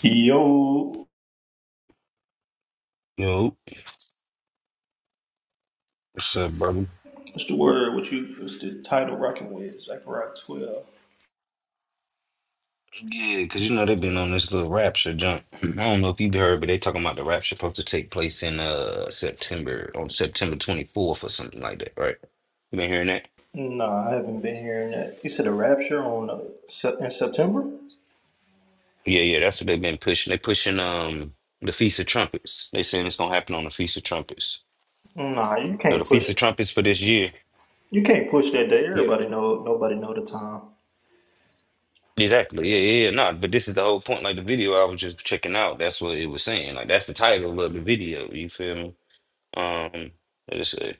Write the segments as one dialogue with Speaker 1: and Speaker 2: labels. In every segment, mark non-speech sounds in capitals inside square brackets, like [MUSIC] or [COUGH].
Speaker 1: Yo,
Speaker 2: Yo, what's up, brother?
Speaker 1: what's the word? What you? What's the title? Rocking with Zechariah twelve.
Speaker 2: Yeah, because you know they've been on this little rapture jump. [CLEARS THROAT] I don't know if you've heard, but they talking about the rapture supposed to take place in uh September on September 24th or something like that, right? You been hearing that?
Speaker 1: Nah, I haven't been hearing that. You said a rapture on uh, Sep- in September?
Speaker 2: Yeah, yeah, that's what they've been pushing. They pushing um the Feast of Trumpets. They saying it's gonna happen on the Feast of Trumpets.
Speaker 1: Nah, you
Speaker 2: So the
Speaker 1: can't push.
Speaker 2: Feast of Trumpets for this year.
Speaker 1: You can't push that day.
Speaker 2: Yeah.
Speaker 1: Everybody know. Nobody know the time.
Speaker 2: Exactly. Yeah, yeah, yeah. Nah, but this is the whole point. Like the video I was just checking out, that's what it was saying. Like that's the title of the video. You feel me? Um,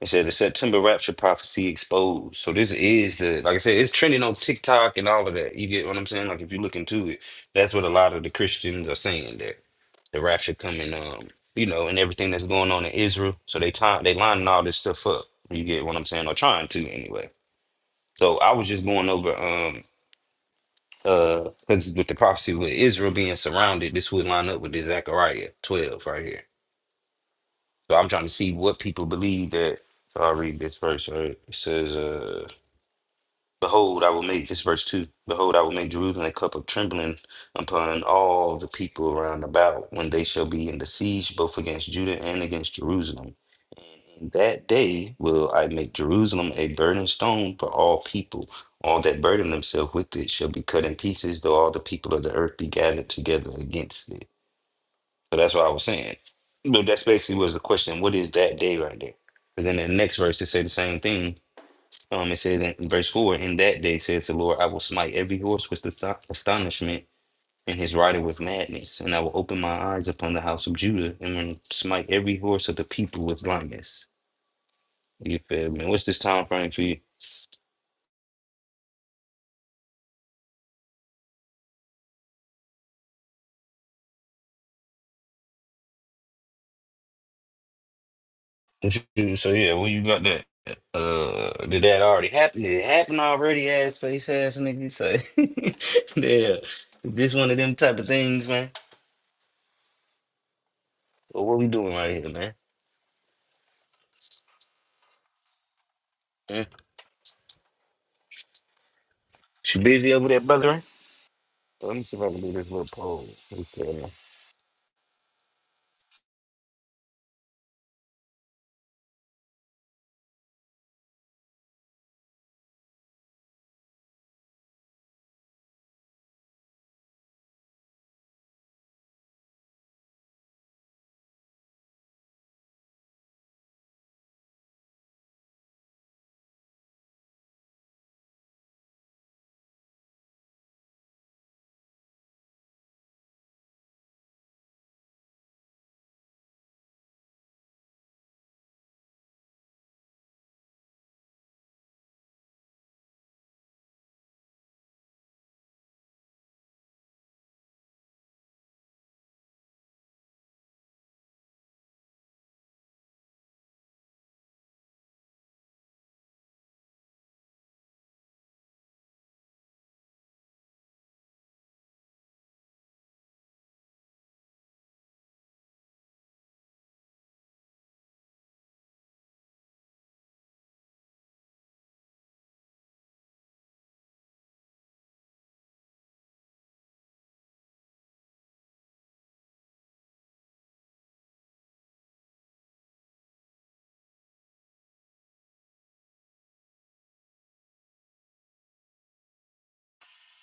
Speaker 2: It said the September rapture prophecy exposed. So this is the like I said, it's trending on TikTok and all of that. You get what I'm saying? Like if you look into it, that's what a lot of the Christians are saying that the rapture coming, um, you know, and everything that's going on in Israel. So they time they lining all this stuff up. You get what I'm saying? Or trying to anyway. So I was just going over um uh because with the prophecy with Israel being surrounded, this would line up with this Zechariah 12 right here. So I'm trying to see what people believe that so I'll read this verse. All right. It says, uh, Behold, I will make this verse two. Behold, I will make Jerusalem a cup of trembling upon all the people round about when they shall be in the siege, both against Judah and against Jerusalem. In that day will I make Jerusalem a burning stone for all people. All that burden themselves with it shall be cut in pieces, though all the people of the earth be gathered together against it. So that's what I was saying. But that's basically was the question. What is that day right there? Because in the next verse, it say the same thing um, it says in verse 4 In that day, says the Lord, I will smite every horse with ast- astonishment, and his rider with madness. And I will open my eyes upon the house of Judah, and will smite every horse of the people with blindness. You feel me? What's this time frame for you? What you- So, yeah, well, you got that. Uh, did that already happen? Did it happen already, ass face ass nigga? So, [LAUGHS] yeah, this one of them type of things, man. Well, what we doing right here, man? Huh? She busy over there, brother. Let me see if I can do this little poll.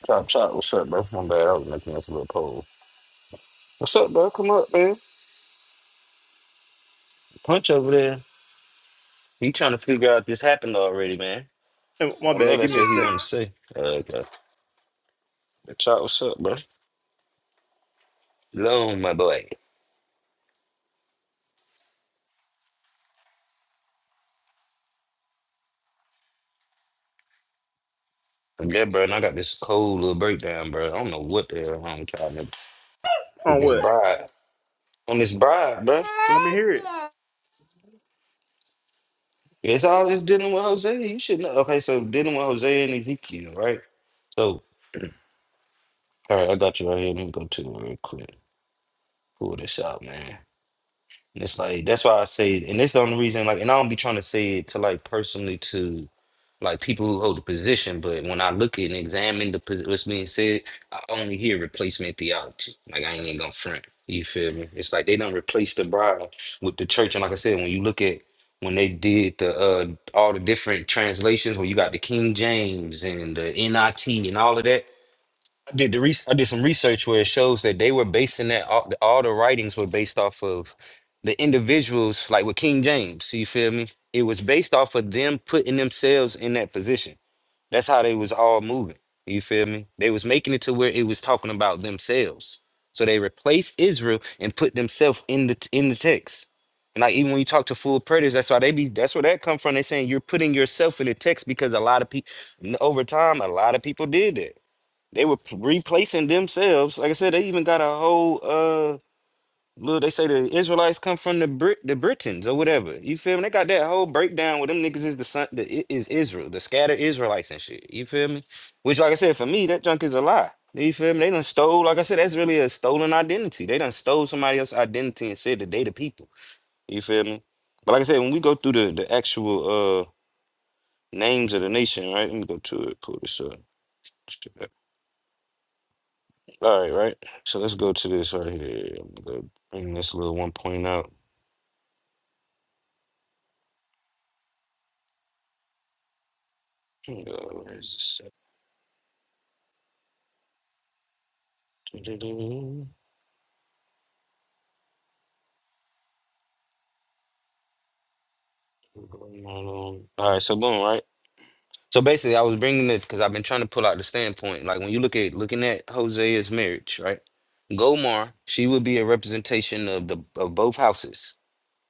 Speaker 2: Chop chop, what's up, bro? My bad, I was making this little poll. What's up, bro? Come up, man. Punch over there. He trying to figure out this happened already, man.
Speaker 1: Hey, my
Speaker 2: I know
Speaker 1: bad. Give
Speaker 2: that's
Speaker 1: me a
Speaker 2: what he
Speaker 1: second.
Speaker 2: want to say. Uh, but chop, what's up, bro? Hello, my boy. I'm good, bro. And I got this cold little breakdown, bro. I don't know what the hell I'm y'all with
Speaker 1: On
Speaker 2: this
Speaker 1: what?
Speaker 2: bride. On this bride, bro.
Speaker 1: Let me hear it.
Speaker 2: It's all this dealing with Jose. You should know. Okay, so dealing with Jose and Ezekiel, right? So, all right, I got you right here. Let me go to it real quick. Pull this out, man. And it's like that's why I say, it. and it's the only reason. Like, and I don't be trying to say it to like personally to like people who hold the position, but when I look at and examine the pos- what's being said, I only hear replacement theology. Like, I ain't even gonna front. You feel me? It's like they done replaced the bride with the church. And like I said, when you look at when they did the uh all the different translations, when you got the King James and the NIT and all of that, I did the re- I did some research where it shows that they were basing that all, all the writings were based off of the individuals, like with King James. You feel me? It was based off of them putting themselves in that position. That's how they was all moving. You feel me? They was making it to where it was talking about themselves. So they replaced Israel and put themselves in the in the text. And like even when you talk to full predators, that's why they be that's where that come from. They saying you're putting yourself in the text because a lot of people over time a lot of people did that they were p- replacing themselves. Like I said, they even got a whole uh little they say the Israelites come from the Brit the Britons or whatever. You feel me? They got that whole breakdown where them niggas is the son the I- is Israel, the scattered Israelites and shit. You feel me? Which like I said, for me, that junk is a lie. You feel me? They done stole, like I said, that's really a stolen identity. They done stole somebody else's identity and said that they the people. You feel me? But like I said, when we go through the the actual uh names of the nation, right? Let me go to it, pull this up. All right, right. So let's go to this right here. I'm gonna bring this little one point out. Uh, where is this at? Doo-doo-doo. Going right on. All right, so boom, right. So basically, I was bringing it because I've been trying to pull out the standpoint. Like when you look at looking at Hosea's marriage, right? Gomar, she would be a representation of the of both houses.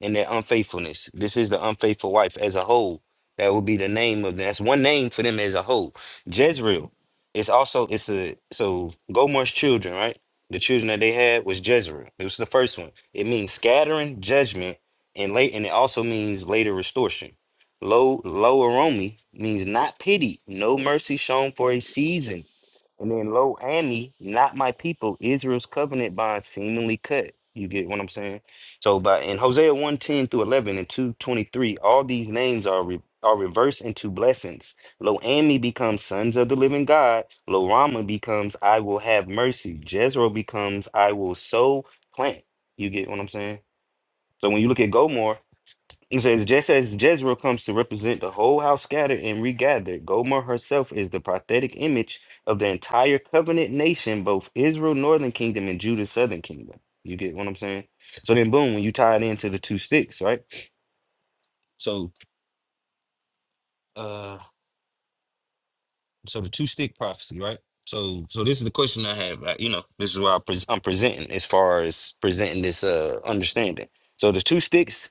Speaker 2: and their unfaithfulness. This is the unfaithful wife as a whole. That would be the name of that's one name for them as a whole. Jezreel. It's also it's a so Gomer's children, right? The children that they had was Jezreel. It was the first one. It means scattering, judgment, and late and it also means later restoration. Lo, low aromi means not pity, no mercy shown for a season. And then Lo Ami, not my people, Israel's covenant bond seemingly cut. You get what I'm saying? So by in Hosea 1:10 through 11 and 223, all these names are re, are reversed into blessings. Lo Ami becomes sons of the living God. Lo Rama becomes I will have mercy. Jezreel becomes I will sow plant. You get what I'm saying? So when you look at Gomor, he says, just as Jezreel comes to represent the whole house scattered and regathered, Gomer herself is the prophetic image of the entire covenant nation, both Israel, northern kingdom, and Judah, southern kingdom. You get what I'm saying? So then, boom, when you tie it into the two sticks, right? So, uh, so the two stick prophecy, right? So, so this is the question I have. uh, You know, this is where I pres I'm presenting as far as presenting this uh understanding. So the two sticks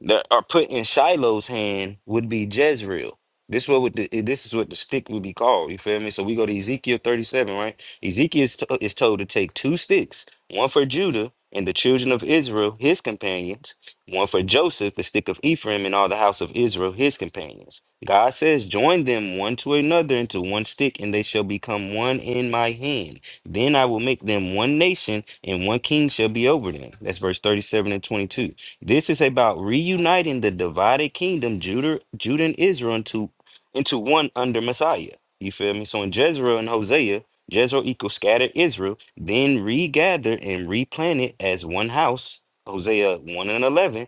Speaker 2: that are put in Shiloh's hand would be Jezreel. This what would the, eh, this is what the stick would be called. You feel me? So we go to Ezekiel thirty seven, right? Ezekiel is, to, is told to take two sticks, one for Judah and the children of Israel, his companions, one for Joseph, the stick of Ephraim, and all the house of Israel, his companions. God says, join them one to another into one stick, and they shall become one in my hand. Then I will make them one nation, and one king shall be over them. That's verse thirty seven and twenty two. This is about reuniting the divided kingdom, Judah, Judah and Israel, into, into one under Messiah. You feel me? So in Jezreel and Hosea, Jezreel equals scattered Israel, then regather and replant it as one house, Hosea 1 and 11,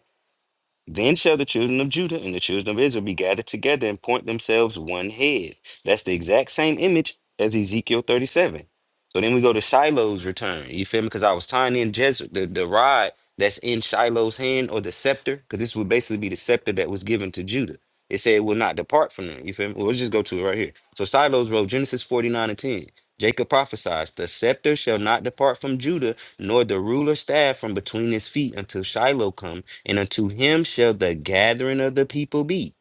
Speaker 2: then shall the children of Judah and the children of Israel be gathered together and point themselves one head. That's the exact same image as Ezekiel 37. So then we go to Shiloh's return. You feel me? Because I was tying in Jez- the, the rod that's in Shiloh's hand or the scepter, because this would basically be the scepter that was given to Judah. It said it will not depart from them. You feel me? Well, let's just go to it right here. So Shiloh's road, Genesis 49 and 10. Jacob prophesies, the scepter shall not depart from Judah, nor the ruler staff from between his feet until Shiloh come and unto him shall the gathering of the people be.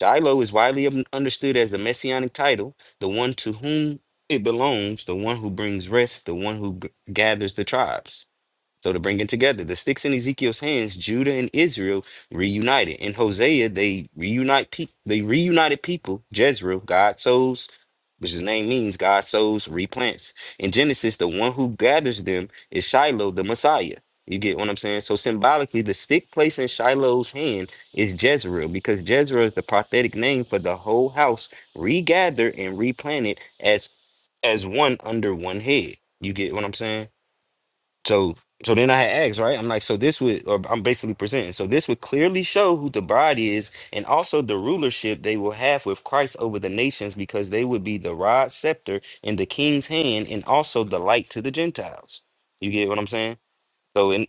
Speaker 2: Shiloh is widely un- understood as the messianic title, the one to whom it belongs, the one who brings rest, the one who g- gathers the tribes. So to bring it together, the sticks in Ezekiel's hands, Judah and Israel reunited. In Hosea, they reunite. Pe- they reunited people, Jezreel, God souls which the name means God sows, replants. In Genesis, the one who gathers them is Shiloh, the Messiah. You get what I'm saying? So symbolically, the stick placed in Shiloh's hand is Jezreel, because Jezreel is the prophetic name for the whole house regathered and replanted as as one under one head. You get what I'm saying? So so then I had asked, right? I'm like, so this would, or I'm basically presenting. So this would clearly show who the bride is, and also the rulership they will have with Christ over the nations, because they would be the rod, scepter, in the king's hand, and also the light to the Gentiles. You get what I'm saying? So in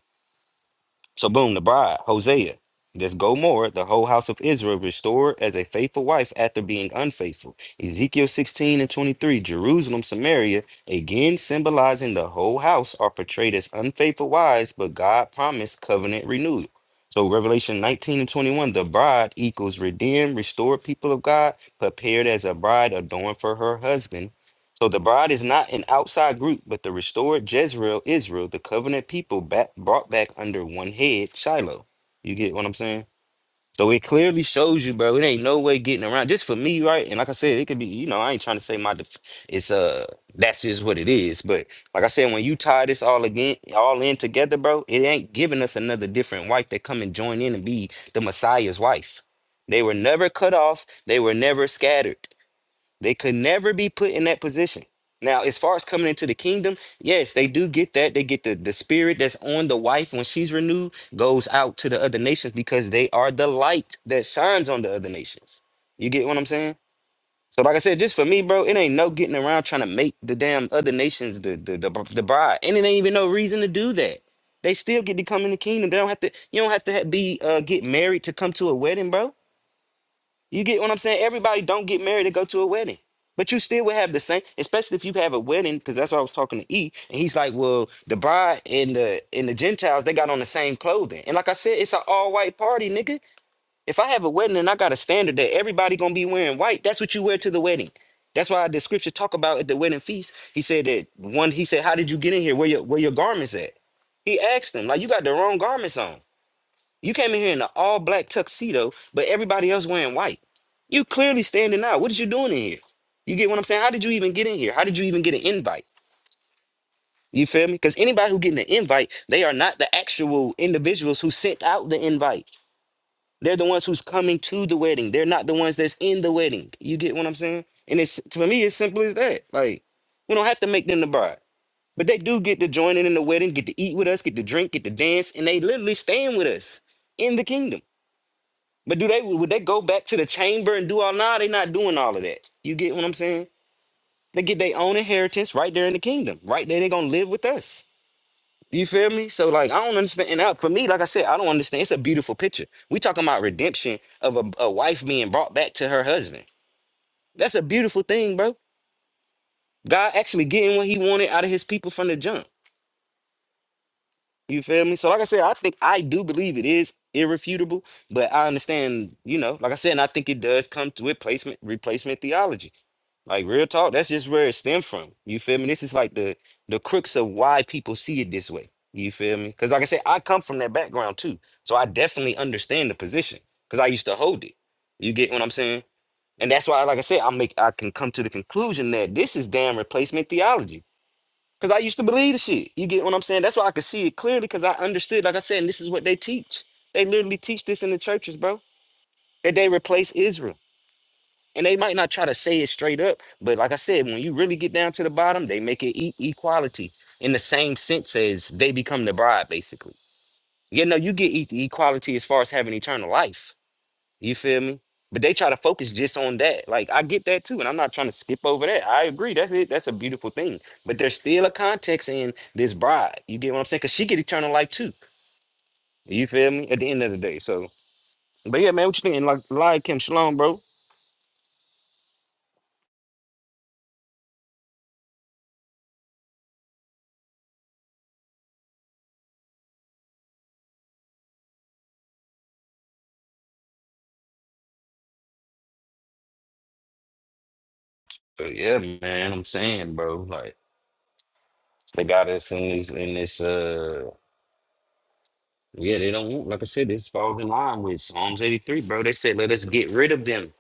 Speaker 2: so boom, the bride, Hosea, this Gomorrah, the whole house of Israel, restored as a faithful wife after being unfaithful. Ezekiel 16 and 23, Jerusalem, Samaria, again symbolizing the whole house, are portrayed as unfaithful wives, but God promised covenant renewal. So Revelation 19 and 21, the bride equals redeemed, restored people of God, prepared as a bride adorned for her husband so the bride is not an outside group, but the restored Jezreel, Israel, the covenant people back, brought back under one head, Shiloh. You get what I'm saying? So it clearly shows you, bro. It ain't no way getting around. Just for me, right? And like I said, it could be, you know, I ain't trying to say my, def- it's uh, that's just what it is. But like I said, when you tie this all again, all in together, bro, it ain't giving us another different wife that come and join in and be the Messiah's wife. They were never cut off. They were never scattered. They could never be put in that position. Now, as far as coming into the kingdom, yes, they do get that. They get the, the spirit that's on the wife when she's renewed goes out to the other nations because they are the light that shines on the other nations. You get what I'm saying? So, like I said, just for me, bro, it ain't no getting around trying to make the damn other nations the the, the, the bride, and it ain't even no reason to do that. They still get to come in the kingdom. They don't have to. You don't have to ha- be uh, get married to come to a wedding, bro. You get what I'm saying? Everybody don't get married to go to a wedding. But you still would have the same, especially if you have a wedding, because that's what I was talking to E. And he's like, Well, the bride and the and the Gentiles, they got on the same clothing. And like I said, it's an all-white party, nigga. If I have a wedding and I got a standard that everybody gonna be wearing white, that's what you wear to the wedding. That's why the scripture talk about at the wedding feast. He said that one, he said, How did you get in here? Where your where your garments at? He asked them, like, you got the wrong garments on. You came in here in an all black tuxedo, but everybody else wearing white. You clearly standing out. What is you doing in here? You get what I'm saying? How did you even get in here? How did you even get an invite? You feel me? Because anybody who getting an invite, they are not the actual individuals who sent out the invite. They're the ones who's coming to the wedding. They're not the ones that's in the wedding. You get what I'm saying? And it's for me, it's simple as that. Like, we don't have to make them the bride. But they do get to join in, in the wedding, get to eat with us, get to drink, get to dance, and they literally staying with us in the kingdom. But do they would they go back to the chamber and do all? Nah, they not doing all of that. You get what I'm saying? They get their own inheritance right there in the kingdom. Right there, they gonna live with us. You feel me? So like I don't understand. And I, for me, like I said, I don't understand. It's a beautiful picture. We talking about redemption of a, a wife being brought back to her husband. That's a beautiful thing, bro. God actually getting what he wanted out of his people from the jump. You feel me? So like I said, I think I do believe it is irrefutable, but I understand, you know, like I said, and I think it does come to replacement replacement theology Like real talk, that's just where it stemmed from. You feel me? This is like the the crux of why people see it this way. You feel me? Because like I said, I come from that background too, so I definitely understand the position because I used to hold it. You get what I'm saying? And that's why, like I said, I make I can come to the conclusion that this is damn replacement theology because I used to believe the shit. You get what I'm saying? That's why I could see it clearly because I understood. Like I said, and this is what they teach. They literally teach this in the churches, bro. That they replace Israel. And they might not try to say it straight up, but like I said, when you really get down to the bottom, they make it e- equality in the same sense as they become the bride, basically. You know, you get e- equality as far as having eternal life. You feel me? But they try to focus just on that. Like I get that too, and I'm not trying to skip over that. I agree. That's it. That's a beautiful thing. But there's still a context in this bride. You get what I'm saying? Cause she get eternal life too. You feel me? At the end of the day. So, but yeah, man, what you thinking? Like, like Kim Shalom, bro. So yeah, man, I'm saying, bro, like. They got us in this in this uh yeah, they don't want like I said, this falls in line with Psalms 83, bro. They said let us get rid of them.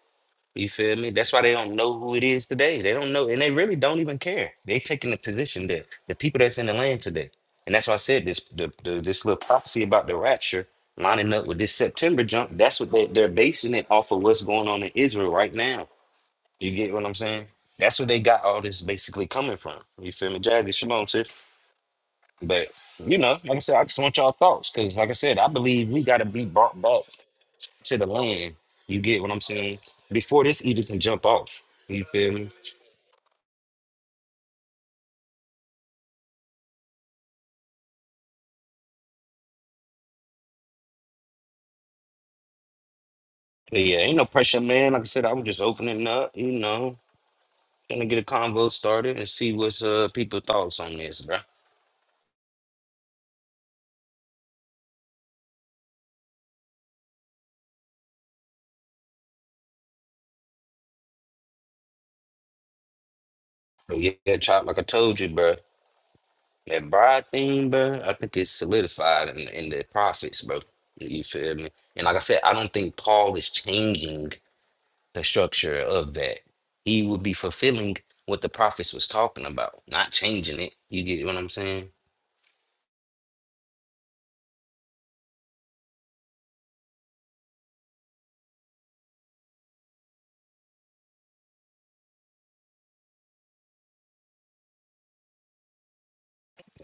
Speaker 2: You feel me? That's why they don't know who it is today. They don't know, and they really don't even care. They taking the position that the people that's in the land today. And that's why I said this the, the this little prophecy about the rapture lining up with this September jump, that's what they, they're basing it off of what's going on in Israel right now. You get what I'm saying? That's where they got all this basically coming from. You feel me? Jazzy, shalom, sis. But you know, like I said, I just want y'all thoughts because, like I said, I believe we got to be brought back to the land. You get what I'm saying? Before this either can jump off, you feel me? But yeah, ain't no pressure, man. Like I said, I was just opening up, you know, trying to get a convo started and see what's uh people thoughts on this, bro. But yeah, chop, like I told you, bro. That bride thing, bro. I think it's solidified in, in the prophets, bro. You feel me? And like I said, I don't think Paul is changing the structure of that. He would be fulfilling what the prophets was talking about, not changing it. You get what I'm saying?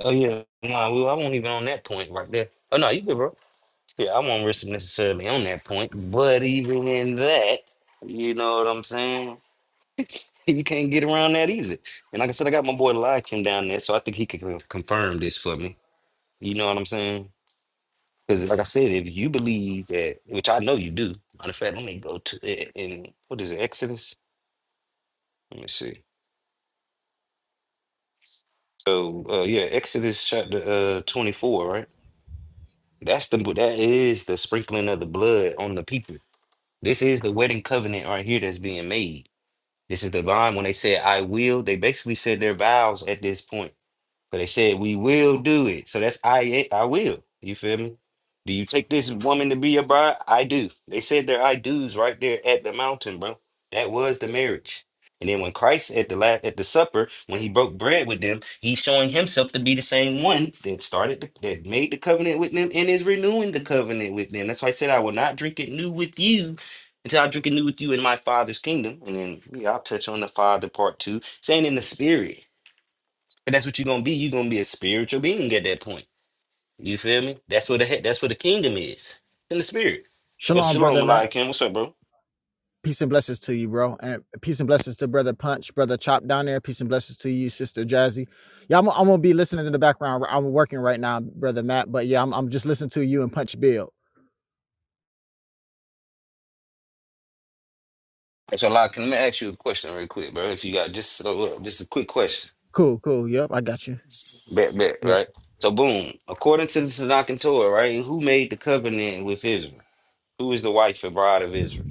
Speaker 2: Oh yeah, no, well, I won't even on that point right there. Oh no, you good, bro. Yeah, I won't risk it necessarily on that point, but even in that, you know what I'm saying? [LAUGHS] You can't get around that either. And like I said, I got my boy Lakim down there, so I think he can con- confirm this for me. You know what I'm saying? Because like I said, if you believe that, which I know you do. Matter of fact, let me go to it in what is it, Exodus? Let me see. So uh yeah, Exodus chapter uh 24, right? That's the that is the sprinkling of the blood on the people. This is the wedding covenant right here that's being made. This is the bond when they said I will, they basically said their vows at this point but they said we will do it. So that's I I will. You feel me? Do you take this woman to be your bride? I do. They said their I do's right there at the mountain, bro. That was the marriage. And then when Christ at the la- at the supper, when he broke bread with them, he's showing himself to be the same one that started the, that made the covenant with them and is renewing the covenant with them. That's why I said I will not drink it new with you until I drink it new with you in my father's kingdom. And then yeah, I'll touch on the father part two, saying in the spirit. And that's what you're gonna be. You're gonna be a spiritual being at that point. You feel me? That's what the he- that's what the kingdom is. It's in the spirit. But
Speaker 3: Shalom,
Speaker 2: Shalom
Speaker 3: brother Matt.
Speaker 2: Malachi, what's up, bro?
Speaker 3: Peace and blessings to you, bro. And peace and blessings to brother Punch, brother Chop down there. Peace and blessings to you, sister Jazzy. Yeah, I'm, I'm gonna be listening in the background. I'm working right now, brother Matt. But yeah, I'm, I'm just listening to you and Punch Bill.
Speaker 2: So Malachi, let me ask you a question real quick, bro. If you got just so uh, just a quick question.
Speaker 3: Cool, cool. Yep, I got you.
Speaker 2: Bet bet,
Speaker 3: Yep.
Speaker 2: right? So boom, according to the Tanakh and Torah, right? Who made the covenant with Israel? Who is the wife and bride of Israel?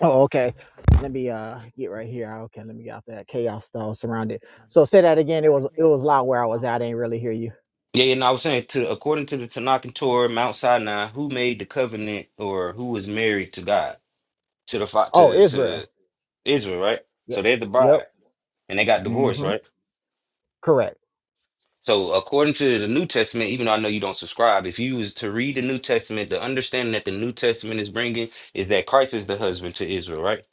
Speaker 3: Oh, okay. Let me uh get right here. Ah, Okay, let me get out that chaos that I was surrounded. So say that again. It was it was loud where I was at. I didn't really hear you.
Speaker 2: Yeah, and I was saying to according to the Tanakh and Torah, Mount Sinai, who made the covenant or who was married to God? To the fa-
Speaker 3: Oh,
Speaker 2: to to
Speaker 3: Israel.
Speaker 2: Israel, right? So
Speaker 3: Yep.
Speaker 2: they're the
Speaker 3: Yep.
Speaker 2: bride. and they got divorced,
Speaker 3: Mm-hmm.
Speaker 2: right?
Speaker 3: Correct.
Speaker 2: So according to the New Testament, even though I know you don't subscribe, if you was to read the New Testament, the understanding that the New Testament is bringing is that Christ is the husband to Israel, right?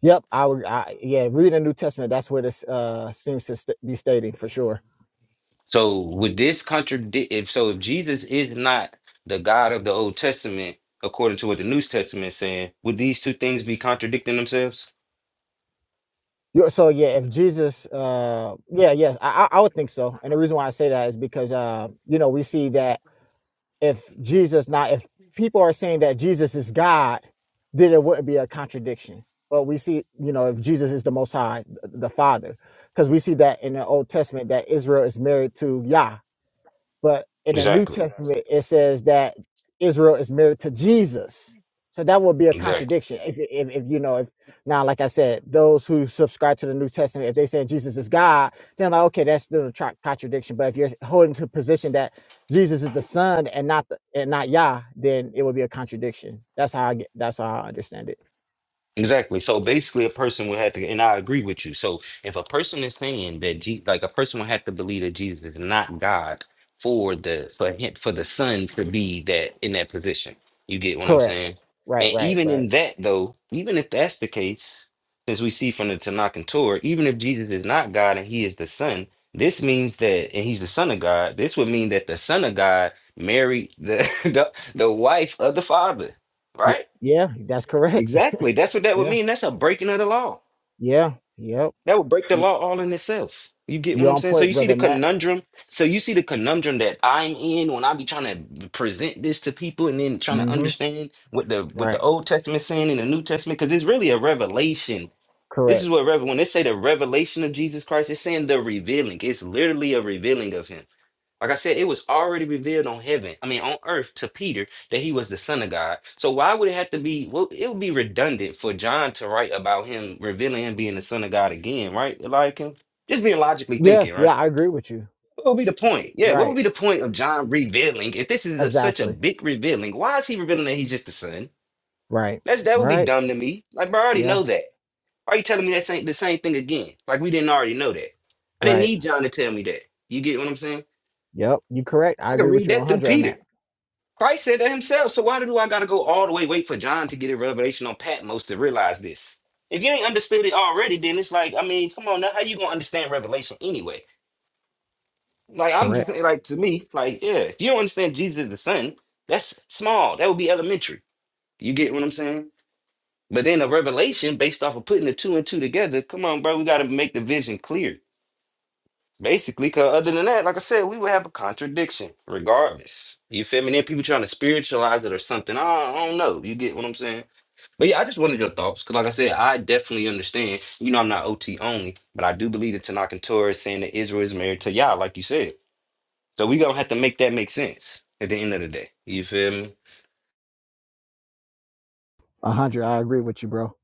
Speaker 3: Yep, I would. I, yeah, read the New Testament, that's what it uh, seems to st- be stating for sure.
Speaker 2: So would this contradict? If so, if Jesus is not the God of the Old Testament, according to what the New Testament is saying, would these two things be contradicting themselves?
Speaker 3: you so yeah, if Jesus, uh, yeah, yes, I, I I would think so. And the reason why I say that is because uh, you know we see that if Jesus, not if people are saying that Jesus is God, then it wouldn't be a contradiction. But we see, you know, if Jesus is the Most High, the Father, because we see that in the Old Testament that Israel is married to Yah, But in the New
Speaker 2: Exactly.
Speaker 3: Testament, it says that Israel is married to Jesus. So that would be a
Speaker 2: Exactly.
Speaker 3: contradiction. If, if, if you know, if now, like I said, those who subscribe to the New Testament, if they say Jesus is God, then like, okay, that's still a tra- contradiction. But if you're holding to a position that Jesus is the Son and not the, and not Yah, then it would be a contradiction. That's how I get. That's how I understand it.
Speaker 2: Exactly. So basically, a person would have to, and I agree with you. So if a person is saying that, Je- like a person would have to believe that Jesus is not God for the for him, for the Son to be that in that position. You get what I'm
Speaker 3: Correct.
Speaker 2: saying?
Speaker 3: Right.
Speaker 2: And
Speaker 3: Right.
Speaker 2: even
Speaker 3: Right.
Speaker 2: in that, though, even if that's the case, since we see from the Tanakh and Torah, even if Jesus is not God and He is the Son, this means that, and He's the Son of God. This would mean that the Son of God married the [LAUGHS] the, the wife of the Father,
Speaker 3: Y-
Speaker 2: right?
Speaker 3: yeah. That's correct. [LAUGHS]
Speaker 2: Exactly. That's what that would
Speaker 3: Yeah.
Speaker 2: mean. That's a breaking of the law.
Speaker 3: Yeah. Yep.
Speaker 2: That would break the
Speaker 3: Y-
Speaker 2: law all in itself. You get what
Speaker 3: you
Speaker 2: I'm
Speaker 3: on
Speaker 2: saying? So
Speaker 3: point,
Speaker 2: you see the
Speaker 3: brother Matt.
Speaker 2: conundrum. So you see the conundrum that I'm in when I be trying to present this to people and then trying to
Speaker 3: Mm-hmm.
Speaker 2: understand what the what the
Speaker 3: Right.
Speaker 2: Old Testament saying in the New Testament because it's really a revelation this
Speaker 3: Correct.
Speaker 2: is what revel when they say the revelation of Jesus Christ, it's saying the revealing. It's literally a revealing of him. Like I said, it was already revealed on heaven, I mean on earth to Peter that he was the son of God. So why would it have to be well, it would be redundant for John to write about him revealing him being the son of God again, right? Like him just being logically
Speaker 3: Yeah,
Speaker 2: thinking, right?
Speaker 3: yeah, I agree with you.
Speaker 2: What would be the point? Yeah, what would
Speaker 3: Right.
Speaker 2: be the point of John revealing if this is a, such a
Speaker 3: Exactly.
Speaker 2: big revealing? Why is he revealing that he's just the son?
Speaker 3: Right.
Speaker 2: That's that would be
Speaker 3: Right.
Speaker 2: dumb to me. Like, bro, I already
Speaker 3: Yeah.
Speaker 2: know that. Why are you telling me that same the same thing again? Like we didn't already know that. I didn't
Speaker 3: Right.
Speaker 2: need John to tell me that. You get what I'm saying?
Speaker 3: Yep. You correct. I
Speaker 2: I can
Speaker 3: agree with
Speaker 2: read
Speaker 3: you
Speaker 2: that through
Speaker 3: 100 on
Speaker 2: Peter.
Speaker 3: that.
Speaker 2: Christ said that himself. So why do I gotta go all the way wait for John to get a revelation on Patmos to realize this? If you ain't understood it already, then it's like, I mean, come on now, how you gonna understand revelation anyway? Like I'm just
Speaker 3: Correct.
Speaker 2: saying, like to me, like, yeah, if you don't understand Jesus is the Son, that's small. That would be elementary. You get what I'm saying? But then a revelation based off of putting the two and two together, come on, bro, we gotta make the vision clear. Basically, because other than that, like I said, we would have a contradiction regardless. You feel me? Then people trying to spiritualize it or something. I, I don't know. You get what I'm saying? But yeah, I just wanted your thoughts because, like I said, I definitely understand. You know, I'm not OT only, but I do believe that Tanakh and Torah is saying that Israel is married to Yah, like you said. So we going to have to make that make sense at the end of the day. You feel me?
Speaker 3: 100. I agree with you, bro.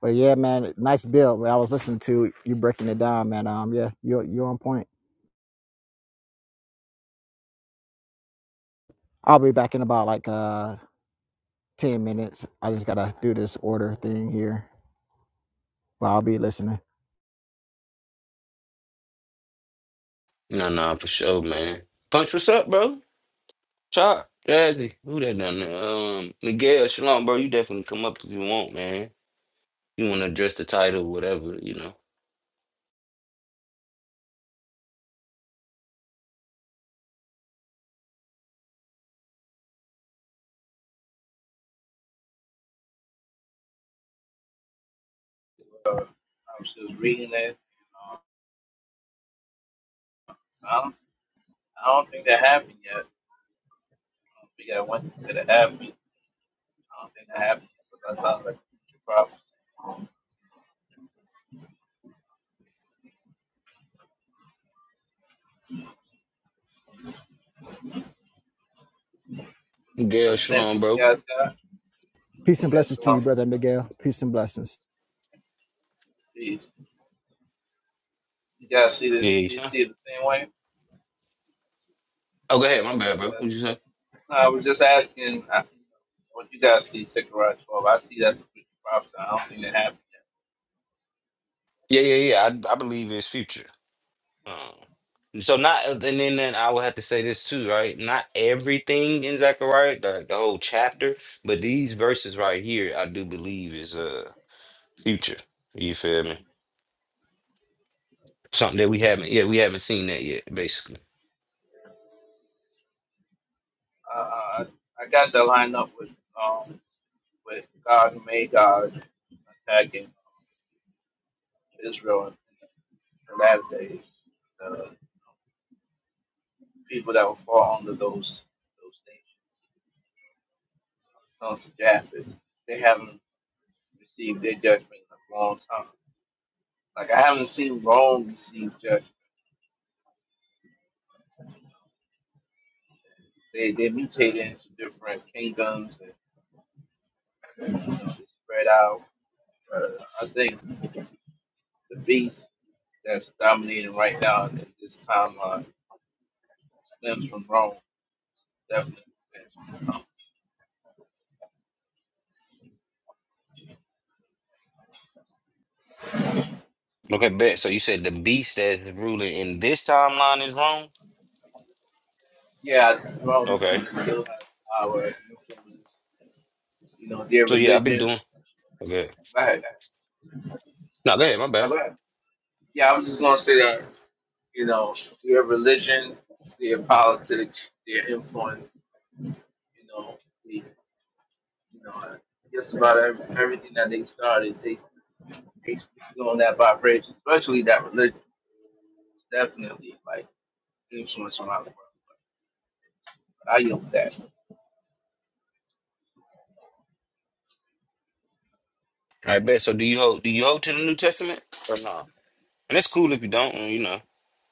Speaker 3: But yeah, man, nice build. man. I was listening to you breaking it down, man. Um, yeah, you're you're on point. I'll be back in about like uh 10 minutes. I just gotta do this order thing here, but I'll be listening.
Speaker 2: No, no, for sure, man. Punch, what's up, bro? Chop, Jazzy, who that down there? Um, Miguel, Shalom, bro. You definitely come up if you want, man. You want to address the title, whatever, you know.
Speaker 4: Uh, I was just reading that. And, uh, Psalms. I don't think that happened yet. Uh, we got one thing that happened. I don't think that happened. Yet, so that sounds like future prophecy.
Speaker 2: Gail
Speaker 4: That's the next
Speaker 2: Shalom,
Speaker 4: one you
Speaker 2: bro.
Speaker 4: guys got.
Speaker 3: Peace and
Speaker 4: That's
Speaker 3: blessings to you,
Speaker 4: wrong.
Speaker 3: brother Miguel. Peace and blessings.
Speaker 4: these. You guys see the
Speaker 2: Yeah, you
Speaker 4: you
Speaker 2: son.
Speaker 4: see it the same way?
Speaker 2: Oh, go ahead. My bad,
Speaker 4: Yeah.
Speaker 2: bro. What'd you say?
Speaker 4: I was just asking uh, what you guys see Zechariah 12. I see that's a future prophecy. I don't think that happened
Speaker 2: Yeah, yeah, yeah. I, I believe it's future. Um, so not, and then, then I would have to say this too, right? Not everything in Zechariah, the, the whole chapter, but these verses right here, I do believe is uh future. You feel me? Something that we haven't, yeah, we haven't seen that yet, basically.
Speaker 4: yet. Uh, I I got that lined up with um with God who made God attacking. Israel in the latter days, uh, people that will fall under those those nations, sons of Japheth, they haven't received their judgment in a long time. Like I haven't seen Rome receive judgment. They they mutated into different kingdoms and you know, they spread out. Uh, I think the beast that's dominating right now at this timeline stems from Rome. Definitely.
Speaker 2: Okay, bet. So you said the beast that's ruling in this timeline is wrong.
Speaker 4: Yeah, throughout
Speaker 2: Okay.
Speaker 4: Muslims still have power. Muslims, you know, their
Speaker 2: So yeah, I've been
Speaker 4: religion.
Speaker 2: doing. Okay.
Speaker 4: Go ahead.
Speaker 2: No, go ahead. My
Speaker 4: My
Speaker 2: bad.
Speaker 4: bad. Yeah, I was just gonna say that. You know, their religion, their politics, their influence. You know, they, you know, just about ev- everything that they started, they they speak on that vibration, especially that religion, definitely like influence from out the world. But I yield that.
Speaker 2: I bet. So do you hold do you hold to the New Testament or no? And it's cool if you don't. You know,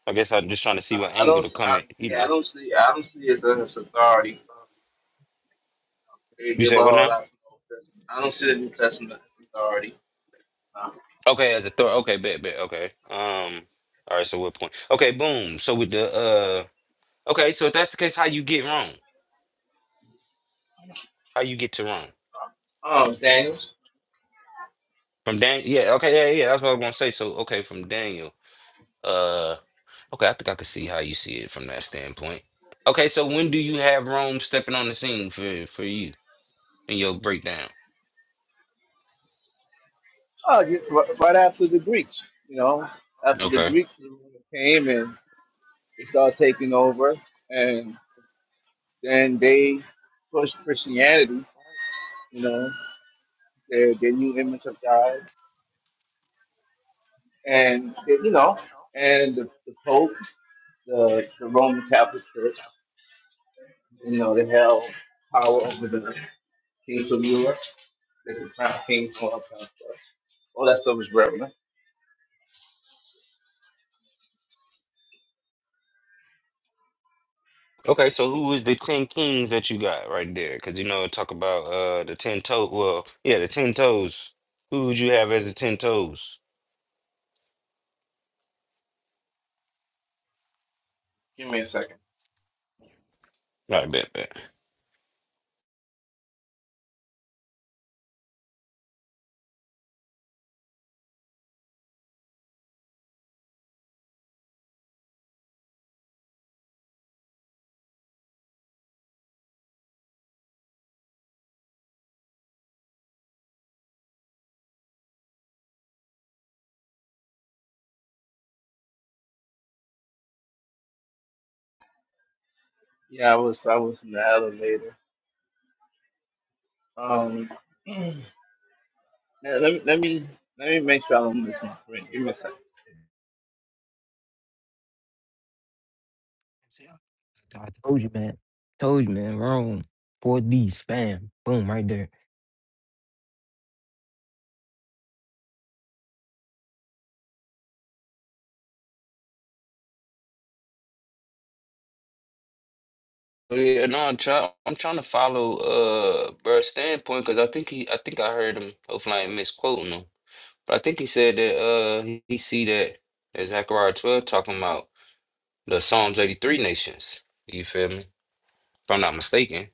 Speaker 2: I guess I'm just trying to see what
Speaker 4: I, I don't.
Speaker 2: angle to
Speaker 4: s-
Speaker 2: come
Speaker 4: I,
Speaker 2: at. You
Speaker 4: yeah, I
Speaker 2: know,
Speaker 4: don't see. I don't see it as an authority They
Speaker 2: you
Speaker 4: did
Speaker 2: said what
Speaker 4: borrow a
Speaker 2: now?
Speaker 4: lot I don't see the New Testament as authority. Uh,
Speaker 2: Okay, as a thought. Okay, bet, bet. Okay. Um. All right. So what point? Okay. Boom. So with the uh. Okay. So if that's the case, how you get wrong? How you get to wrong
Speaker 4: Oh, Daniels.
Speaker 2: from Daniel? Yeah. Okay. Yeah. Yeah. That's what I was gonna say. So okay, from Daniel. Uh. Okay. I think I could see how you see it from that standpoint. Okay. So when do you have Rome stepping on the scene for for you in your breakdown?
Speaker 4: Oh, you, ri- right after the Greeks, you know, after the
Speaker 2: Okay.
Speaker 4: Greeks came and they started taking over, and then they pushed Christianity, you know, their, their new image of God, and they- you know, and the, the Pope, the, the Roman Catholic Church, you know, they held power over the kings of Europe. They can find ping pong pop up. All that stuff is relevant.
Speaker 2: Okay, so who is the ten kings that you got right there? Because you know, talk about uh the ten toe. Well, yeah, the ten toes. Who would you have as the ten toes? All right, bet, bet.
Speaker 4: Yeah, I was I was in the elevator. Um, [CLEARS THROAT] yeah, let me let me let me make sure I don't miss my friend. Give me a second.
Speaker 5: I told you, man. Told you, man. Wrong. 4D spam. Boom, right there.
Speaker 2: Oh, Yeah, no, I'm trying. I'm trying to follow uh Burr's standpoint because I think he. I think I heard him. Hopefully, I ain't misquoting him. But I think he said that uh he, he see that, that Zechariah twelve talking about the Psalms eighty three nations. You feel me? if I'm not mistaken.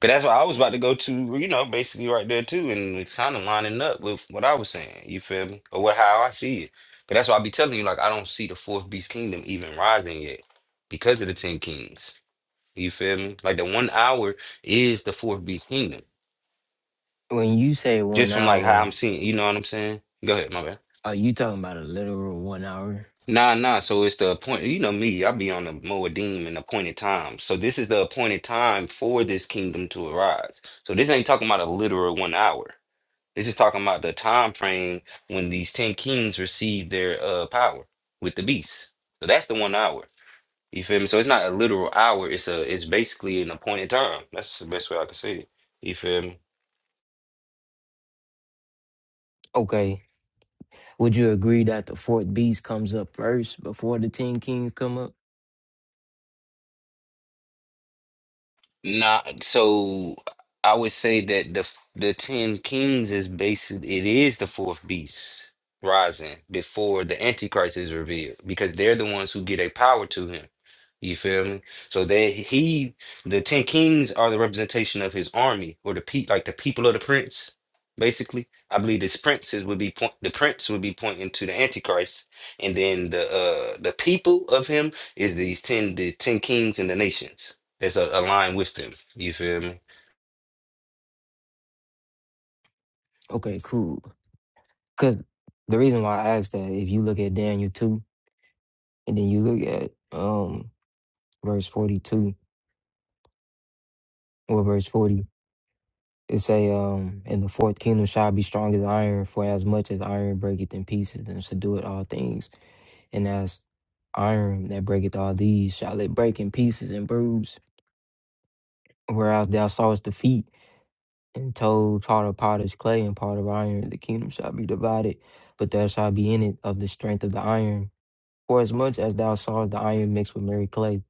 Speaker 2: But that's what I was about to go to, you know, basically right there too, and it's kind of lining up with what I was saying. You feel me? Or what how I see it. But that's why I be telling you, like, I don't see the fourth beast kingdom even rising yet because of the ten kings. You feel me? Like the one hour is the fourth beast kingdom.
Speaker 5: When you say one
Speaker 2: Just from like how
Speaker 5: hour,
Speaker 2: I'm seeing, you know what I'm saying? Go ahead, my bad.
Speaker 5: are you talking about a literal one hour?
Speaker 2: Nah, nah. So it's the appoint. You know me. I be on the Moedim and appointed time. So this is the appointed time for this kingdom to arise. So this ain't talking about a literal one hour. This is talking about the time frame when these ten kings received their uh power with the beast. So that's the one hour. You feel me? So it's not a literal hour. It's a it's basically an appointed time. That's the best way I can say it. You feel me?
Speaker 5: Okay. Would you agree that the fourth beast comes up first before the ten kings come up?
Speaker 2: Nah, so I would say that the f- the Ten Kings is based, it is the fourth beast rising before the Antichrist is revealed because they're the ones who get a power to him. You feel me? So that he, the Ten Kings are the representation of his army or the pe like the people of the prince, basically. I believe this princes would be point, the prince would be pointing to the Antichrist, and then the uh the people of him is these ten the ten kings and the nations. It's a, a line with them. You feel me?
Speaker 5: Okay, cool. Cause the reason why I asked that, if you look at Daniel two, and then you look at um verse forty two or verse forty, It say, um, in the fourth kingdom shall I be strong as iron, for as much as iron breaketh in pieces and subdueth all things, and as iron that breaketh all these shall it break in pieces and bruise. Whereas thou sawest the feet and told part of potter's clay and part of iron, the kingdom shall be divided, but there shall be in it of the strength of the iron. For as much as thou sawest the iron mixed with merry clay,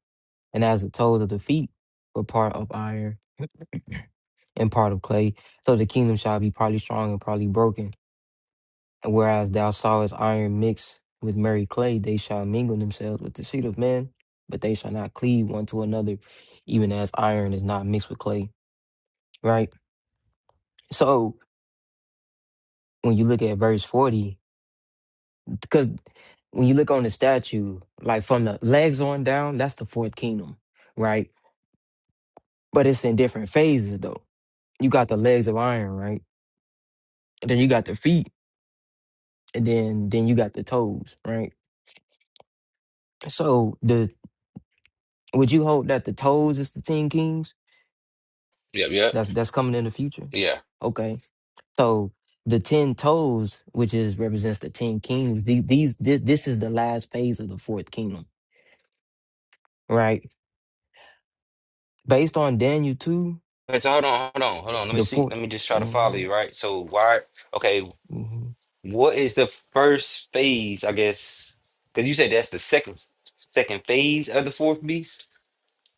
Speaker 5: and as the told of the feet were part of iron [CLEARS THROAT] and part of clay, so the kingdom shall be partly strong and partly broken. Whereas thou sawest iron mixed with merry clay, they shall mingle themselves with the seed of men, but they shall not cleave one to another, even as iron is not mixed with clay. Right? So when you look at verse 40, because when you look on the statue, like from the legs on down, that's the fourth kingdom, right? But it's in different phases though. You got the legs of iron, right? And then you got the feet, and then then you got the toes, right? So the would you hold that the toes is the ten kings?
Speaker 2: Yep, yep,
Speaker 5: That's that's coming in the future.
Speaker 2: yeah.
Speaker 5: Okay. So the ten toes, which is represents the ten kings, the, these this, this is the last phase of the fourth kingdom, right? Based on Daniel two,
Speaker 2: Okay, so hold on, hold on, hold on. Let me
Speaker 5: the
Speaker 2: see.
Speaker 5: 4th
Speaker 2: Let me just try to follow
Speaker 5: mm-hmm.
Speaker 2: you, right? So why? Okay,
Speaker 5: mm-hmm.
Speaker 2: what is the first phase? I guess because you said that's the second second phase of the fourth beast.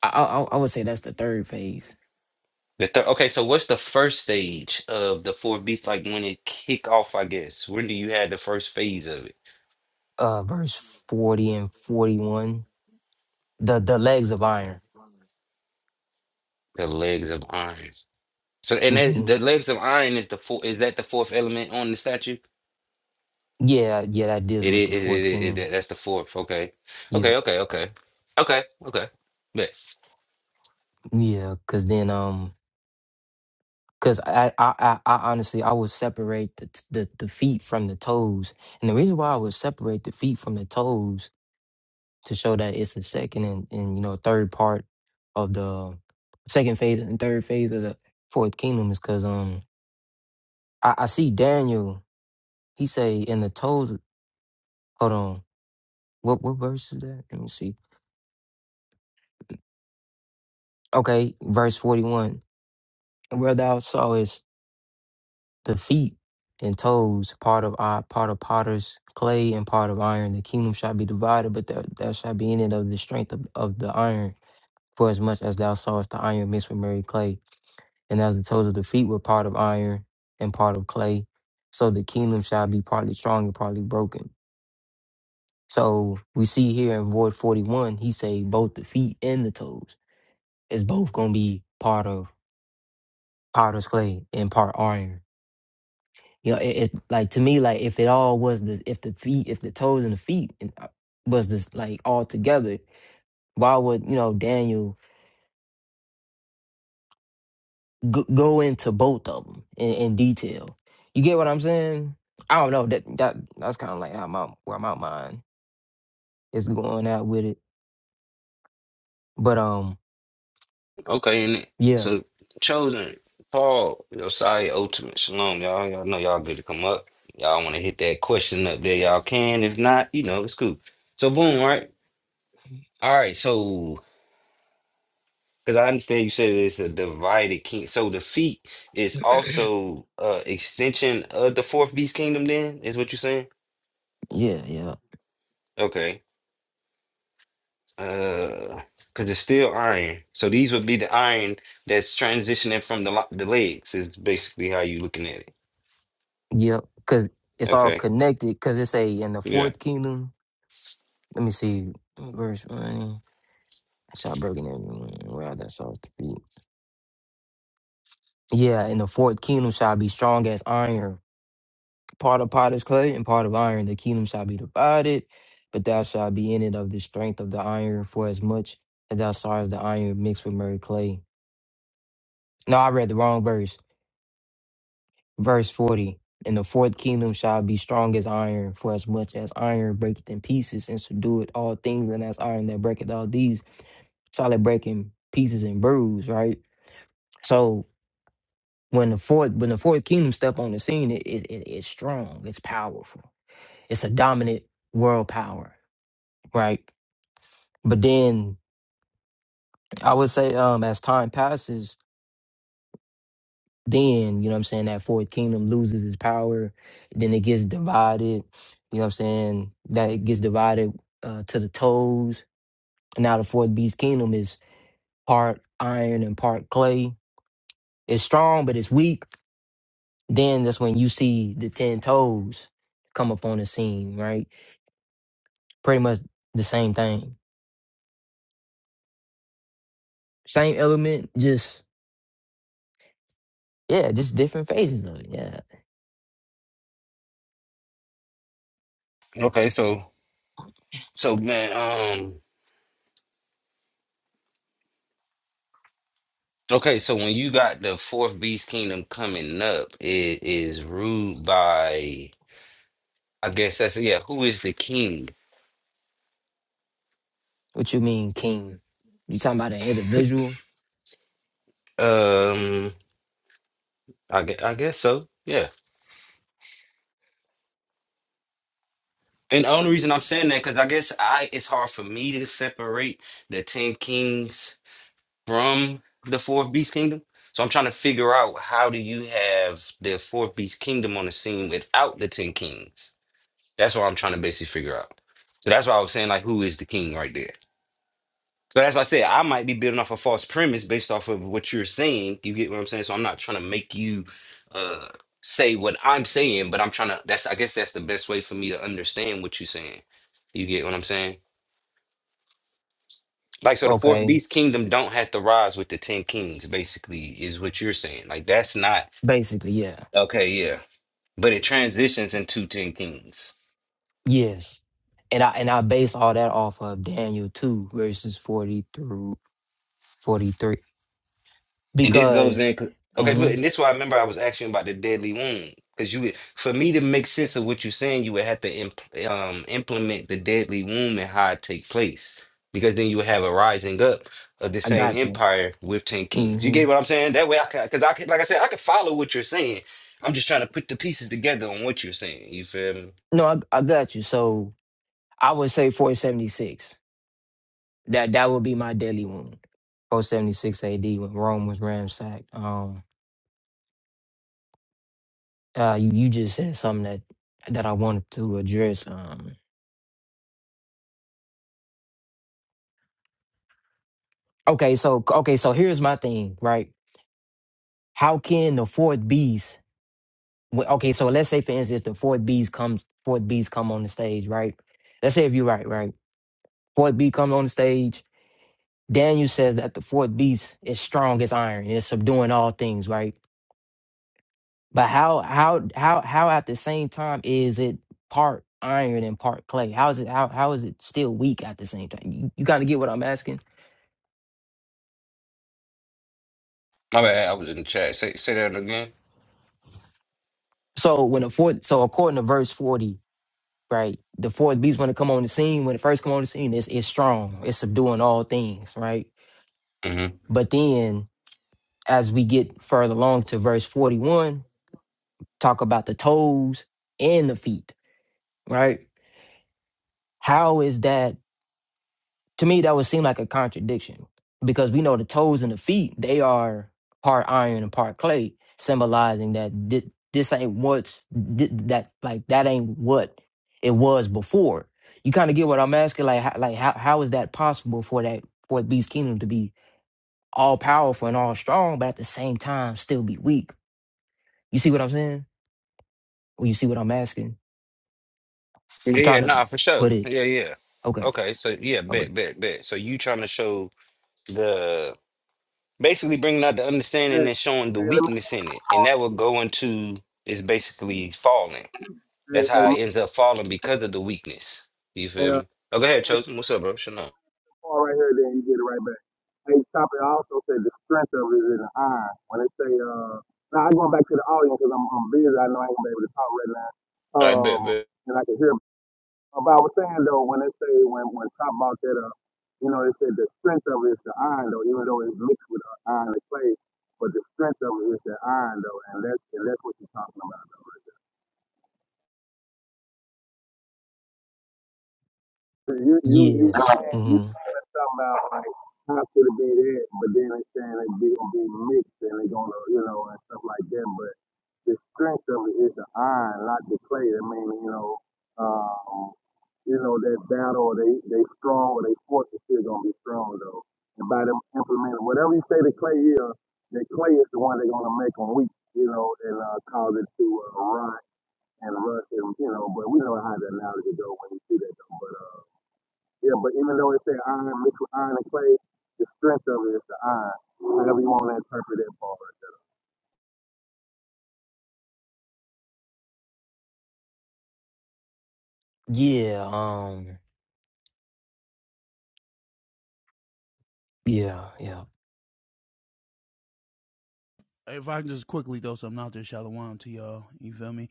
Speaker 5: I, I I would say that's the third phase.
Speaker 2: The third. Okay, so what's the first stage of the fourth beast? Like when it kick off? I guess when do you have the first phase of it?
Speaker 5: Uh, verse forty and forty one, the the legs of iron.
Speaker 2: The legs of iron. So and that,
Speaker 5: hmm
Speaker 2: the legs of iron is the four. Is that the fourth element on the statue?
Speaker 5: Yeah, yeah, that deals
Speaker 2: It
Speaker 5: with
Speaker 2: is.
Speaker 5: the
Speaker 2: It,
Speaker 5: fourth
Speaker 2: it, it, it,
Speaker 5: kingdom.
Speaker 2: that- that's the fourth. Okay.
Speaker 5: Yep.
Speaker 2: Okay. Okay. Okay. Okay. Okay. Bet.
Speaker 5: Yeah, because then um Cause I, I, I, I honestly, I would separate the, t- the the feet from the toes, and the reason why I would separate the feet from the toes to show that it's a second and, and you know third part of the second phase and third phase of the fourth kingdom is because um I, I see Daniel he say in the toes hold on what what verse is that let me see okay verse forty one where thou sawest the feet and toes, part of I, part of potter's clay and part of iron. The kingdom shall be divided, but thou, thou shalt be in it of the strength of, of the iron. For as much as thou sawest the iron mixed with merry clay, and as the toes of the feet were part of iron and part of clay, so the kingdom shall be partly strong and partly broken. So we see here in Void 41, he say both the feet and the toes is both gonna be part of potter's clay and part iron. You know, it, it like to me like if it all was this, if the feet if the toes and the feet and, uh, was this like all together, why would you know Daniel go, go into both of them in, in detail? You get what I'm saying? I don't know that that that's kind of like how my where my mind is going out with it, but um
Speaker 2: Okay. And it-
Speaker 5: yeah
Speaker 2: so chosen Paul Josiah ultimate shalom. Y'all. Y'all know y'all good to come up. Y'all want to hit that question up there. Y'all can. If not, you know it's cool. So boom. Right. All right. So because I understand you said it's a divided king. So the feet is also uh extension of the fourth beast kingdom. Then is what you're saying?
Speaker 5: yeah yeah
Speaker 2: Okay. Uh, because it's still iron. So these would be the iron that's transitioning from the lo- the legs. Is basically how you looking at it.
Speaker 5: yeah because it's all
Speaker 2: Okay.
Speaker 5: connected because it's a in the
Speaker 2: Yeah.
Speaker 5: fourth kingdom. Let me see verse one. I saw break it in where I saw the feet. Yeah, and the fourth kingdom shall be strong as iron, part of potter's clay and part of iron. The kingdom shall be divided, but thou shalt be in it of the strength of the iron, for as much as thou sawest the iron mixed with merry clay. No, I read the wrong verse. Verse 40. And the fourth kingdom shall be strong as iron, for as much as iron breaketh in pieces and subdueth all things, and as iron that breaketh all these, shall it break in pieces and bruise, right? So When the fourth when the fourth kingdom step on the scene, it, it, it it's strong, it's powerful, it's a dominant world power, right? But then I would say, um, as time passes, then you know what I'm saying that fourth kingdom loses its power, then it gets divided. You know what I'm saying that it gets divided uh, to the toes. And now the fourth beast kingdom is part iron and part clay. It's strong, but it's weak. Then that's when you see the ten toes come up on the scene, right? pretty much the same thing. Same element, just yeah, just different phases of it. Yeah.
Speaker 2: Okay. So so man. Um. Okay. So when you got the fourth beast kingdom coming up, it is ruled by. I guess that's yeah. Who is the king?
Speaker 5: What you mean, king? You talking about an individual?
Speaker 2: Um. I guess, I guess so. Yeah. And the only reason I'm saying that because I guess I it's hard for me to separate the ten kings from the fourth beast kingdom. So I'm trying to figure out how do you have the fourth beast kingdom on the scene without the ten kings? That's what I'm trying to basically figure out. So that's why I was saying like who is the king right there. So that's why I said I might be building off a false premise based off of what you're saying. You get what I'm saying? So I'm not trying to make you uh say what I'm saying, but I'm trying to that's I guess that's the best way for me to understand what you're saying. You get what I'm saying? Like so the fourth
Speaker 5: Okay.
Speaker 2: beast kingdom don't have to rise with the ten kings, basically, is what you're saying. Like that's not
Speaker 5: Basically, yeah.
Speaker 2: okay, yeah. But it transitions into ten kings.
Speaker 5: Yes. And I and I base all that off of Daniel two verses forty through forty three.
Speaker 2: And this goes
Speaker 5: Because
Speaker 2: in. Okay,
Speaker 5: hmm
Speaker 2: look, and this is why I remember I was asking you about the deadly wound. Because you would, for me to make sense of what you're saying, you would have to imp- um, implement the deadly wound and how it take place. Because then you would have a rising up of the
Speaker 5: I
Speaker 2: same
Speaker 5: got you.
Speaker 2: empire with 10 kings. You
Speaker 5: hmm
Speaker 2: get what I'm saying? That way I can, because I can, like I said, I can follow what you're saying. I'm just trying to put the pieces together on what you're saying. You feel me?
Speaker 5: No, I, I got you. So I would say four seventy six. That that would be my deadly wound. Four seventy six AD when Rome was ransacked. Um uh you, you just said something that that I wanted to address. Um okay, so okay, so here's my thing, right? How can the fourth beast wh- okay, so let's say for instance the fourth beast comes fourth beast come on the stage, right? Let's say if you're right, right? Fourth beast comes on the stage, Daniel says that the fourth beast is strong as iron and is subduing all things, right? But how how how how at the same time is it part iron and part clay? How is it how how is it still weak at the same time? You, you kind of get what I'm asking?
Speaker 2: My bad, I was in the chat. Say, say that again.
Speaker 5: So when the fourth, so according to verse forty, right, the fourth beast when it come on the scene, when it first come on the scene, it's it's strong, it's subduing all things, right.
Speaker 2: hmm
Speaker 5: But then as we get further along to verse forty one, talk about the toes and the feet, right. How is that? To me, that would seem like a contradiction because we know the toes and the feet, they are part iron and part clay, symbolizing that thi- this ain't what's thi- that like that ain't what it was before. You kind of get what I'm asking, like how, like how how is that possible for that for a beast kingdom to be all powerful and all strong, but at the same time still be weak? You see what I'm saying? Or you see what I'm asking? I'm
Speaker 2: Yeah, yeah,
Speaker 5: trying to
Speaker 2: nah, for sure.
Speaker 5: put it.
Speaker 2: Yeah, yeah.
Speaker 5: Okay.
Speaker 2: Okay, so yeah,
Speaker 5: Okay.
Speaker 2: bet, bet, bet. So you trying to show. the basically bringing out the understanding
Speaker 6: Man,
Speaker 2: and showing the
Speaker 6: man, let me,
Speaker 2: weakness in it, and that would go into is basically falling.
Speaker 6: hey,
Speaker 2: That's
Speaker 6: hey,
Speaker 2: how it ends up falling because of the weakness. You
Speaker 6: hey,
Speaker 2: feel
Speaker 6: uh,
Speaker 2: me? Oh, go ahead,
Speaker 6: let me
Speaker 2: chosen. What's up, bro? Shut up.
Speaker 6: pause right here then you get it right back. Hey, Chopper also said the strength of it is in the iron. When they say, uh, now I'm going back to the audience because I'm, I'm busy. I know I ain't going to be able to talk right now.
Speaker 2: All right,
Speaker 6: Um,
Speaker 2: bet, bet.
Speaker 6: and I can hear. Uh, But I was saying though, when they say, when, when top about that, uh, you know, they said the strength of it is the iron though, even though it's mixed with uh, iron and clay, but the strength of it is the iron though, and that's, and that's what you're talking about though. right? You you you you
Speaker 5: Yeah. hmm
Speaker 6: said something about like how could it be that, but then they saying it be be mixed and they gonna you know and stuff like that. But the strength of it is the iron, not the clay. I mean, you know, um, you know that battle. or They they strong or they force is still gonna be strong though. And by them implementing whatever you say the clay is, the clay is the one they're gonna make them weak. You know, and uh, cause it to uh, run and rust and you know. But we know how the analogy go when you see that. Though. But uh. Yeah, but even though it say iron mixed with iron and clay, the strength of it is the iron. However you want to interpret that part.
Speaker 5: Yeah. Um. Yeah. Yeah.
Speaker 7: if I can just quickly throw something out there, shalom to y'all. You feel me?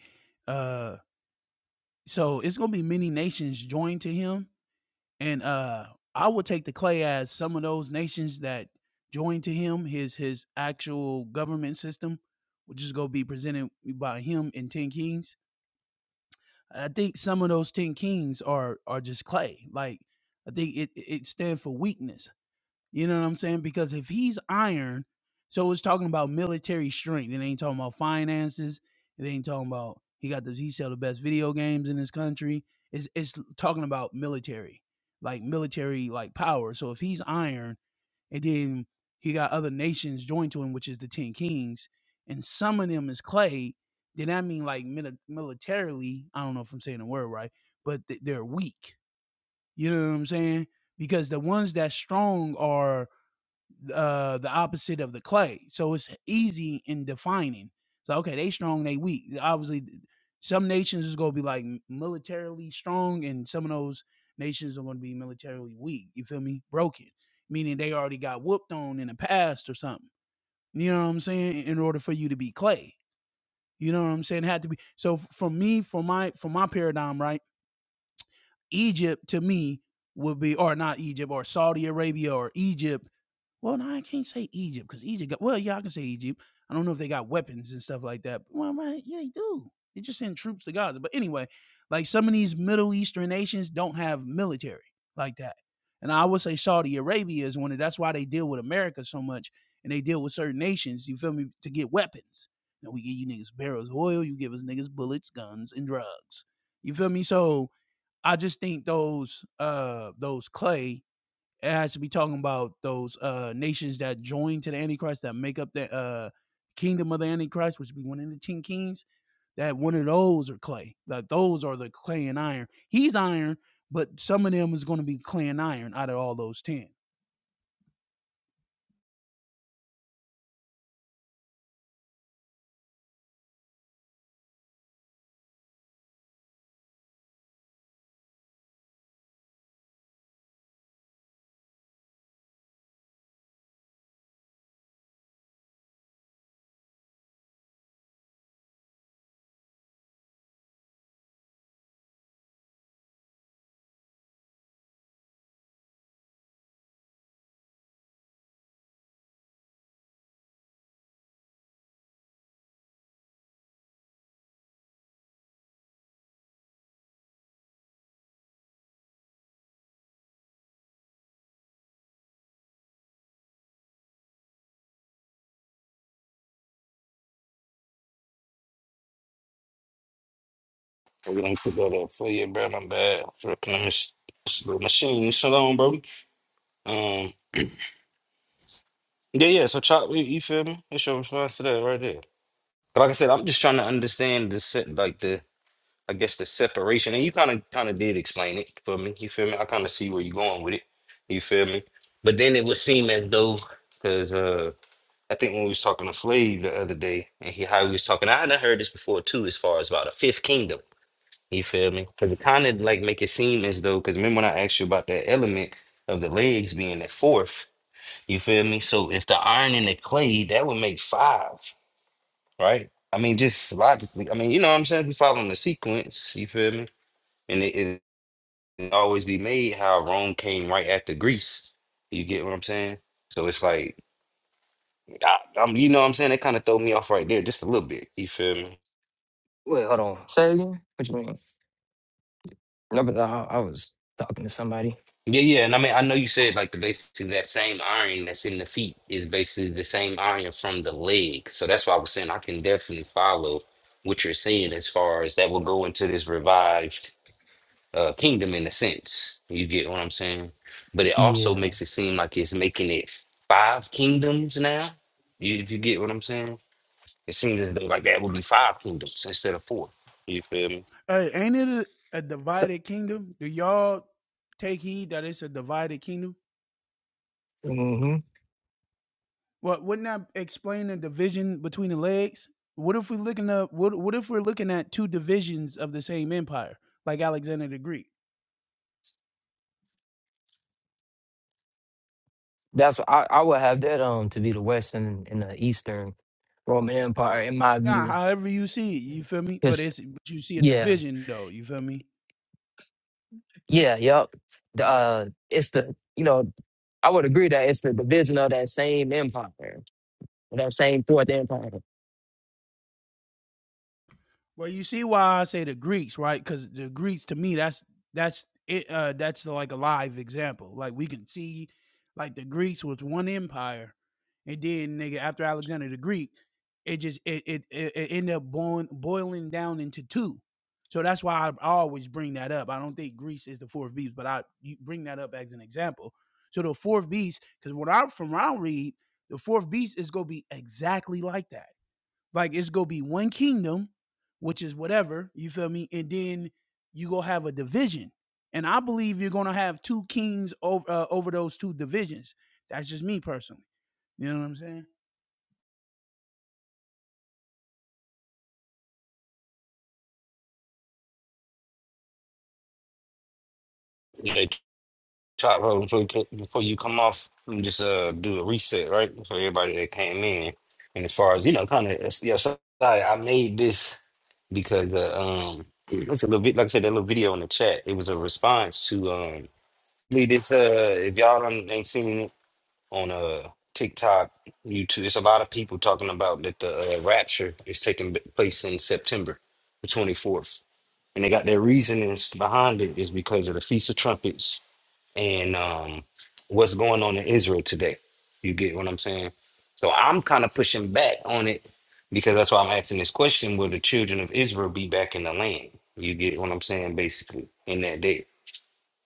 Speaker 7: Uh, so it's gonna be many nations joined to him, and uh, I will take the clay as some of those nations that joined to him. His his actual government system, which is gonna be presented by him and ten kings. I think some of those ten kings are are just clay. Like I think it it stands for weakness. You know what I'm saying? Because if he's iron, so it's talking about military strength. It ain't talking about finances. It ain't talking about he got the he sell the best video games in this country. It's it's talking about military, like military like power. So if he's iron, and then he got other nations joined to him, which is the Ten Kings, and some of them is clay. Then I mean like mili- militarily, I don't know if I'm saying the word right, but th- they're weak. You know what I'm saying? Because the ones that strong are uh the opposite of the clay. So it's easy in defining. So okay, they strong, they weak. Obviously, some nations is gonna be like militarily strong, and some of those nations are gonna be militarily weak. You feel me? Broken, meaning they already got whooped on in the past or something. You know what I'm saying? In order for you to be clay, you know what I'm saying? It Had to be. So for me, for my for my paradigm, right? Egypt to me would be, or not Egypt, or Saudi Arabia, or Egypt well, no, I can't say Egypt because Egypt got well, yeah, I can say Egypt. I don't know if they got weapons and stuff like that. But, well, man, yeah, they do. They just send troops to Gaza. But anyway, like some of these Middle Eastern nations don't have military like that. And I would say Saudi Arabia is one of that's why they deal with America so much and they deal with certain nations, you feel me, to get weapons. Now we give you niggas barrels of oil, you give us niggas bullets, guns, and drugs. You feel me? So I just think those uh those clay it has to be talking about those uh nations that join to the Antichrist that make up the uh kingdom of the Antichrist, which would be one of the ten kings. That one of those are clay. That those are the clay and iron. He's iron, but some of them is going to be clay and iron out of all those ten.
Speaker 2: We're gonna put that up for you, bro. I'm bad. For my mach- little machine. Shalom, bro. Um, yeah, yeah. So, chop. You you feel me? What's your response to that right there? Like I said, I'm just trying to understand the set, like the I guess the separation, and you kind of kind of did explain it for me. You feel me? I kind of see where you're going with it. You feel me? But then it would seem as though, because uh, I think when we was talking to Flay the other day, and he how he was talking, I done heard this before too, as far as about a fifth kingdom. You feel me? Because it kind of like make it seem as though, because remember when I asked you about that element of the legs being the fourth. You feel me? So if the iron and the clay, that would make five, right? I mean, just logically. I mean, you know what I'm saying? We following the sequence. You feel me? and it, it always be made how Rome came right after Greece. You get what I'm saying? So it's like I, I'm, you know what I'm saying? That kind of throw me off right there just a little bit. You feel me?
Speaker 5: Wait, hold on. Say it again. What you mean? No, but I, I was talking to somebody.
Speaker 2: Yeah, yeah. And I mean, I know you said like the basically that same iron that's in the feet is basically the same iron from the leg. So that's why I was saying I can definitely follow what you're saying as far as that will go into this revived uh, kingdom in a sense. You get what I'm saying? But it also
Speaker 5: Yeah.
Speaker 2: makes it seem like it's making it five kingdoms now. You, if you get what I'm saying, it seems as though like that would be five kingdoms instead of four. You feel me?
Speaker 7: Hey, ain't it a, a
Speaker 5: So
Speaker 7: divided kingdom? Do y'all take heed that it's a divided kingdom?
Speaker 5: hmm
Speaker 7: What wouldn't that explain the division between the legs? What if we looking up? What What if we're looking at two divisions of the same empire, like Alexander the Greek?
Speaker 5: that's what I, I would have that um to be the Western and and the Eastern Roman Empire in my
Speaker 7: Nah,
Speaker 5: view.
Speaker 7: however you see it, you feel me? But
Speaker 5: Cause
Speaker 7: it's but you see a
Speaker 5: yeah,
Speaker 7: division though, you feel me?
Speaker 5: yeah, yep. The,
Speaker 7: Okay.
Speaker 5: uh, it's the you know I would agree that it's the division of that same empire, that same fourth empire.
Speaker 7: Well, you see why I say the Greeks, right? Because the Greeks, to me, that's that's it. Uh, that's like a live example. Like we can see, like the Greeks was one empire, and then nigga after Alexander the Greek, it just it it it, it ended up boiling boiling down into two. So that's why I always bring that up. I don't think Greece is the fourth beast, but I you bring that up as an example. So the fourth beast, because what I from what I read, the fourth beast is gonna be exactly like that like it's gonna be one kingdom, which is whatever, you feel me? And then you gonna have a division. And I believe you're gonna have two kings over uh, over those two divisions. That's just me personally. You know what I'm saying?
Speaker 2: Yeah, chop hold before you, co- before you come off. let me Just uh, do a reset, right, for everybody that came in. And as far as you know, kind of yeah, so I, I made this because uh, um, it's a little bit like I said that little video in the chat. It was a response to um. Lee, this uh, if y'all done, ain't seen it, on uh TikTok, YouTube. It's a lot of people talking about that the uh, rapture is taking b- place in September, the 24th, and they got their reasonings behind it is because of the Feast of Trumpets and um what's going on in Israel today. You get what I'm saying? So I'm kind of pushing back on it because that's why I'm asking this question: Will the children of Israel be back in the land? You get what I'm saying? Basically, in that day,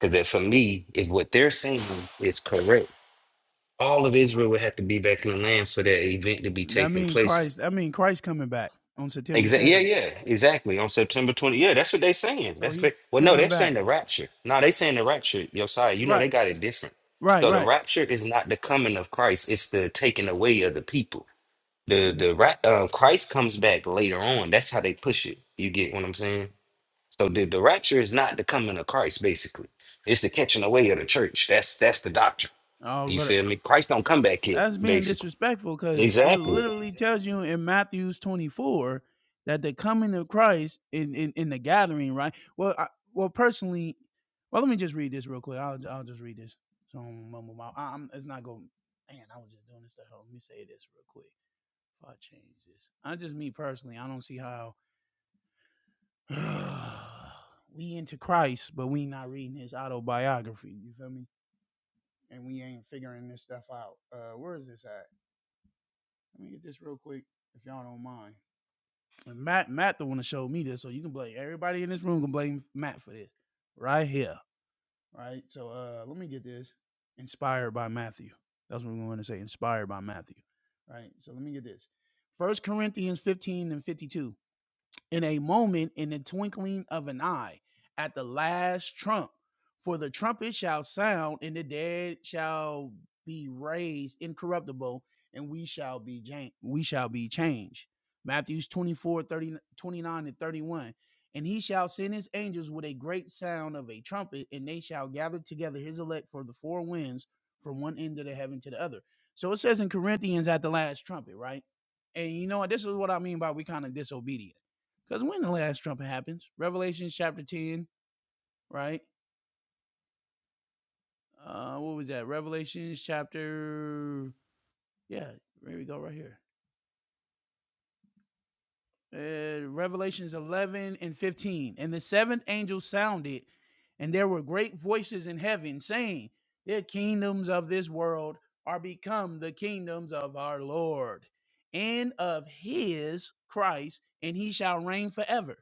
Speaker 2: because that for me is what they're saying is correct all of Israel would have to be back in the land for that event to be
Speaker 7: That
Speaker 2: taking
Speaker 7: mean
Speaker 2: place.
Speaker 7: Christ. I mean Christ coming back on September
Speaker 2: Exactly. Yeah,
Speaker 7: second.
Speaker 2: yeah, exactly. On September 20. Yeah, that's what they saying.
Speaker 7: So
Speaker 2: That's
Speaker 7: he
Speaker 2: ba- well, no,
Speaker 7: coming
Speaker 2: they're
Speaker 7: back.
Speaker 2: saying the rapture. No, they saying the rapture. Yo, sorry, you know they
Speaker 7: Right.
Speaker 2: got it different.
Speaker 7: Right.
Speaker 2: So the
Speaker 7: Right.
Speaker 2: rapture is not the coming of Christ; it's the taking away of the people. The
Speaker 7: And
Speaker 2: the ra- uh, Christ comes back later on. That's how they push it. You get what I'm saying? So the, the rapture is not the coming of Christ. Basically, it's the catching away of the church. That's that's the doctrine.
Speaker 7: oh,
Speaker 2: You
Speaker 7: what? a,
Speaker 2: feel me? Christ don't come back here.
Speaker 7: That's being
Speaker 2: Basically.
Speaker 7: disrespectful because it
Speaker 2: Exactly.
Speaker 7: literally tells you in Matthew's 24 that the coming of Christ in, in, in the gathering, right? Well, I, well, personally, well, let me just read this real quick. I'll, I'll just read this. So I don't mumble my- I'm, it's not going. Man, I was just doing this to help. Let me say this real quick. If I change this, I just me personally, I don't see how [SIGHS] we into Christ, but we not reading his autobiography. You feel me? And we ain't figuring this stuff out. Uh, where is this at? Let me get this real quick, if y'all don't mind. And Matt, Matt, the one that showed me this, so you can blame everybody in this room can blame Matt for this, right here, right. So uh, let me get this. Inspired by Matthew. That's what we're going to say. Inspired by Matthew, right. So let me get this. First Corinthians fifteen and fifty-two in a moment, in the twinkling of an eye, at the last trump. For the trumpet shall sound, and the dead shall be raised incorruptible, and we shall be jan- we shall be changed. Matthew 24, thirty, 29 and 31. And he shall send his angels with a great sound of a trumpet, and they shall gather together his elect for the four winds from one end of the heaven to the other. So it says in Corinthians at the last trumpet, right? And you know what? This is what I mean by we kind of disobedient because when the last trumpet happens, Revelation chapter 10, right? Uh, what was that? Revelations chapter, yeah, here we go, right here. Uh, Revelations 11 and 15. And the seventh angel sounded, and there were great voices in heaven saying, The kingdoms of this world are become the kingdoms of our Lord and of his Christ, and he shall reign forever.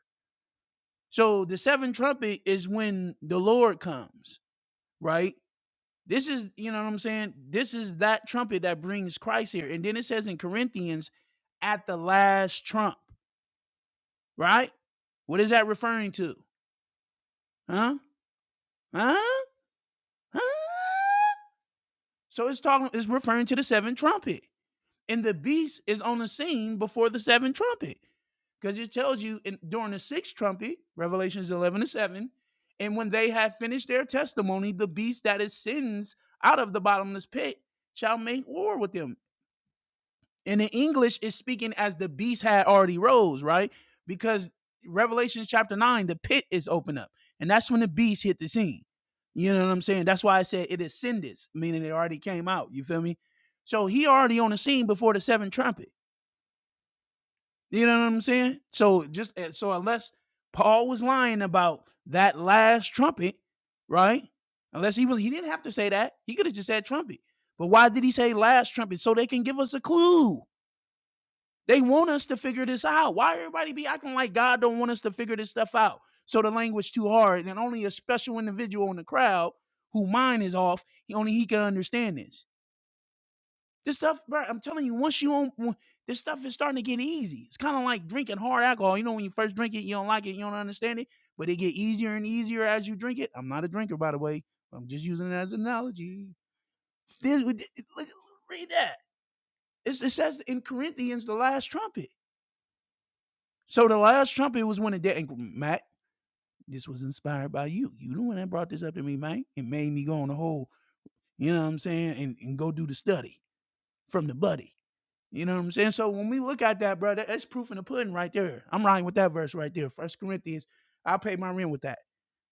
Speaker 7: So the seventh trumpet is when the Lord comes, right? This is, you know what I'm saying? This is that trumpet that brings Christ here. And then it says in Corinthians, at the last trump, right? What is that referring to? Huh? Huh? Huh? So it's talking, it's referring to the seventh trumpet. And the beast is on the scene before the seventh trumpet. Because it tells you in, during the sixth trumpet, Revelations 11 to 7, and when they have finished their testimony, the beast that ascends out of the bottomless pit shall make war with them. And in English, it's speaking as the beast had already rose, right? Because Revelation chapter 9, the pit is open up. And that's when the beast hit the scene. You know what I'm saying? That's why I said it ascended, meaning it already came out. You feel me? So he already on the scene before the seventh trumpet. You know what I'm saying? So just eh, so unless Paul was lying about that last trumpet, right? Unless he was he didn't have to say that. He could have just said trumpet. But why did he say last trumpet? So they can give us a clue they want us to figure this out. Why everybody be acting like God don't want us to figure this stuff out? So the language too hard, and only a special individual in the crowd who mind is off, he- only he can understand this. This stuff, bro, I'm telling you, once you on w- this stuff is starting to get easy. It's kind of like drinking hard alcohol. You know, when you first drink it, you don't like it, you don't understand it, but it get easier and easier as you drink it. I'm not a drinker, by the way. I'm just using it as an analogy. This, look- read that. It's, it says in Corinthians, the last trumpet. So the last Trump, it was when it did. and Matt, this was inspired by you. You the one that brought this up to me, man. It made me go on the whole, you know what I'm saying, and, and go do the study from the buddy. You know what I'm saying? So when we look at that, brother, that's proof in the pudding right there. I'm riding with that verse right there. First Corinthians, I pay my rent with that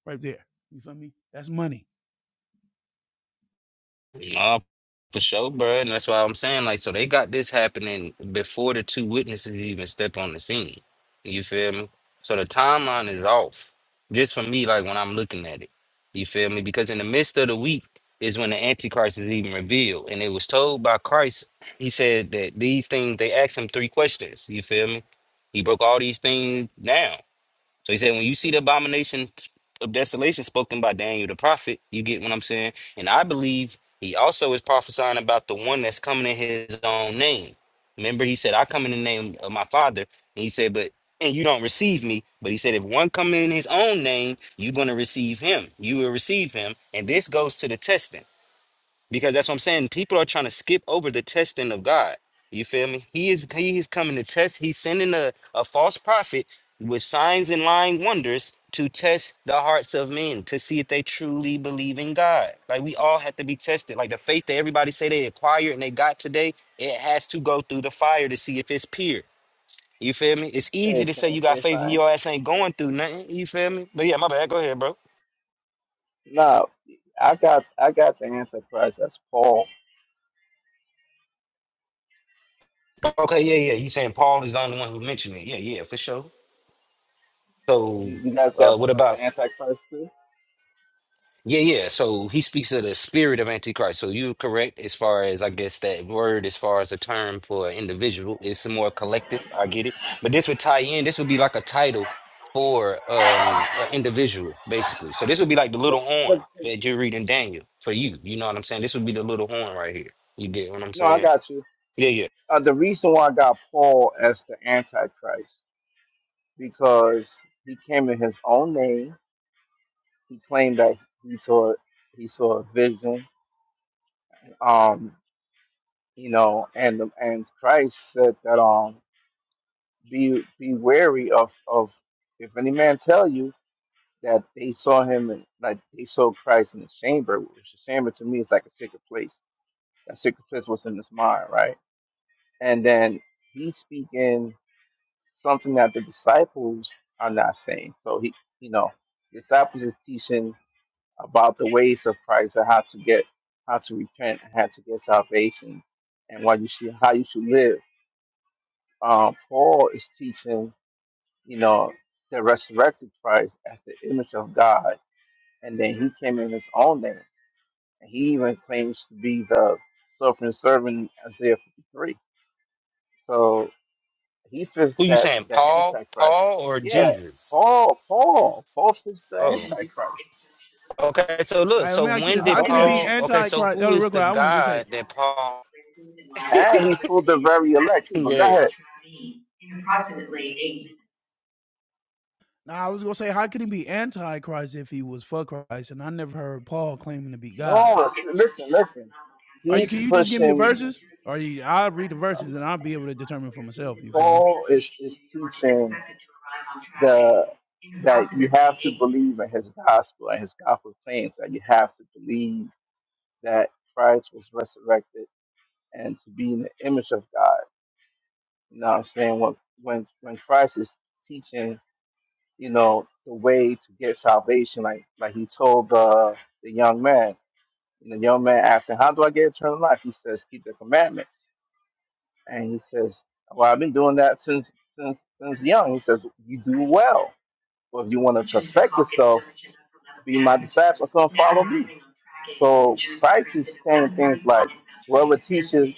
Speaker 7: right there. You feel me? That's money.
Speaker 2: Nah, for sure, bro. And that's why I'm saying, like, so they got this happening before the two witnesses even step on the scene. You feel me? So the timeline is off. Just for me, like when I'm looking at it. You feel me? Because in the midst of the week is when the Antichrist is even revealed. And it was told by Christ, he said that these things, they asked him three questions. You feel me? He broke all these things down. So he said, when you see the abomination of desolation spoken by Daniel the prophet, you get what I'm saying? And I believe he also is prophesying about the one that's coming in his own name. Remember, he said, I come in the name of my father. And he said, but and you don't receive me. But he said, if one come in his own name, you're gonna receive him. You will receive him. And this goes to the testing. Because that's what I'm saying. People are trying to skip over the testing of God. You feel me? He is he is coming to test. He's sending a, a false prophet with signs and lying wonders to test the hearts of men to see if they truly believe in God. Like we all have to be tested. Like the faith that everybody say they acquired and they got today, it has to go through the fire to see if it's pure. You feel me? It's easy to say you got faith and your ass ain't going through nothing. You feel me? But yeah, my bad. Go ahead, bro. Okay, yeah, yeah. You saying Paul is the only one who mentioned it. Yeah, yeah, for sure. So,
Speaker 4: You you guys
Speaker 2: uh,
Speaker 4: got Paul
Speaker 2: what
Speaker 4: as
Speaker 2: about?
Speaker 4: the Antichrist too?
Speaker 2: Yeah, yeah. So he speaks of the spirit of Antichrist. So you are correct as far as I guess that word, as far as a term for an individual, is some more collective. I get it, but this would tie in. This would be like a title for um an individual, basically. So this would be like the little horn
Speaker 4: No,
Speaker 2: that you read in Daniel for you. You know what I'm saying? This would be the little horn right here. You get what I'm
Speaker 4: no, I
Speaker 2: saying?
Speaker 4: got you.
Speaker 2: Yeah, yeah.
Speaker 4: Uh, the reason why I got Paul as the Antichrist because he came in his own name. He claimed that he saw he saw a vision. Um, you know, and and Christ said that. um. be be wary of of if any man tell you that they saw him in, like they saw Christ in the chamber, which the chamber to me is like a secret place. That secret place was in his mind, right? And then he's speaking something that the disciples are not saying. So he, you know, disciples is teaching about the ways of Christ and how to get, how to repent, and how to get salvation, and what you should, how you should live. Um, Paul is teaching you know, the resurrected Christ as the image of God. And then he came in his own name. And he even claims to be the suffering servant in Isaiah 53. So he fits
Speaker 2: Who you
Speaker 4: that,
Speaker 2: saying?
Speaker 4: that
Speaker 2: Paul,
Speaker 4: Antichrist.
Speaker 2: Paul, or
Speaker 4: Yeah,
Speaker 2: Jesus?
Speaker 4: Paul, Paul, Paul fits the
Speaker 2: Oh.
Speaker 4: Antichrist.
Speaker 2: Okay, so
Speaker 7: All
Speaker 2: look,
Speaker 7: right, let
Speaker 2: so
Speaker 7: me ask you
Speaker 2: when
Speaker 7: this.
Speaker 4: I
Speaker 7: How
Speaker 2: did
Speaker 4: know
Speaker 7: can he
Speaker 4: that.
Speaker 7: be
Speaker 2: Paul?
Speaker 7: anti
Speaker 2: Okay, so
Speaker 7: antichrist?
Speaker 2: who
Speaker 7: Oh,
Speaker 2: is
Speaker 7: real quick,
Speaker 2: the
Speaker 7: I want to just say,
Speaker 2: God that Paul? [LAUGHS]
Speaker 4: And he's for the very elect. too, But go
Speaker 2: yeah.
Speaker 4: ahead.
Speaker 7: now I was gonna say, how could he be anti antichrist if he was for Christ? And I never heard Paul claiming to be God.
Speaker 4: No, s- listen, listen.
Speaker 7: Are you?
Speaker 4: He's
Speaker 7: Can you just give me the
Speaker 4: pushing.
Speaker 7: verses? Are you? I'll read the verses and I'll be able to determine for myself. You feel me?
Speaker 4: Paul is, is teaching the that you have to believe in his gospel and his gospel claims that you have to believe that Christ was resurrected and to be in the image of God. You know what I'm saying? When when when Christ is teaching, you know, the way to get salvation, like like he told the the young man. And the young man asked him, How do I get eternal life? He says, Keep the commandments. And he says, Well, I've been doing that since since since young. He says, You do well. Well, if you want to perfect yourself, be my disciple, come follow me. So Christ is saying things like, Whoever teaches,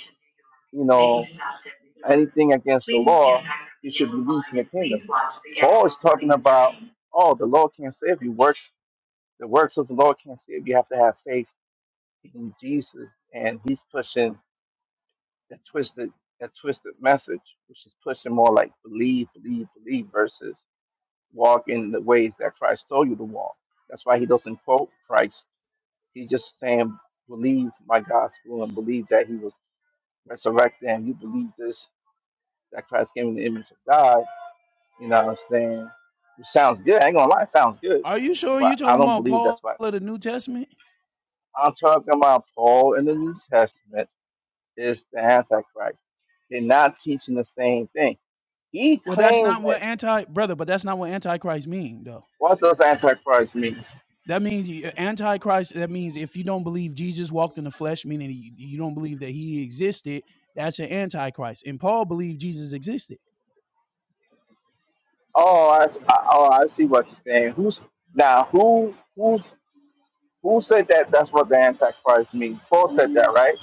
Speaker 4: you know, anything against the law, you should be least in the kingdom. Paul is talking about, oh, the law can't save you. Works the works of the law can't save you. You have to have faith in Jesus, and he's pushing that twisted that twisted message, which is pushing more like believe, believe, believe versus walk in the ways that Christ told you to walk. That's why he doesn't quote Christ. He's just saying, believe my gospel and believe that he was resurrected, and you believe this that Christ came in the image of God. You know what I'm saying? It sounds good. I ain't gonna lie, it sounds good,
Speaker 7: Are you sure you
Speaker 4: but I
Speaker 7: talking
Speaker 4: don't
Speaker 7: about
Speaker 4: believe that's
Speaker 7: Paul
Speaker 4: what.
Speaker 7: of the New Testament?
Speaker 4: I'm talking about Paul in the New Testament is the Antichrist. They're not teaching the same thing. He
Speaker 7: Well, that's
Speaker 4: claims
Speaker 7: not
Speaker 4: that
Speaker 7: what anti brother, but that's not what antichrist mean though.
Speaker 4: what does Antichrist means?
Speaker 7: That means you- uh, antichrist. That means if you don't believe Jesus walked in the flesh, meaning you you don't believe that he existed, that's an antichrist. And Paul believed Jesus existed.
Speaker 4: Oh, I, I, oh, I see what you're saying. Who's now? Who who who said that? That's what the Antichrist means. Paul said that, right?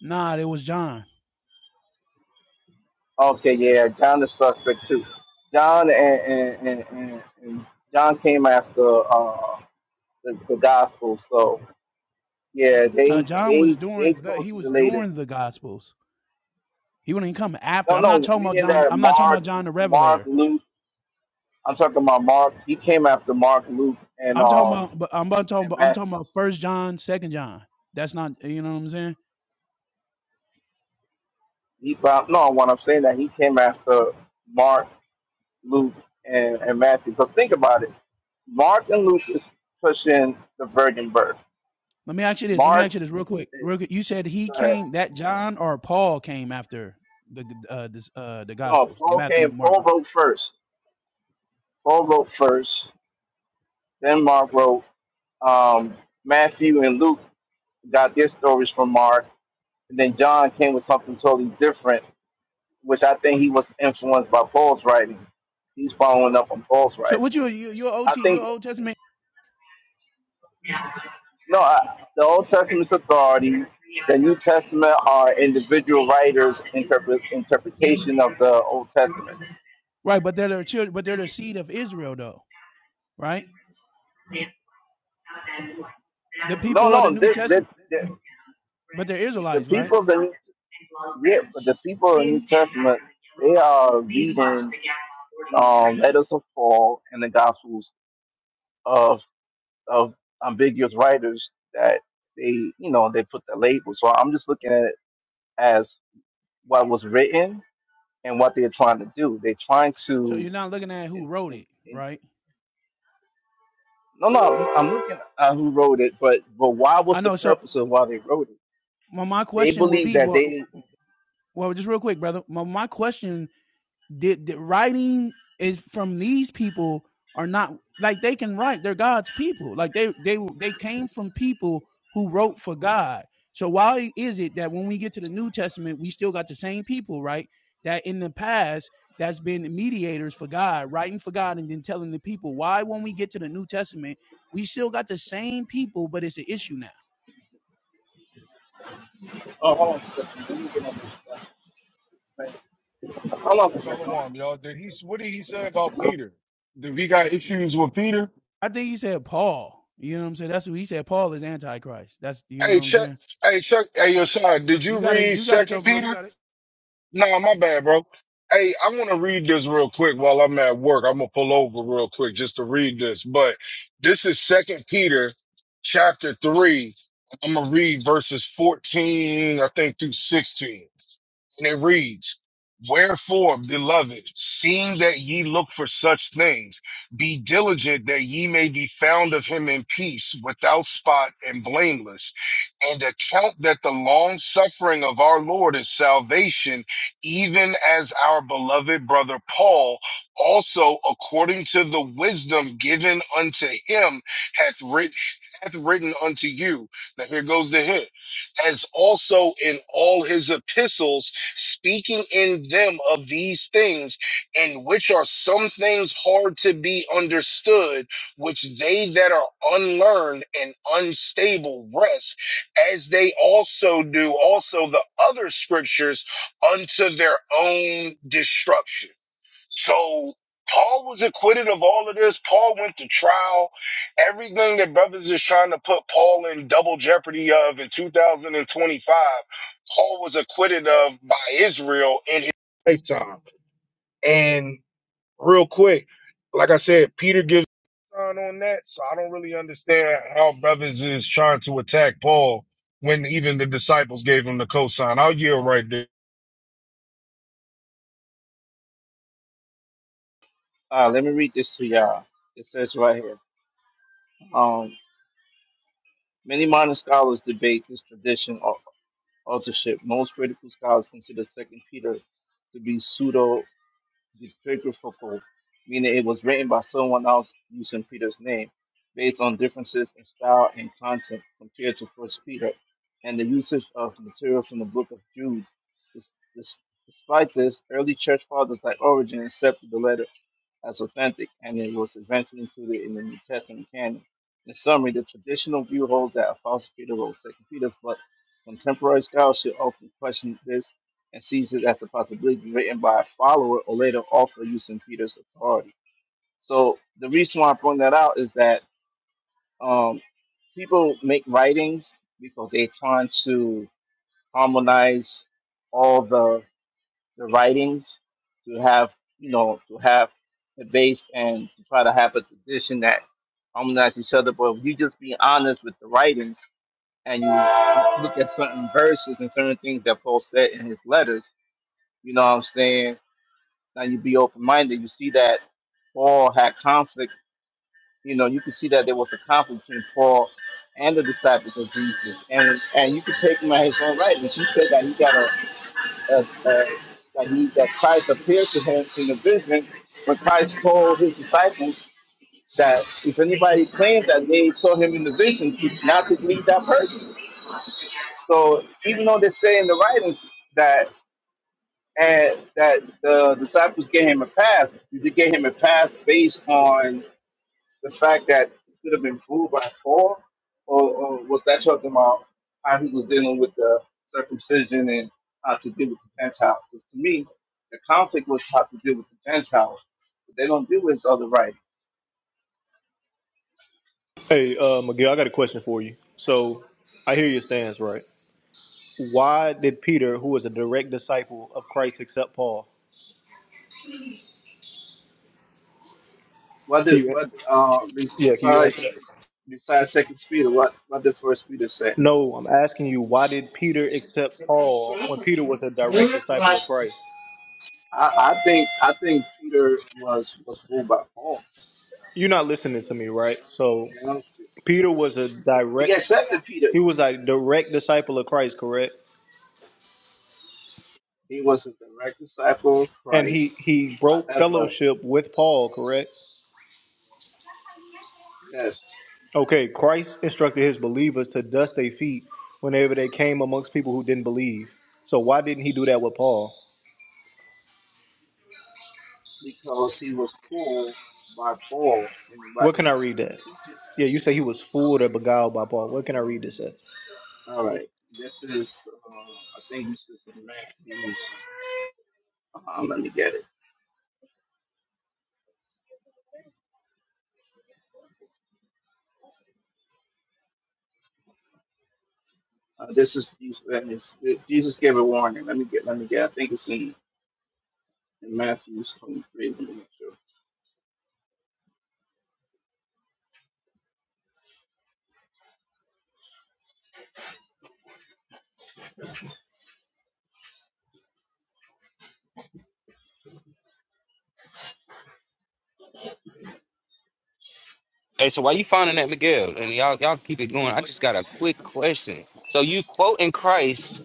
Speaker 7: Nah, it was John.
Speaker 4: Okay, yeah. John is suspect too. John and and, and, and, and John came after uh, the, the gospel, so yeah,
Speaker 7: Uh,
Speaker 4: they
Speaker 7: John was
Speaker 4: they they
Speaker 7: during the he
Speaker 4: closely
Speaker 7: was
Speaker 4: related.
Speaker 7: during the Gospels. He wouldn't even come after.
Speaker 4: No,
Speaker 7: I'm not
Speaker 4: no,
Speaker 7: talking about
Speaker 4: meaning
Speaker 7: John.
Speaker 4: that
Speaker 7: I'm not talking about
Speaker 4: Mark,
Speaker 7: John the
Speaker 4: Mark,
Speaker 7: Revelator.
Speaker 4: Luke. I'm talking about Mark. He came after Mark, Luke, and
Speaker 7: I'm talking
Speaker 4: um
Speaker 7: about, but I'm about talking
Speaker 4: and
Speaker 7: about, I'm
Speaker 4: Matthew.
Speaker 7: talking about First John, Second John. That's not, you know what I'm saying.
Speaker 4: He found no. What I'm saying that he came after Mark, Luke, and and Matthew. So think about it. Mark and Luke is pushing the virgin birth.
Speaker 7: Let me ask you this. Let me
Speaker 4: Mark
Speaker 7: ask you this real quick.
Speaker 4: is
Speaker 7: Real quick. You said he
Speaker 4: go ahead.
Speaker 7: came that John or Paul came after the uh, this, uh the
Speaker 4: no.
Speaker 7: Gospels, the
Speaker 4: Paul
Speaker 7: Matthew,
Speaker 4: came.
Speaker 7: Mark.
Speaker 4: Paul wrote first. Paul wrote first. Then Mark wrote. Um, Matthew and Luke got their stories from Mark, and then John came with something totally different which I think he was influenced by Paul's writings. He's following up on Paul's writings.
Speaker 7: So what you you your
Speaker 4: I
Speaker 7: OT
Speaker 4: think
Speaker 7: your Old Testament
Speaker 4: no. I, the Old Testament's authority. The New Testament are individual writers' interpret, interpretation of the Old Testament.
Speaker 7: right? But they're the children, but they're the seed of Israel though, right? The
Speaker 4: No,
Speaker 7: people of the
Speaker 4: no.
Speaker 7: New
Speaker 4: This, this,
Speaker 7: Testament,
Speaker 4: this
Speaker 7: but they're
Speaker 4: the
Speaker 7: Israelites, right?
Speaker 4: people that yeah, but the people in the New Testament they are reading um, letters of Paul and the Gospels of of ambiguous writers that they you know they put the label. So I'm just looking at it as what was written and what they're trying to do. They're trying
Speaker 7: So
Speaker 4: to
Speaker 7: you're not looking at who
Speaker 4: in,
Speaker 7: wrote
Speaker 4: in,
Speaker 7: it,
Speaker 4: in,
Speaker 7: right?
Speaker 4: no no I'm looking at who wrote it, but but why was
Speaker 7: I
Speaker 4: the
Speaker 7: know. So
Speaker 4: purpose of why they wrote it?
Speaker 7: my my
Speaker 4: They
Speaker 7: question will
Speaker 4: believe
Speaker 7: be,
Speaker 4: that
Speaker 7: well,
Speaker 4: they
Speaker 7: well, just real quick, brother. My my question the, the writing is from these people are not like they can write. They're God's people. Like they they they came from people who wrote for God. So why is it that when we get to the New Testament, we still got the same people, right? That in the past that's been mediators for God, writing for God, and then telling the people why when we get to the New Testament, we still got the same people, but it's an issue now.
Speaker 4: oh hold on, let me get on this. Hold on a second.
Speaker 8: Shalom, y'all. Did he? What did he say about Peter? Did we got issues with Peter?
Speaker 7: I think he said Paul. You know what I'm saying? That's what he said. Paul is antichrist. That's you know
Speaker 8: Hey,
Speaker 7: what I'm
Speaker 8: Chuck.
Speaker 7: saying.
Speaker 8: Hey, Chuck. Hey, Yosha, did you
Speaker 7: You got it.
Speaker 8: read
Speaker 7: You got it though,
Speaker 8: Second
Speaker 7: bro. You
Speaker 8: Peter?
Speaker 7: got it.
Speaker 8: Nah, my bad, bro. Hey, I want to read this real quick while I'm at work. I'm gonna pull over real quick just to read this. But this is Second Peter, chapter three. I'm gonna read verses 14, I think, through 16. And it reads, Wherefore, beloved, seeing that ye look for such things, be diligent that ye may be found of him in peace, without spot and blameless, and account that the long suffering of our Lord is salvation, even as our beloved brother Paul also according to the wisdom given unto him hath written hath written unto you. Now here goes the hit as also in all his epistles speaking in them of these things, in which are some things hard to be understood, which they that are unlearned and unstable rest, as they also do also the other scriptures unto their own destruction. So Paul was acquitted of all of this. Paul went to trial. Everything that brothers is trying to put Paul in double jeopardy of in 2025, Paul was acquitted of by Israel in his lifetime. And real quick, like I said, Peter gives on on that, so I don't really understand how brothers is trying to attack Paul when even the disciples gave him the cosign. I'll yield right there.
Speaker 4: Uh, let me read this to y'all. It says right here. Um, many modern scholars debate this tradition authorship. Most critical scholars consider Second Peter to be pseudo pseudepigraphical, meaning it was written by someone else using Peter's name, based on differences in style and content compared to First Peter, and the usage of material from the Book of Jude. Des- des- Despite this, early church fathers like Origen accepted the letter as authentic, and it was eventually included in the New Testament canon. In summary, the traditional view holds that Apostle Peter wrote Second Peter, but contemporary scholarship often questions this and sees it as a possibility written by a follower or later author using Peter's authority. So the reason why I bring that out is that um, people make writings because they're trying to harmonize all the the writings to have you know to have the base and to try to have a tradition that harmonize each other. But if you just be honest with the writings and you look at certain verses and certain things that Paul said in his letters, you know what I'm saying? Now you be open minded. You see that Paul had conflict. You know, you can see that there was a conflict between Paul and the disciples of Jesus, and and you can take him at his own writings. He said that he got a as, as like he, that Christ appeared to him in the vision when Christ told his disciples that if anybody claims that they saw him in the vision, not to believe that person. So even though they say in the writings that and that the disciples gave him a pass, did they gave him a pass based on the fact that he could have been fooled by Paul, or, or was that talking about how he was dealing with the circumcision and how to deal with the Gentiles? 'Cause to me, the conflict was how to deal with the Gentiles. But they don't do this other right.
Speaker 1: Hey, uh, Miguel, I got a question for you. So, I hear your stance, right? Why did Peter, who was a direct disciple of Christ, accept Paul? Can
Speaker 4: Whether
Speaker 1: you?
Speaker 4: what uh, be-
Speaker 1: Yeah, can you answer
Speaker 4: besides
Speaker 1: that?
Speaker 4: besides Second Peter, what what did First Peter say?
Speaker 1: No, I'm asking you, why did Peter accept Paul when Peter was a direct disciple of Christ?
Speaker 4: I, I think I think Peter was was fooled by Paul. To
Speaker 1: You're not listening to me, right? So
Speaker 4: be honest with
Speaker 1: Peter was a
Speaker 4: you, he
Speaker 1: direct
Speaker 4: accepted Peter.
Speaker 1: he was a direct disciple of Christ, correct?
Speaker 4: He was a direct disciple of
Speaker 1: And he
Speaker 4: Christ.
Speaker 1: he broke
Speaker 4: However,
Speaker 1: fellowship with Paul, correct?
Speaker 4: Yes,
Speaker 1: Okay, Christ instructed his believers to dust their feet whenever they came amongst people who didn't believe. So why didn't he do that with Paul?
Speaker 4: because he was pulled by Paul and
Speaker 1: Where
Speaker 4: what he
Speaker 1: can I
Speaker 4: was
Speaker 1: read that?
Speaker 4: teaching.
Speaker 1: Yeah, you say he was
Speaker 4: All
Speaker 1: fooled
Speaker 4: right.
Speaker 1: or beguiled by Paul. Where can I read this at?
Speaker 4: All right. This is, uh, I think this is in Matthew's. Uh, let me get it. Uh, this is Jesus. Jesus gave a warning. Let me get. Let me get. I think it's in, in Matthew's 23. Let me make sure.
Speaker 2: Hey, so why you finding that Miguel? And y'all, y'all keep it going. I just got a quick question. So you quoting Christ,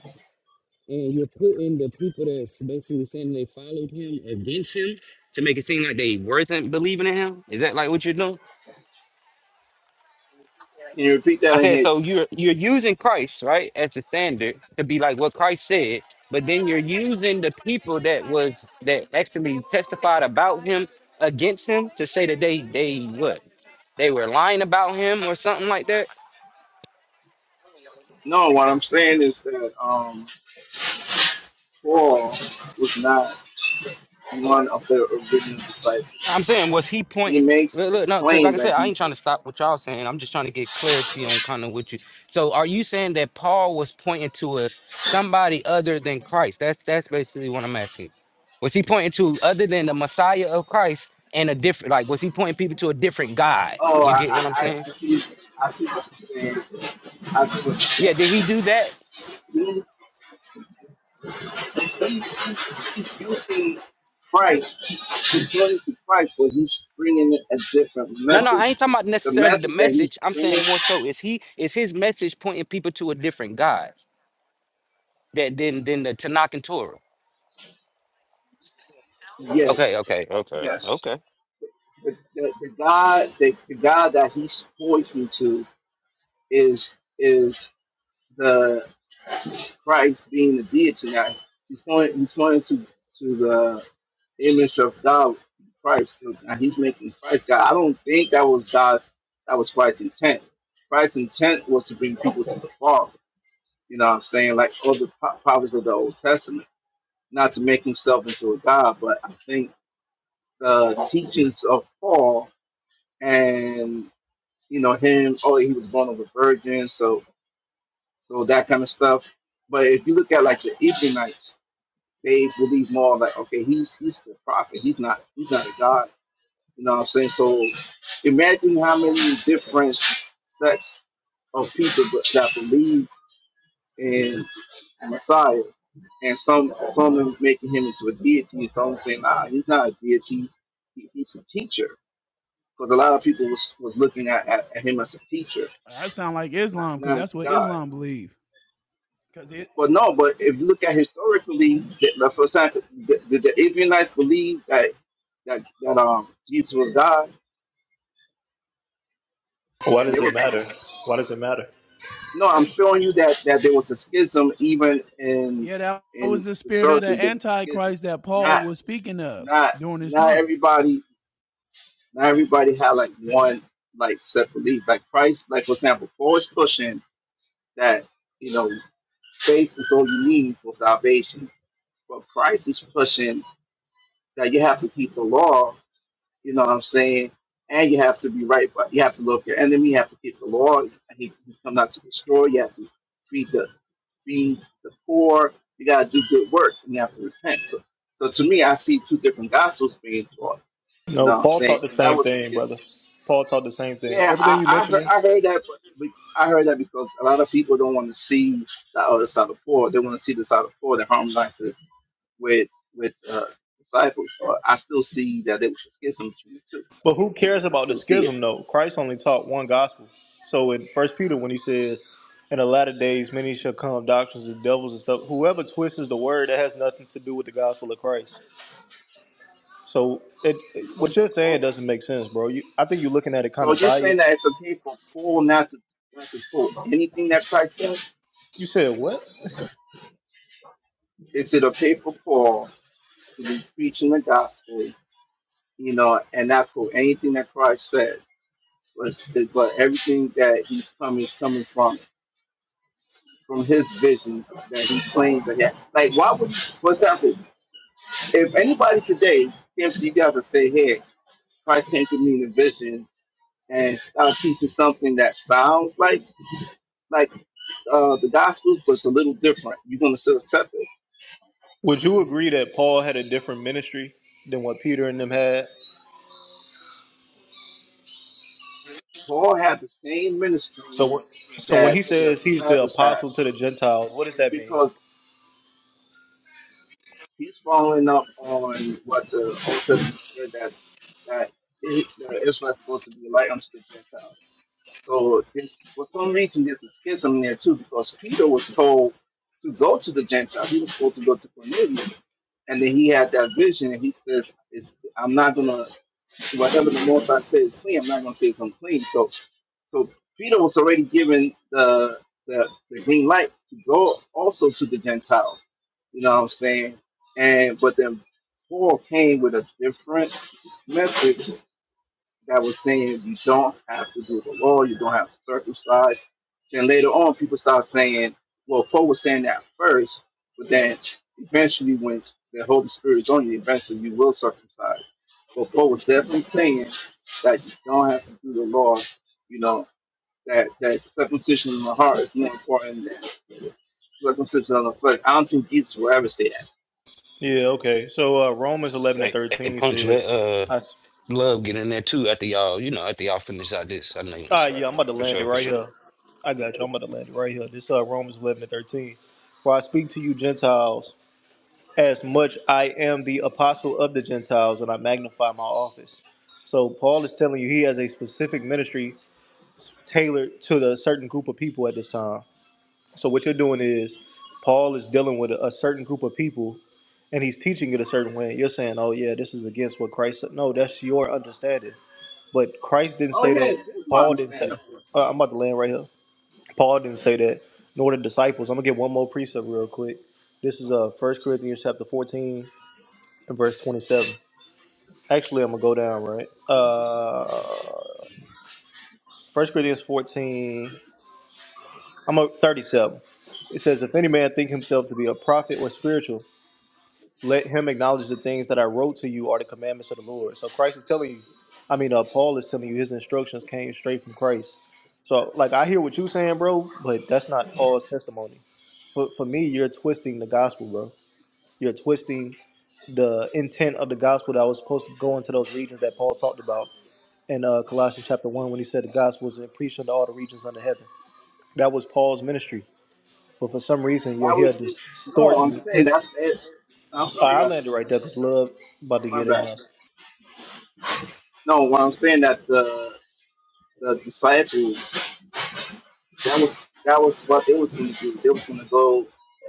Speaker 2: and you're putting the people that's basically saying they followed him against him to make it seem like they were not believing in him. Is that like what you're doing?
Speaker 4: Can you repeat that
Speaker 2: I
Speaker 4: in
Speaker 2: said,
Speaker 4: here?
Speaker 2: so you're you're using Christ, right, as the standard to be like what Christ said, but then you're using the people that was that actually testified about him against him to say that they they what they were lying about him or something like that.
Speaker 4: No. What I'm saying is that um, Paul was not one of the original disciples.
Speaker 2: I'm saying, was he
Speaker 4: He
Speaker 2: pointing?
Speaker 4: makes
Speaker 2: Look,
Speaker 4: a
Speaker 2: look, no, because like
Speaker 4: claim
Speaker 2: I
Speaker 4: that
Speaker 2: said, I ain't
Speaker 4: he's. the
Speaker 2: trying to stop what y'all saying. I'm just trying to get clarity on kind of what you. So, are you saying that Paul was pointing to a somebody other than Christ? That's that's basically what I'm asking. Was he pointing to other than the Messiah of Christ and a different? Like, was he pointing people to a different God?
Speaker 4: Oh,
Speaker 2: You
Speaker 4: I,
Speaker 2: get what
Speaker 4: I,
Speaker 2: I'm
Speaker 4: I
Speaker 2: saying?
Speaker 4: I see, I see what you're saying. I see what you're
Speaker 2: Yeah. Did he
Speaker 4: saying.
Speaker 2: do that?
Speaker 4: Means he's, he's, he's using Christ, he's pointing to Christ, but he's bringing it a different
Speaker 2: No, no, I
Speaker 4: message.
Speaker 2: ain't talking about
Speaker 4: The
Speaker 2: necessarily the
Speaker 4: message that he's
Speaker 2: message. I'm saying
Speaker 4: bringing,
Speaker 2: more so is he is his message pointing people to a different God that than than the Tanakh and Torah. Okay,
Speaker 4: yes,
Speaker 2: okay, okay,
Speaker 4: yes.
Speaker 2: okay.
Speaker 4: The, the, the God, the, the God that he's pointing to is is the Christ being the deity. Now he's pointing, he's pointing to to the image of God, Christ. Now he's making Christ God. I don't think that was God. That was Christ's intent. Christ's intent was to bring people to the Father. You know what I'm saying? Like all the pro- prophets of the Old Testament, not to make himself into a God. But I think the teachings of Paul and you know him. Oh, he was born of a virgin, so so that kind of stuff. But if you look at like the Ebionites, they believe more like, okay, he's he's the prophet. He's not he's not a god You know what I'm saying? So imagine how many different sects of people that that believe in Messiah. And some some are making him into a deity, and some saying, nah, he's not a deity. He, he's a teacher. Because a lot of people was, was looking at, at, at him as a teacher,
Speaker 7: I sound like
Speaker 4: not,
Speaker 7: Islam because
Speaker 4: not as
Speaker 7: that's
Speaker 4: a
Speaker 7: what
Speaker 4: god.
Speaker 7: Islam believe. Because it,
Speaker 4: But no, but if you look at historically, the, the, for example, the, the, the Abionites believed that, that, that um, Jesus was God,
Speaker 1: Why
Speaker 4: and they
Speaker 1: does
Speaker 4: were
Speaker 1: it matter?
Speaker 4: Christians.
Speaker 1: Why does it matter?
Speaker 4: No, I'm showing you that that there was a schism even in
Speaker 7: yeah, that was
Speaker 4: in
Speaker 7: the spirit of
Speaker 4: historically
Speaker 7: the
Speaker 4: there was a schism.
Speaker 7: Antichrist that Paul
Speaker 4: Not
Speaker 7: was speaking of
Speaker 4: not
Speaker 7: during his
Speaker 4: not
Speaker 7: time.
Speaker 4: everybody not everybody had like one like set belief. Like Christ, like for example, Paul is pushing that, you know, faith is all you need for salvation. But Christ is pushing that you have to keep the law, you know what I'm saying? And you have to be right, but you have to love your enemy, you have to keep the law, and he, he come not to destroy, you have to feed the feed the poor. You got to do good works and you have to repent. So, so to me, I see two different gospels being taught. You
Speaker 1: No,
Speaker 4: know what I'm
Speaker 1: Paul taught
Speaker 4: saying?
Speaker 1: the
Speaker 4: And that
Speaker 1: same
Speaker 4: was a
Speaker 1: thing, brother.
Speaker 4: schism.
Speaker 1: Paul taught the same thing.
Speaker 4: Yeah,
Speaker 1: Everything
Speaker 4: I,
Speaker 1: you
Speaker 4: I heard
Speaker 1: mentioning.
Speaker 4: I heard that, but but I heard that because a lot of people don't want to see the other side of poor. They want to see the side of poor that harmonizes with with uh, disciples. But I still see that there was a schism between the two.
Speaker 1: But who cares
Speaker 4: I
Speaker 1: about the
Speaker 4: still see it.
Speaker 1: schism though? Christ only taught one gospel. So in First Peter when he says, In the latter days many shall come doctrines of devils and stuff, whoever twists the word that has nothing to do with the gospel of Christ. So it,
Speaker 4: Oh,
Speaker 1: what you're saying
Speaker 4: oh,
Speaker 1: doesn't make sense, bro. You I think you're looking at it kind
Speaker 4: So
Speaker 1: of
Speaker 4: you're saying
Speaker 1: biased.
Speaker 4: that it's okay for Paul not to not to quote anything that Christ said?
Speaker 1: You said what?
Speaker 4: Is it okay for Paul to be preaching the gospel, you know, and not for anything that Christ said, but, but everything that he's coming coming from from his vision that he claims that he had. Like, why would for example, if anybody today came to you guys and say, "Hey, Christ came to me in a vision and started teaching something that sounds like like uh, the gospel, but it's a little different," you're gonna still accept it.
Speaker 1: Would you agree that Paul had a different ministry than what Peter and them had?
Speaker 4: Paul had the same ministry
Speaker 1: So, wh- so when
Speaker 4: that
Speaker 1: he
Speaker 4: the
Speaker 1: says he's the
Speaker 4: disciples had
Speaker 1: apostle to the Gentiles, what does that mean?
Speaker 4: because. he's following up on what the Old Testament said that that it, uh, Israel's supposed to be a light unto the Gentiles. So this, for some reason, there's a schism there too, because Peter was told to go to the Gentiles. He was supposed to go to Cornelius, and then he had that vision, and he said, "It's- "I'm not gonna whatever the Most I say is clean, I'm not going to say it's unclean. So, so Peter was already given the, the the green light to go also to the Gentiles. You know what I'm saying? And but then Paul came with a different message that was saying you don't have to do the law, you don't have to circumcise. Then later on, people start saying, well, Paul was saying that first, but then eventually, when the Holy Spirit is on you, eventually you will circumcise. But Paul was definitely saying that you don't have to do the law, you know, that, that circumcision in the heart is more important than circumcision on the flesh. I don't think Jesus will ever say that.
Speaker 1: Yeah,
Speaker 9: Well,
Speaker 1: okay. So uh, Romans eleven and
Speaker 2: Hey, hey,
Speaker 1: thirteen
Speaker 2: Punch,
Speaker 1: says,
Speaker 2: let uh
Speaker 1: "I s-
Speaker 2: Love get in there too after y'all, you know, after y'all finish out this. I know you want to
Speaker 1: ah yeah,
Speaker 2: slide in
Speaker 1: I'm about
Speaker 2: there.
Speaker 1: to
Speaker 2: For
Speaker 1: land it
Speaker 2: sure, for
Speaker 1: right
Speaker 2: sure.
Speaker 1: here. I got you. I'm about to land it right here. This uh Romans eleven and thirteen. For I speak to you Gentiles, as much I am the apostle of the Gentiles, and I magnify my office. So Paul is telling you he has a specific ministry s- tailored to the certain group of people at this time. So what you're doing is Paul is dealing with a, a certain group of people and he's teaching it a certain way. You're saying, "Oh yeah, this is against what Christ said." No, that's your understanding. But Christ didn't
Speaker 4: Oh,
Speaker 1: say
Speaker 4: yeah,
Speaker 1: that.
Speaker 4: that's my
Speaker 1: Paul didn't say.
Speaker 4: understanding.
Speaker 1: Uh, I'm about to land right here. Paul didn't say that. Nor the disciples. I'm gonna get one more precept real quick. This is uh First Corinthians chapter 14 and verse 27. Actually, I'm gonna go down right. Uh, First Corinthians 14. I'm at 37. It says, "If any man think himself to be a prophet or spiritual." Let him acknowledge the things that I wrote to you are the commandments of the Lord. So Christ is telling you, I mean, uh, Paul is telling you his instructions came straight from Christ. So, like, I hear what you're saying, bro, but that's not Paul's testimony. For, for me, you're twisting the gospel, bro. You're twisting the intent of the gospel that was supposed to go into those regions that Paul talked about in uh, Colossians chapter 1 when he said the gospel was preached unto all the regions under heaven. That was Paul's ministry. But for some reason, you're
Speaker 4: That was
Speaker 1: here
Speaker 4: no. I'm
Speaker 1: distorting
Speaker 4: saying
Speaker 1: it.
Speaker 4: that's it. I'm
Speaker 1: Uh,
Speaker 4: sorry,
Speaker 1: I landed
Speaker 4: guys.
Speaker 1: right
Speaker 4: I'm
Speaker 1: there because
Speaker 4: sorry, go
Speaker 1: love about to get
Speaker 4: My
Speaker 1: in
Speaker 4: bad.
Speaker 1: there.
Speaker 4: No, what I'm saying that the the disciples that was that was what they was going to do. They was going to go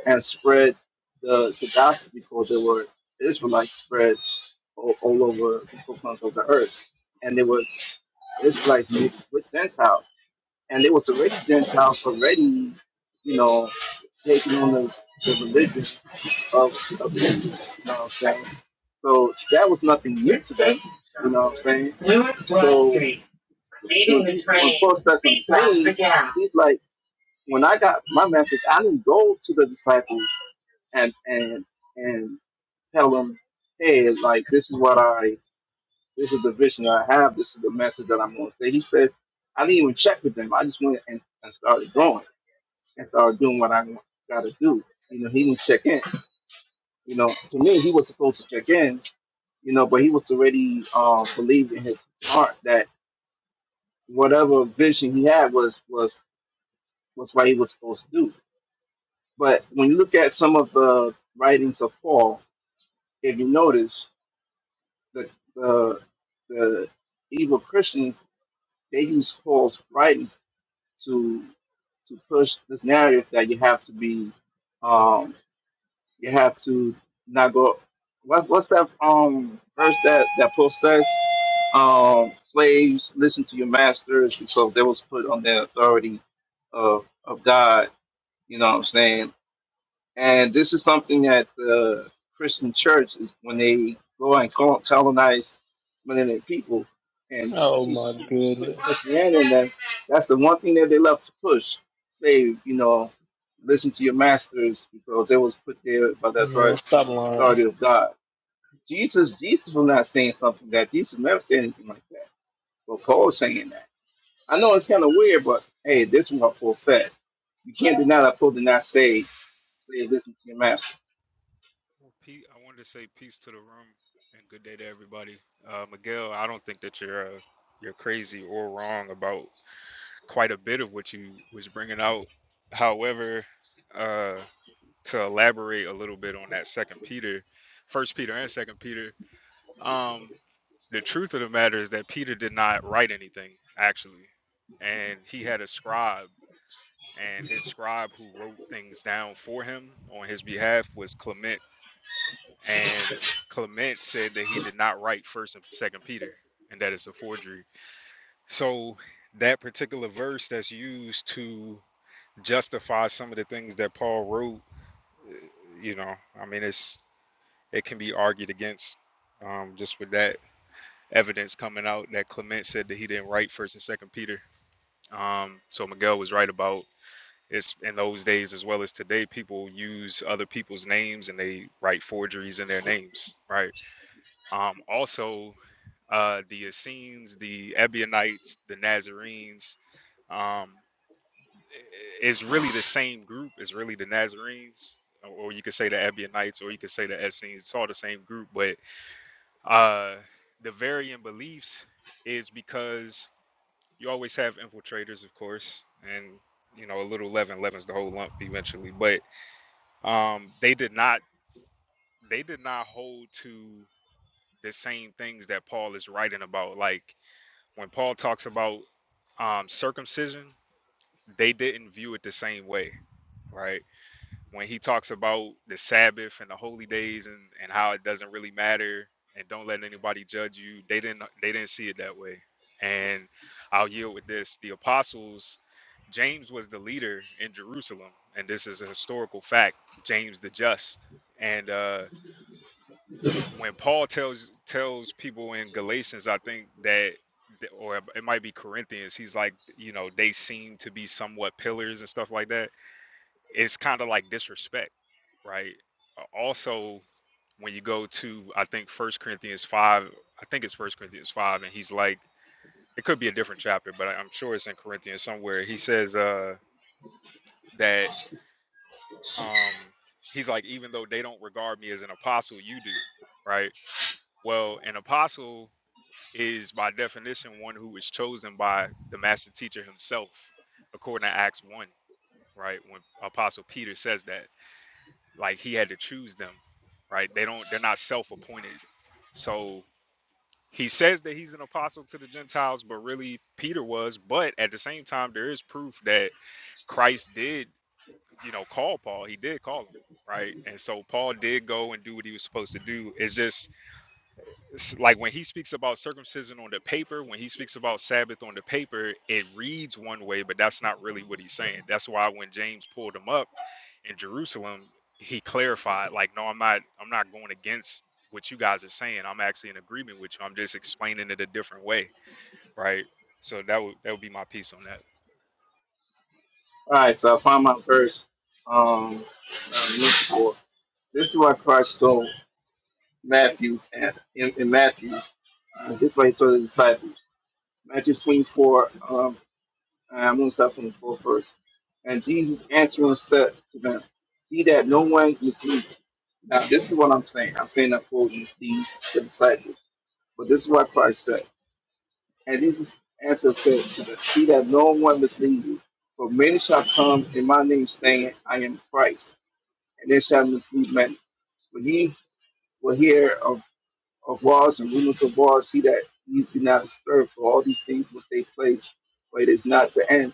Speaker 4: and spread the the gospel because they were Israelites spread all, all over the confines of the earth, and there was Israelites mixed with Gentiles, and they was already Gentiles already, you know, taking on the, the religion of, of the You know what I'm saying? So that was nothing new to them. You know what I'm saying? So when he- when Paul he's like, when I got my message, I didn't go to the disciples and and and tell them, hey, like this is what I, this is the vision I have, this is the message that I'm going to say. He said, I didn't even check with them. I just went and, and started going and started doing what I got to do. You know, he didn't check in. You know, to me, he was supposed to check in, you know, but he was already uh, believed in his heart that whatever vision he had was was was what he was supposed to do. But when you look at some of the writings of Paul, if you notice, the the, the evil Christians they use Paul's writings to to push this narrative that you have to be, um, you have to not go. What, what's that um verse that that Paul says? Um, slaves, listen to your masters. And so they was put on the authority of of God. You know what I'm saying? And this is something that the Christian church, is when they go and col- colonize many people and
Speaker 1: Oh
Speaker 4: teach
Speaker 1: my
Speaker 4: and put
Speaker 1: goodness,
Speaker 4: Christianity in them, that's the one thing that they love to push. Say, you know, listen to your masters because they was put there by the
Speaker 1: man!
Speaker 4: authority
Speaker 1: Stop lying.
Speaker 4: authority of God. Jesus, Jesus was not saying something like that Jesus never said anything like that. Well, Paul's saying that. I know it's kind of weird, but hey, this is what Paul said. You can't deny that Paul did not say, say listen to your master.
Speaker 9: well, Pete, I wanted to say peace to the room and good day to everybody. Uh, Miguel, I don't think that you're uh, you're crazy or wrong about quite a bit of what you was bringing out. However, uh, to elaborate a little bit on that Second Peter, First Peter and Second Peter, um, the truth of the matter is that Peter did not write anything actually, and he had a scribe, and his scribe who wrote things down for him on his behalf was Clement and Clement said that he did not write First and Second Peter, and that it's a forgery. So that particular verse that's used to justify some of the things that Paul wrote, you know, I mean, it's it can be argued against um, just with that evidence coming out that Clement said that he didn't write First and Second Peter. Um, so Miguel was right about. It's in those days as well as today. People use other people's names and they write forgeries in their names, right? Um, also, uh, the Essenes, the Ebionites, the Nazarenes. Um, it's really the same group. It's really the Nazarenes, or you could say the Ebionites, or you could say the Essenes. It's all the same group, but uh, the varying beliefs is because you always have infiltrators, of course, and you know a little leaven leavens the whole lump eventually. But um, they did not they did not hold to the same things that Paul is writing about, like when Paul talks about um, circumcision, they didn't view it the same way, right? When he talks about the Sabbath and the holy days and, and how it doesn't really matter and don't let anybody judge you, they didn't they didn't see it that way. And I'll yield with this: the apostles, James was the leader in Jerusalem, and this is a historical fact. James the Just, and uh, when Paul tells tells people in Galatians, I think that, or it might be Corinthians, he's like, you know, they seem to be somewhat pillars and stuff like that. It's kind of like disrespect, right? Also, when you go to, I think First Corinthians five, I think it's First Corinthians five, and he's like, it could be a different chapter, but I- I'm sure it's in Corinthians somewhere. He says uh, that um, he's like, even though they don't regard me as an apostle, you do, right? Well, an apostle is by definition one who is chosen by the master teacher himself, according to Acts 1, right? When Apostle Peter says that, like he had to choose them, right? They don't, they're not self appointed. So he says that he's an apostle to the Gentiles, but really Peter was. But at the same time, there is proof that Christ did, you know, call Paul. He did call him, right? And so Paul did go and do what he was supposed to do. It's just s- like when he speaks about circumcision on the paper, when he speaks about Sabbath on the paper, it reads one way, but that's not really what he's saying. That's why when James pulled him up in Jerusalem, he clarified, like, no, I'm not, I'm not going against what you guys are saying. I'm actually in agreement with you. I'm just explaining it a different way, right? So that would that would be my piece on that.
Speaker 4: All right, so I find my verse. Um, uh, look for. This is what Christ told Matthew and in, in Matthew. Uh, this is what he told the disciples. Matthew 24. Um, I'm going to start from the fourth verse. And Jesus answering said to them, "See that no one deceives." you." Now, this is what I'm saying. I'm saying that for the, the disciples. But this is what Christ said. And Jesus answered and said to the she that no one mislead you. For many shall come in my name saying, I am Christ, and they shall mislead many. When ye will hear of, of wars and rumors of wars, see that ye do not disturb, for all these things will take place, but it is not the end.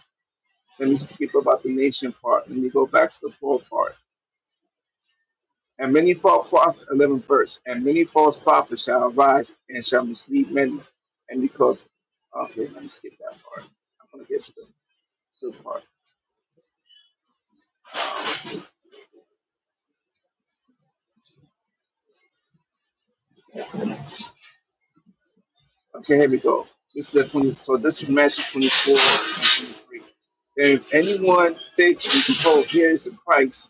Speaker 4: Let me skip about the nation part. Let me go back to the poor part. And many false prophets, 11 verse, and many false prophets shall arise and shall mislead many. And because, okay, let me skip that part. I'm going to get to the good part. Okay, here we go. This is the 20, so this is Matthew 24 and 23. And if anyone say to you, behold, here is the Christ,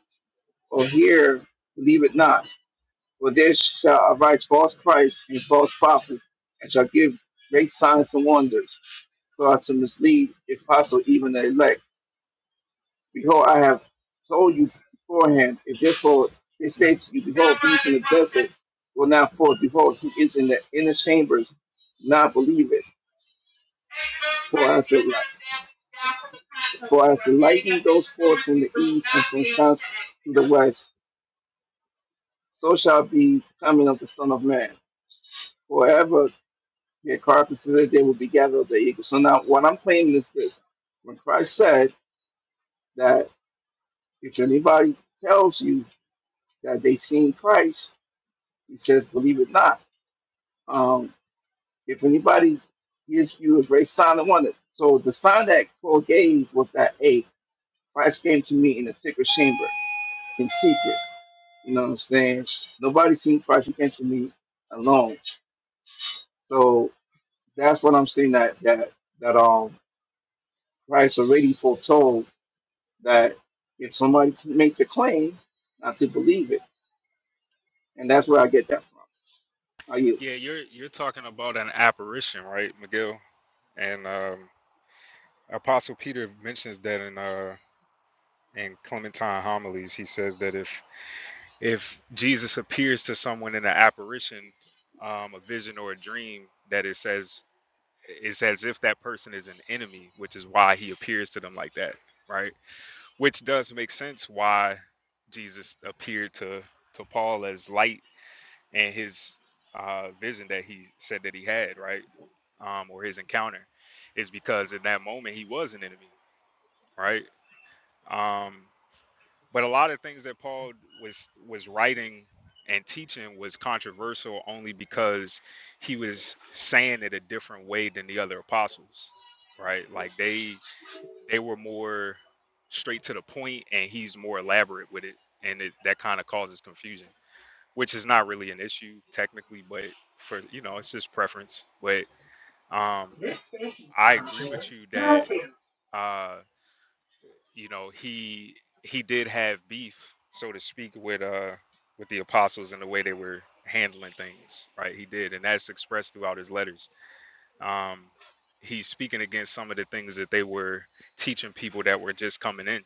Speaker 4: or here, believe it not. For there shall arise false Christ and false prophets, and shall give great signs and wonders, so as to mislead, if possible, even the elect. Behold, I have told you beforehand, if therefore they say to you, Behold, these in the desert will not fall. Behold, he is in the inner chambers, not believe it. For as the, light. for as the lightning goes forth from the east and from south to the west, so shall be coming of the Son of Man. Forever their carcasses so that they will be gathered of the eagles. So now what I'm claiming is this. When Christ said that if anybody tells you that they seen Christ, He says, believe it not. Um, if anybody gives you a great sign, I want So the sign that Paul gave was that, hey, Christ came to me in a secret chamber, in secret. You know what I'm saying? Nobody seen Christ. He came to me alone. So that's what I'm saying that that that um Christ already foretold that if somebody makes a claim, not to believe it, and that's where I get that from. Are you?
Speaker 9: Yeah, you're you're talking about an apparition, right, McGill? And um, Apostle Peter mentions that in uh in Clementine homilies. He says that if If Jesus appears to someone in an apparition, um, a vision or a dream, that it says it's as if that person is an enemy, which is why he appears to them like that, right? Which does make sense why Jesus appeared to to Paul as light and his uh, vision that he said that he had, right? um, or his encounter is because in that moment he was an enemy, right? Um, but a lot of things that Paul was was writing and teaching was controversial only because he was saying it a different way than the other apostles, right? Like they they were more straight to the point, and he's more elaborate with it, and it, that kind of causes confusion, which is not really an issue technically, but for you know it's just preference. But um, I agree with you that. uh, you know he he did have beef so to speak with uh with the apostles and the way they were handling things right he did and that's expressed throughout his letters um he's speaking against some of the things that they were teaching people that were just coming in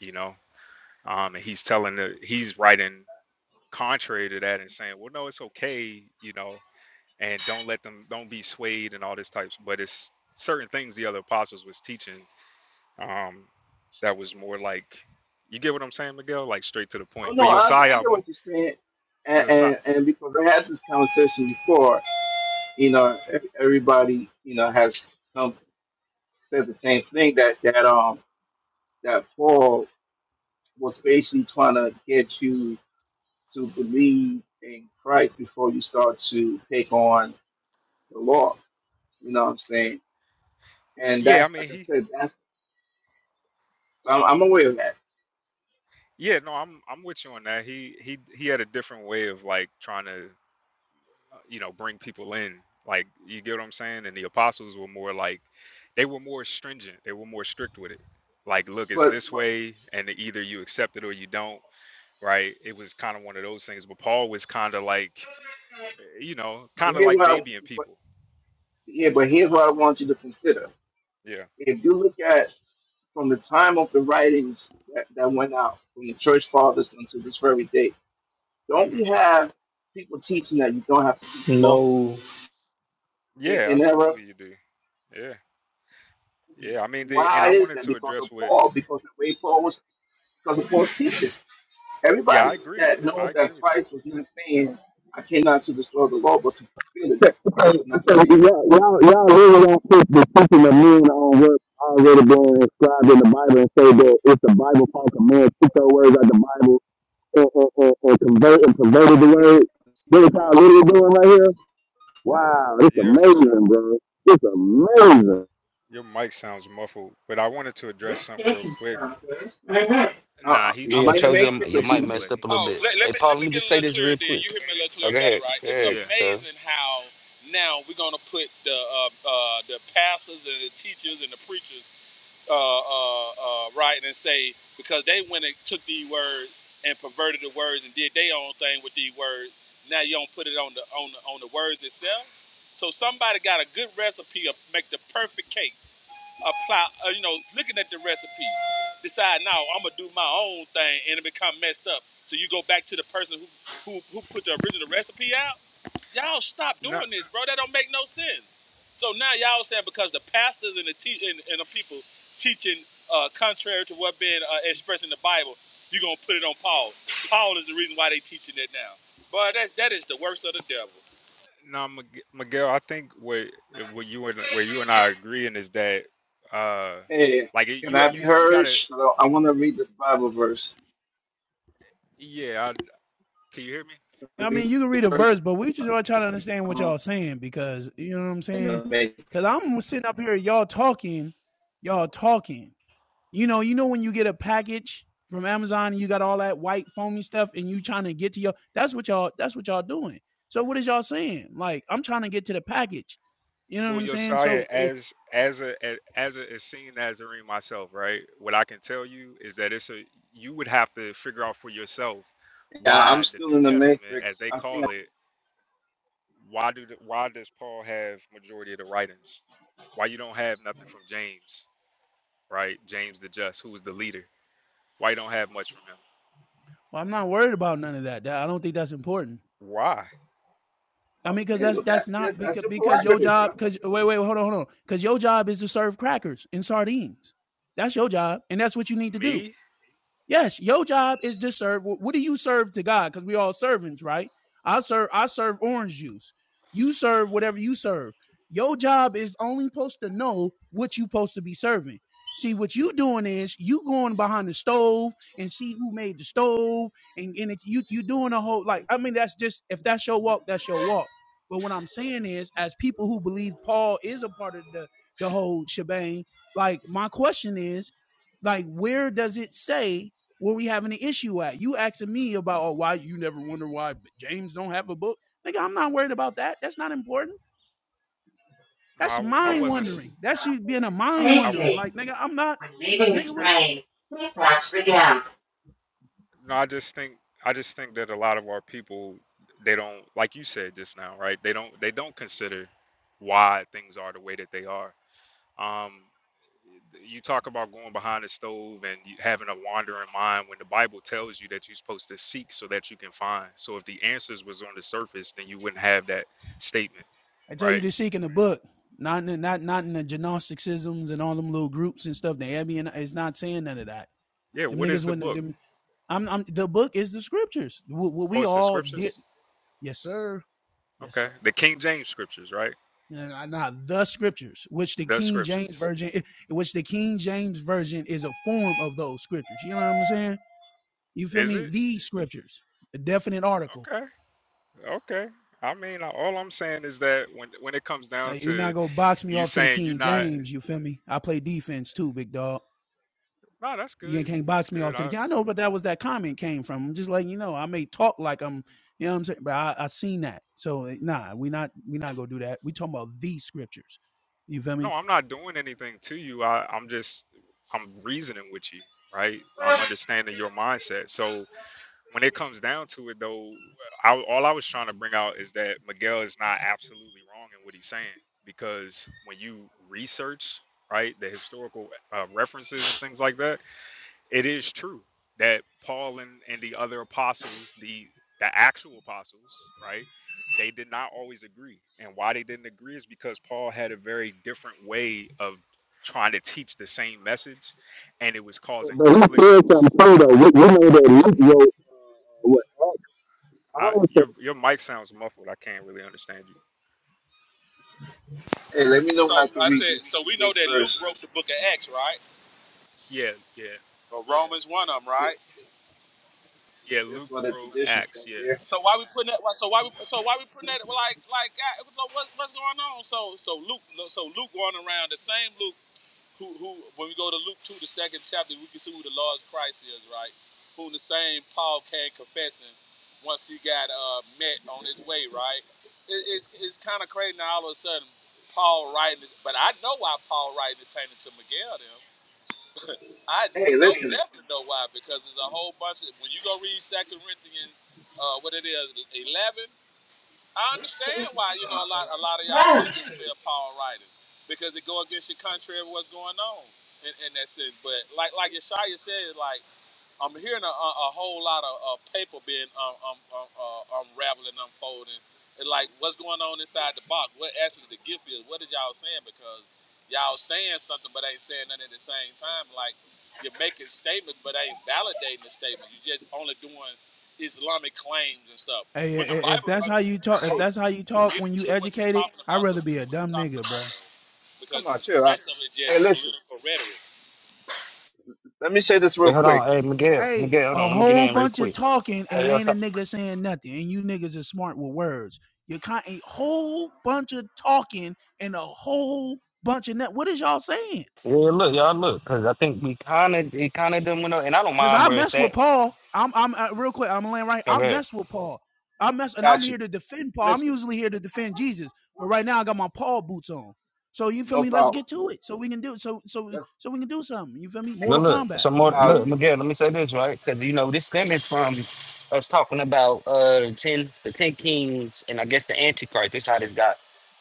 Speaker 9: you know um and he's telling the he's writing contrary to that and saying well no it's okay you know and don't let them don't be swayed and all this types but it's certain things the other apostles was teaching um, that was more like, you get what I'm saying, Miguel? Like straight to the
Speaker 4: Oh
Speaker 9: point. But
Speaker 4: no, I, I
Speaker 9: Josiah
Speaker 4: get
Speaker 9: won.
Speaker 4: what you're saying, and,
Speaker 9: Josiah,
Speaker 4: and and because I had this conversation before, you know, ev- everybody you know has come said the same thing that that um that Paul was basically trying to get you to believe in Christ before you start to take on the law. You know what I'm saying? And
Speaker 9: yeah, I
Speaker 4: that's like
Speaker 9: mean
Speaker 4: I
Speaker 9: he,
Speaker 4: said, that's so I'm, I'm aware of that.
Speaker 9: yeah, no, I'm I'm with you on that. He he he had a different way of like trying to, uh, you know, bring people in. Like you get what I'm saying? And the apostles were more like, they were more stringent. They were more strict with it. Like, look, it's
Speaker 4: But
Speaker 9: this
Speaker 4: but
Speaker 9: way, and either you accept it or you don't. Right? It was kind of one of those things. But Paul was kind of like, eh, you know,
Speaker 4: but
Speaker 9: kind of
Speaker 4: here
Speaker 9: like
Speaker 4: what I
Speaker 9: babying
Speaker 4: but
Speaker 9: people.
Speaker 4: yeah, but here's what I want you to consider.
Speaker 9: Yeah.
Speaker 4: If you look at from the time of the writings that, that went out from the church fathers until this very day. Don't
Speaker 9: Mm-hmm.
Speaker 4: we have people teaching that you don't have to keep the law
Speaker 1: No,
Speaker 4: in,
Speaker 9: Yeah,
Speaker 4: in error?
Speaker 9: absolutely you do. Yeah. Yeah, I mean the and
Speaker 4: Why
Speaker 9: I
Speaker 4: is
Speaker 9: wanted
Speaker 4: that?
Speaker 9: to
Speaker 4: Because of
Speaker 9: address what
Speaker 4: Paul, because the way Paul was, because of Paul's teaching.
Speaker 9: Yeah, I
Speaker 4: Everybody
Speaker 9: agree.
Speaker 4: that
Speaker 9: I
Speaker 4: knows
Speaker 9: agree
Speaker 4: that
Speaker 9: with you.
Speaker 4: Christ was not saying, I came not to destroy the law, but to fulfill it, that
Speaker 6: So,
Speaker 4: Christ was not
Speaker 6: so
Speaker 4: saying,
Speaker 6: y'all, y'all, y'all really don't put the teaching of men on what's already been inscribed in the Bible and say that if the Bible calls a man took those words out the Bible and, and, and, and convert and perverted the word. This is how literally doing right here. Wow, it's
Speaker 9: Yeah, f-
Speaker 6: amazing, bro. It's amazing.
Speaker 9: your mic sounds muffled, but I wanted to address something real quick.
Speaker 4: uh, uh,
Speaker 9: Nah, he
Speaker 4: am
Speaker 2: Yeah,
Speaker 4: I
Speaker 9: he
Speaker 4: in the
Speaker 9: didn't
Speaker 2: Chosen,
Speaker 9: sound in
Speaker 2: your,
Speaker 9: the
Speaker 4: matrix or
Speaker 2: your
Speaker 4: is in
Speaker 2: mic
Speaker 4: the
Speaker 9: matrix,
Speaker 4: matrix?
Speaker 9: but
Speaker 2: messed up
Speaker 9: he
Speaker 2: a little bit. Hey, Paul, let me just say this real quick. Oh, go ahead. Go ahead,
Speaker 9: Yeah.
Speaker 2: Chosen.
Speaker 9: No no Mig- Miguel, I think what what you and where you and I agree in is that uh
Speaker 4: Eh,
Speaker 9: like you
Speaker 4: can I be
Speaker 9: you you got
Speaker 4: heard?
Speaker 9: to
Speaker 4: So I want to read this Bible verse.
Speaker 9: yeah, I, can you hear me?
Speaker 7: I mean,
Speaker 4: Read
Speaker 7: you can read a
Speaker 4: verse,
Speaker 7: verse, but we just are trying to understand what
Speaker 4: uh,
Speaker 7: y'all saying because you know what I'm
Speaker 4: in
Speaker 7: saying.
Speaker 4: the matrix.
Speaker 7: Because I'm sitting up here, y'all talking, y'all talking. You know, you know when you get a package from Amazon and you got all that white foamy stuff, and you trying to get to your that's what y'all that's what y'all doing. So what is y'all saying? Like I'm trying to get to the package. You know what
Speaker 9: Well,
Speaker 7: I'm saying?
Speaker 9: Josiah,
Speaker 7: So eh,
Speaker 9: as as a a- as a a seeing Nazarene myself, right? What I can tell you is that it's a you would have to figure out for yourself why the New Testament, as they
Speaker 4: something
Speaker 9: call it, why do the, why does Paul have majority of the writings? Why you don't have nothing from James, right? James the Just, who was the leader. Why you don't have much from him?
Speaker 7: Well, I'm not worried about none of that. I don't think that's important.
Speaker 9: Why
Speaker 7: I
Speaker 4: I'll
Speaker 7: mean, because that's
Speaker 4: handle that.
Speaker 7: that's
Speaker 4: Yeah,
Speaker 7: not
Speaker 4: that's
Speaker 7: because
Speaker 4: your
Speaker 7: because your
Speaker 4: prerogative,
Speaker 7: job.
Speaker 4: brother.
Speaker 7: Because wait, wait, hold on, hold on. Because your job is to serve crackers and sardines. That's your job, and that's what you need to do.
Speaker 9: me?
Speaker 7: Yes, your job is to serve. What do you serve to God? Because we all servants, right? I serve. I serve orange juice. You serve whatever you serve. Your job is only supposed to know what you' are supposed to be serving. See what you doing is you going behind the stove and see who made the stove and and it, you you doing a whole like I mean that's just if that's your walk that's your walk. But what I'm saying is, as people who believe Paul is a part of the the whole shebang, like my question is, like where does it say what we having an issue at? You asking me about oh why you never wonder why James don't have a book? Nigga, I'm not worried about that. That's not important.
Speaker 9: No,
Speaker 7: That's
Speaker 9: I, I
Speaker 7: mind
Speaker 9: wasn't.
Speaker 7: wondering.
Speaker 9: s-
Speaker 7: That should being a mind
Speaker 9: I,
Speaker 7: wondering. Like nigga, I'm not nigga. What It,
Speaker 9: No, I just think I just think that a lot of our people they don't like you said just now, right? They don't they don't consider why things are the way that they are. Um, you talk about going behind the stove and you, having a wandering mind when the Bible tells you that you're supposed to seek so that you can find. So if the answers was on the surface, then you wouldn't have that statement,
Speaker 7: I tell you
Speaker 9: right?
Speaker 7: to seek in the book, not in the, not not in the gnosticisms and all them little groups and stuff. The Airbnb is not saying none of that.
Speaker 9: Yeah.
Speaker 7: Them
Speaker 9: What is
Speaker 7: niggas
Speaker 9: the
Speaker 7: wouldn't.
Speaker 9: book?
Speaker 7: Them, I'm, I'm the book is the scriptures. What, what
Speaker 9: Oh,
Speaker 7: we
Speaker 9: it's the
Speaker 7: all did.
Speaker 9: scriptures.
Speaker 7: Yes sir. Yes sir.
Speaker 9: Okay, the King James scriptures, right?
Speaker 7: Now, the scriptures, which the
Speaker 9: The
Speaker 7: King James
Speaker 9: scriptures.
Speaker 7: version, which the King James version is a form of those scriptures. You know what I'm saying? You feel
Speaker 9: Is
Speaker 7: me?
Speaker 9: it?
Speaker 7: These scriptures, a definite article.
Speaker 9: Okay. Okay. I mean, uh, all I'm saying is that when when it comes
Speaker 7: Uh,
Speaker 9: down
Speaker 7: you're
Speaker 9: to
Speaker 7: not gonna box me
Speaker 9: you
Speaker 7: off to the
Speaker 9: saying you're
Speaker 7: King
Speaker 9: not,
Speaker 7: James. You feel me? I play defense too, big dog.
Speaker 9: no, that's
Speaker 7: You
Speaker 9: good.
Speaker 7: can't
Speaker 9: That's
Speaker 7: box me off
Speaker 9: good.
Speaker 7: to the
Speaker 9: I
Speaker 7: King. I know, but that was that comment came from. I'm just letting you know. I may talk like I'm, you know what I'm saying, but I, I seen that. So eh, nah, we not we not gonna do that. We talking about these scriptures. You feel me?
Speaker 9: no, I'm not doing anything to you. I I'm just I'm reasoning with you, right? I'm understanding your mindset. So when it comes down to it, though, I, all I was trying to bring out is that Miguel is not absolutely wrong in what he's saying because when you research, right, the historical uh, references and things like that it is true that Paul and, and the other apostles, the the actual apostles, right, they did not always agree. And why they didn't agree is because Paul had a very different way of trying to teach the same message and it was causing
Speaker 6: But he said
Speaker 9: conflictions.
Speaker 6: something too, though. We, we know that Luke wrote uh, what Acts
Speaker 9: I,
Speaker 6: also.
Speaker 9: your your mic sounds muffled. I can't really understand you.
Speaker 4: Hey, let me know when I can read this this verse.
Speaker 9: Yeah, yeah,
Speaker 4: Th-
Speaker 9: yeah.
Speaker 4: That's
Speaker 9: Luke
Speaker 4: what the
Speaker 9: wrote
Speaker 4: tradition
Speaker 9: Acts.
Speaker 4: says
Speaker 9: Yeah.
Speaker 4: here. Hey, listen.
Speaker 7: Hey, if that's how you talk, if
Speaker 4: Hey,
Speaker 7: that's how you talk when you educated, I'd rather be a dumb nigga, bro.
Speaker 4: come on, chill out. Hey, listen. Let me say this real
Speaker 2: Wait, hold
Speaker 4: quick.
Speaker 2: on. Hey, Miguel.
Speaker 7: Hey,
Speaker 2: Miguel, hold
Speaker 7: a
Speaker 2: on. Let me get
Speaker 7: whole
Speaker 2: in real
Speaker 7: bunch of
Speaker 2: quick.
Speaker 7: talking
Speaker 2: Hey,
Speaker 7: and
Speaker 4: Ah,
Speaker 2: yo,
Speaker 7: ain't a
Speaker 2: so,
Speaker 7: nigga saying nothing, and you niggas are smart with words. You can't a whole bunch of talking and a whole bunch of net. What is y'all saying?
Speaker 2: yeah, look, y'all look, because I think we kind of, it kind of done went up, and I don't
Speaker 7: Cause
Speaker 2: mind
Speaker 7: I
Speaker 2: where it's
Speaker 7: mess with
Speaker 2: at.
Speaker 7: Paul. I'm I'm uh, real quick. I'm laying right. I
Speaker 2: Okay.
Speaker 7: mess with Paul. I mess and I'm
Speaker 4: Got you.
Speaker 7: here to defend Paul. I'm
Speaker 4: Listen,
Speaker 7: usually here to defend Jesus, but right now I got my Paul boots on. So you feel
Speaker 4: no
Speaker 7: me? Let's
Speaker 4: problem.
Speaker 7: get to it. So we can do it. so so
Speaker 4: That's,
Speaker 7: so we can do something. You feel me?
Speaker 2: Look,
Speaker 7: Mortal
Speaker 2: look,
Speaker 7: Kombat.
Speaker 2: some more.
Speaker 7: You feel
Speaker 4: uh,
Speaker 2: Look,
Speaker 7: me?
Speaker 2: Miguel, let me say this, right? Because, you know, this stemming from us talking about uh, the 10, the 10 kings and I guess the Antichrist. That's how this got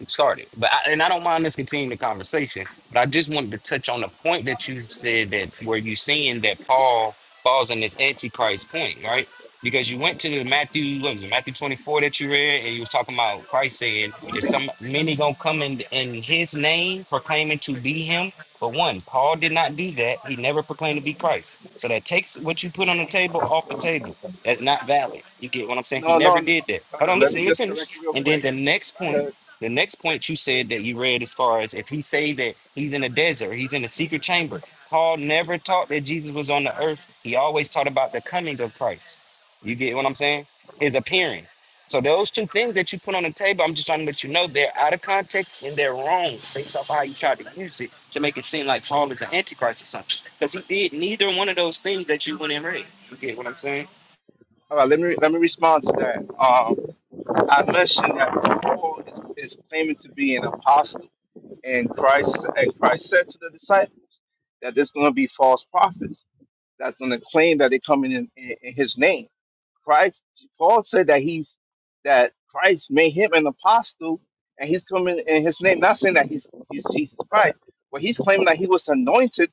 Speaker 2: started. But I, And I don't mind us continuing the conversation, but I just wanted to touch on the point that you said that where you seeing that Paul falls in this Antichrist point, right? Because you went to the Matthew, what was it, Matthew 24 that you read, and you was talking about Christ saying, is some many gonna come in, in his name proclaiming to be him? But one, Paul did not do that. He never proclaimed to be Christ. So that takes what you put on the table off the table. That's not valid. You get what I'm saying? He
Speaker 4: no, no,
Speaker 2: never
Speaker 4: no.
Speaker 2: did that.
Speaker 4: Hold
Speaker 2: Hold
Speaker 4: on,
Speaker 2: on,
Speaker 4: Let
Speaker 2: listen,
Speaker 4: me
Speaker 2: let me
Speaker 4: just
Speaker 2: finish.
Speaker 4: correct real
Speaker 2: And then
Speaker 4: quick.
Speaker 2: the next
Speaker 4: Go
Speaker 2: point,
Speaker 4: ahead.
Speaker 2: the next point you said that you read as far as if he say that he's in a desert, he's in a secret chamber. Paul never taught that Jesus was on the earth. He always taught about the coming of Christ. You get what I'm saying? His appearing. So those two things that you put on the table, I'm just trying to let you know they're out of context and they're wrong based off how you tried to use it to make it seem like Paul is an antichrist or something. Because he did neither one of those things that you went and read. You get what I'm saying?
Speaker 4: All right, let me let me respond to that. Um, unless you have Paul is, is claiming to be an apostle, and Christ and Christ said to the disciples that there's going to be false prophets that's going to claim that they're coming in, in, in His name. Christ, Paul said that he's that Christ made him an apostle, and he's coming in His name. Not saying that he's he's Jesus Christ, but he's claiming that he was anointed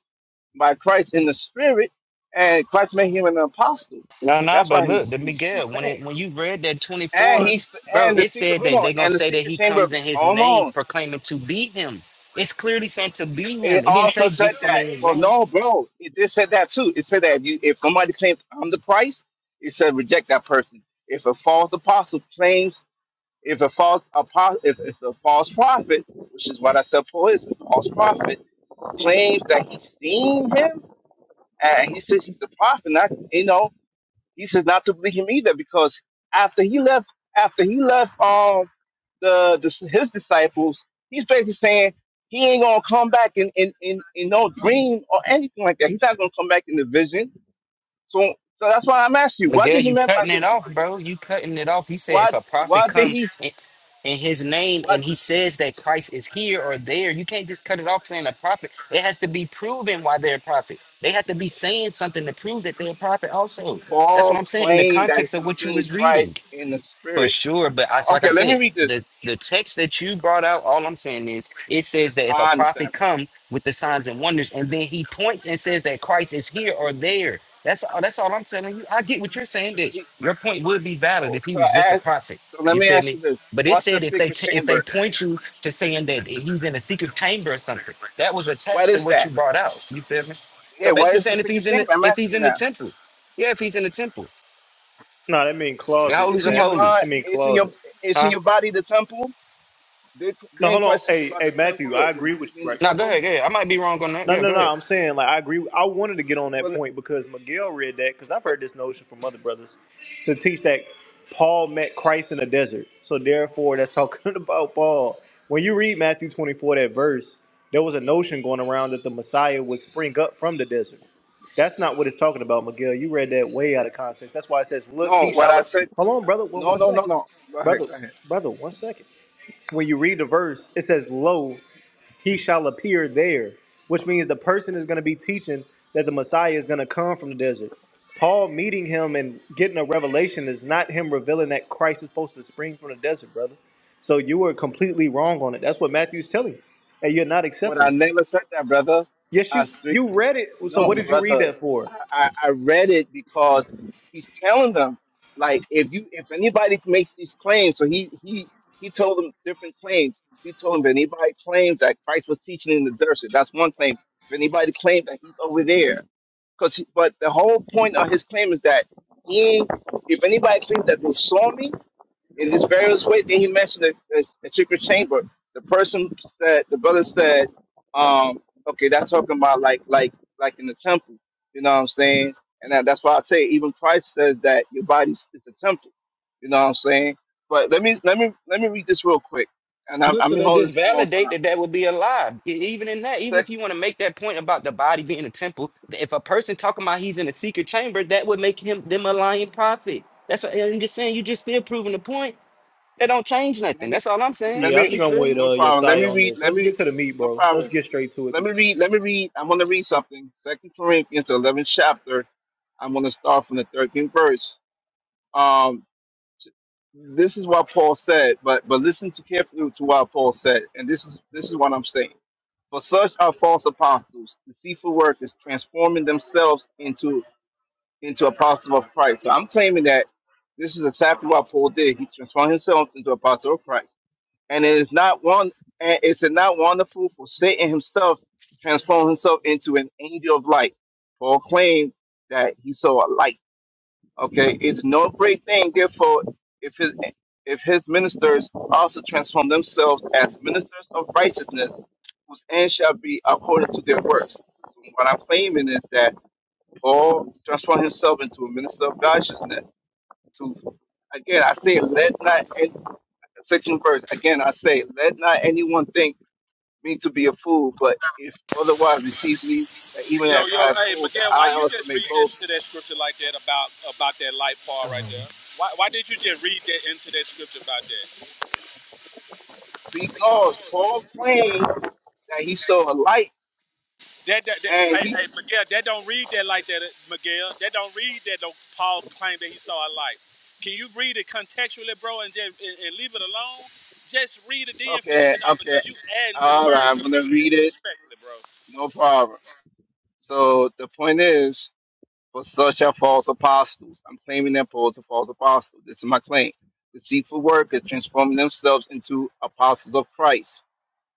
Speaker 4: by Christ in the Spirit, and Christ made him an apostle.
Speaker 2: No, no,
Speaker 4: That's
Speaker 2: but
Speaker 4: why
Speaker 2: look,
Speaker 4: he's
Speaker 2: the
Speaker 4: he's,
Speaker 2: Miguel,
Speaker 4: he's
Speaker 2: when
Speaker 4: saying.
Speaker 2: it when you read that
Speaker 4: And
Speaker 2: 24,
Speaker 4: he
Speaker 2: bro,
Speaker 4: and the
Speaker 2: it
Speaker 4: secret
Speaker 2: said
Speaker 4: hold
Speaker 2: that
Speaker 4: on
Speaker 2: they're gonna
Speaker 4: and the
Speaker 2: say that
Speaker 4: secret
Speaker 2: he
Speaker 4: chamber
Speaker 2: comes
Speaker 4: of
Speaker 2: in his
Speaker 4: hold
Speaker 2: name
Speaker 4: on.
Speaker 2: proclaiming to be him. It's clearly saying to be
Speaker 4: It
Speaker 2: him. It didn't say
Speaker 4: also said
Speaker 2: just come
Speaker 4: that.
Speaker 2: in his
Speaker 4: Well,
Speaker 2: name.
Speaker 4: no, bro, it did said that too. It said that if you if somebody claims I'm the Christ, it said reject that person. If a false apostle claims, if a false apostle, if, if a false prophet, which is what I said for is a false prophet, claims that he's seen him and he says he's a prophet, not you know. He says not to believe him either because after he left, after he left um the, the his disciples, he's basically saying he ain't gonna come back in in, in, in no dream or anything like that. He's not gonna come back in the vision. So so that's why I'm asking you, what
Speaker 2: Miguel,
Speaker 4: did he mean
Speaker 2: you
Speaker 4: by
Speaker 2: cutting
Speaker 4: the
Speaker 2: it
Speaker 4: secret?
Speaker 2: off, bro. You cutting it off. He said if
Speaker 4: What
Speaker 2: a prophet
Speaker 4: what did
Speaker 2: comes
Speaker 4: he
Speaker 2: in, in his name
Speaker 4: what
Speaker 2: and he says that Christ is here or there, you can't just cut it off saying a prophet. It has to be proven why they're a prophet. They have to be saying something to prove that they're a prophet also. That's what
Speaker 4: Paul
Speaker 2: I'm saying in the
Speaker 4: claimed that
Speaker 2: context of
Speaker 4: he
Speaker 2: what you
Speaker 4: seen
Speaker 2: was reading.
Speaker 4: Christ in the
Speaker 2: For
Speaker 4: spirit?
Speaker 2: sure, but I so like I
Speaker 4: Okay, let
Speaker 2: said,
Speaker 4: me read this.
Speaker 2: the the text that you brought out, all I'm saying is it says that if a
Speaker 4: I understand.
Speaker 2: prophet
Speaker 4: But
Speaker 2: come with the signs and wonders, and then he points and says that Christ is here or there. That's all. That's all I'm telling you. I get what you're saying. That
Speaker 4: he,
Speaker 2: your point would be valid
Speaker 4: so
Speaker 2: if he
Speaker 4: so
Speaker 2: was
Speaker 4: I
Speaker 2: just a
Speaker 4: ask,
Speaker 2: prophet.
Speaker 4: so let
Speaker 2: You
Speaker 4: me
Speaker 2: feel
Speaker 4: ask
Speaker 2: me?
Speaker 4: you this:
Speaker 2: But it
Speaker 4: What's the
Speaker 2: said if they
Speaker 4: secret
Speaker 2: t- if they
Speaker 4: chamber?
Speaker 2: point you to saying that he's in a secret chamber or something, that was
Speaker 4: What
Speaker 2: attached to
Speaker 4: is
Speaker 2: what
Speaker 4: that?
Speaker 2: you brought out. You feel me?
Speaker 4: Yeah,
Speaker 2: So
Speaker 4: why
Speaker 2: basically
Speaker 4: is the
Speaker 2: saying if
Speaker 4: sick of
Speaker 2: he's in
Speaker 4: shame?
Speaker 2: the,
Speaker 4: I'm
Speaker 2: if he's
Speaker 4: asking
Speaker 2: in the
Speaker 4: now.
Speaker 2: temple, yeah, if he's in the temple,
Speaker 1: no, that mean
Speaker 2: the
Speaker 1: closet,
Speaker 2: holies
Speaker 4: It's
Speaker 2: of
Speaker 4: in your
Speaker 1: Matt.
Speaker 4: mind.
Speaker 1: That
Speaker 2: holies,
Speaker 1: mean
Speaker 4: It's in your.
Speaker 1: closet.
Speaker 4: It's in
Speaker 2: huh?
Speaker 4: your body. The temple. Did-
Speaker 1: No,
Speaker 4: Didn't
Speaker 1: hold on.
Speaker 4: Christ teach
Speaker 1: Hey,
Speaker 4: about
Speaker 1: hey,
Speaker 4: the temple?
Speaker 1: Matthew, I
Speaker 4: Your
Speaker 1: agree with
Speaker 4: body
Speaker 1: you,
Speaker 4: being the
Speaker 1: right?
Speaker 2: Now go
Speaker 4: temple.
Speaker 2: ahead, go ahead. I might be wrong on that.
Speaker 1: No,
Speaker 2: Yeah,
Speaker 1: no,
Speaker 2: go
Speaker 1: no.
Speaker 2: ahead.
Speaker 1: I'm saying like I agree. I wanted to get on that
Speaker 4: But
Speaker 1: point because Miguel read that because I've
Speaker 4: but
Speaker 1: heard this notion from other brothers to teach that Paul met Christ in the desert. So therefore, that's talking [LAUGHS] about Paul. When you read Matthew 24, that verse, there was a notion going around that the Messiah would spring up from the desert. That's not what it's talking about, Miguel. You read that way out of context. That's why it says, "Look,
Speaker 4: no.
Speaker 1: he
Speaker 4: What
Speaker 1: shall."
Speaker 4: I
Speaker 1: ap-"
Speaker 4: said.
Speaker 1: Hold on, brother. One,
Speaker 4: No
Speaker 1: one
Speaker 4: no no
Speaker 1: second,
Speaker 4: no. Go ahead.
Speaker 1: brother.
Speaker 4: Go ahead.
Speaker 1: Brother, one second. When you read the verse, it says, "Lo, he shall appear there," which means the person is going to be teaching that the Messiah is going to come from the desert. Paul meeting him and getting a revelation is not him revealing that Christ is supposed to spring from the desert, brother. So you were completely wrong on it. That's what Matthew's telling you, and you're not
Speaker 4: But
Speaker 1: accepting
Speaker 4: I
Speaker 1: it.
Speaker 4: never said that, brother.
Speaker 1: Yes,
Speaker 4: I
Speaker 1: you
Speaker 4: strictly
Speaker 1: you read it. So
Speaker 4: No,
Speaker 1: what did you read
Speaker 4: brother.
Speaker 1: that for?
Speaker 4: I, I I read it because he's telling them, like, if you if anybody makes these claims, so he he he told them different claims. He told them if anybody claims that Christ was teaching in the desert, that's one claim. If anybody claims that he's over there, because but the whole point of his claim is that he, if anybody claims that they saw me, it is various ways. Then you mentioned the, the, the secret chamber. The person said, the brother said, um, okay, that's talking about like, like, like in the temple. You know what I'm saying? And that, that's why I say even Christ says that your body is is a temple. You know what I'm saying? But let me, let me, let me read this real quick. And I'm,
Speaker 2: Good,
Speaker 4: I'm
Speaker 2: so that
Speaker 4: holding
Speaker 2: just
Speaker 4: this for a long
Speaker 2: validate
Speaker 4: time.
Speaker 2: that that would be a lie. E- Even in that, even
Speaker 4: Sec,
Speaker 2: if you want to make that point about the body being a temple, if a person talking about he's in a secret chamber, that would make him them a lying prophet. That's what I'm just saying. You just still proving the point. That don't change
Speaker 4: let
Speaker 2: nothing.
Speaker 4: me,
Speaker 2: That's all I'm saying.
Speaker 4: let
Speaker 1: Yeah, I
Speaker 4: me,
Speaker 1: think
Speaker 2: You
Speaker 1: I'm
Speaker 2: feel
Speaker 1: with
Speaker 2: me?
Speaker 4: no
Speaker 1: uh
Speaker 4: problem. Let
Speaker 1: Josiah
Speaker 4: me
Speaker 1: on
Speaker 4: read.
Speaker 1: this.
Speaker 4: Let
Speaker 1: Let's get
Speaker 4: me,
Speaker 1: to the meat,
Speaker 4: no
Speaker 1: bro. Let's
Speaker 4: problem.
Speaker 1: get straight to it.
Speaker 4: Let me
Speaker 1: 'cause-
Speaker 4: read. Let me read. I'm going to read something. Second Corinthians, 11th chapter. I'm going to start from the 13th verse. Um, this is what Paul said, but but listen to carefully to what Paul said, and this is this is what I'm saying. For such are false apostles, deceitful workers, transforming themselves into into apostles of Christ. So I'm claiming that this is exactly what Paul did. He transformed himself into apostle of Christ and it is not one and is it not wonderful for Satan himself transform himself into an angel of light for a claim that he saw a light. Okay, it's no great thing therefore if his if his ministers also transform themselves as ministers of righteousness, whose end shall be according to their works. What I'm claiming is that Paul transformed himself into a minister of righteousness. To again, I say, let not 16th verse. Again, I say, let not anyone think me to be a fool, but if otherwise receives me, that even as I have fooled, that I also may boast.
Speaker 5: Um,
Speaker 4: Because Paul claimed that he saw a light, and he's okay, okay, all right, I'm gonna read it, no problem. So the point is, for such are false apostles. I'm claiming that Paul's a false apostle. This is my claim. Deceitful workers transforming themselves into apostles of Christ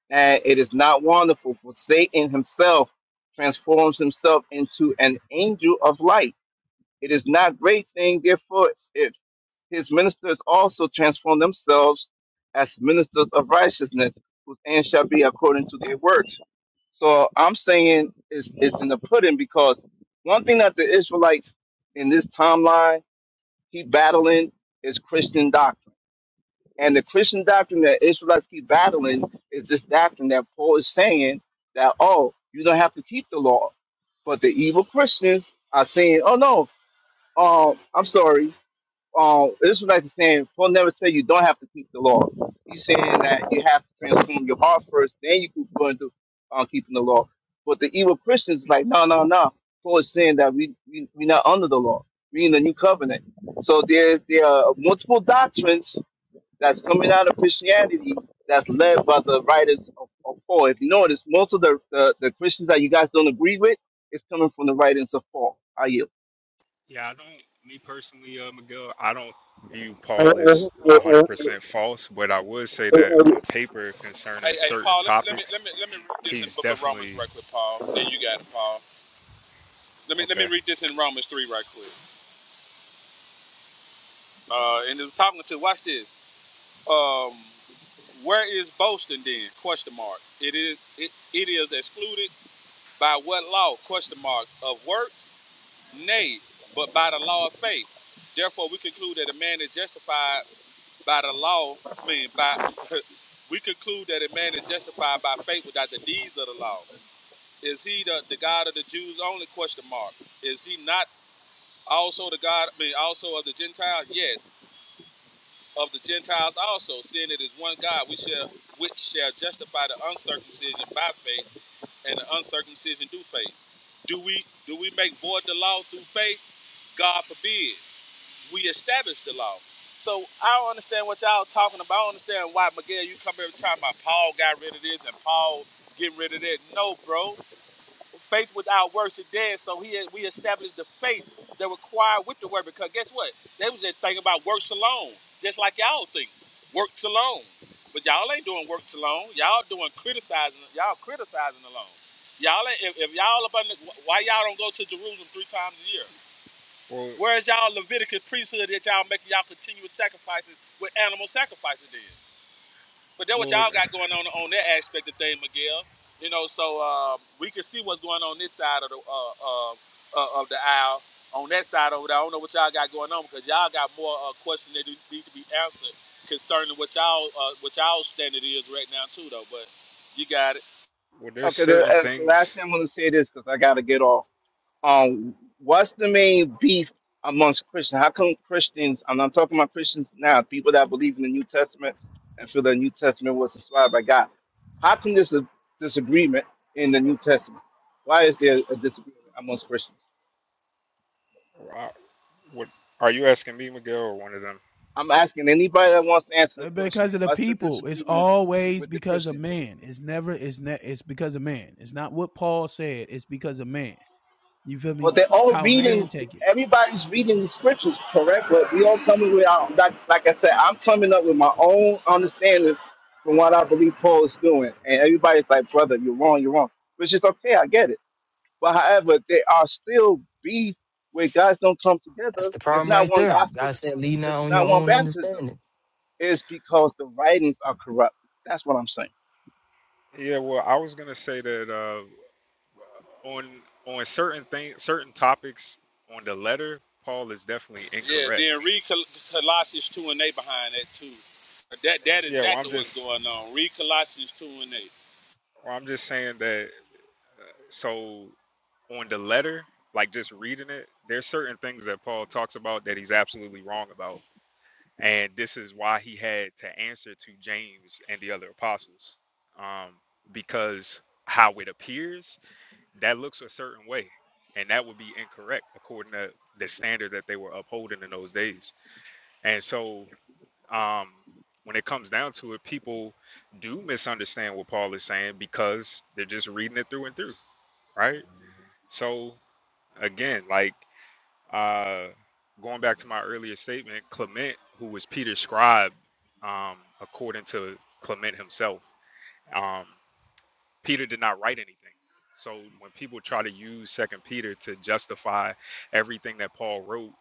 Speaker 4: And it is not wonderful, for Satan himself transforms himself into an angel of light. It is not great thing, therefore, if his ministers also transform themselves as ministers of righteousness, whose end shall be according to their works. So I'm saying it's, it's in the pudding because one thing that the Israelites in this timeline keep battling is Christian doctrine and the Christian doctrine that Israelites keep battling is this doctrine that Paul is saying that, oh, you don't have to keep the law. But the evil Christians are saying, oh, no, um, I'm sorry. Um, Israelites are saying, Paul never said you don't have to keep the law. He's saying that you have to transform your heart first, then you can go into uh, keeping the law. But the evil Christians is like, no, no, no. Paul is saying that we, we, we're not under the law. We're in the new covenant. So there, there are multiple doctrines that's coming out of Christianity that's led by the writers of, of Paul. If you notice, most of the, the, the Christians that you guys don't agree with is coming from the writings of Paul. I yield.
Speaker 9: Yeah, I don't. Me personally, uh, Miguel, I don't view
Speaker 6: and,
Speaker 9: Paul
Speaker 6: and,
Speaker 9: as one
Speaker 6: and,
Speaker 9: hundred
Speaker 6: and
Speaker 9: percent false, but I would say
Speaker 6: Hey,
Speaker 9: that
Speaker 6: hey,
Speaker 9: on paper, concerning certain topics, he's definitely okay. Well, well, well. There's
Speaker 4: Okay, the,
Speaker 9: certain
Speaker 4: uh, the last
Speaker 9: things.
Speaker 4: thing I'm going to say this because I got to get off. Um, what's the main beef amongst Christians? How come Christians, and I'm talking about Christians now, people that believe in the New Testament and feel the New Testament was inspired by God. How come there's a disagreement in the New Testament? Why is there a disagreement amongst Christians?
Speaker 9: I, what are you asking me, Miguel, or one of them?
Speaker 4: I'm asking anybody that wants to answer the
Speaker 7: Uh,
Speaker 4: question.
Speaker 7: Because of the
Speaker 4: What's the
Speaker 7: people. It's
Speaker 4: disagreement
Speaker 7: always
Speaker 4: with the
Speaker 7: because of
Speaker 4: Christians?
Speaker 7: man. It's never it's ne- it's because of man. It's not what Paul said. It's because of man. You feel
Speaker 4: Well,
Speaker 7: me?
Speaker 4: they're all
Speaker 7: How
Speaker 9: It.
Speaker 7: man
Speaker 4: reading.
Speaker 7: take it.
Speaker 4: Everybody's reading the scriptures, correct? But we all coming with our like, like I said. I'm coming up with my own understanding from what I believe Paul is doing, and everybody's like, "Brother, you're wrong. You're wrong," which is okay. I get it. But however, there are still beef where guys don't come
Speaker 5: that's
Speaker 4: together.
Speaker 5: the
Speaker 4: There's
Speaker 5: problem
Speaker 4: not
Speaker 5: right
Speaker 4: one
Speaker 5: there.
Speaker 4: gospel.
Speaker 5: God
Speaker 4: There's, one,
Speaker 5: said, "Lean
Speaker 4: there's
Speaker 5: not on your
Speaker 4: not one
Speaker 5: own
Speaker 4: baptism.
Speaker 5: understanding."
Speaker 4: It's because the writings are corrupt. That's what I'm saying.
Speaker 9: Yeah. Well, I was gonna say that uh, on on certain things, certain topics on the letter, Paul is definitely incorrect. Yeah. Well, I'm just. Well, I'm just saying that. So on the letter, like just reading it, there's certain things that Paul talks about that he's absolutely wrong about. And this is why he had to answer to James and the other apostles. Um, because how it appears, that looks a certain way. And that would be incorrect according to the standard that they were upholding in those days. And so um, when it comes down to it, people do misunderstand what Paul is saying because they're just reading it through and through, right? So again, like uh, going back to my earlier statement, Clement, who was Peter's scribe, um, according to Clement himself, um, Peter did not write anything. So when people try to use Second Peter to justify everything that Paul wrote,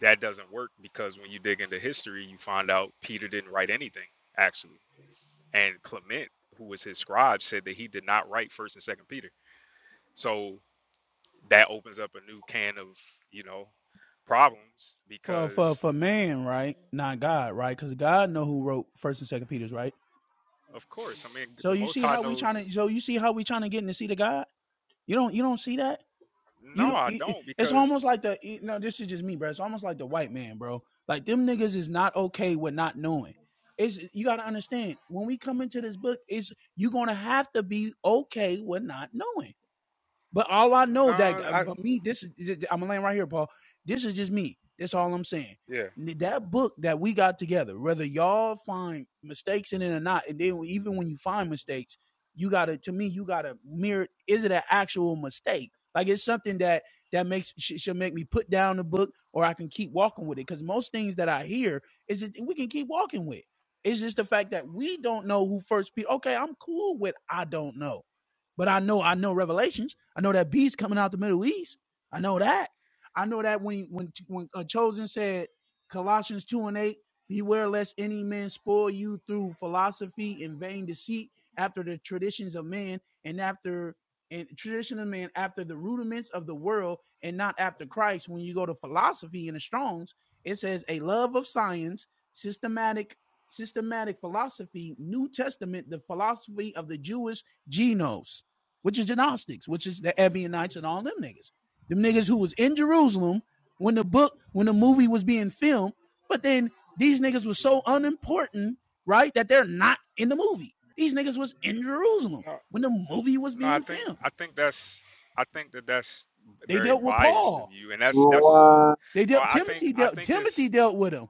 Speaker 9: that doesn't work because when you dig into history, you find out Peter didn't write anything actually, and Clement, who was his scribe, said that he did not write First and Second Peter. So that opens up a new can of you know problems
Speaker 7: For for
Speaker 9: because
Speaker 7: for man, right? Not God, right? Because God know who wrote first and second Peter's, right?
Speaker 9: of course i mean
Speaker 7: So
Speaker 9: the
Speaker 7: you
Speaker 9: most
Speaker 7: see
Speaker 9: high
Speaker 7: how we trying to
Speaker 9: knows
Speaker 7: so you see how we trying to get in the seat of God? You don't you don't see that? You
Speaker 9: no
Speaker 7: don't
Speaker 9: i
Speaker 7: it- it-
Speaker 9: don't
Speaker 7: it's
Speaker 9: because
Speaker 7: almost like the you know, this is just me, bro. It's almost like the white man, bro. Like them niggas is not okay with not knowing. It's you gotta understand when we come into this book, it's you are gonna have to be okay with not knowing. But all I
Speaker 9: no
Speaker 7: know that uh,
Speaker 9: i
Speaker 7: but me, this is I'm laying right here, Paul. This is just me. That's all I'm saying.
Speaker 9: yeah
Speaker 7: That book that we got together, whether y'all find mistakes in it or not, and then even when you find mistakes, you gotta to me, you gotta mirror. Is it an actual mistake? Like it's something that that makes sh- should make me put down the book, or I can keep walking with it. Because most things that I hear is that we can keep walking with. It's just the fact that we don't know who first Peter. Okay, I'm cool with I don't know. But I know I know Revelations. I know that beast coming out the Middle East. I know that. I know that when when when uh, chosen said Colossians two and eight, beware lest any man spoil you through philosophy and vain deceit, after the traditions of men and after and tradition of man after the rudiments of the world and not after Christ. When you go to philosophy in the Strong's, it says a love of science, systematic systematic philosophy, New Testament, the philosophy of the Jewish Gnos which is the Gnostics, which is the Ebionites and all them niggas. Them niggas who was in Jerusalem when the book, when the movie was being filmed, but then these niggas was so unimportant, right, that they're not in the movie. These niggas was in Jerusalem
Speaker 9: no
Speaker 7: when the movie was
Speaker 9: no i
Speaker 7: being
Speaker 9: think
Speaker 7: filmed.
Speaker 9: i think that's i think that that's
Speaker 7: They
Speaker 9: very
Speaker 7: dealt with
Speaker 9: biased of
Speaker 7: Paul.
Speaker 9: you and that's that's
Speaker 6: rewind,
Speaker 7: They
Speaker 9: uh,
Speaker 7: dealt
Speaker 9: i think
Speaker 7: Timothy
Speaker 9: i
Speaker 7: dealt
Speaker 9: think
Speaker 7: Timothy
Speaker 9: it's
Speaker 7: dealt with him.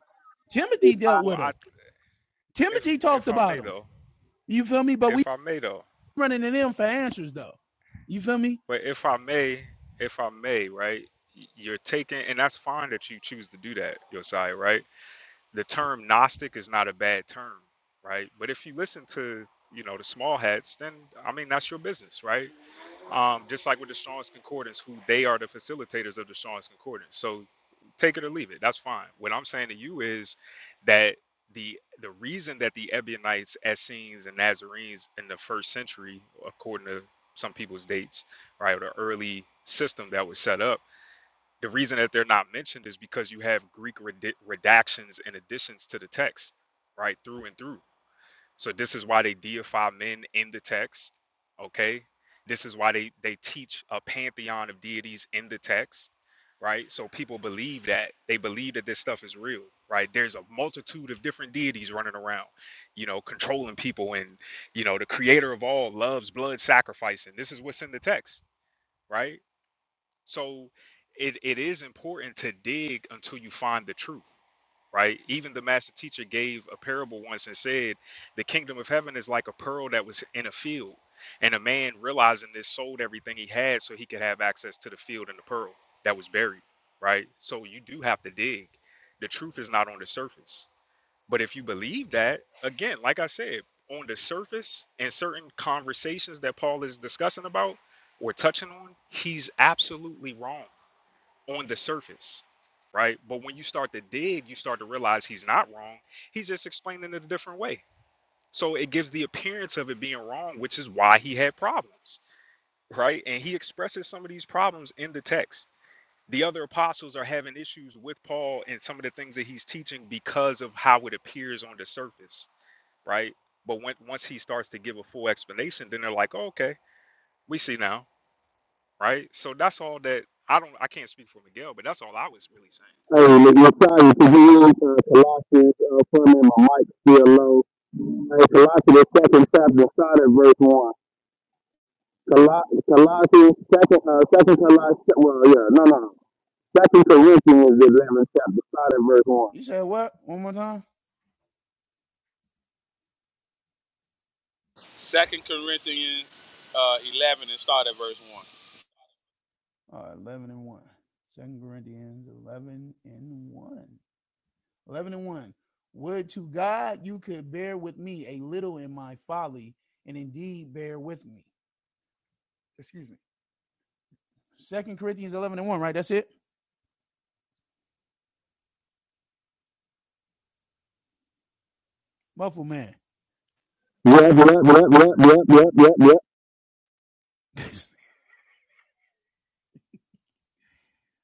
Speaker 7: Timothy dealt
Speaker 9: well
Speaker 7: with
Speaker 9: i
Speaker 7: him. Timothy
Speaker 9: if
Speaker 7: talked
Speaker 9: if i
Speaker 7: about
Speaker 9: may
Speaker 7: him.
Speaker 9: though
Speaker 7: You feel me? But we
Speaker 9: if i may though
Speaker 7: running to them for answers though. You feel me?
Speaker 9: but if i may if i may right y- you're taking and that's fine that you choose to do that Josiah, right the term Gnostic is not a bad term, right? But if you listen to you know the small hats, then I mean that's your business, right? Um, just like with the Strong's Concordance, who they are the facilitators of the Strong's Concordance. So take it or leave it, that's fine. What I'm saying to you is that the the reason that the Ebionites, Essenes, and Nazarenes in the first century, according to some people's dates, right, or the early system that was set up the reason that they're not mentioned is because you have Greek redi- redactions and additions to the text, right, through and through. So this is why they deify men in the text, okay? This is why they they teach a pantheon of deities in the text, right? So people believe that they believe that this stuff is real, right? There's a multitude of different deities running around, you know, controlling people and you know, the creator of all loves blood sacrifice and this is what's in the text, right? So it, it is important to dig until you find the truth, right? Even the master teacher gave a parable once and said, The kingdom of heaven is like a pearl that was in a field. And a man realizing this sold everything he had so he could have access to the field and the pearl that was buried, right? So you do have to dig. The truth is not on the surface. But if you believe that, again, like I said, on the surface in certain conversations that Paul is discussing about or touching on, he's absolutely wrong on the surface, right? But when you start to dig, you start to realize he's not wrong. He's just explaining it a different way. So it gives the appearance of it being wrong, which is why he had problems, right? And he expresses some of these problems in the text. The other apostles are having issues with Paul and some of the things that he's teaching because of how it appears on the surface, right? But when, once he starts to give a full explanation, then they're like, oh, okay, we see now, right? So that's all that I don't, I can't speak for Miguel, but that's all I was really saying
Speaker 6: Hey, nigga, I'm sorry for you, uh, Colossians, uh, putting in my mic still low. Hey, Colossians, the second chapter, started verse 1. Colo- Colossians, second, uh, second Colossians, well, yeah, no, no, no. Second Corinthians, the 11th chapter, started verse 1.
Speaker 7: You said what? One more time. All right, 11 and 1. 2 Corinthians 11 and 1. 11 and 1. Would to God you could bear with me a little in my folly, and indeed bear with me. Excuse me. Second Corinthians 11 and 1, right? That's it? Muffle man.
Speaker 6: Yep, yep, yep, yep, yep, yep, yep, yep.
Speaker 7: [LAUGHS]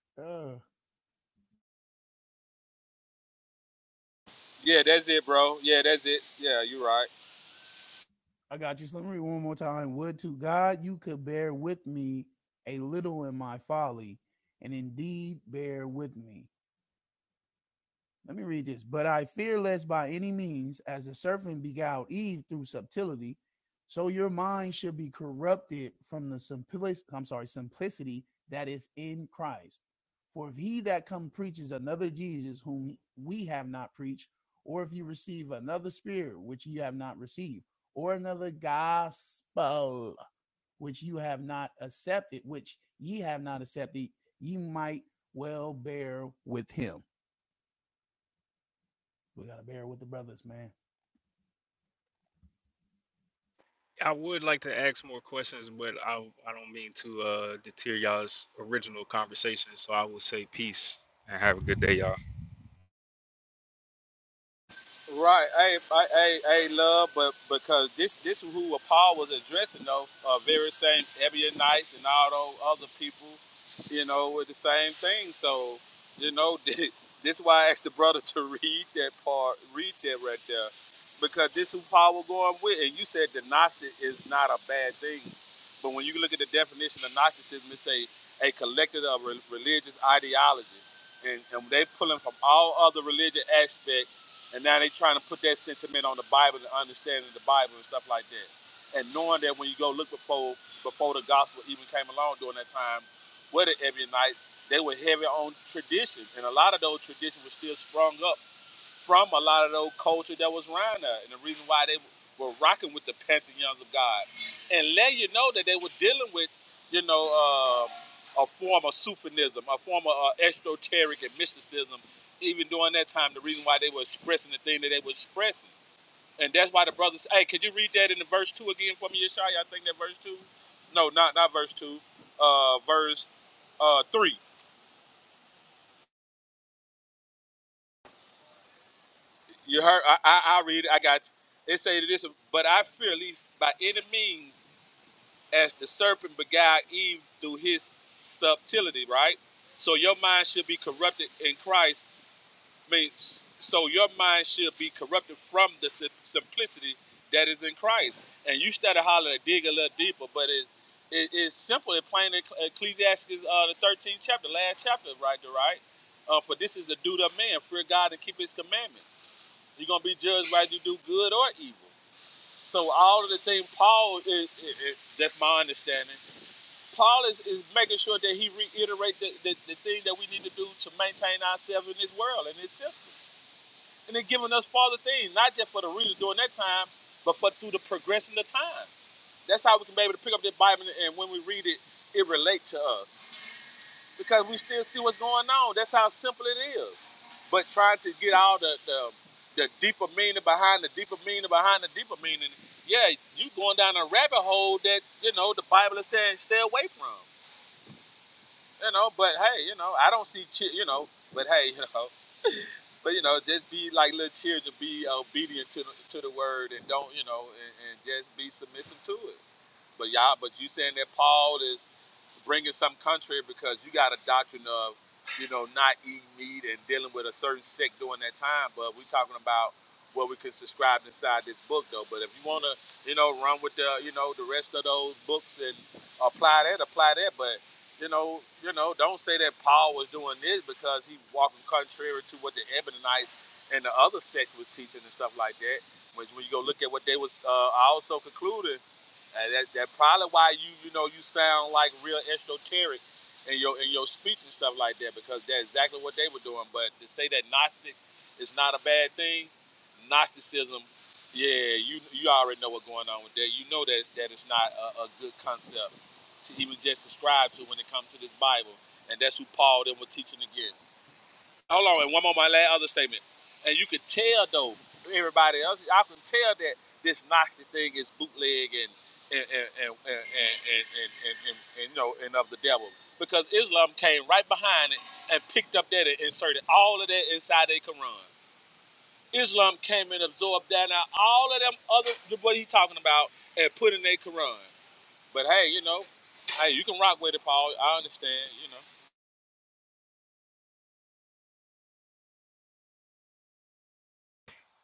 Speaker 7: uh, I got you. So let me read one more time. Would to God you could bear with me a little in my folly, and indeed bear with me. Let me read this. But I fear lest by any means, as the serpent beguiled Eve through subtlety, so your mind should be corrupted from the simplicity, I'm sorry, simplicity that is in Christ. For if he that come preaches another Jesus whom we have not preached, or if you receive another spirit which you have not received, or another gospel which you have not accepted, which ye have not accepted, ye might well bear with him. We gotta bear with the brothers, man.
Speaker 9: I would like to ask more questions, but I I don't mean to uh deter y'all's original conversation. So I will say peace and have a good day, y'all.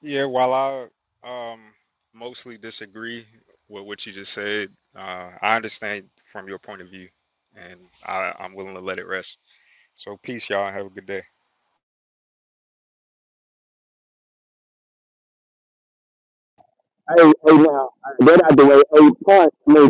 Speaker 9: Yeah, while I um mostly disagree with what you just said, uh, I understand from your point of view, and I, I'm willing to let it rest. So peace, y'all. Have a good day.
Speaker 6: Hey, hey, now, uh, get out the way. Hey, punch, me.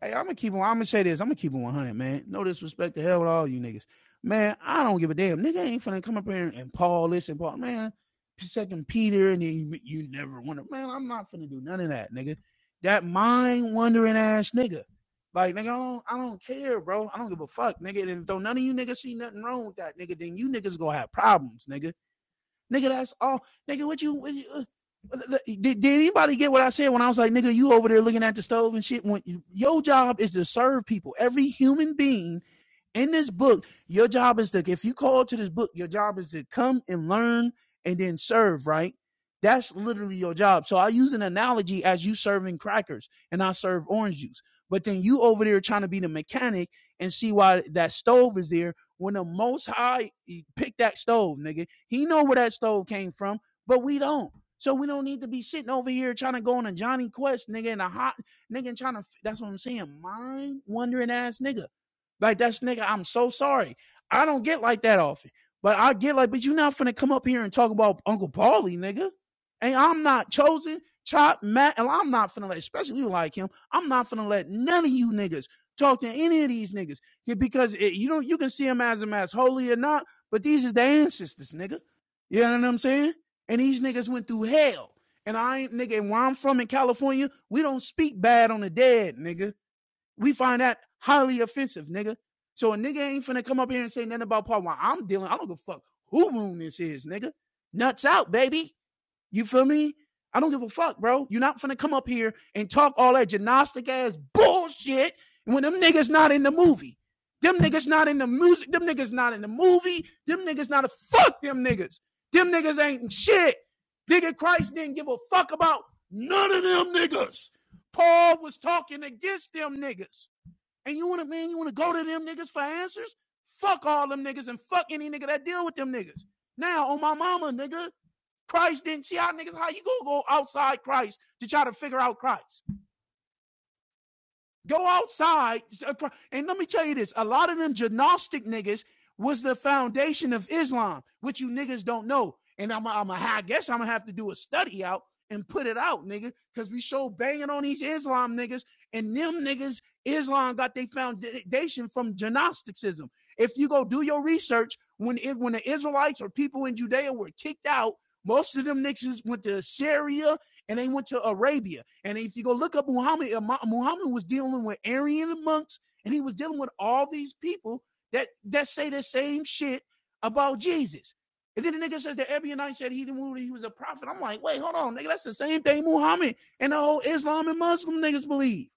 Speaker 7: Hey, I'm gonna keep on. I'm gonna say this. I'm gonna keep it 100, man. No disrespect to hell with all you niggas, man. I don't give a damn. Nigga ain't finna come up here and Paul this and Paul, man. Second Peter, and then you, you never wonder, man. I'm not finna do none of that, nigga. That mind wandering ass nigga. Like, nigga, I don't, I don't care, bro. I don't give a fuck, nigga. And if though none of you niggas see nothing wrong with that, nigga, then you niggas gonna have problems, nigga. Nigga, that's all. Nigga, what you, what you uh, uh, uh, did, did anybody get what I said when I was like, nigga, you over there looking at the stove and shit? When your job is to serve people, every human being in this book, your job is to, if you call to this book, your job is to come and learn and then serve, right? That's literally your job. So I use an analogy as you serving crackers and I serve orange juice. But then you over there trying to be the mechanic and see why that stove is there when the most high picked that stove, nigga. He know where that stove came from, but we don't. So we don't need to be sitting over here trying to go on a Johnny Quest, nigga, and a hot nigga and trying to that's what I'm saying. Mind wandering ass nigga. Like that's nigga, I'm so sorry. I don't get like that often. But I get like, but you not finna come up here and talk about Uncle Paulie, nigga. And I'm not chosen, chop, Matt, and I'm not finna let, especially you like him, I'm not finna let none of you niggas talk to any of these niggas. Yeah, because it, you don't you can see them as them as holy or not, but these is their ancestors, nigga. You know what I'm saying? And these niggas went through hell. And I ain't nigga, and where I'm from in California, we don't speak bad on the dead, nigga. We find that highly offensive, nigga. So a nigga ain't finna come up here and say nothing about part one. I'm dealing. I don't give a fuck who room this is, nigga. Nuts out, baby. You feel me? I don't give a fuck, bro. You're not finna come up here and talk all that gymnastic ass bullshit when them niggas not in the movie. Them niggas not in the music. Them niggas not in the movie. Them niggas not a fuck. Them niggas. Them niggas ain't shit. Nigga Christ didn't give a fuck about none of them niggas. Paul was talking against them niggas. And you wanna, man, you wanna go to them niggas for answers? Fuck all them niggas and fuck any nigga that deal with them niggas. Now, on my mama, nigga, Christ didn't see how niggas, how you gonna go outside Christ to try to figure out Christ? Go outside. And let me tell you this a lot of them gnostic niggas was the foundation of Islam, which you niggas don't know. And I'm, I'm a, I guess I'm gonna have to do a study out and put it out, nigga, because we show banging on these Islam niggas, and them niggas, Islam got their foundation from Gnosticism. If you go do your research, when it, when the Israelites or people in Judea were kicked out, most of them niggas went to Syria and they went to Arabia. And if you go look up Muhammad, uh, Muhammad was dealing with Aryan monks, and he was dealing with all these people that that say the same shit about Jesus. And then the nigga says the Ebionite said he didn't he was a prophet. I'm like, wait, hold on, nigga, that's the same thing Muhammad and the whole Islam and Muslim niggas believe.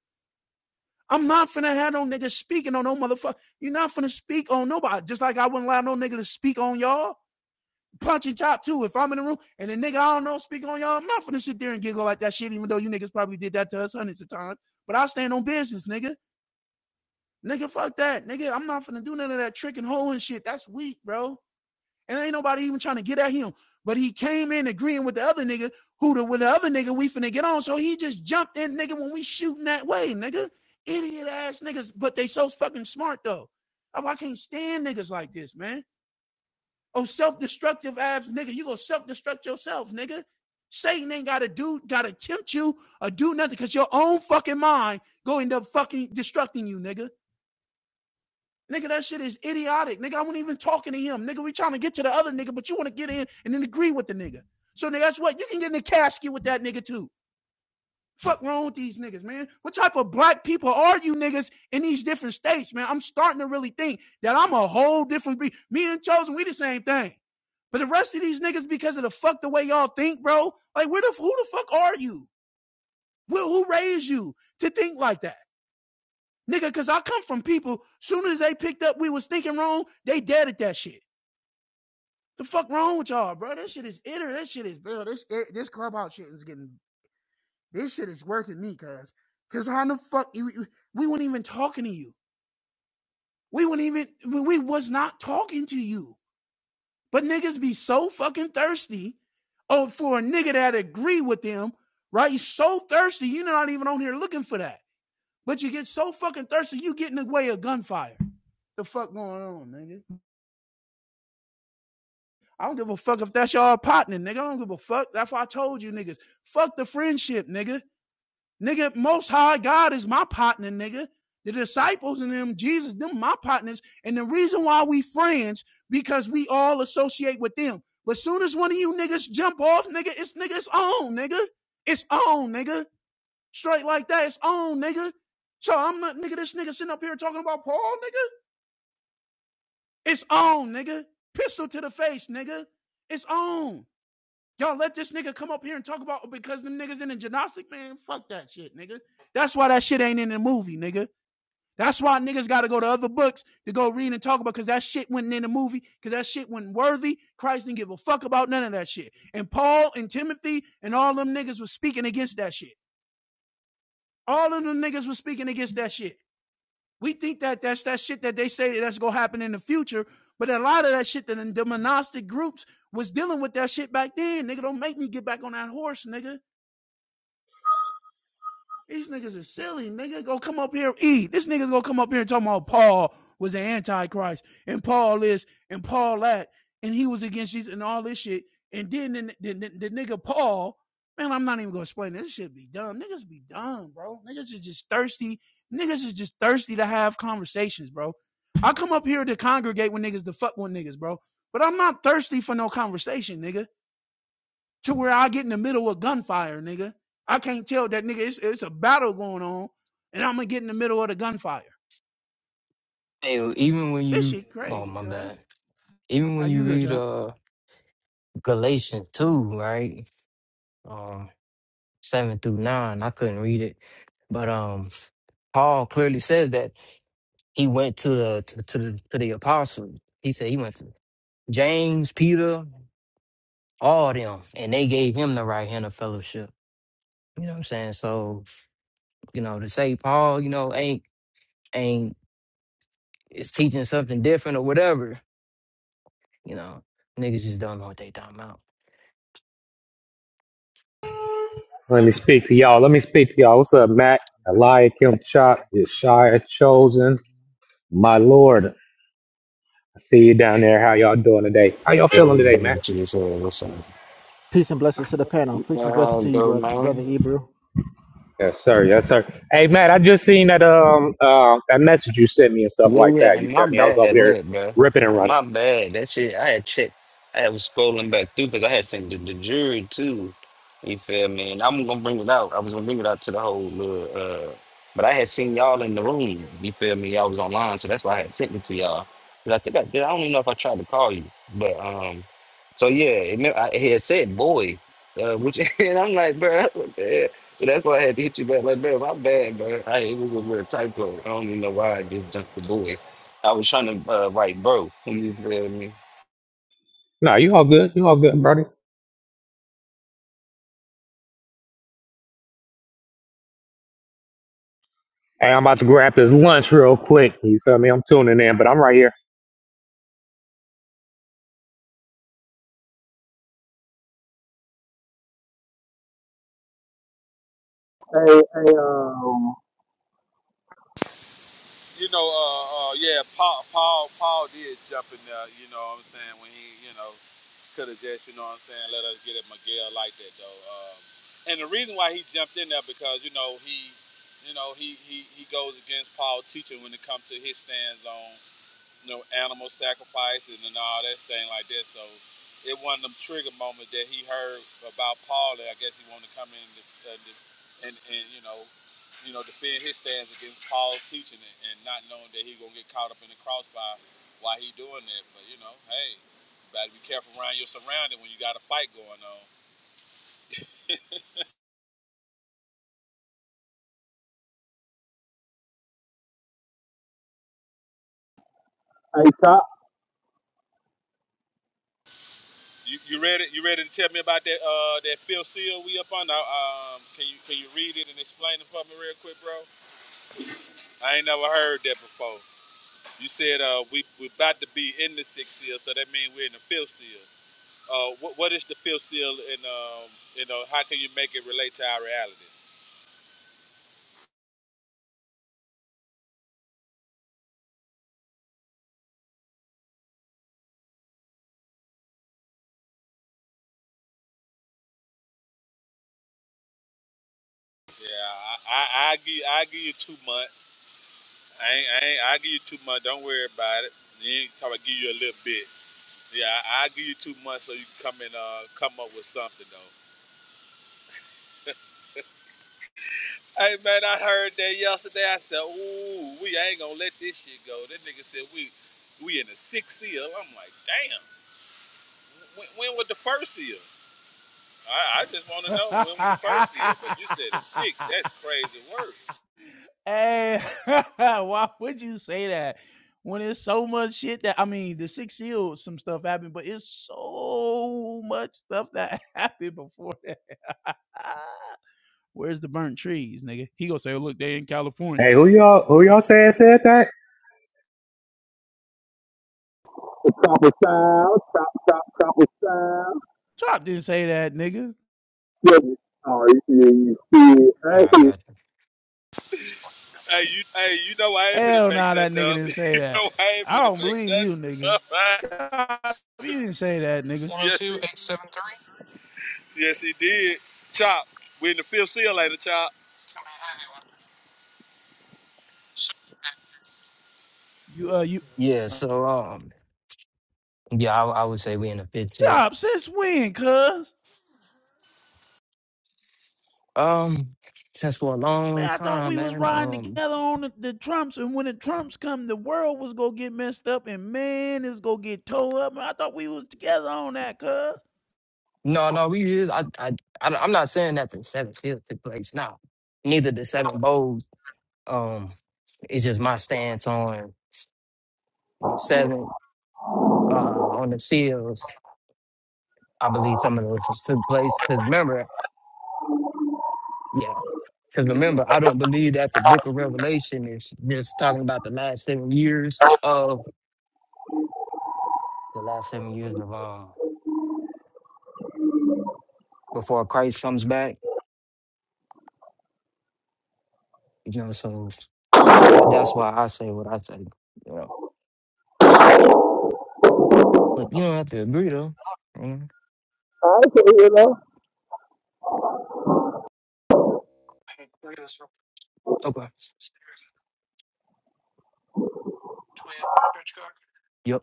Speaker 7: I'm not finna have no niggas speaking on no motherfucker. You're not finna speak on nobody. Just like I wouldn't allow no nigga to speak on y'all. Punching and chop too. If I'm in the room and a nigga I don't know speak on y'all, I'm not finna sit there and giggle like that shit, even though you niggas probably did that to us hundreds of times. But I stand on business, nigga. Nigga, fuck that. Nigga, I'm not finna do none of that trick and hole and shit. That's weak, bro. And ain't nobody even trying to get at him. But he came in agreeing with the other nigga who the with the other nigga we finna get on. So he just jumped in, nigga, when we shooting that way, nigga. Idiot ass niggas, but they so fucking smart though. Oh, I can't stand niggas like this, man. Oh, self-destructive abs, nigga. You gonna self-destruct yourself, nigga. Satan ain't gotta do, gotta tempt you or do nothing because your own fucking mind go end up fucking destructing you, nigga. Nigga, that shit is idiotic. Nigga, I wasn't even talking to him. Nigga, we trying to get to the other nigga, but you want to get in and then agree with the nigga. So nigga, that's what you can get in the casket with that nigga too. Fuck wrong with these niggas, man? What type of black people are you niggas in these different states, man? I'm starting to really think that I'm a whole different breed. me and Chosen, we the same thing. But the rest of these niggas, because of the fuck the way y'all think, bro, like where the who the fuck are you? Who, who raised you to think like that? Nigga, cause I come from people, soon as they picked up we was thinking wrong, they dead at that shit. The fuck wrong with y'all, bro? That shit is itter. That shit is bro. This this clubhouse shit is getting This shit is working me, cuz. Cause how the fuck you, we weren't even talking to you. We weren't even we, was not talking to you. But niggas be so fucking thirsty oh for a nigga that agree with them, right? you so thirsty, you're not even on here looking for that. But you get so fucking thirsty, you get in the way of gunfire. The fuck going on, nigga? I don't give a fuck if that's your partner, nigga. I don't give a fuck. That's why I told you niggas. Fuck the friendship, nigga. Nigga, most high God is my partner, nigga. The disciples and them, Jesus, them my partners. And the reason why we friends, because we all associate with them. But soon as one of you niggas jump off, nigga, it's nigga, it's on, nigga. It's on, nigga. Straight like that, it's on, nigga. So I'm not, nigga, this nigga sitting up here talking about Paul, nigga. It's on, nigga. Pistol to the face, nigga. It's on. Y'all let this nigga come up here and talk about because them niggas in the gymnastic, man. Fuck that shit, nigga. That's why that shit ain't in the movie, nigga. That's why niggas got to go to other books to go read and talk about because that shit wasn't in the movie because that shit wasn't worthy. Christ didn't give a fuck about none of that shit. And Paul and Timothy and all them niggas was speaking against that shit. All of them niggas was speaking against that shit. We think that that's that shit that they say that's gonna happen in the future, but a lot of that shit that the monastic groups was dealing with that shit back then. Nigga, don't make me get back on that horse, nigga. These niggas are silly. Nigga, go come up here and eat. This nigga's gonna come up here and talk about Paul was an antichrist and Paul this and Paul that and he was against Jesus and all this shit. And then the, the, the, the nigga Paul, man, I'm not even gonna explain this. This shit be dumb. Niggas be dumb, bro. Niggas is just thirsty. Niggas is just thirsty to have conversations, bro. I come up here to congregate with niggas to fuck with niggas, bro. But I'm not thirsty for no conversation, nigga to where I get in the middle of gunfire, nigga. I can't tell that nigga it's, it's a battle going on, and I'm gonna get in the middle of the gunfire.
Speaker 5: Hey, even when
Speaker 7: This
Speaker 5: you
Speaker 7: shit
Speaker 5: oh
Speaker 7: crazy,
Speaker 5: my bad,
Speaker 7: cuz.
Speaker 5: even
Speaker 7: Now
Speaker 5: when you
Speaker 7: you good,
Speaker 5: read
Speaker 7: John.
Speaker 5: uh Galatians 2, right? Um, 7 through 9. I couldn't read it. But um Paul clearly says that he went to the to, to the to the apostles. He said he went to James, Peter, all of them, and they gave him the right hand of fellowship. You know what I'm saying? So, you know, to say Paul, you know, ain't ain't is teaching something different or whatever, you know, niggas just don't know what they talking about.
Speaker 10: Let me speak to y'all. Let me speak to y'all. What's up, Mac? Eliakim Chop, Yeshaya Chosen, my Lord. I see you down there. How y'all doing today? How y'all
Speaker 2: Yo,
Speaker 10: feeling
Speaker 2: you
Speaker 10: today,
Speaker 2: can
Speaker 10: Mac?
Speaker 2: get to this, uh, what's up?
Speaker 3: Peace and blessings to the panel. Peace and blessings
Speaker 2: Well,
Speaker 3: to you,
Speaker 2: go,
Speaker 3: brother,
Speaker 2: man.
Speaker 3: brother Ebru.
Speaker 10: Yes, sir. Yes, sir. Hey, Matt, I just seen that um uh, that message you sent me and stuff
Speaker 2: Yeah,
Speaker 10: like
Speaker 2: yeah,
Speaker 10: that. You
Speaker 2: and my
Speaker 10: feel me? I was over
Speaker 2: bad,
Speaker 10: there
Speaker 2: look, bro.
Speaker 10: ripping and running.
Speaker 2: My bad. That shit, I had checked. I was scrolling back through because I had seen the, the jury too. You feel me? And I'm gonna bring it out. I was gonna bring it out to the whole little, uh, but I had seen y'all in the room. You feel me? Y'all was online, so that's why I had sent it to y'all. Cause I think I did. I don't even know if I tried to call you, but um. So yeah, it, meant- I, he had said boy, uh, which [LAUGHS] and I'm like, bro, that's what I said. So that's why I had to hit you back. Like, man, my bad, bro. I, it was a little typo. I don't even know why I just jumped the boys. I was trying to uh, write bro. You feel me?
Speaker 10: No, you all good. You all good, buddy. Hey, I'm about to grab this lunch real quick. You feel me? I'm tuning in, but I'm right here.
Speaker 6: hey, hey, um, hey, chop,
Speaker 7: [LAUGHS] hey, [LAUGHS] why would you say that? When it's so much shit that I mean, the six seals, some stuff happened, but it's so much stuff that [LAUGHS] happened before that. Ah, Where's the burnt trees, nigga? He gonna say, oh, "Look, they in California."
Speaker 10: Hey, who y'all? Who y'all said said that?
Speaker 6: chopper style, chop, chop, chopper style.
Speaker 7: Chop didn't say that, nigga.
Speaker 6: Yeah, oh, you, you I
Speaker 5: Yeah, I
Speaker 6: see,
Speaker 5: got you.
Speaker 7: Hell nah, that nigga didn't say that. I don't believe you, nigga. Chop, you didn't say that, nigga. You uh you
Speaker 5: Yeah,
Speaker 7: uh,
Speaker 5: so um yeah, I, I would say we in the fifth seal.
Speaker 7: Chop, since when, cuz?
Speaker 5: Um, since for a
Speaker 7: Man,
Speaker 5: long
Speaker 7: I thought
Speaker 5: time,
Speaker 7: we was
Speaker 5: man.
Speaker 7: riding
Speaker 5: Um,
Speaker 7: together on the, the Trumps, and when the Trumps come, the world was gonna get messed up and man is gonna get towed up. Man, I thought we was together on that, cuz.
Speaker 5: no, no, we is. I, I, I I'm not saying that the seven seals took place now. Neither the seven bowls. Um, it's just my stance on the seven. Uh, on the seals, I believe some of those just took place. Cause remember, yeah. Cause remember, I don't believe that the Book of Revelation is just talking about the last seven years of the last seven years of um before Christ comes back. You know, so That, that's why I say what I say. You know, but you don't have to agree though. Mm.
Speaker 6: I see, you know.
Speaker 5: Okay. Yep.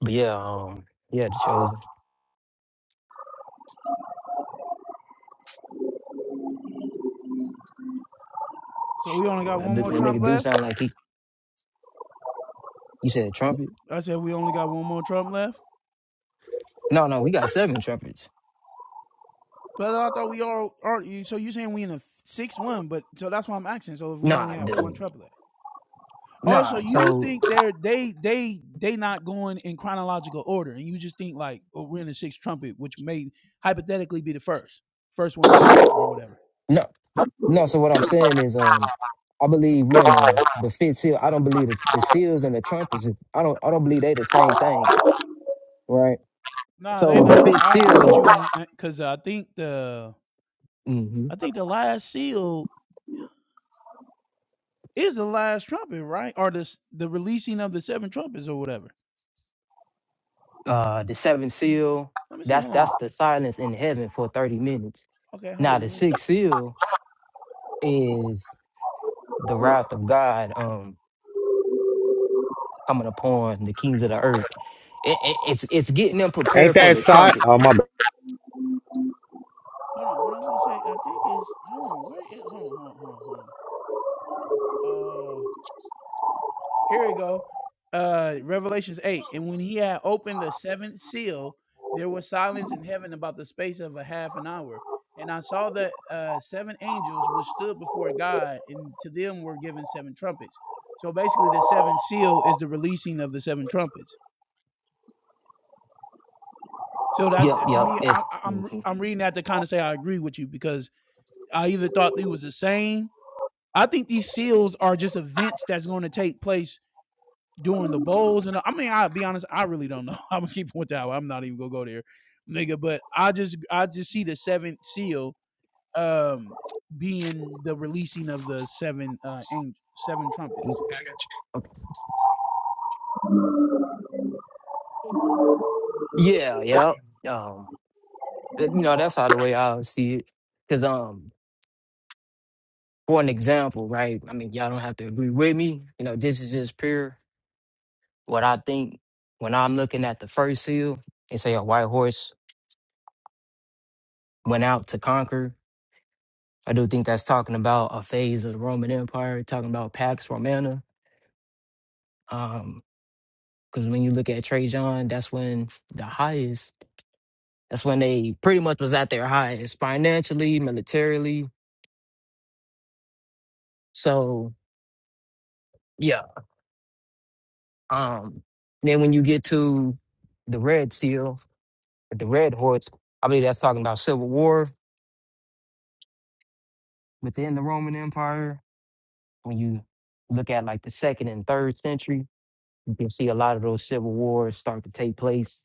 Speaker 5: But yeah, um, yeah, the chosen.
Speaker 7: So we only got
Speaker 5: That,
Speaker 7: one
Speaker 5: bi-
Speaker 7: more
Speaker 5: that
Speaker 7: Trump
Speaker 5: nigga do
Speaker 7: left?
Speaker 5: sound like he. You said trumpet?
Speaker 7: I said we only got one more Trump left.
Speaker 5: No, no, we got seven trumpets.
Speaker 7: But I thought we all are so you saying we in a six one, but so that's why I'm asking. So if we only
Speaker 5: Nah,
Speaker 7: have one
Speaker 5: the,
Speaker 7: Trump left. Oh, so
Speaker 5: nah.
Speaker 7: you
Speaker 5: So
Speaker 7: think they're they they they not going in chronological order, and you just think like, oh, we're in the sixth trumpet, which may hypothetically be the first, first one blown or whatever.
Speaker 5: no, no. So what I'm
Speaker 7: Okay,
Speaker 5: saying is, um, I believe we in the the fifth seal. I don't believe the, the seals and the trumpets. I don't. I don't believe they the same thing, right?
Speaker 7: nah, they
Speaker 5: So the
Speaker 7: not.
Speaker 5: fifth
Speaker 7: I agree with
Speaker 5: seal.
Speaker 7: you on that because I think the I think the last seal is the last trumpet, right? Or the the releasing of the seven trumpets or whatever.
Speaker 5: uh the seventh seal
Speaker 7: Let me see.
Speaker 5: that's
Speaker 7: Hold on.
Speaker 5: that's the silence in heaven for 30 minutes
Speaker 7: Okay, hold
Speaker 5: now
Speaker 7: on.
Speaker 5: the
Speaker 7: Let me. s-
Speaker 5: sixth seal is the wrath of god um coming
Speaker 7: Hold on.
Speaker 5: upon the kings of the earth it, it, it's it's getting them
Speaker 10: Ain't
Speaker 5: prepared for
Speaker 10: that
Speaker 5: the
Speaker 10: side?
Speaker 5: trumpet
Speaker 10: Oh my. bad.
Speaker 7: Hold on. What I was gonna say, I think is hold on. Where? Is, hold on. Hold on. Hold on. Hold on. Uh, here we go. Uh, Revelations 8. And when he had opened the seventh seal, there was silence in heaven about the space of a half an hour. And I saw the uh, seven angels which stood before God, and to them were given seven trumpets. So basically, the seventh seal is the releasing of the seven trumpets. So that
Speaker 5: yep
Speaker 7: to
Speaker 5: yep
Speaker 7: me,
Speaker 5: it's
Speaker 7: I-
Speaker 5: mhm,
Speaker 7: I'm I'm reading that to kind of say I agree with you because I either thought they was the same. I think these seals are just events that's going to take place doing the bowls and I mean I'll be honest, I really don't know. [LAUGHS] I'm gonna keep with that. I'm not even gonna go there, nigga. But I just I just see the seventh seal um being the releasing of the seven uh seven
Speaker 5: mm
Speaker 7: trumpets.
Speaker 5: I got you. okay. yeah yep um but, you know that's how the way i see it because um for an example right i mean y'all don't have to agree with me you know this is just pure what I think when I'm looking at the first seal and say a white horse went out to conquer, I do think that's talking about a phase of the Roman Empire, talking about Pax Romana. Um, because when you look at Trajan, that's when the highest, that's when they pretty much was at their highest financially, militarily. So yeah. Um, then when you get to the Red Seal, the Red Horse, I believe that's talking about civil war within the Roman Empire when you look at like the second and third century, you can see a lot of those civil wars start to take place.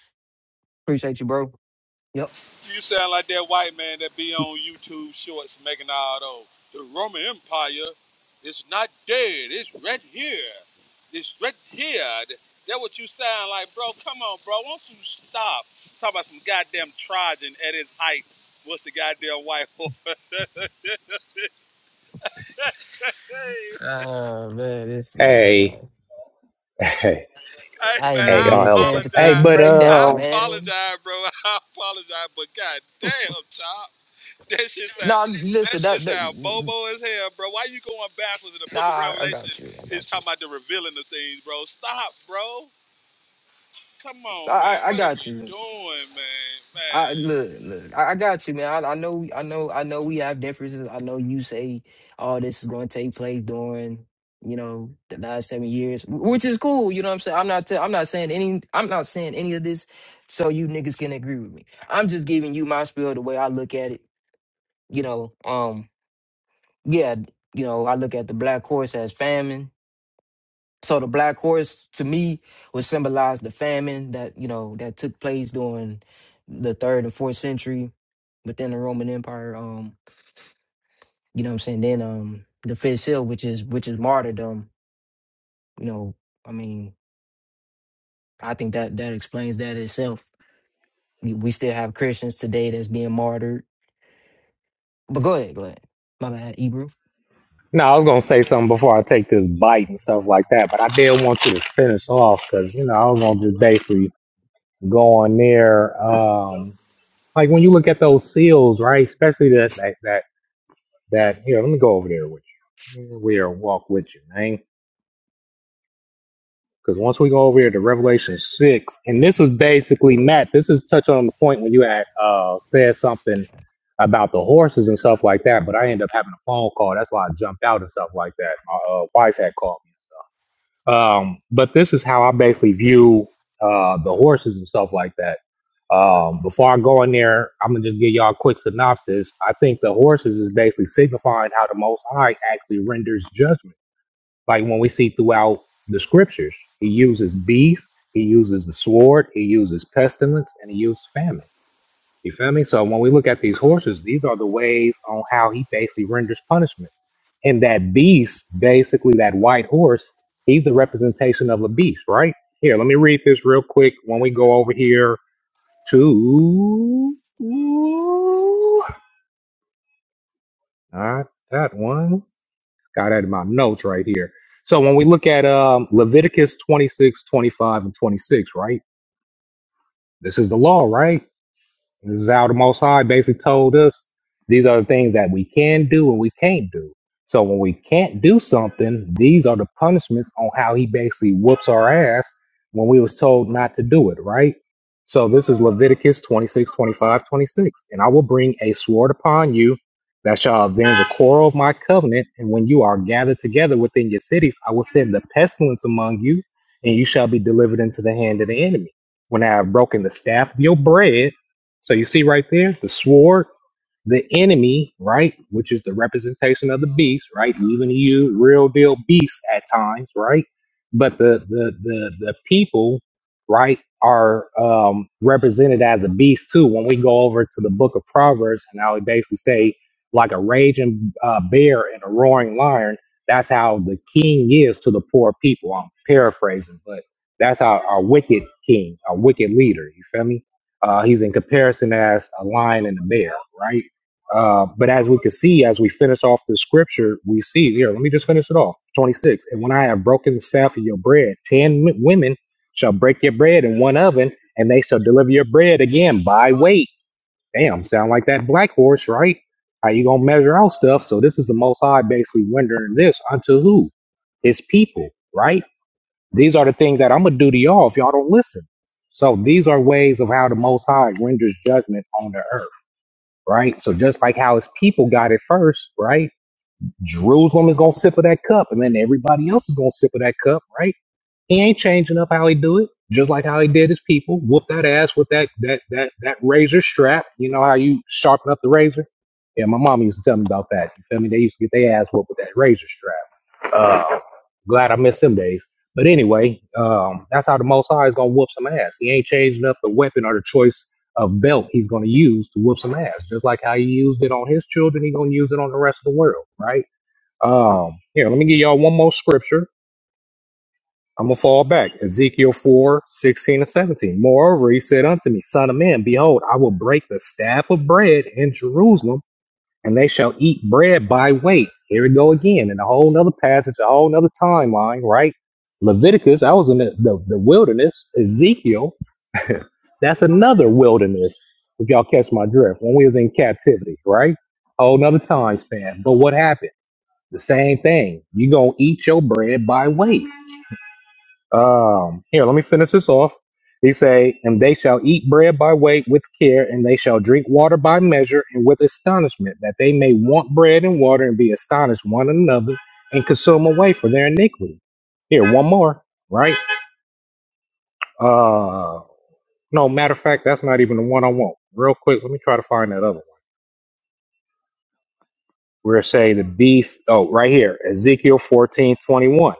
Speaker 5: Appreciate you, bro. Yep. You- Oh man, this thing,
Speaker 10: Hey,
Speaker 5: bro.
Speaker 10: Hey,
Speaker 5: I ain't
Speaker 10: hey,
Speaker 5: even
Speaker 10: y'all
Speaker 5: get a
Speaker 10: hella
Speaker 5: chance
Speaker 10: funny.
Speaker 5: to
Speaker 10: Hey,
Speaker 5: finish the
Speaker 10: but
Speaker 5: breakdown,
Speaker 10: um,
Speaker 5: man. No, listen, that, that nah, I got you. I got you. I, I I got you. I look, look. I, I got you, man. I, I know, I know, I know. We have differences. I know you say all this is going to take place during, you know, the last seven years, wh- which is cool. You know what I'm saying? I'm not, i I'm not saying any, I'm not saying any of this, so you niggas can agree with me. I'm just giving you my spiel the way I look at it. You know, um, yeah, you know, I look at the black horse as famine. So the black horse to me would symbolize the famine that you know that took place during the third and fourth century within the Roman Empire. Um, you know what I'm saying? Then um the fish hill, which is which is martyrdom, you know, I mean, I think that that explains that itself. We we still have Christians today that's being martyred. But go ahead, go ahead. My bad, Hebrew.
Speaker 10: no, I was gonna say something before I take this bite and stuff like that, but I did want you to finish off because you know I was gonna just basically go on there. Um, like when you look at those seals, right? Especially that that that that here. Let me go over there with you. We are walk with you, man. Because once we go over here to Revelation 6, and this was basically, Matt, this is touching on the point when you had uh, said something about the horses and stuff like that, but I ended up having a phone call. That's why I jumped out and stuff like that. My uh, wife had called me and stuff. Um, but this is how I basically view uh, the horses and stuff like that. Um, before I go in there, I'm gonna just give y'all a quick synopsis. I think the horses is basically signifying how the Most High actually renders judgment. Like when we see throughout the scriptures, he uses beasts, he uses the sword, he uses pestilence, and he uses famine. You feel me? So when we look at these horses, these are the ways on how he basically renders punishment. And that beast, basically that white horse, he's the representation of a beast, right? Here, let me read this real quick when we go over here to. Not that one. Got it in my notes right here. So when we look at um, Leviticus 26, 25, and 26, right? This is the law, right? This is how the Most High basically told us these are the things that we can do and we can't do. So when we can't do something, these are the punishments on how he basically whoops our ass when we was told not to do it, right? So this is Leviticus 26, 25, 26. And I will bring a sword upon you that shall avenge a quarrel of my covenant. And when you are gathered together within your cities, I will send the pestilence among you, and you shall be delivered into the hand of the enemy. When I have broken the staff of your bread, so you see right there the sword the enemy, right, which is the representation of the beast, right? Even you real deal beasts at times, right? But the the the the people, right, are um represented as a beast too. When we go over to the book of Proverbs, and I would basically say like a raging uh, bear and a roaring lion. That's how the king is to the poor people. I'm paraphrasing, but that's how our wicked king, our wicked leader. You feel me? Uh, he's in comparison as a lion and a bear, right? Uh, but as we can see, as we finish off the scripture, we see here, let me just finish it off. 26. And when I have broken the staff of your bread, 10 m- women shall break your bread in one oven, and they shall deliver your bread again by weight. Damn, sound like that black horse, right? How you gonna measure out stuff? So this is the most high basically rendering this unto who? His people, right? These are the things that I'm gonna do to y'all if y'all don't listen. So these are ways of how the most high renders judgment on the earth right? So just like how his people got it first, right? Jerusalem is gonna sip of that cup, and then everybody else is gonna sip of that cup, right? He ain't changing up how he do it, just like how he did his people. Whoop that ass with that that that that razor strap. You know how you sharpen up the razor? Yeah, my mom used to tell me about that. You feel me? They used to get their ass whooped with that razor strap. Uh, Glad I missed them days. But anyway, um, that's how the Most High is gonna whoop some ass. He ain't changing up the weapon or the choice of belt he's gonna use to whoop some ass. Just like how he used it on his children, he gonna use it on the rest of the world, right? Um, here, let me give y'all one more scripture. I'm gonna fall back. Ezekiel 4 16 and 17. Moreover, he said unto me, Son of man, behold, I will break the staff of bread in Jerusalem and they shall eat bread by weight. Here we go again in a whole nother passage, a whole nother timeline, right? Leviticus, I was in the, the, the wilderness. Ezekiel, [LAUGHS] that's another wilderness, if y'all catch my drift, when we was in captivity, right? Whole nother time span. But what happened? The same thing. you going to eat your bread by weight. Um, here, let me finish this off. He say, and they shall eat bread by weight with care, and they shall drink water by measure and with astonishment, that they may want bread and water and be astonished one another and consume away for their iniquity. Here, one more, right? Uh, no, matter of fact, that's not even the one I want. Real quick, let me try to find that other one. We're say the beast, oh, right here, Ezekiel fourteen twenty one.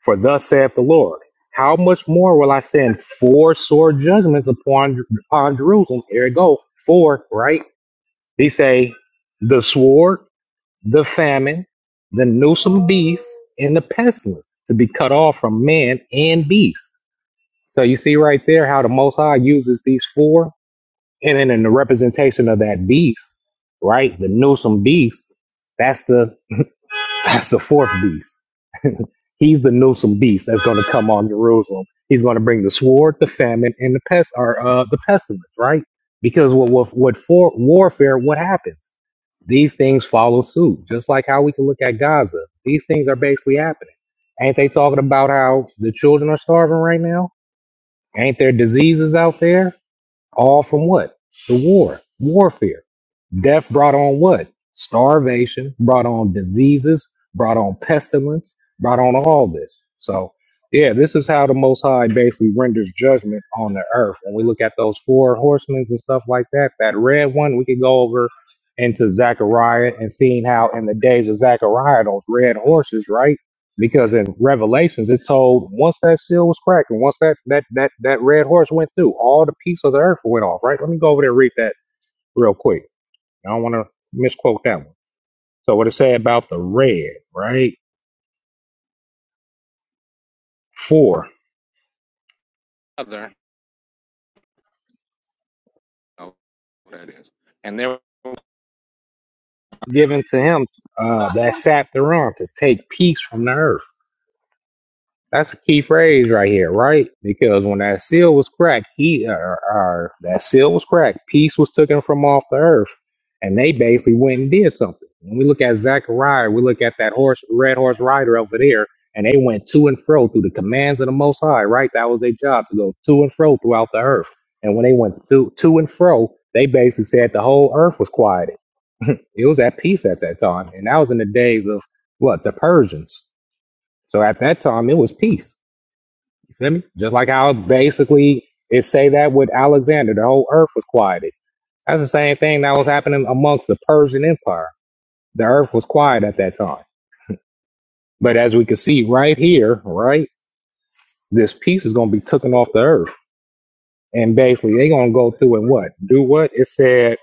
Speaker 10: For thus saith the Lord, how much more will I send four sore judgments upon upon Jerusalem? Here it go, four, right? He say, the sword, the famine, the noosome beast, and the pestilence to be cut off from man and beast. So you see right there how the Most High uses these four, and then in the representation of that beast, right? The noosome beast, that's the [LAUGHS] that's the fourth beast. He's the Newsome beast that's going to come on Jerusalem. He's going to bring the sword, the famine, and the pest, or uh, the pestilence, right? Because what what, what for warfare? What happens? These things follow suit, just like how we can look at Gaza. These things are basically happening. Ain't they talking about how the children are starving right now? Ain't there diseases out there? All from what? The war, warfare. Death brought on what? Starvation, brought on diseases, brought on pestilence, brought on all this. So, yeah, this is how the Most High basically renders judgment on the earth. When we look at those four horsemen and stuff like that, that red one, we could go over into Zechariah and seeing how in the days of Zechariah, those red horses, right? because in Revelations it told once that seal was cracked and once that that that that red horse went through, all the peace of the earth went off. Right? Let me go over there and read that real quick. I don't want to misquote that one. So what it say about the red? Right? Four Other, oh, that is. And there given to him uh, that sat thereon to take peace from the earth. That's a key phrase right here, right? Because when that seal was cracked, he uh, uh, that seal was cracked, peace was taken from off the earth, and they basically went and did something. When we look at Zechariah, we look at that horse, red horse rider over there, and they went to and fro through the commands of the Most High, right? That was their job to go to and fro throughout the earth. And when they went to to and fro, they basically said the whole earth was quieted. It was at peace at that time, and that was in the days of what the Persians. So at that time, it was peace Feel me? Just like how basically it say that with Alexander, the whole earth was quieted. That's the same thing that was happening amongst the Persian Empire. The earth was quiet at that time. But as we can see right here, right, this piece is going to be taken off the earth. And basically, they are going to go through and what? Do what? It said,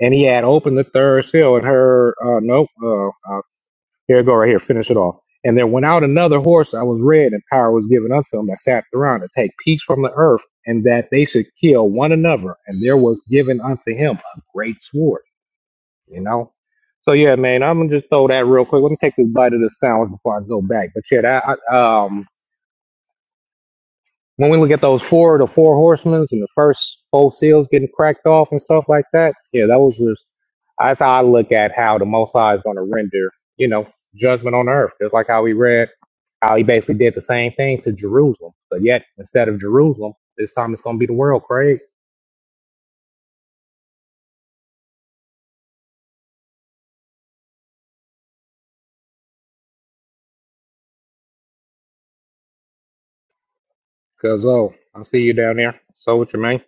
Speaker 10: and he had opened the third seal and heard, uh, nope, uh, uh, Here I go, right here, finish it off. And there went out another horse that was red, and power was given unto him that sat around to take peace from the earth, and that they should kill one another. And there was given unto him a great sword, you know? So, yeah, man, I'm going to just throw that real quick. Let me take this bite of the sandwich before I go back. But, yeah, that, I, um, when we look at those four, the four horsemen and the first four seals getting cracked off and stuff like that, yeah, that was just, that's how I look at how the Most High is going to render, you know, judgment on earth. Just like how we read, how he basically did the same thing to Jerusalem. But yet, instead of Jerusalem, this time it's going to be the world, Craig. Because, oh, I see you down there. So what you mean?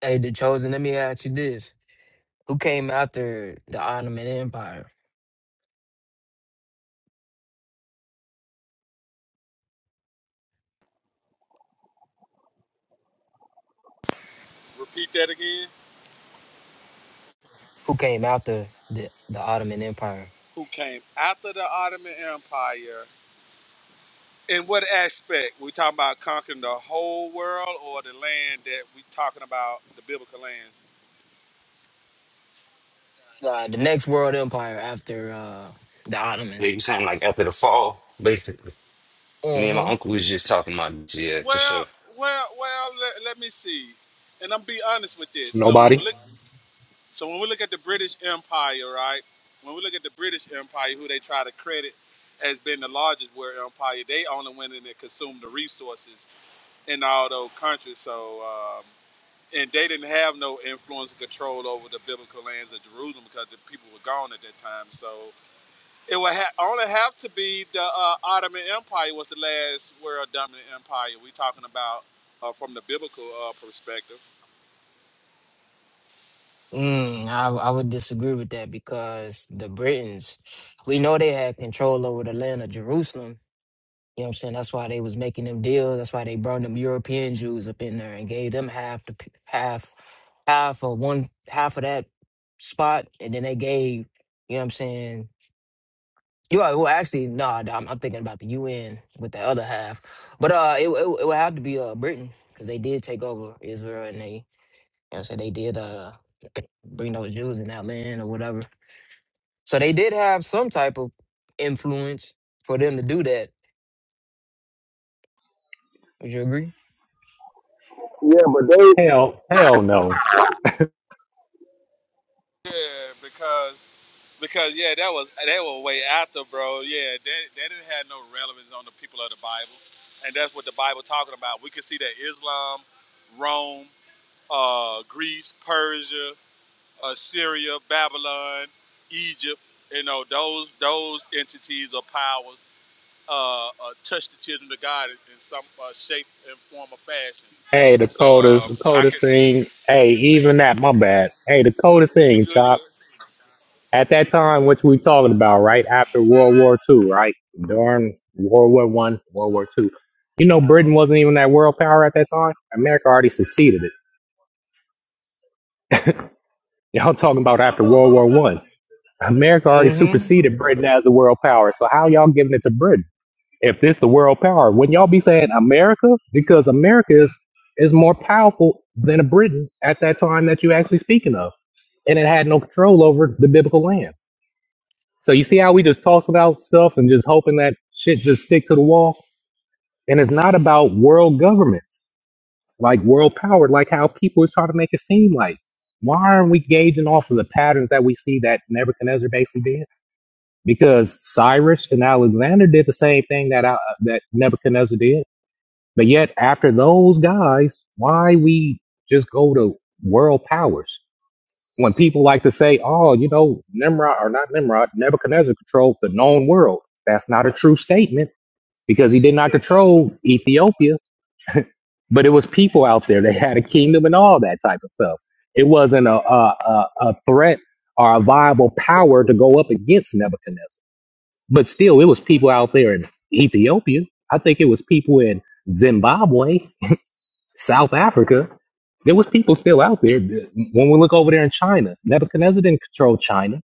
Speaker 5: Hey, the chosen, let me ask you this. Who came after the Ottoman Empire? Who came after the, the Ottoman Empire? uh, the next world empire after uh, the
Speaker 2: Yeah,
Speaker 5: Ottomans.
Speaker 2: you sound like after the fall, basically. Me and
Speaker 5: hmm
Speaker 2: my uncle was just talking about this, yeah, for sure.
Speaker 10: Nobody?
Speaker 5: Mm, I, I would disagree with that because the Britons, we know they had control over the land of Jerusalem. You know what I'm saying? That's why they was making them deals. That's why they brought them European Jews up in there and gave them half the p- half half of one half of that spot, and then they gave you know what I'm saying You are, well, actually, no, nah, I'm, I'm thinking about the UN with the other half. But uh, it, it, it would have to be uh, Britain because they did take over Israel and they, you know, so they did uh bring those Jews in that land or whatever. So they did have some type of influence for them to do that. Would you agree?
Speaker 6: Yeah, but they,
Speaker 10: Hell, hell no. Hey, the coldest, the coldest thing. Hey, even that, my bad. Hey, the coldest thing, Chop. At that time, which we talking about, right after World War Two, right during World War One, World War Two. You know, Britain wasn't even that world power at that time. America already succeeded it. [LAUGHS] Y'all talking about after World War One? America already
Speaker 5: Mm-hmm.
Speaker 10: superseded Britain as the world power. So how y'all giving it to Britain if this the world power? Wouldn't y'all be saying America because America is is more powerful than Britain at that time that you actually speaking of, and it had no control over the biblical lands. So you see how we just talk about stuff and just hoping that shit just stick to the wall? And it's not about world governments, like world power, like how people is trying to make it seem like. Why aren't we gauging off of the patterns that we see that Nebuchadnezzar basically did? Because Cyrus and Alexander did the same thing that uh, that Nebuchadnezzar did. But yet, after those guys, why we just go to world powers? when people like to say, oh, you know, Nimrod or not Nimrod, Nebuchadnezzar controlled the known world. That's not a true statement because he did not control Ethiopia, but it was people out there. They [LAUGHS] had a kingdom and all that type of stuff. It wasn't a, a, a, a threat or a viable power to go up against Nebuchadnezzar. But still, it was people out there in Ethiopia. I think it was people in Zimbabwe, South Africa. There was people still out there. When we look over there in China, Nebuchadnezzar didn't control China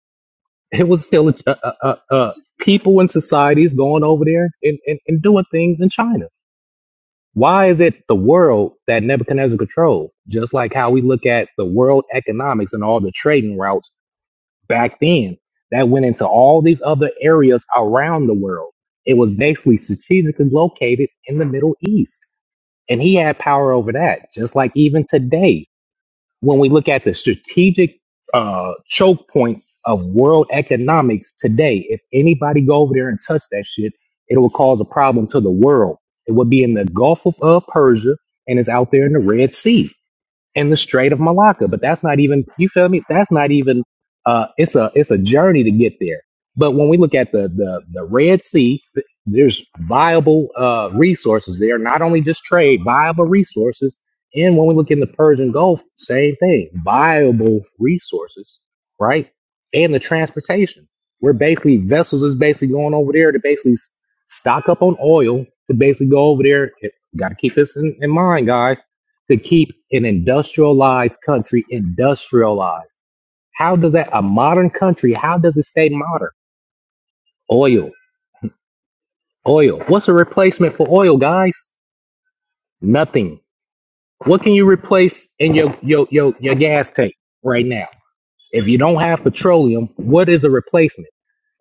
Speaker 10: it was still uh, uh, uh, people in societies going over there and, and, and doing things in China. Why is it the world that Nebuchadnezzar controlled? Just like how we look at the world economics and all the trading routes back then that went into all these other areas around the world. It was basically strategically located in the Middle East. And he had power over that, just like even today when we look at the strategic uh, choke points of world economics today, if anybody go over there and touch that shit, it will cause a problem to the world. It would be in the Gulf of uh, Persia and it's out there in the Red Sea in the Strait of Malacca. But that's not even you feel me? That's not even uh it's a it's a journey to get there. But when we look at the the, the Red Sea, th- there's viable uh resources there, not only just trade, viable resources. And when we look in the Persian Gulf, same thing, viable resources, right? And the transportation. We're basically vessels is basically going over there to basically s- stock up on oil to basically go over there. Got to keep this in, in mind, guys to keep an industrialized country industrialized. How does that, a modern country, how does it stay modern? Oil, oil. What's a replacement for oil, guys? Nothing. What can you replace in your, your, your, your gas tank right now? If you don't have petroleum, what is a replacement?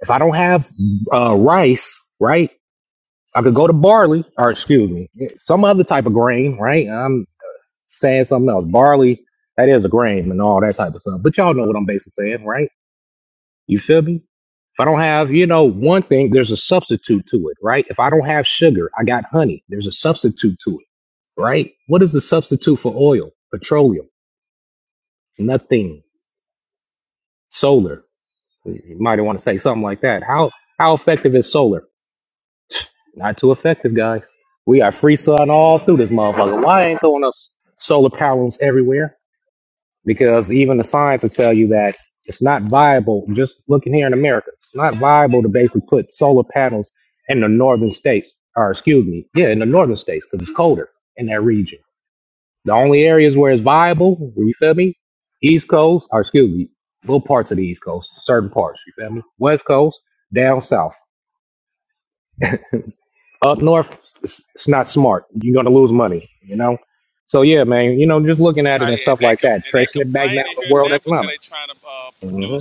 Speaker 10: If I don't have uh, rice, right? I could go to barley, or excuse me, some other type of grain, right? I'm saying something else. Barley, that is a grain and all that type of stuff. But y'all know what I'm basically saying, right? You feel me? If I don't have, you know, one thing, there's a substitute to it, right? If I don't have sugar, I got honey. There's a substitute to it, right? What is the substitute for oil? Petroleum. Nothing. Solar. You might want to say something like that. How how effective is solar? [SIGHS] Not too effective, guys. We got free sun all through this motherfucker. Why ain't throwing up s- solar panels everywhere? because even the science will tell you that it's not viable. Just looking here in America, it's not viable to basically put solar panels in the northern states, or excuse me, yeah, in the northern states because it's colder in that region. The only areas where it's viable, where you feel me, East Coast, or excuse me, little parts of the East Coast, certain parts, you feel me, West Coast, down south, up north, it's, it's not smart. You're gonna lose money, you know. So yeah, man, you know, just looking at it and stuff like that, tracing it back now to world economics. Mm-hmm.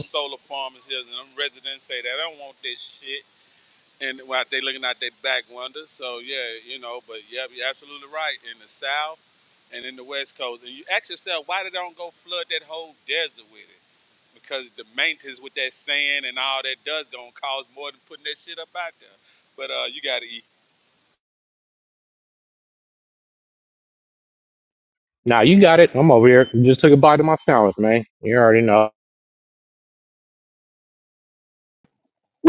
Speaker 10: Nah, you got it. I'm over here. Just took a bite of my sandwich, man. You already know.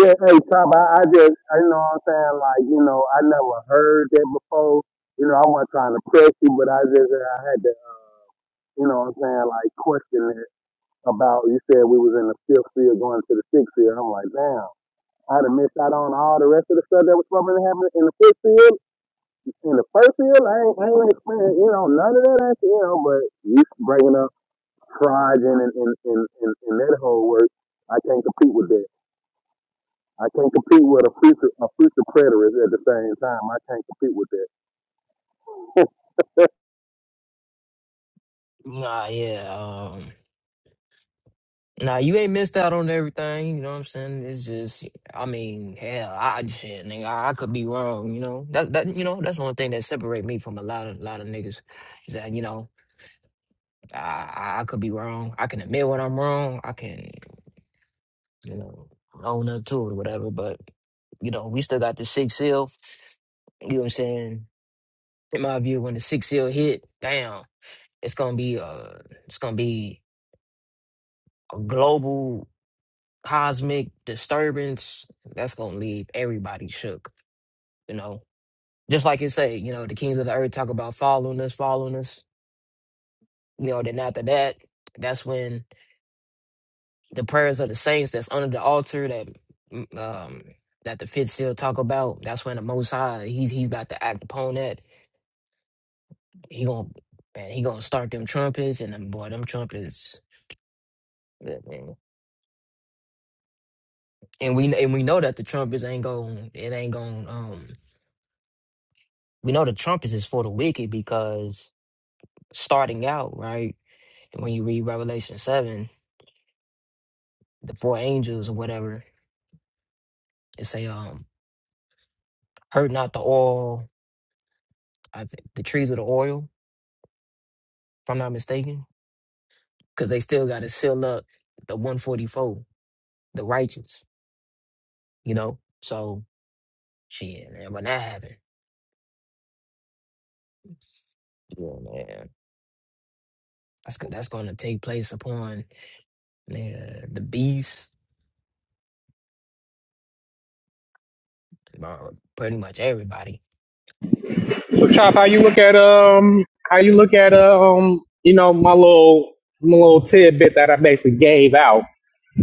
Speaker 6: yeah, hey, Tom, I, I just, I you know what I'm saying, like, you know, I never heard that before. You know, I wasn't trying to press you, but I just, I had to, you know what I'm saying, like, question it about, you said we was in the fifth field going to the sixth field. I'm like, damn. I'd have missed out on all the rest of the stuff that was supposed to happen in the fifth field, in the first field. I ain't, I ain't experienced, you know, none of that, you know, but you bringing up pride in in, in, in, in in that whole work. I can't compete with that. I can't compete with a future a future preterist at the same time. I can't compete with that. [LAUGHS]
Speaker 5: Nah, yeah. um, Nah, you ain't missed out on everything. You know what I'm saying? It's just, I mean, hell, I I- shit, nigga, I, I could be wrong. You know that that you know that's the only thing that separate me from a lot of lot of niggas is that you know I I I could be wrong. I can admit when I'm wrong. I can you know own up to it or whatever. But you know we still got the six seal. You know what I'm saying? In my view, when the six seal hit, damn, it's gonna be uh, it's gonna be a global. cosmic disturbance that's gonna leave everybody shook you know just like you say you know the kings of the earth talk about following us following us you know then after that that's when the prayers of the saints that's under the altar that mm, um that the fifth still talk about that's when the most high he's he's about to act upon that he gonna man he gonna start them trumpets and them boy them trumpets yeah, man. and we and we know that the trumpets ain't going it ain't going um we know the trumpets is for the wicked because starting out, right? And when you read Revelation seven, the four angels or whatever, it say, um, hurt not the oil, I think the trees of the oil, if I'm not mistaken, because they still got to seal up the 144, the righteous, you know. So shit, man, when that happened, yeah, man, that's go- that's going to take place upon man, the beast, uh, pretty much everybody.
Speaker 10: So, Chop, how you look at um, how you look at um, you know, my little my little tidbit that I basically gave out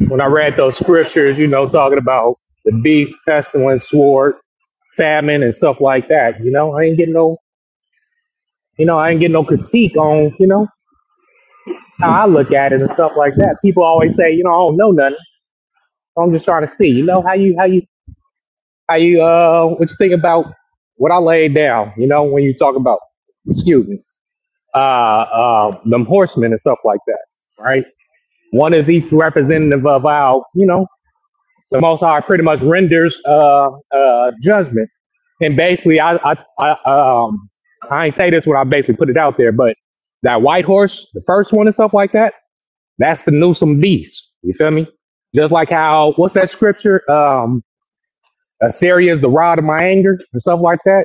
Speaker 10: when I read those scriptures. You know, talking about the beast, pestilence, sword, famine, and stuff like that. You know, I ain't getting no, you know, I ain't getting no critique on, you know, how I look at it and stuff like that. People always say, you know, I don't know nothing. I'm just trying to see, you know, how you how you I uh, what you think about what I laid down? You know, when you talk about, excuse me, uh, uh, them horsemen and stuff like that, right? One is each representative of our, you know, the Most High pretty much renders uh, uh, judgment, and basically, I, I, I, um, I ain't say this when I basically put it out there, but that white horse, the first one and stuff like that, that's the Newsome beast. You feel me? Just like how what's that scripture? Um, Assyria is the rod of my anger and stuff like that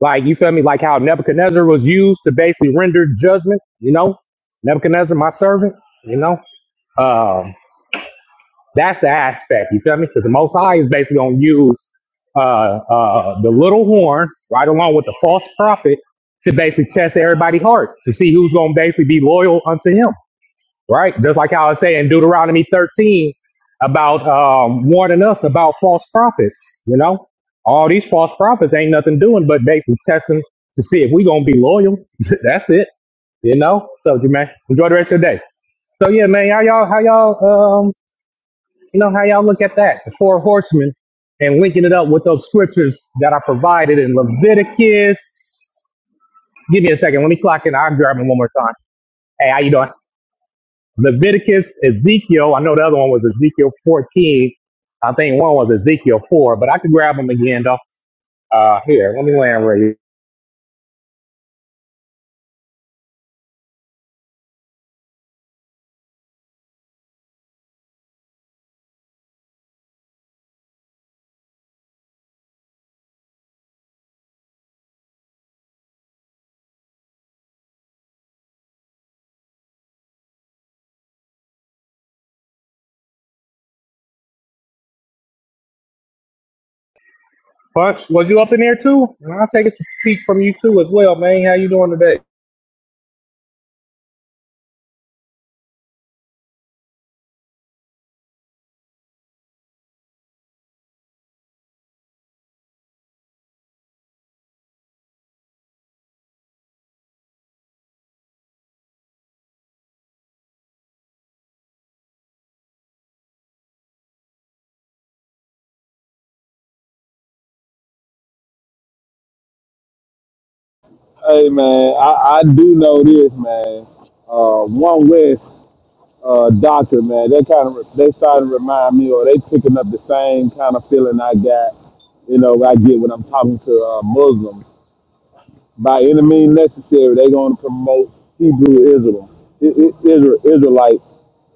Speaker 10: like, you feel me? Like how Nebuchadnezzar was used to basically render judgment, you know? Nebuchadnezzar, my servant, you know? Uh, that's the aspect, you feel me? Because the Most High is basically going to use uh, uh, the little horn right along with the false prophet to basically test everybody's heart to see who's going to basically be loyal unto him right? Just like I was saying, Deuteronomy 13 about um, warning us about false prophets, you know? All these false prophets ain't nothing doing but basically testing to see if we going to be loyal. [LAUGHS] That's it, you know? So, man, enjoy the rest of your day. So, yeah, man, how y'all, how y'all, um, you know, how y'all look at that, the four horsemen, and linking it up with those scriptures that I provided in Leviticus. Give me a second. Let me clock in. I'm grabbing one more time. Hey, how you doing? Leviticus, Ezekiel. I know the other one was Ezekiel 14. I think one was Ezekiel 4, but I could grab them again though. Uh, here, let me land where you. Punch, was you up in there too? And I'll take a critique from you too as well, man. How you doing today?
Speaker 6: Hey man, I, I do know this man. Uh, one West uh, doctor man, they kind of they starting to remind me, or they picking up the same kind of feeling I got. You know, I get when I'm talking to uh, Muslims. By any means necessary, they going to promote Hebrew Israel, I- I- Israel Israelite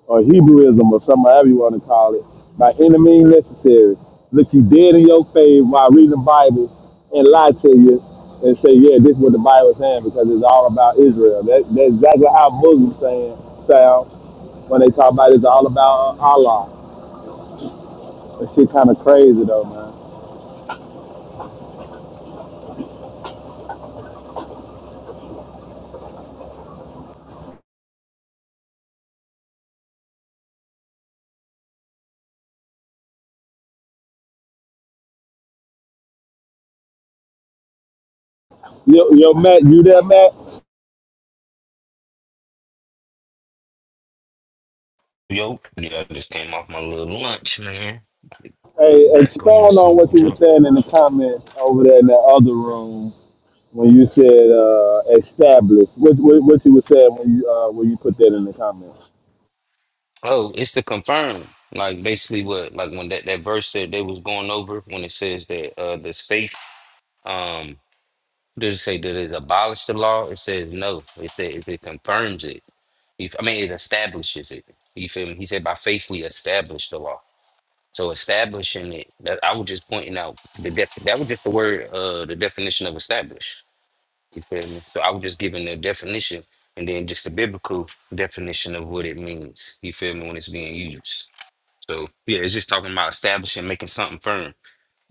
Speaker 6: or Hebrewism or something, however you want to call it, by any means necessary. Look you dead in your face while reading the Bible and lie to you and say, yeah, this is what the Bible is saying because it's all about Israel. That, that's exactly how Muslims saying sound when they talk about it's all about. Yo, yo Matt, you there, Matt?
Speaker 2: Yo, yeah, I just came off my little lunch, man.
Speaker 6: Hey,
Speaker 2: Get back on
Speaker 6: expound
Speaker 2: this
Speaker 6: on
Speaker 2: little
Speaker 6: what you were
Speaker 2: jump.
Speaker 6: saying in the comments over there in that other room when you said uh, established. What, what, what you were saying when you uh, when you put that in the comments?
Speaker 2: Oh, it's to confirm, like basically what, like when that, that verse that they was going over when it says that uh this faith, um, does it say that it abolished the law? It says no. It said it, it confirms it. If, I mean, it establishes it. You feel me? He said by faith we establish the law. So establishing it, that I was just pointing out the def, that was just the word, uh, the definition of establish. You feel me? So I was just giving the definition and then just the biblical definition of what it means. You feel me when it's being used. So yeah, it's just talking about establishing, making something firm,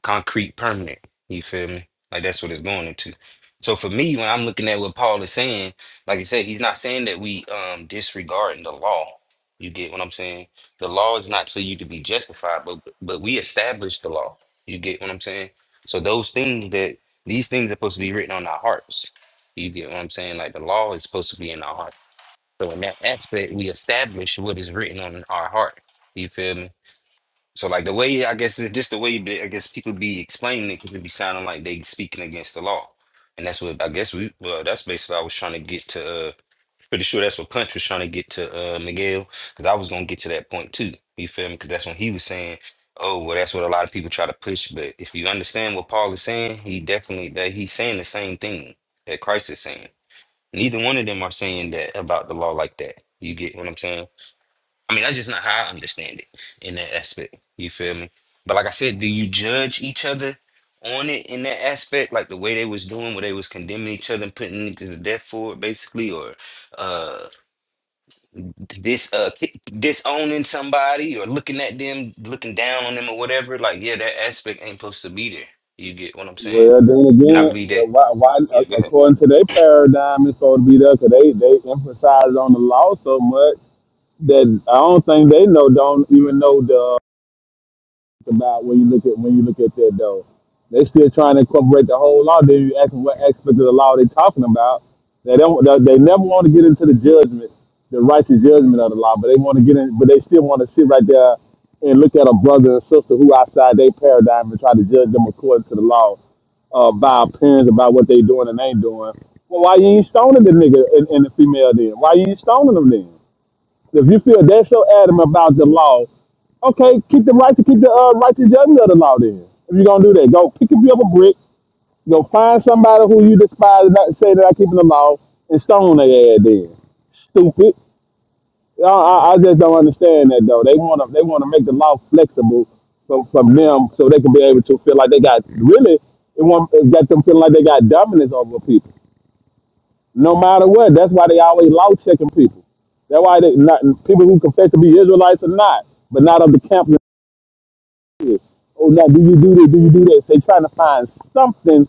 Speaker 2: concrete, permanent. You feel me? Like that's what it's going into. So for me, when I'm looking at what Paul is saying, like I said, he's not saying that we um disregarding the law. You get what I'm saying? The law is not for you to be justified, but but we establish the law. You get what I'm saying? So those things that these things are supposed to be written on our hearts. You get what I'm saying? Like the law is supposed to be in our heart. So in that aspect, we establish what is written on our heart. You feel me? So like the way I guess it's just the way that I guess people be explaining it, 'cause it be sounding like they speaking against the law, and that's what I guess we well that's basically I was trying to get to. Uh, pretty sure that's what Punch was trying to get to uh, Miguel because I was gonna get to that point too. You feel me? Because that's when he was saying, "Oh, well, that's what a lot of people try to push." But if you understand what Paul is saying, he definitely that he's saying the same thing that Christ is saying. Neither one of them are saying that about the law like that. You get what I'm saying? I mean, that's just not how I understand it in that aspect. You feel me? But like I said, do you judge each other on it in that aspect, like the way they was doing, where they was condemning each other and putting it to the death for it, basically, or uh this uh ki- disowning somebody or looking at them, looking down on them or whatever? Like, yeah, that aspect ain't supposed to be there. You get what I'm saying? And I believe that. Yeah, go ahead.
Speaker 6: said though, they still trying to incorporate the whole law. Then you ask them what aspect of the law they talking about. They don't. They they never want to get into the judgment, the righteous judgment of the law, but they want to get in. But they still want to sit right there and look at a brother and sister who outside their paradigm and try to judge them according to the law uh, by appearance about what they doing and ain't doing. Well, why you ain't stoning the nigga and, and the female then? Why you ain't stoning them then? If you feel that so adamant about the law, okay, keep the right to keep the uh, righteous judgment of the law then. If you're gonna do that, go pick up a brick, go find somebody who you despise and not say that I keep the law and stone their ass then. Stupid. I, I, I just don't understand that though. They wanna they wanna make the law flexible from, from them so they can be able to feel like they got really it want it got them feeling like they got dominance over people no matter what. That's why they always law checking people. That's why they not people who confess to be Israelites or not, but not of the camp. of Israel. Oh, now do you do this? Do you do that? They trying to find something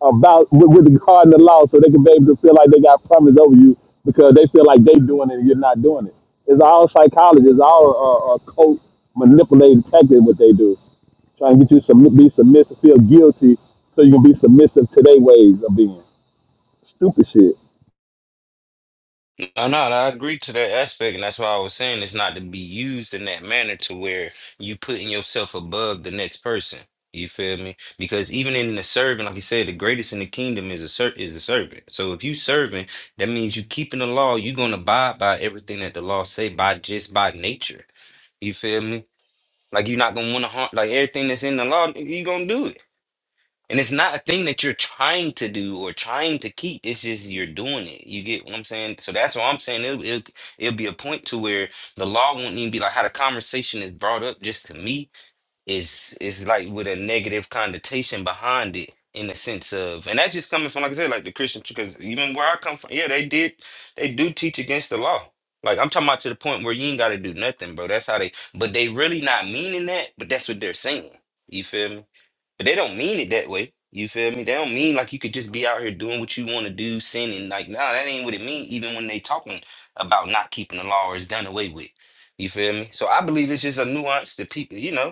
Speaker 6: about with, with regarding the law, so they can be able to feel like they got promise over you because they feel like they doing it and you're not doing it. It's all psychology. It's all uh, uh, cult manipulated tactic what they do, trying to get you to submit, be submissive, feel guilty, so you can be submissive to their ways of being. Stupid shit.
Speaker 2: No, no, I agree to that aspect, and that's why I was saying it's not to be used in that manner to where you putting yourself above the next person. You feel me? Because even in the serving, like you said, the greatest in the kingdom is a ser- is the servant. So if you serving, that means you keeping the law. You're gonna abide by everything that the law say by just by nature. You feel me? Like you're not gonna want to harm. Like everything that's in the law, you're gonna do it. And it's not a thing that you're trying to do or trying to keep. It's just you're doing it. You get what I'm saying? So that's what I'm saying. It'll, it'll, it'll be a point to where the law won't even be like how the conversation is brought up just to me is is like with a negative connotation behind it in the sense of and that's just coming from like I said, like the Christian because even where I come from, yeah, they did they do teach against the law. Like I'm talking about to the point where you ain't gotta do nothing, bro. That's how they but they really not meaning that, but that's what they're saying. You feel me? But they don't mean it that way. You feel me? They don't mean like you could just be out here doing what you want to do, sinning. Like, nah, that ain't what it mean, even when they talking about not keeping the law or it's done away with. You feel me? So I believe it's just a nuance that people, you know.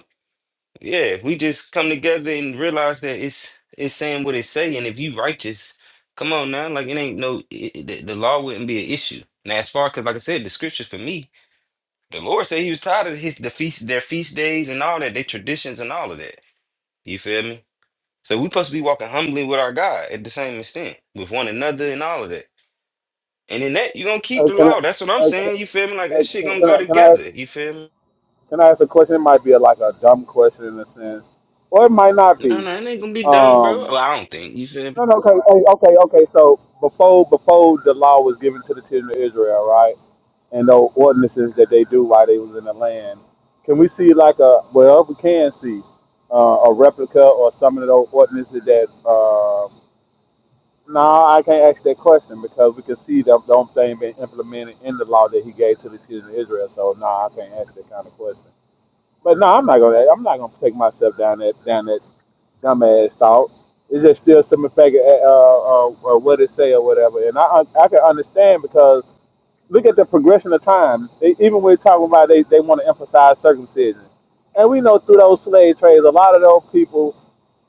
Speaker 2: Yeah, if we just come together and realize that it's it's saying what it say, and if you righteous, come on now, like it ain't no it, it- the, the law wouldn't be an issue. Now as far because like I said, the scriptures for me, the Lord said He was tired of his the feast their feast days and all that, their traditions and all of that. You feel me? So we supposed to be walking humbly with our God at the same extent, with one another and all of that. And in that, you gonna keep
Speaker 6: Uh,
Speaker 2: the
Speaker 6: can
Speaker 2: law. That's what I'm
Speaker 6: I?
Speaker 2: saying. You feel me? Like
Speaker 6: Uh,
Speaker 2: that shit
Speaker 6: can,
Speaker 2: gonna
Speaker 6: can
Speaker 2: go
Speaker 6: I can I ask,
Speaker 2: together. You feel me?
Speaker 6: can I ask a question? It might be a, like a dumb question in a sense, or it might not
Speaker 2: No,
Speaker 6: be.
Speaker 2: no, it ain't gonna be done, bro. Well,
Speaker 6: Um,
Speaker 2: I don't think. You feel me?
Speaker 6: no, no, okay, hey, okay, okay. So before before the law was given to the children of Israel, right, and the ordinances that they do while they was in the land, can we see like a well, we can see uh, a replica or some of those ordinances that. Uh, no, I can't ask that question because we can see that the same being implemented in the law that he gave to the children of Israel. So no, I can't ask that kind of question. But no, I'm not gonna. I'm not gonna take myself down that down that dumbass thought. It's just still some effect, uh, uh, uh, what it say or whatever. And I I can understand because look at the progression of time. They, even we're talking about they they want to emphasize circumcision, and we know through those slave trades, a lot of those people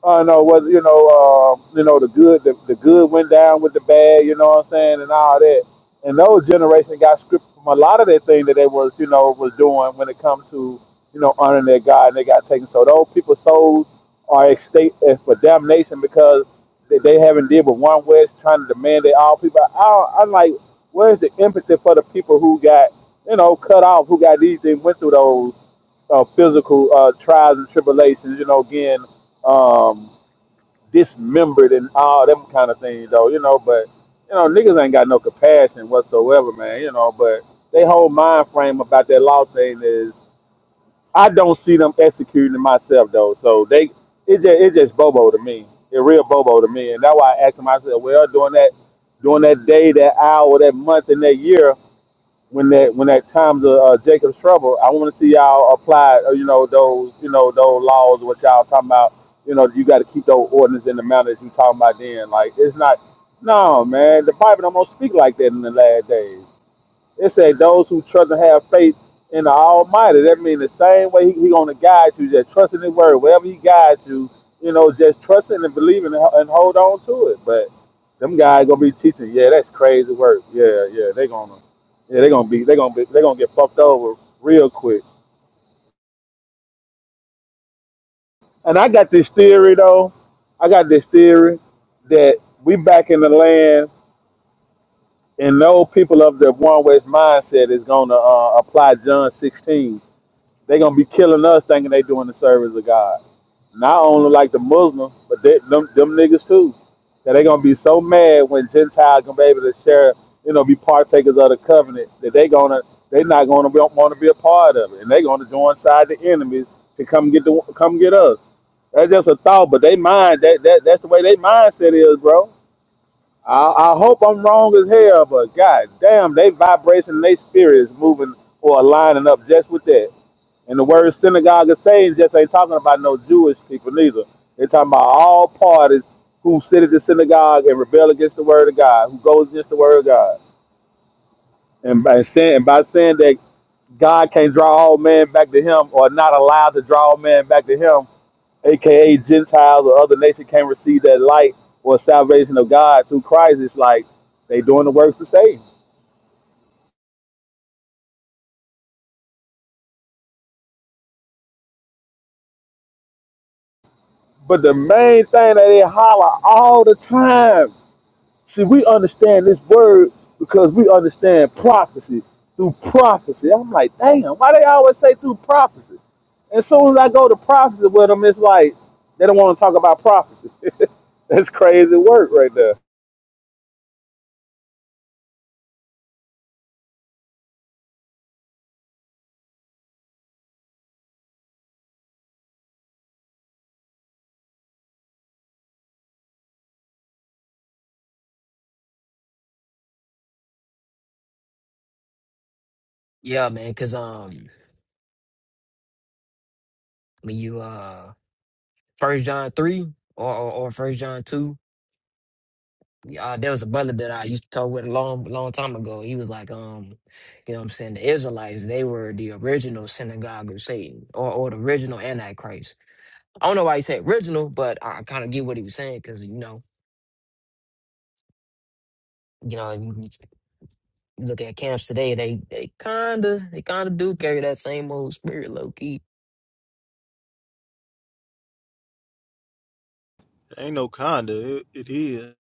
Speaker 6: I know was you know. Uh, you know the good. The, the good went down with the bad. You know what I'm saying, and all that. And those generation got scripted from a lot of that thing that they was, you know, was doing when it comes to, you know, honoring their God. And they got taken. So those people's souls are at as for damnation because they, they haven't deal with one West trying to demand that all people. I, don't- I'm like, where's the empathy for the people who got, you know, cut off, who got these and went through those uh, physical uh, trials and tribulations. You know, again. Um, dismembered and all them kind of things though, you know, but you know, niggas ain't got no compassion whatsoever, man, you know, but they whole mind frame about that law thing is I don't see them executing it myself though. So they it just it just bobo to me. It real bobo to me. And that's why I asked myself, well, during that during that day, that hour, that month and that year, when that when that comes to uh, Jacob's trouble, I want to see y'all apply, uh, you know, those you know those laws what y'all talking about. You know, you got to keep those ordinances in the manner that you talking about. Then, like, it's not. No, man, the Bible don't speak like that in the last days. It said those who trust and have faith in the Almighty. That means the same way He, he gonna guide you, just trusting His word. Wherever He guides you, you know, just trusting and believing and, and hold on to it. But them guys gonna be teaching. Yeah, that's crazy work. Yeah, yeah, they gonna, yeah, they gonna be, they gonna be, they gonna get fucked over real quick. And I got this theory though. I got this theory that we back in the land, and no people of the one West mindset is gonna uh, apply John 16 They're gonna be killing us thinking they doing the service of God. Not only like the Muslims, but they, them them niggas too. That they gonna be so mad when Gentiles gonna be able to share, you know, be partakers of the covenant that they gonna they not gonna be, want to be a part of it, and they gonna join side the enemies to come get the come get us. That's just a thought, but they mind that, that that's the way they mindset is, bro. I, I hope I'm wrong as hell, but god damn, they vibration, they spirit is moving or aligning up just with that. And the word synagogue of Satan just ain't talking about no Jewish people neither. They're talking about all parties who sit at the synagogue and rebel against the word of God, who goes against the word of God. And by saying, and by saying that God can't draw all men back to him or not allowed to draw all men back to him, aka Gentiles or other nations can't receive that light or salvation of God through Christ, it's like they doing the works of Satan. But the main thing that they holler all the time See, we understand this word because we understand prophecy through prophecy. I'm like, damn, why they always say through prophecy? As soon as I go to prophecy with them, it's like they don't want to talk about prophecy. [LAUGHS] That's crazy work right there.
Speaker 5: Yeah, man, because um, when you uh, First John three or or or First John two. Uh, there was a brother that I used to talk with a long, long time ago. He was like, um, you know what I'm saying? The Israelites, they were the original synagogue of Satan or, or the original Antichrist. I don't know why he said original, but I kind of get what he was saying because, you know, you know, you you look at camps today, they they kind of they kind of do carry that same old spirit low key.
Speaker 1: There ain't no kinda. It, it is.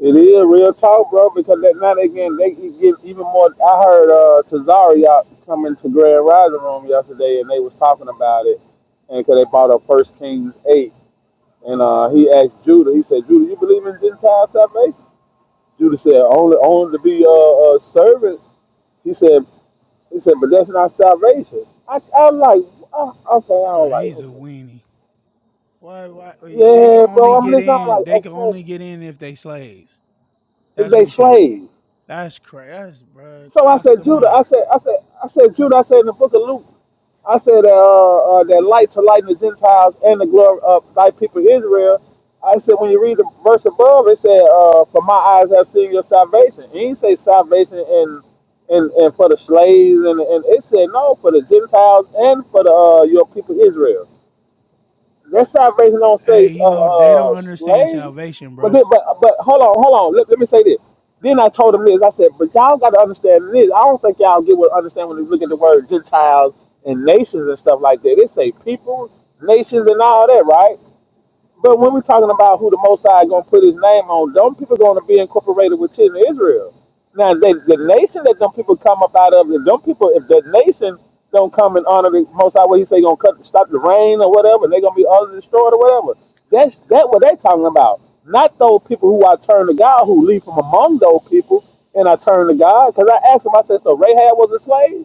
Speaker 6: It is real talk, bro. Because that now they getting they get even more. I heard uh, Tazari out coming to Grand Rising Room yesterday, and they was talking about it, and because they brought up First Kings eight, and uh, he asked Judah. He said, "Judah, you believe in Gentile salvation?" Judah said, only only to be uh, uh servants. He said, he said, but that's not salvation. I I'm like, oh, okay, I
Speaker 7: Uh,
Speaker 6: was
Speaker 7: he's
Speaker 6: like,
Speaker 7: a
Speaker 6: okay,
Speaker 7: weenie. Why, why? They can
Speaker 6: yeah,
Speaker 7: only
Speaker 6: bro. I'm
Speaker 7: get
Speaker 6: listening. I'm
Speaker 7: in.
Speaker 6: like,
Speaker 7: They can
Speaker 6: okay,
Speaker 7: only get in if they slaves.
Speaker 6: if
Speaker 7: That's what
Speaker 6: they
Speaker 7: he's saying.
Speaker 6: slaves.
Speaker 7: That's crazy. That's bro.
Speaker 6: So I said,
Speaker 7: Oscar
Speaker 6: Judah. I
Speaker 7: Mayer.
Speaker 6: said, I said, I said, Judah. I said in the book of Luke. I said that, uh, uh, that lights for lighting the Gentiles and the glory of thy people Israel. I said when you read the verse above, it said, uh, "For my eyes have seen your salvation." It didn't say salvation and and and for the slaves, and and it said no for the Gentiles and for the uh, your people Israel. Let's not raising on stage
Speaker 7: Hey,
Speaker 6: uh,
Speaker 7: you know, they don't
Speaker 6: uh
Speaker 7: understand
Speaker 6: slaves.
Speaker 7: salvation,
Speaker 6: But
Speaker 7: bro.
Speaker 6: then, but but hold on, hold on. Let, let me say this. Then I told him this. I said, but y'all got to understand this. I don't think y'all get what understand when you look at the word Gentiles and nations and stuff like that. They say people, nations, and all that, right? But when we're talking about who the Most High gonna put His name on, them people gonna be incorporated with children of Israel. Now, they, the nation that them people come up out of, if them people, if the nation don't come and honor the Most High, what He say gonna cut, stop the rain or whatever, they gonna be utterly destroyed or whatever. That's that what they talking about. Not those people who are turned to God, who leave from among those people and are turned to God. Because I asked him, I said, so Rahab was a slave?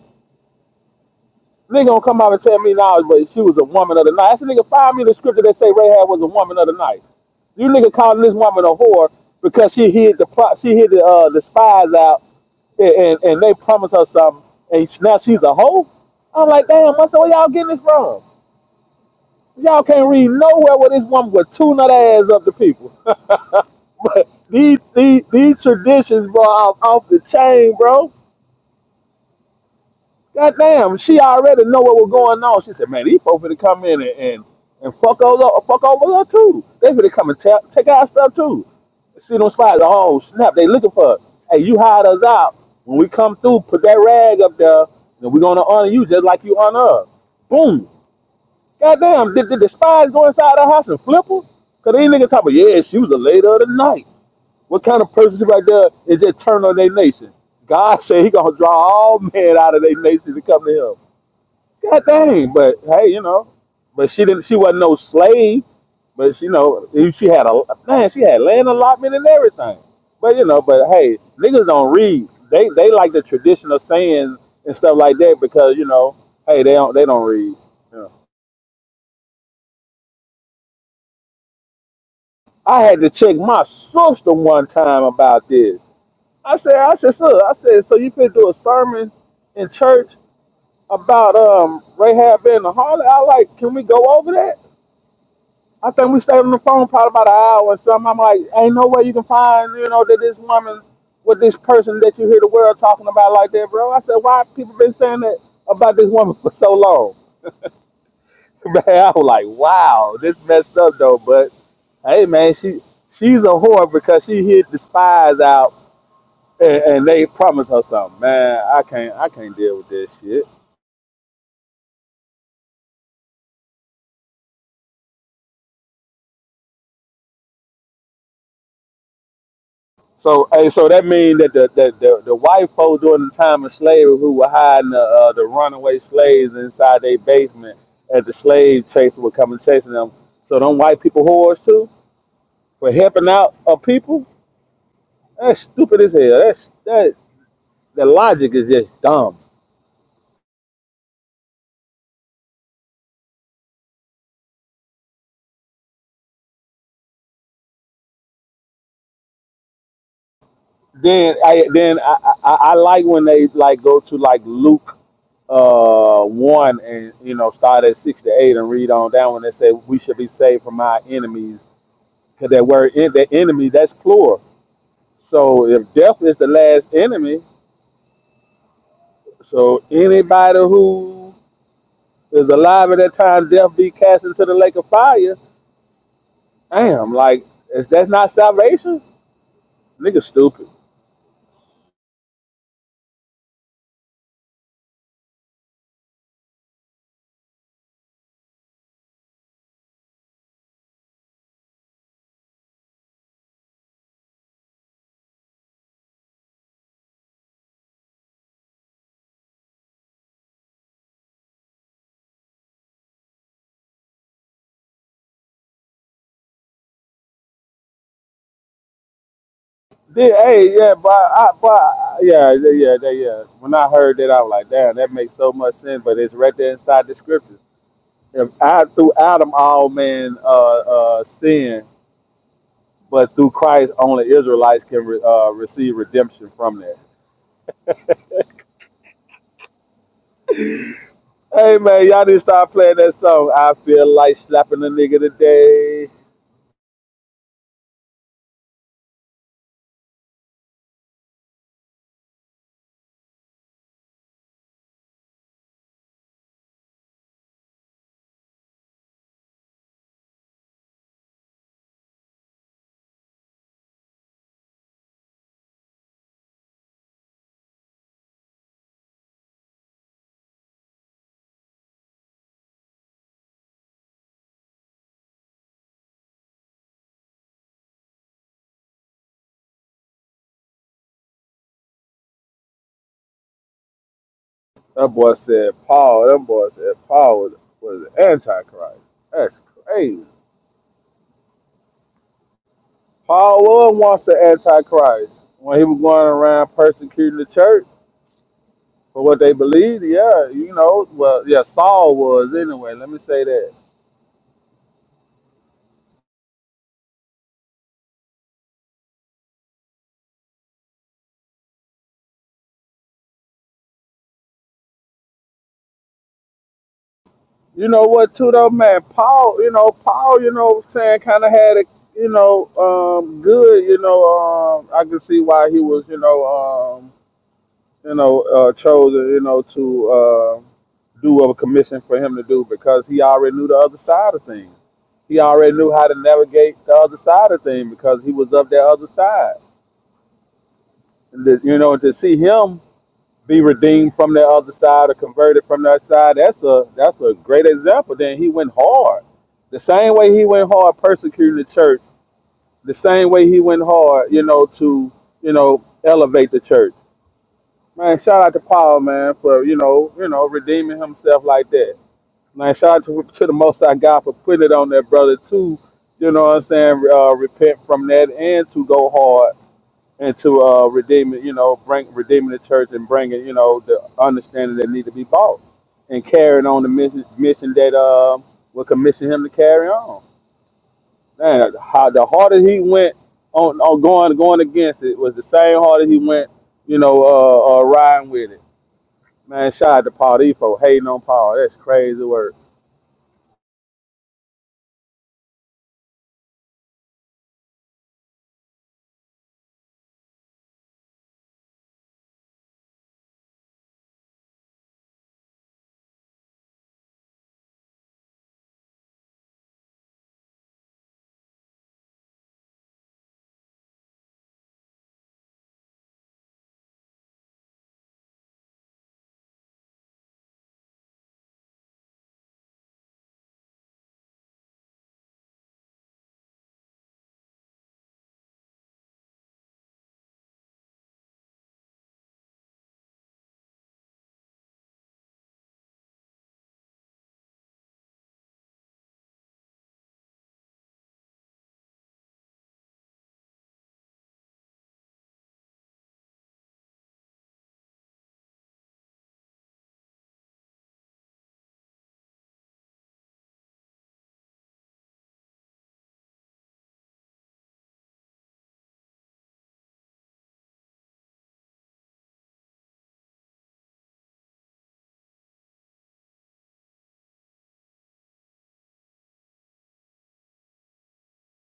Speaker 6: This Nigga gonna come out and tell me now, but she was a woman of the night. That's a nigga find me the scripture that say Rahab was a woman of the night. You nigga calling this woman a whore because she hid the pro- she hid the uh, the spies out and, and, and they promised her something and now she's a hoe. I'm like, damn, I said, where y'all getting this from? Y'all can't read nowhere where this woman would tune that ass up to people. [LAUGHS] but these, these these traditions, bro, are off the chain, bro. God damn, she already know what was going on. She said, man, these folks finna come in and, and, and fuck over fuck over her too. They finna come and ta- take our stuff too. See them spies, oh snap, they looking for us. Hey, you hide us out. When we come through, put that rag up there, and we're gonna honor you just like you honor us. Boom. Goddamn, did, did the spies go inside the house and flip her? Cause these niggas talking, yeah, she was a lady of the night. What kind of person right there is that turn on their nation? God said he gonna draw all men out of their nation to come to him. God dang, but hey, you know, but she didn't. She wasn't no slave, but she, you know, she had a man. She had land allotment and everything. But you know, but hey, niggas don't read. They they like the traditional sayings and stuff like that because you know, hey, they don't they don't read. You know. I had to check my sister one time about this. I said, I said, sir, I said, so you finna do a sermon in church about um Rahab being a harlot? I like, can we go over that? I think we stayed on the phone probably about an hour or something. I'm like, ain't no way you can find, you know, that this woman with this person that you hear the world talking about like that, bro. I said, why people been saying that about this woman for so long? [LAUGHS] Man, I was like, wow, this messed up though. But hey, man, she she's a whore because she hid the spies out and, and they promised her something. Man, I can't I can't deal with this shit. So, hey, so that means that the, the, the, the white folks during the time of slavery who were hiding the, uh, the runaway slaves inside their basement as the slave chasers were coming chasing them. So, them white people whores too for helping out a people? That's stupid as hell. That's that. The logic is just dumb. Then I then I, I, I like when they like go to like Luke uh one and you know start at six to eight and read on down when they say we should be saved from our enemies 'Cause that word is the enemy, that's plural. So if death is the last enemy, so anybody who is alive at that time, death be cast into the lake of fire. Damn, like is that's not salvation? Nigga, stupid. Then, hey, yeah, but I, but I- yeah, yeah, yeah, yeah. yeah. When I heard that, I was like, damn, that makes so much sense. But it's right there inside the scriptures. If I through Adam all men uh, uh, sin, but through Christ only Israelites can re, uh, receive redemption from that. Hey man, y'all need to start playing that song. I feel like slapping a nigga today. That boy said Paul. That boy said Paul was was an antichrist. That's crazy. Paul was once the antichrist when he was going around persecuting the church for what they believed. Yeah, you know. Well, yeah, Saul was anyway. Let me say that. You know what, too though, man. Paul. You know, Paul. You know, what I'm saying kind of had a. You know, um, good. You know, um, I can see why he was. You know, um you know, uh, chosen, you know, to uh, do what a commission for him to do because he already knew the other side of things. He already knew how to navigate the other side of things because he was of that other side. And to, you know, to see him be redeemed from that other side or converted from that side, that's a that's a great example. Then he went hard. The same way he went hard persecuting the church, the same way he went hard, you know, to, you know, elevate the church Man, shout out to Paul, man, for you know, you know, redeeming himself like that. Man, shout out to, to the Most High God for putting it on that brother too. You know what I'm saying? Uh, repent from that and to go hard and to uh, redeem it. You know, bring redeeming the church and bringing you know the understanding that need to be bought and carrying on the mission mission that uh, will commission him to carry on. Man, how the harder he went on, on going going against it was the same harder he went. You know, uh, uh, riding with it. Man, shout out to Paul D for hating on Paul. That's crazy work.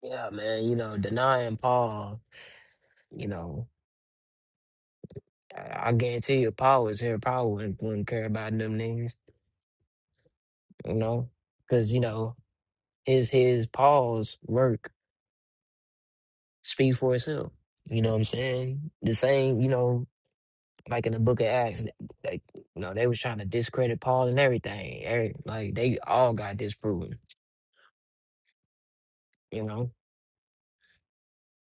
Speaker 5: Yeah, man, you know, denying Paul, you know, I, I guarantee you Paul was here, Paul wouldn't, wouldn't care about them niggas, you know, because, you know, his his Paul's work speak for itself. You know what I'm saying? The same, you know, like in the Book of Acts, like you know, they was trying to discredit Paul and everything. Every, like they all got disproven. You know,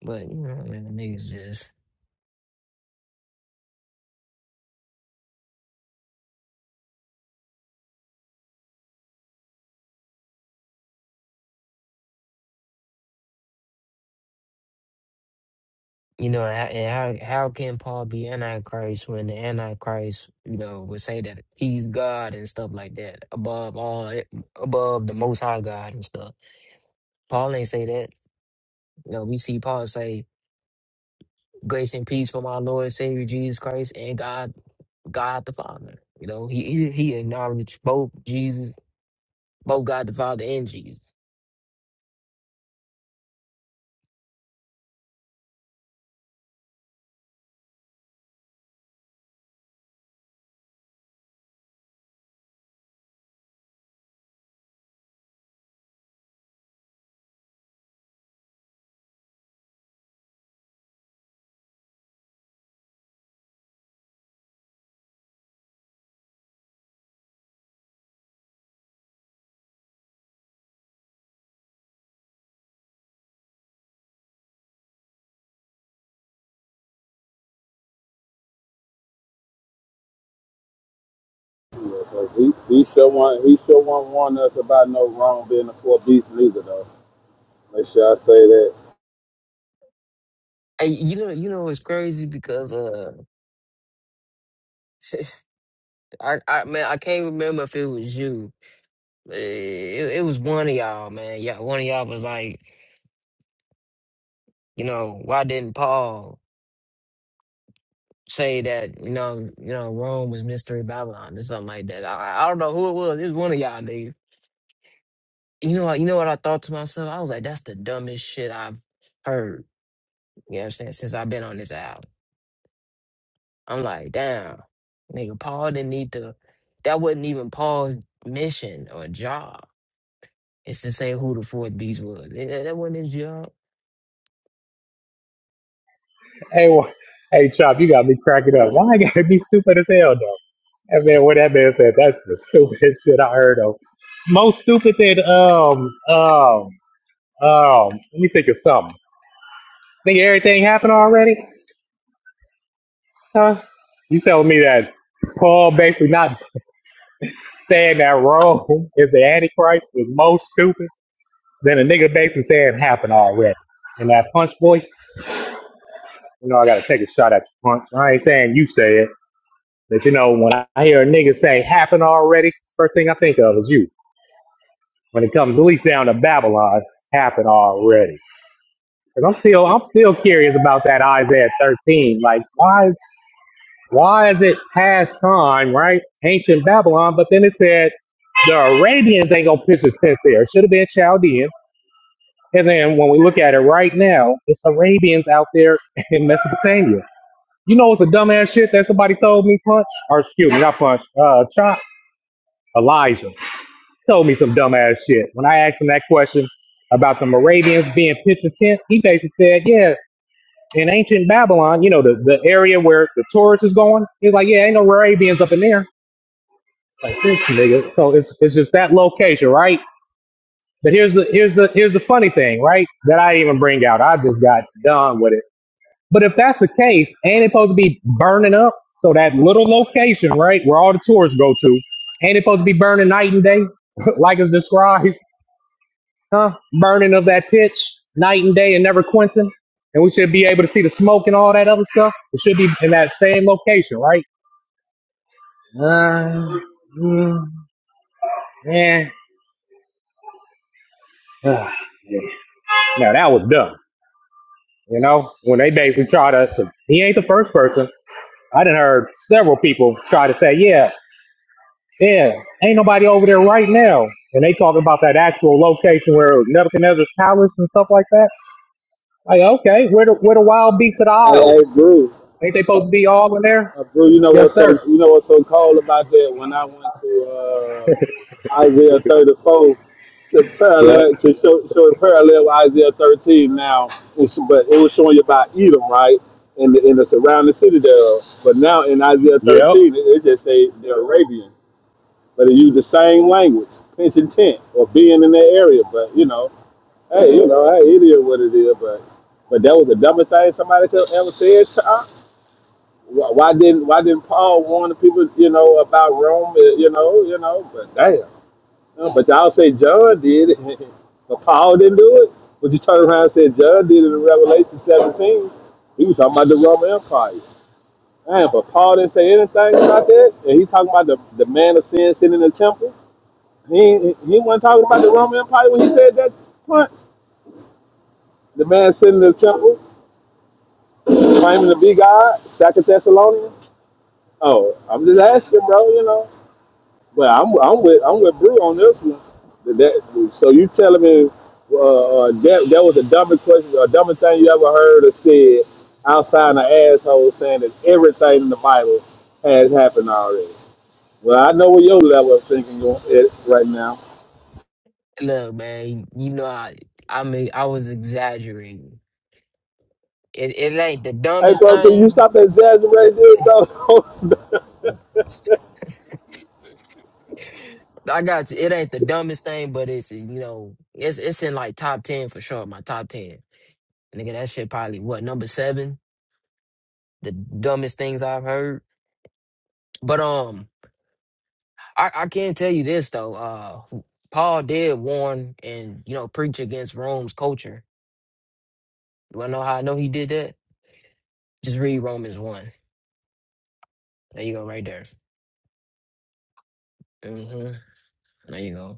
Speaker 5: but you know, man, the niggas just. You know, and and how how can Paul be Antichrist when the Antichrist, you know, would say that he's God and stuff like that above all, above the Most High God and stuff. Paul ain't say that. You know, we see Paul say Grace and peace from our Lord and Savior Jesus Christ and God, God the Father. You know, he he he acknowledged both Jesus, both God the Father and Jesus.
Speaker 6: Yeah, 'cause he, he sure want he sure won't warn us about no wrong being a four beast neither though. Make sure I say that.
Speaker 5: Hey, you know, you know, it's crazy because uh, [LAUGHS] I I man, I can't remember if it was you. It, it was one of y'all, man. Yeah, one of y'all was like, you know, why didn't Paul say that? You know, you know, Rome was mystery Babylon or something like that. I, I don't know who it was. It was one of y'all, dude. You know what? You know what I thought to myself? I was like, that's the dumbest shit I've heard. You know what I'm saying? Since I've been on this album, I'm like, damn, nigga, Paul didn't need to. That wasn't even Paul's mission or job. It's to say who the fourth beast was. That, that that wasn't his job.
Speaker 10: Hey, well, hey, Chop, you got me cracking up. Why I gotta be stupid as hell though? That man, what that man said, that's the stupidest shit I heard of. Most stupid than um um um. Let me think of something. Think everything happened already? Huh? You telling me that Paul basically not saying that Rome is the Antichrist was most stupid? Then a nigga basically saying happened already. And that punch voice, you know, I gotta take a shot at the punch. I ain't saying you say it, but you know, when I hear a nigga say happened already, first thing I think of is you. When it comes at least down to Babylon, happened already. And I'm still, I'm still curious about that Isaiah 13. Like, why? is Why is it past time, right? Ancient Babylon, but then it said the Arabians ain't gonna pitch this tent there. It should have been Chaldean. And then when we look at it right now, it's Arabians out there [LAUGHS] in Mesopotamia. You know it's a dumbass shit that somebody told me, Punch? Or excuse me, not Punch, uh Chop, Elijah. Told me some dumbass shit. When I asked him that question about the Moravians being pitch tent, he basically said, Yeah, in ancient Babylon, you know, the, the area where the tourists is going, he's like, Yeah, ain't no Moravians up in there. like this nigga. So it's it's just that location, right? But here's the here's the here's the funny thing, right? That I didn't even bring out. I just got done with it. But if that's the case, ain't it supposed to be burning up? So that little location, right, where all the tourists go to, ain't it supposed to be burning night and day, [LAUGHS] like it's described, huh? Burning of that pitch, night and day, and never quenching. And we should be able to see the smoke and all that other stuff. It should be in that same location, right? Uh, mm, eh. Ugh. [SIGHS] Now that was dumb. You know, when they basically try to, 'cause he ain't the first person. I done heard several people try to say, yeah, yeah, ain't nobody over there right now. And they talking about that actual location where it was Nebuchadnezzar's palace and stuff like that. Like, okay, where the, where the wild beasts of the isles?
Speaker 6: Hey, hey, Brew.
Speaker 10: Ain't they supposed to be all in there?
Speaker 6: Uh, Brew, you know
Speaker 10: Yes,
Speaker 6: what's so
Speaker 10: sir.
Speaker 6: you know what's so cold about that? When I went to uh, Isaiah 34 to
Speaker 10: Yep.
Speaker 6: parallel to show, show it parallel with Isaiah 13 now, it's, but it was showing you about Edom, right? And the, and the surrounding city thereof. But now in Isaiah
Speaker 10: Yep.
Speaker 6: 13, it, it just say the Arabian. but it use the same language, pinch and tent, or being in that area. But you know, hey, you know, hey, it is what it is. But but that was the dumbest thing somebody ever said. To us. Why why didn't Why didn't Paul warn the people, you know, about Rome? eh, You know, you know. But damn, You know, but y'all say John did, it, [LAUGHS] but Paul didn't do it. But you turn around and say John did it in Revelation 17. He was talking about the Roman Empire. Damn, but Paul didn't say anything about that, and he talking about the, the man of sin sitting in the temple. He he he wasn't talking about the Roman Empire when he said that point. The man sitting in the temple, claiming to be God, Second Thessalonians. Oh, I'm just asking, bro. You know, but I'm I'm with I'm with Brew on this one. That, that- so you telling me uh, uh, that that was the dumbest question, or dumbest thing you ever heard or said outside an asshole saying that everything in the Bible has happened already. Well, I know where your level of thinking go- is right now.
Speaker 5: Look, man, you know I. I mean, I was exaggerating. It it ain't the
Speaker 6: Hey,
Speaker 5: dumbest
Speaker 6: bro, can you
Speaker 5: thing,
Speaker 6: stop exaggerating this,
Speaker 5: but
Speaker 6: bro? [LAUGHS]
Speaker 5: [LAUGHS] I got you. It ain't the dumbest thing, but it's you know, it's it's in like top ten for sure. My top ten Nigga, that shit probably what number seven? The dumbest things I've heard. But um, I, I can tell you this though. Uh, Paul did warn and you know preach against Rome's culture. You wanna know how I know he did that? Just read Romans one. There you go, right there. hmm There you go.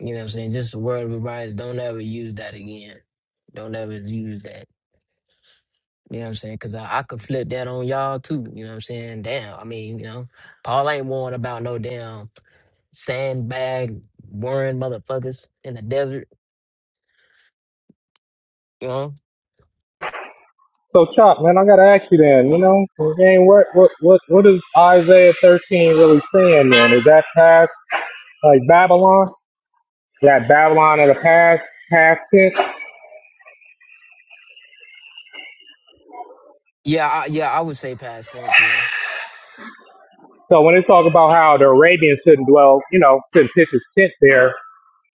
Speaker 5: You know what I'm saying? Just a word of advice: don't ever use that again. Don't ever use that. You know what I'm saying? Cause I, I could flip that on y'all too. You know what I'm saying? Damn. I mean, you know, Paul ain't warned about no damn. sandbag boring motherfuckers in the desert, you know?
Speaker 10: So, Chop, man, I gotta ask you then. You know, again, what what what what is Isaiah thirteen really saying? Then is that past like Babylon? that Babylon of the past, past tense.
Speaker 5: Yeah, I, yeah, I would say past tense, yeah.
Speaker 10: So when it's talking about how the Arabians shouldn't dwell, you know, shouldn't pitch his tent there,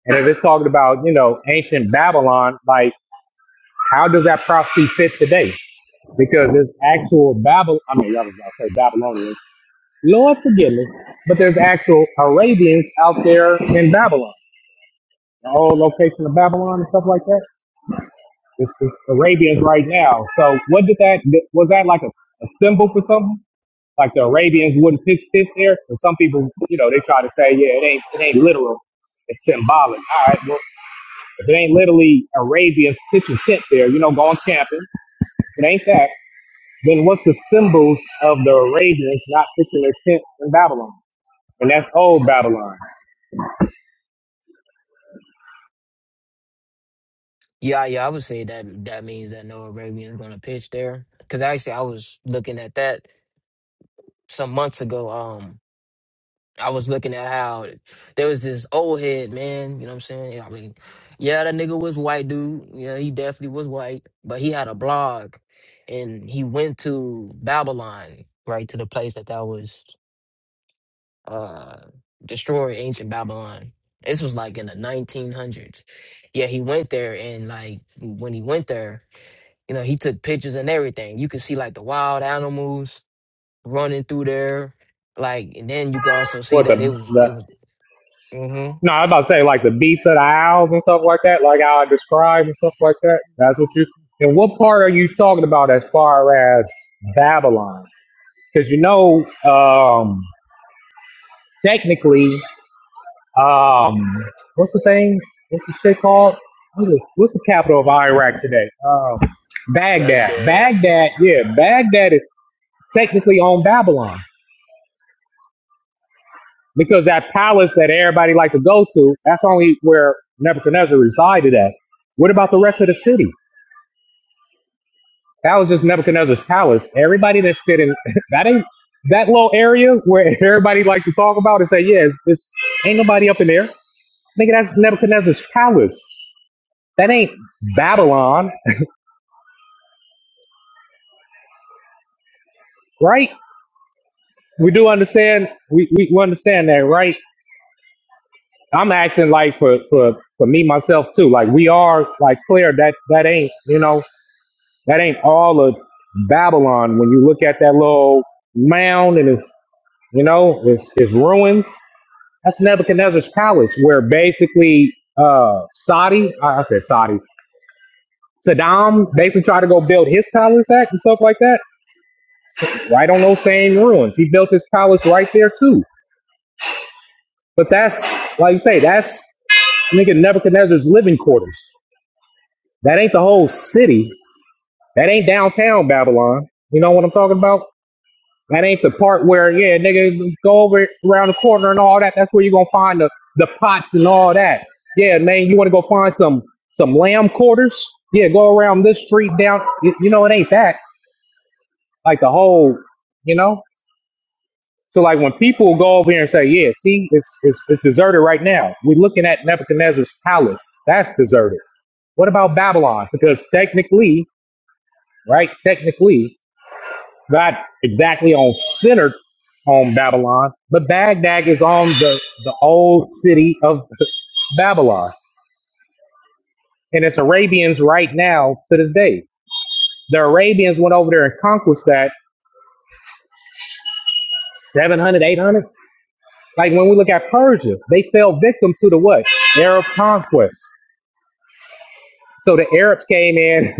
Speaker 10: and if it's talking about, you know, ancient Babylon, like how does that prophecy fit today? Because there's actual Babylon, I mean, I was about to say Babylonians. Lord forgive me, but there's actual Arabians out there in Babylon, the whole location of Babylon and stuff like that. It's, it's Arabians right now. So what did that was that like a, a symbol for something? Like the Arabians wouldn't pick fifth there, and some people, you know, they try to say, yeah, it ain't it ain't literal, it's symbolic. All right, well, if it ain't literally Arabians pitching tent there, you know, going camping, if it ain't that. Then what's the symbols of the Arabians not pitching their tent in Babylon? And that's old Babylon.
Speaker 5: Yeah, yeah, I would say that that means that Noah Arabian is going to pitch there cuz actually I was looking at that some months ago um I was looking at how there was this old head man, you know what I'm saying? Yeah, I mean, yeah, that nigga was white dude. Yeah, he definitely was white, but he had a blog and he went to Babylon, right to the place that that was uh destroyed ancient Babylon. This was like in the 1900s. Yeah, he went there and like when he went there, you know, he took pictures and everything. You could see like the wild animals running through there, like, and then you could also see
Speaker 10: What
Speaker 5: that it
Speaker 10: the
Speaker 5: was it
Speaker 10: the
Speaker 5: was. hmm
Speaker 10: no, I was about to say like the beasts of the owls and stuff like that, like how I described and stuff like that. That's what you. And what part are you talking about as far as Babylon? Because you know, um, technically, um, what's the thing? What's the shit called? What is- What's the capital of Iraq today? Um, Baghdad.
Speaker 1: Baghdad.
Speaker 10: Baghdad, yeah, Baghdad is technically on Babylon because that palace that everybody like to go to, that's only where Nebuchadnezzar resided at. What about the rest of the city? That was just Nebuchadnezzar's palace. Everybody that fit in [LAUGHS] that ain't that little area where [LAUGHS] everybody like to talk about and say, yeah, it's, it's, ain't nobody up in there. Nigga, that's Nebuchadnezzar's palace. That ain't Babylon, right? We do understand. We, we we understand that, right? I'm acting like for for for me myself too. Like we are like clear that that ain't you know that ain't all of Babylon. When you look at that little mound and it's you know it's it's ruins. That's Nebuchadnezzar's palace, where basically uh Saudi, I I said Saudi, Saddam basically tried to go build his palace at and stuff like that, right on those same ruins. He built his palace right there too But that's like you say, that's nigga Nebuchadnezzar's living quarters. That ain't the whole city. That ain't downtown Babylon. You know what I'm talking about? That ain't the part where, yeah, nigga, go over around the corner and all that. That's where you're gonna find the, the pots and all that. Yeah, man, you wanna go find some some lamb quarters? Yeah, go around this street down you, you know, it ain't that. Like the whole you know? So like when people go over here and say, Yeah, see, it's it's it's deserted right now. We're looking at Nebuchadnezzar's palace. That's deserted. What about Babylon? Because technically, right, technically, it's not exactly on centered on Babylon, but Baghdad is on the, the old city of [LAUGHS] Babylon. And it's Arabians right now to this day. The Arabians went over there and conquered that 700, 800. Like when we look at Persia, they fell victim to the what? Arab conquest. So the Arabs came in [LAUGHS]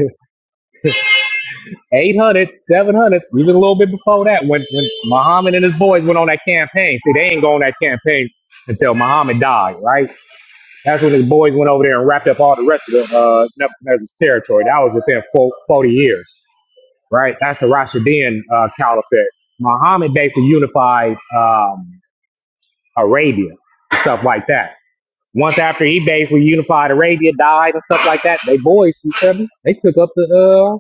Speaker 10: 800, 700, even a little bit before that, when, when Muhammad and his boys went on that campaign. See, they ain't go on that campaign until Muhammad died, right? That's when his boys went over there and wrapped up all the rest of the uh, Nebuchadnezzar's territory. That was within fo- 40 years, right? That's the Rashidun uh, Caliphate. Muhammad basically unified um, Arabia, stuff like that. Once after he basically unified Arabia, died and stuff like that, they boys, you feel me? They took up the uh.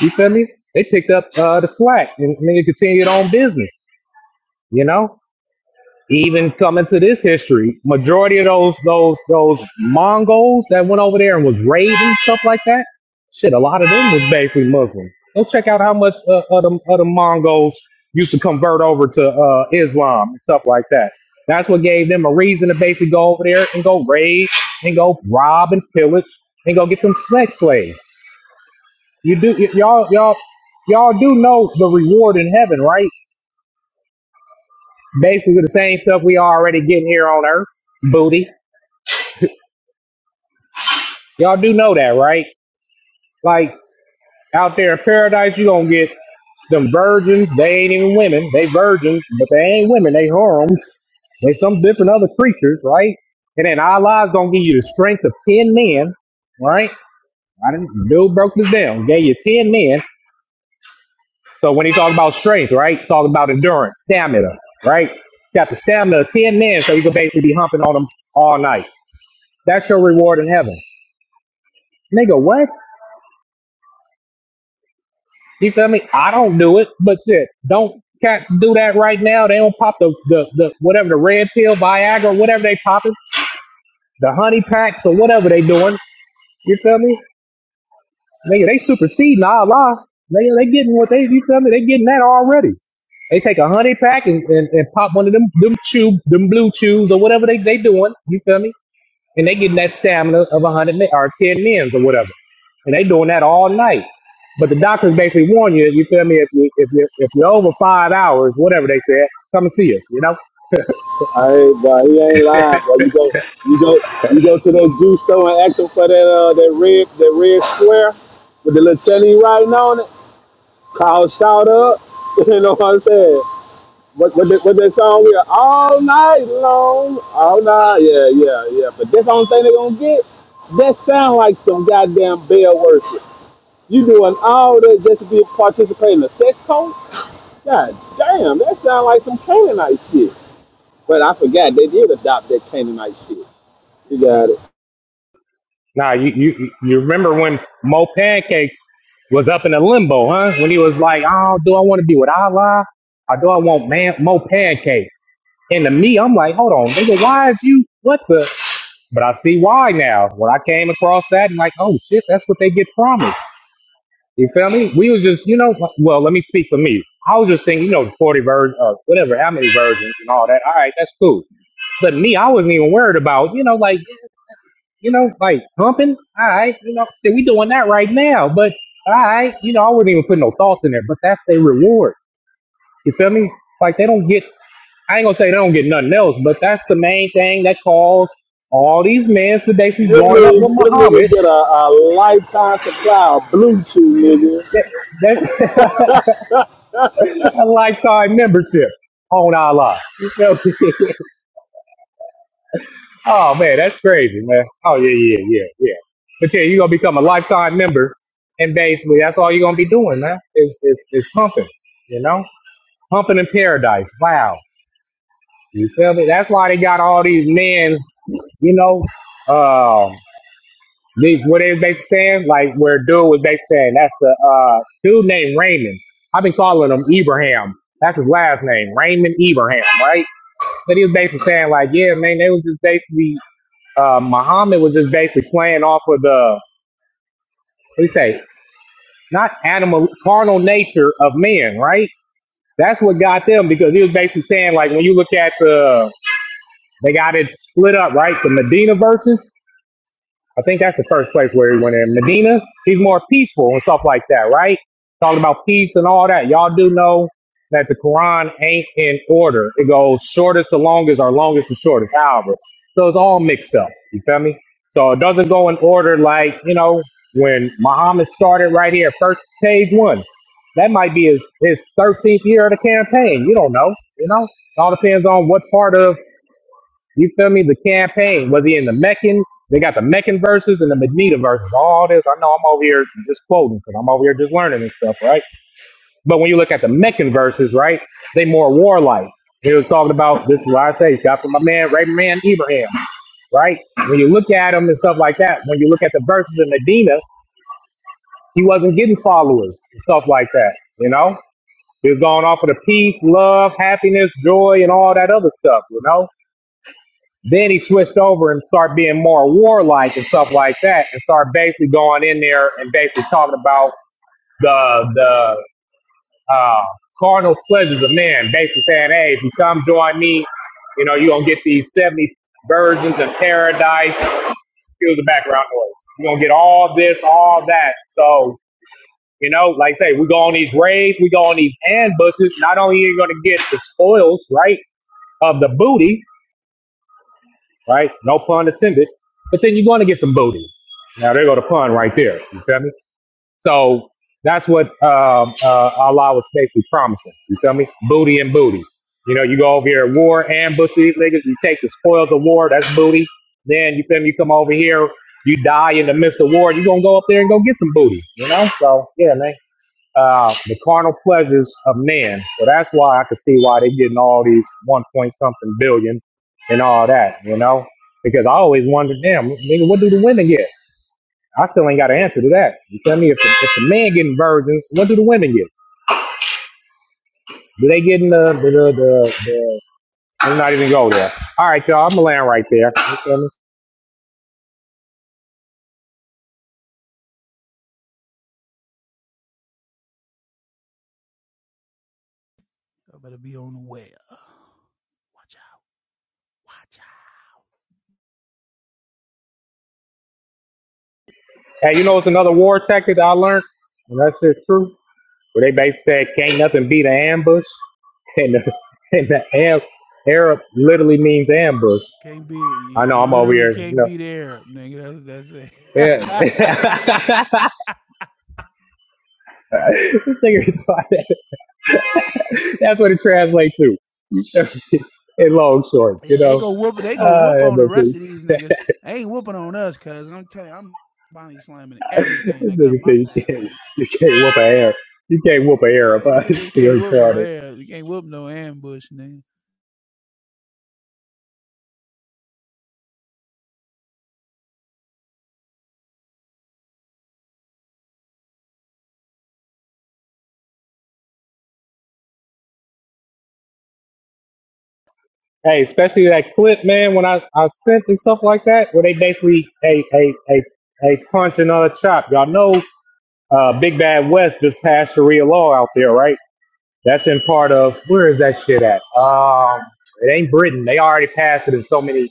Speaker 10: You feel me? They picked up uh, the slack and, and continued on business. You know, even coming to this history, majority of those those those Mongols that went over there and was raiding and stuff like that. Shit, a lot of them was basically Muslim. Go check out how much uh, of the other Mongols used to convert over to uh, Islam and stuff like that. That's what gave them a reason to basically go over there and go raid and go rob and pillage and go get them sex slaves. You do y- y'all y'all y'all do know the reward in heaven, right? Basically the same stuff we already getting here on earth, booty. Y'all do know that, right? Like out there in paradise, you gonna get them virgins. They ain't even women. They virgins, but they ain't women. They whorums. They some different other creatures, right? And then Allah's gonna give you the strength of ten men, right? I didn't. Bill broke this down. Gave you ten men So when he talk about strength, right? Talk about endurance, stamina, right? Got the stamina of 10 men, so you can basically be humping on them all night. That's your reward in heaven. Nigga, what? You feel me? I don't do it, but shit, don't cats do that right now? They don't pop the, the, the whatever, the red pill, Viagra, whatever they popping, the honey packs or whatever they doing. You feel me? Nigga, they superseding Allah. Nigga, they getting what they, you feel me? They getting that already. They take a honey pack and, and, and pop one of them them chew them blue chews or whatever they they doing. You feel me? And they getting that stamina of a hundred men or ten men's or whatever, and they doing that all night. But the doctors basically warn you, you feel me? If you if you if you're over five hours, whatever they said, come and see us. You know?
Speaker 6: Hey, bro, he ain't lying, bro. You go, you go, you go to that juice store and ask them for that uh, that red, that red square with the little Chelly writing on it. Call shout up. [LAUGHS] you know what I'm saying? What what that, what that song we are all night long, all night. Yeah, yeah, yeah. But that's the only thing they gonna get. That sound like some goddamn bell worship. You doing all that just to be participating in a sex cult? God damn, that sound like some Canaanite shit. But I forgot they did adopt that Canaanite shit. You got it.
Speaker 10: Now you you you remember when Mo Pancakes was up in a limbo, huh? When he was like, oh, do I want to be with Allah or do I want man Mo Pancakes? And to me, I'm like, hold on, nigga, why is you what the? But I see why now. When I came across that and like, oh shit, that's what they get promised. You feel me? We was just, you know, well, let me speak for me. I was just thinking, you know, 40 versions, uh, whatever, how many versions and all that. All right, that's cool. But me, I wasn't even worried about, you know, like, you know, like pumping. All right, you know, see, we doing that right now. But all right, you know, I wouldn't even put no thoughts in there. But that's their reward. You feel me? Like they don't get I ain't gonna say they don't get nothing else, but that's the main thing that caused all these men to basically
Speaker 6: Them
Speaker 10: join up with
Speaker 6: niggas, them
Speaker 10: Muhammad.
Speaker 6: niggas get a, a lifetime supply of Bluetooth,
Speaker 10: That, that's [LAUGHS]
Speaker 6: nigga. [LAUGHS]
Speaker 10: a lifetime membership on Allah. [LAUGHS] You feel me? [LAUGHS] oh man, that's crazy, man. Oh yeah, yeah, yeah, yeah. But yeah, you're gonna become a lifetime member, and basically that's all you're gonna be doing, man. Is is is humping, you know, humping in paradise. Wow, you feel me? That's why they got all these men, you know. um, They, what is they saying? Like where dude was they saying? That's the uh, dude named Raymond. I've been calling him Ibrahim. That's his last name, Raymond Ibrahim, right? But he was basically saying like, yeah, man, they was just basically uh, Muhammad was just basically playing off of the what do you say? Not animal, carnal nature of men, right? That's what got them because he was basically saying like when you look at the they got it split up, right? The Medina verses. I think that's the first place where he went in. Medina, he's more peaceful and stuff like that, right? Talking about peace and all that. Y'all do know that the Quran ain't in order. It goes shortest to longest or longest to shortest, however. So it's all mixed up. You feel me? So it doesn't go in order like, you know, when Muhammad started right here, first page one. That might be his, his 13th year of the campaign. You don't know, you know? It all depends on what part of you feel me? The campaign, whether he in the Meccan, they got the Meccan verses and the Medina verses, all this. I know I'm over here just quoting because I'm over here just learning and stuff, right? But when you look at the Meccan verses, right, they more warlike. He was talking about this is what I say, got from my man, right man Ibrahim, right? When you look at him and stuff like that, when you look at the verses in Medina, he wasn't getting followers and stuff like that, you know? He was going off of the peace, love, happiness, joy, and all that other stuff, you know? Then he switched over and started being more warlike and stuff like that, and started basically going in there and basically talking about the the uh, carnal pleasures of man. Basically saying, "Hey, if you come join me, you know you're gonna get these seventy virgins of paradise." Excuse the background noise. You're gonna get all this, all that. So you know, like I say, we go on these raids, we go on these ambushes. Not only are you gonna get the spoils, right, of the booty, right? No pun intended. But then you're going to get some booty. Now there go the pun right there. You feel me? So that's what um, uh, Allah was basically promising. You feel me? Booty and booty. You know, you go over here at war, ambush these niggas. You take the spoils of war. That's booty. Then you feel me? You come over here. You die in the midst of war. You're gonna go up there and go get some booty. You know? So yeah, man uh, the carnal pleasures of man. So that's why I could see why they're getting all these one point something billion and all that, you know? Because I always wondered, damn, nigga, what do the women get? I still ain't got an answer to that. You tell me if the, if the man getting virgins, what do the women get? Do they getting the the the, the, the I'm not even go there. All right, y'all, I'm gonna land right there. You feel me?
Speaker 7: I better be on the way. Watch out, watch out.
Speaker 10: Hey, you know it's another war tactic that I learned, and that's just true. where they basically said can't nothing beat an ambush, [LAUGHS] and the, and the am, Arab literally means ambush.
Speaker 7: Can't be you,
Speaker 10: I know I'm over
Speaker 7: literally
Speaker 10: here. You
Speaker 7: can't
Speaker 10: know,
Speaker 7: be there, nigga. That's that's it. [LAUGHS]
Speaker 10: yeah. [LAUGHS] This nigga retarded. [LAUGHS] That's what it translates to [LAUGHS] in long shorts.
Speaker 7: yeah,
Speaker 10: You
Speaker 7: they
Speaker 10: know,
Speaker 7: go whoop they go
Speaker 10: ah,
Speaker 7: whoop on the
Speaker 10: ambush.
Speaker 7: rest of these niggas. They ain't whooping on us, cuz I'm telling you, I'm body slamming
Speaker 10: [LAUGHS]
Speaker 7: everything
Speaker 10: this
Speaker 7: that come
Speaker 10: nigga
Speaker 7: my
Speaker 10: said you
Speaker 7: path,
Speaker 10: can't
Speaker 7: nigga.
Speaker 10: you can't whoop an Arab. You can't whoop an
Speaker 7: Uh,
Speaker 10: Arab.
Speaker 7: you
Speaker 10: [LAUGHS] This
Speaker 7: niggas can't
Speaker 10: nigga
Speaker 7: whoop no
Speaker 10: retarded.
Speaker 7: air. You can't whoop no ambush, nigga.
Speaker 10: Hey, especially that clip, man, when I, I sent and stuff like that, where they basically a a a a punch another chop. Y'all know uh Big Bad West just passed Sharia law out there, right? That's in part of where is that shit at? Um it ain't Britain. They already passed it in so many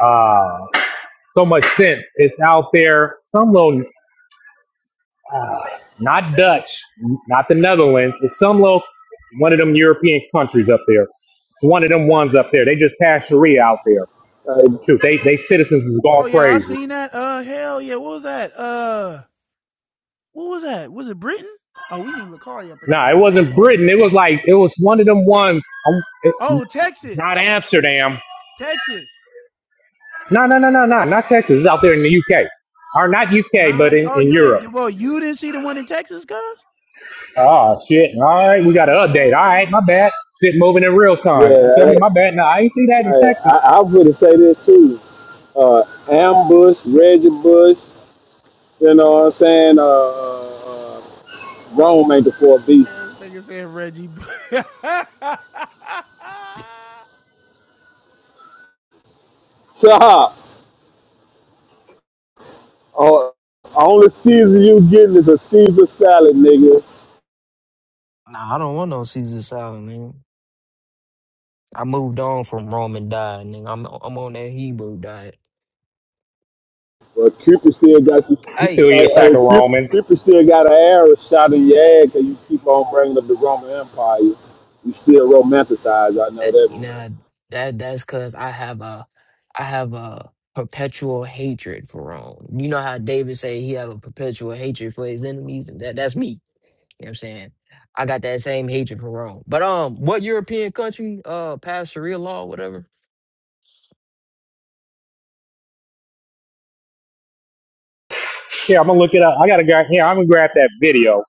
Speaker 10: uh so much sense. It's out there, some little uh, not Dutch, not the Netherlands, it's some little one of them European countries up there. It's one of them ones up there. They just passed Sharia out there
Speaker 6: Like,
Speaker 10: Shoot, they they citizens was
Speaker 7: Oh
Speaker 10: going
Speaker 7: yeah, I
Speaker 10: crazy.
Speaker 7: seen that. Uh, hell yeah, what was that? Uh, what was that? Was it Britain? Oh, we need Lacari up in this
Speaker 10: Nah, it
Speaker 7: mud. Where
Speaker 10: wasn't
Speaker 7: Lacari
Speaker 10: Britain.
Speaker 7: at,
Speaker 10: It was
Speaker 7: man?
Speaker 10: like it was one of them ones. um, it-
Speaker 7: Oh,
Speaker 10: It's
Speaker 7: Texas,
Speaker 10: not Amsterdam.
Speaker 7: Texas.
Speaker 10: No, no, no, no, no, not Texas. It's out there in the UK, or not UK, but
Speaker 7: Nah.
Speaker 10: in,
Speaker 7: Oh,
Speaker 10: in
Speaker 7: you
Speaker 10: Europe.
Speaker 7: didn't. Well, you didn't see the one in Texas, cuz.
Speaker 10: Oh shit! All right, we got
Speaker 7: Uh,
Speaker 10: an
Speaker 7: hold
Speaker 10: update.
Speaker 7: on,
Speaker 10: All
Speaker 7: hold
Speaker 10: right,
Speaker 7: on.
Speaker 10: my bad. Shit, moving in real time.
Speaker 6: yeah,
Speaker 10: You feel me?
Speaker 6: I,
Speaker 10: My bad. Nah, I ain't see that
Speaker 6: I,
Speaker 10: in
Speaker 6: I
Speaker 10: Texas.
Speaker 6: I would say this too. Uh, Ambush, Reggie Bush, you know what I'm saying? Uh, uh, Rome ain't the fourth beast.
Speaker 7: This nigga said Reggie. [LAUGHS] Bush.
Speaker 6: Stop. Uh, only Caesar you getting is a Caesar salad, nigga.
Speaker 5: Nah, I don't want no Caesar salad, man. I moved on from Rome and died, nigga. I'm I'm on that Hebrew diet.
Speaker 6: But Cupid still got you.
Speaker 10: You
Speaker 5: Hey,
Speaker 10: still eat a
Speaker 6: Hey,
Speaker 5: so
Speaker 10: pack
Speaker 6: hey
Speaker 10: of
Speaker 6: Cupid,
Speaker 10: Roman.
Speaker 6: Cupid still got an arrow shot in your head 'cause you keep on bringing up the Roman Empire. You still romanticize. I know
Speaker 5: that
Speaker 6: that
Speaker 5: you
Speaker 6: much.
Speaker 5: know that that's because I have a I have a perpetual hatred for Rome. You know how David say he have a perpetual hatred for his enemies, and that that's me. You know what I'm saying? I got that same hatred for Rome. But um, what European country uh passed Sharia law, whatever?
Speaker 10: Yeah, I'm gonna look it up. I gotta grab. Yeah, I'm gonna grab that video.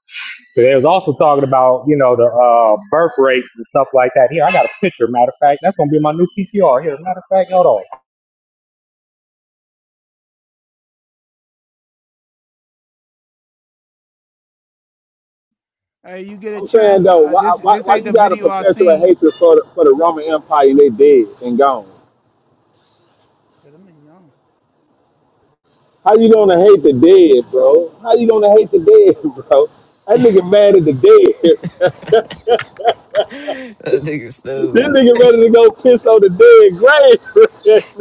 Speaker 10: They was also talking about you know the uh, birth rates and stuff like that. Here, I got a picture. Matter of fact, that's gonna be my new PTR. Here, matter of fact, hold on.
Speaker 7: Hey, you get a
Speaker 6: I'm saying
Speaker 7: chance. Uh,
Speaker 6: though,
Speaker 7: uh,
Speaker 6: why,
Speaker 7: this
Speaker 6: why,
Speaker 7: this
Speaker 6: why
Speaker 7: ain't
Speaker 6: you
Speaker 7: the
Speaker 6: got a
Speaker 7: video I
Speaker 6: perpetual
Speaker 7: seen.
Speaker 6: hatred for the, for the Roman Empire and they dead and gone?
Speaker 7: Yeah, them niggas gone.
Speaker 6: How you gonna hate the dead, bro?
Speaker 5: [LAUGHS]
Speaker 6: How you gonna hate the dead, [LAUGHS] bro? That nigga mad at the dead. [LAUGHS]
Speaker 5: that nigga
Speaker 6: this
Speaker 5: stupid.
Speaker 6: nigga ready to go piss on the dead grave. [LAUGHS]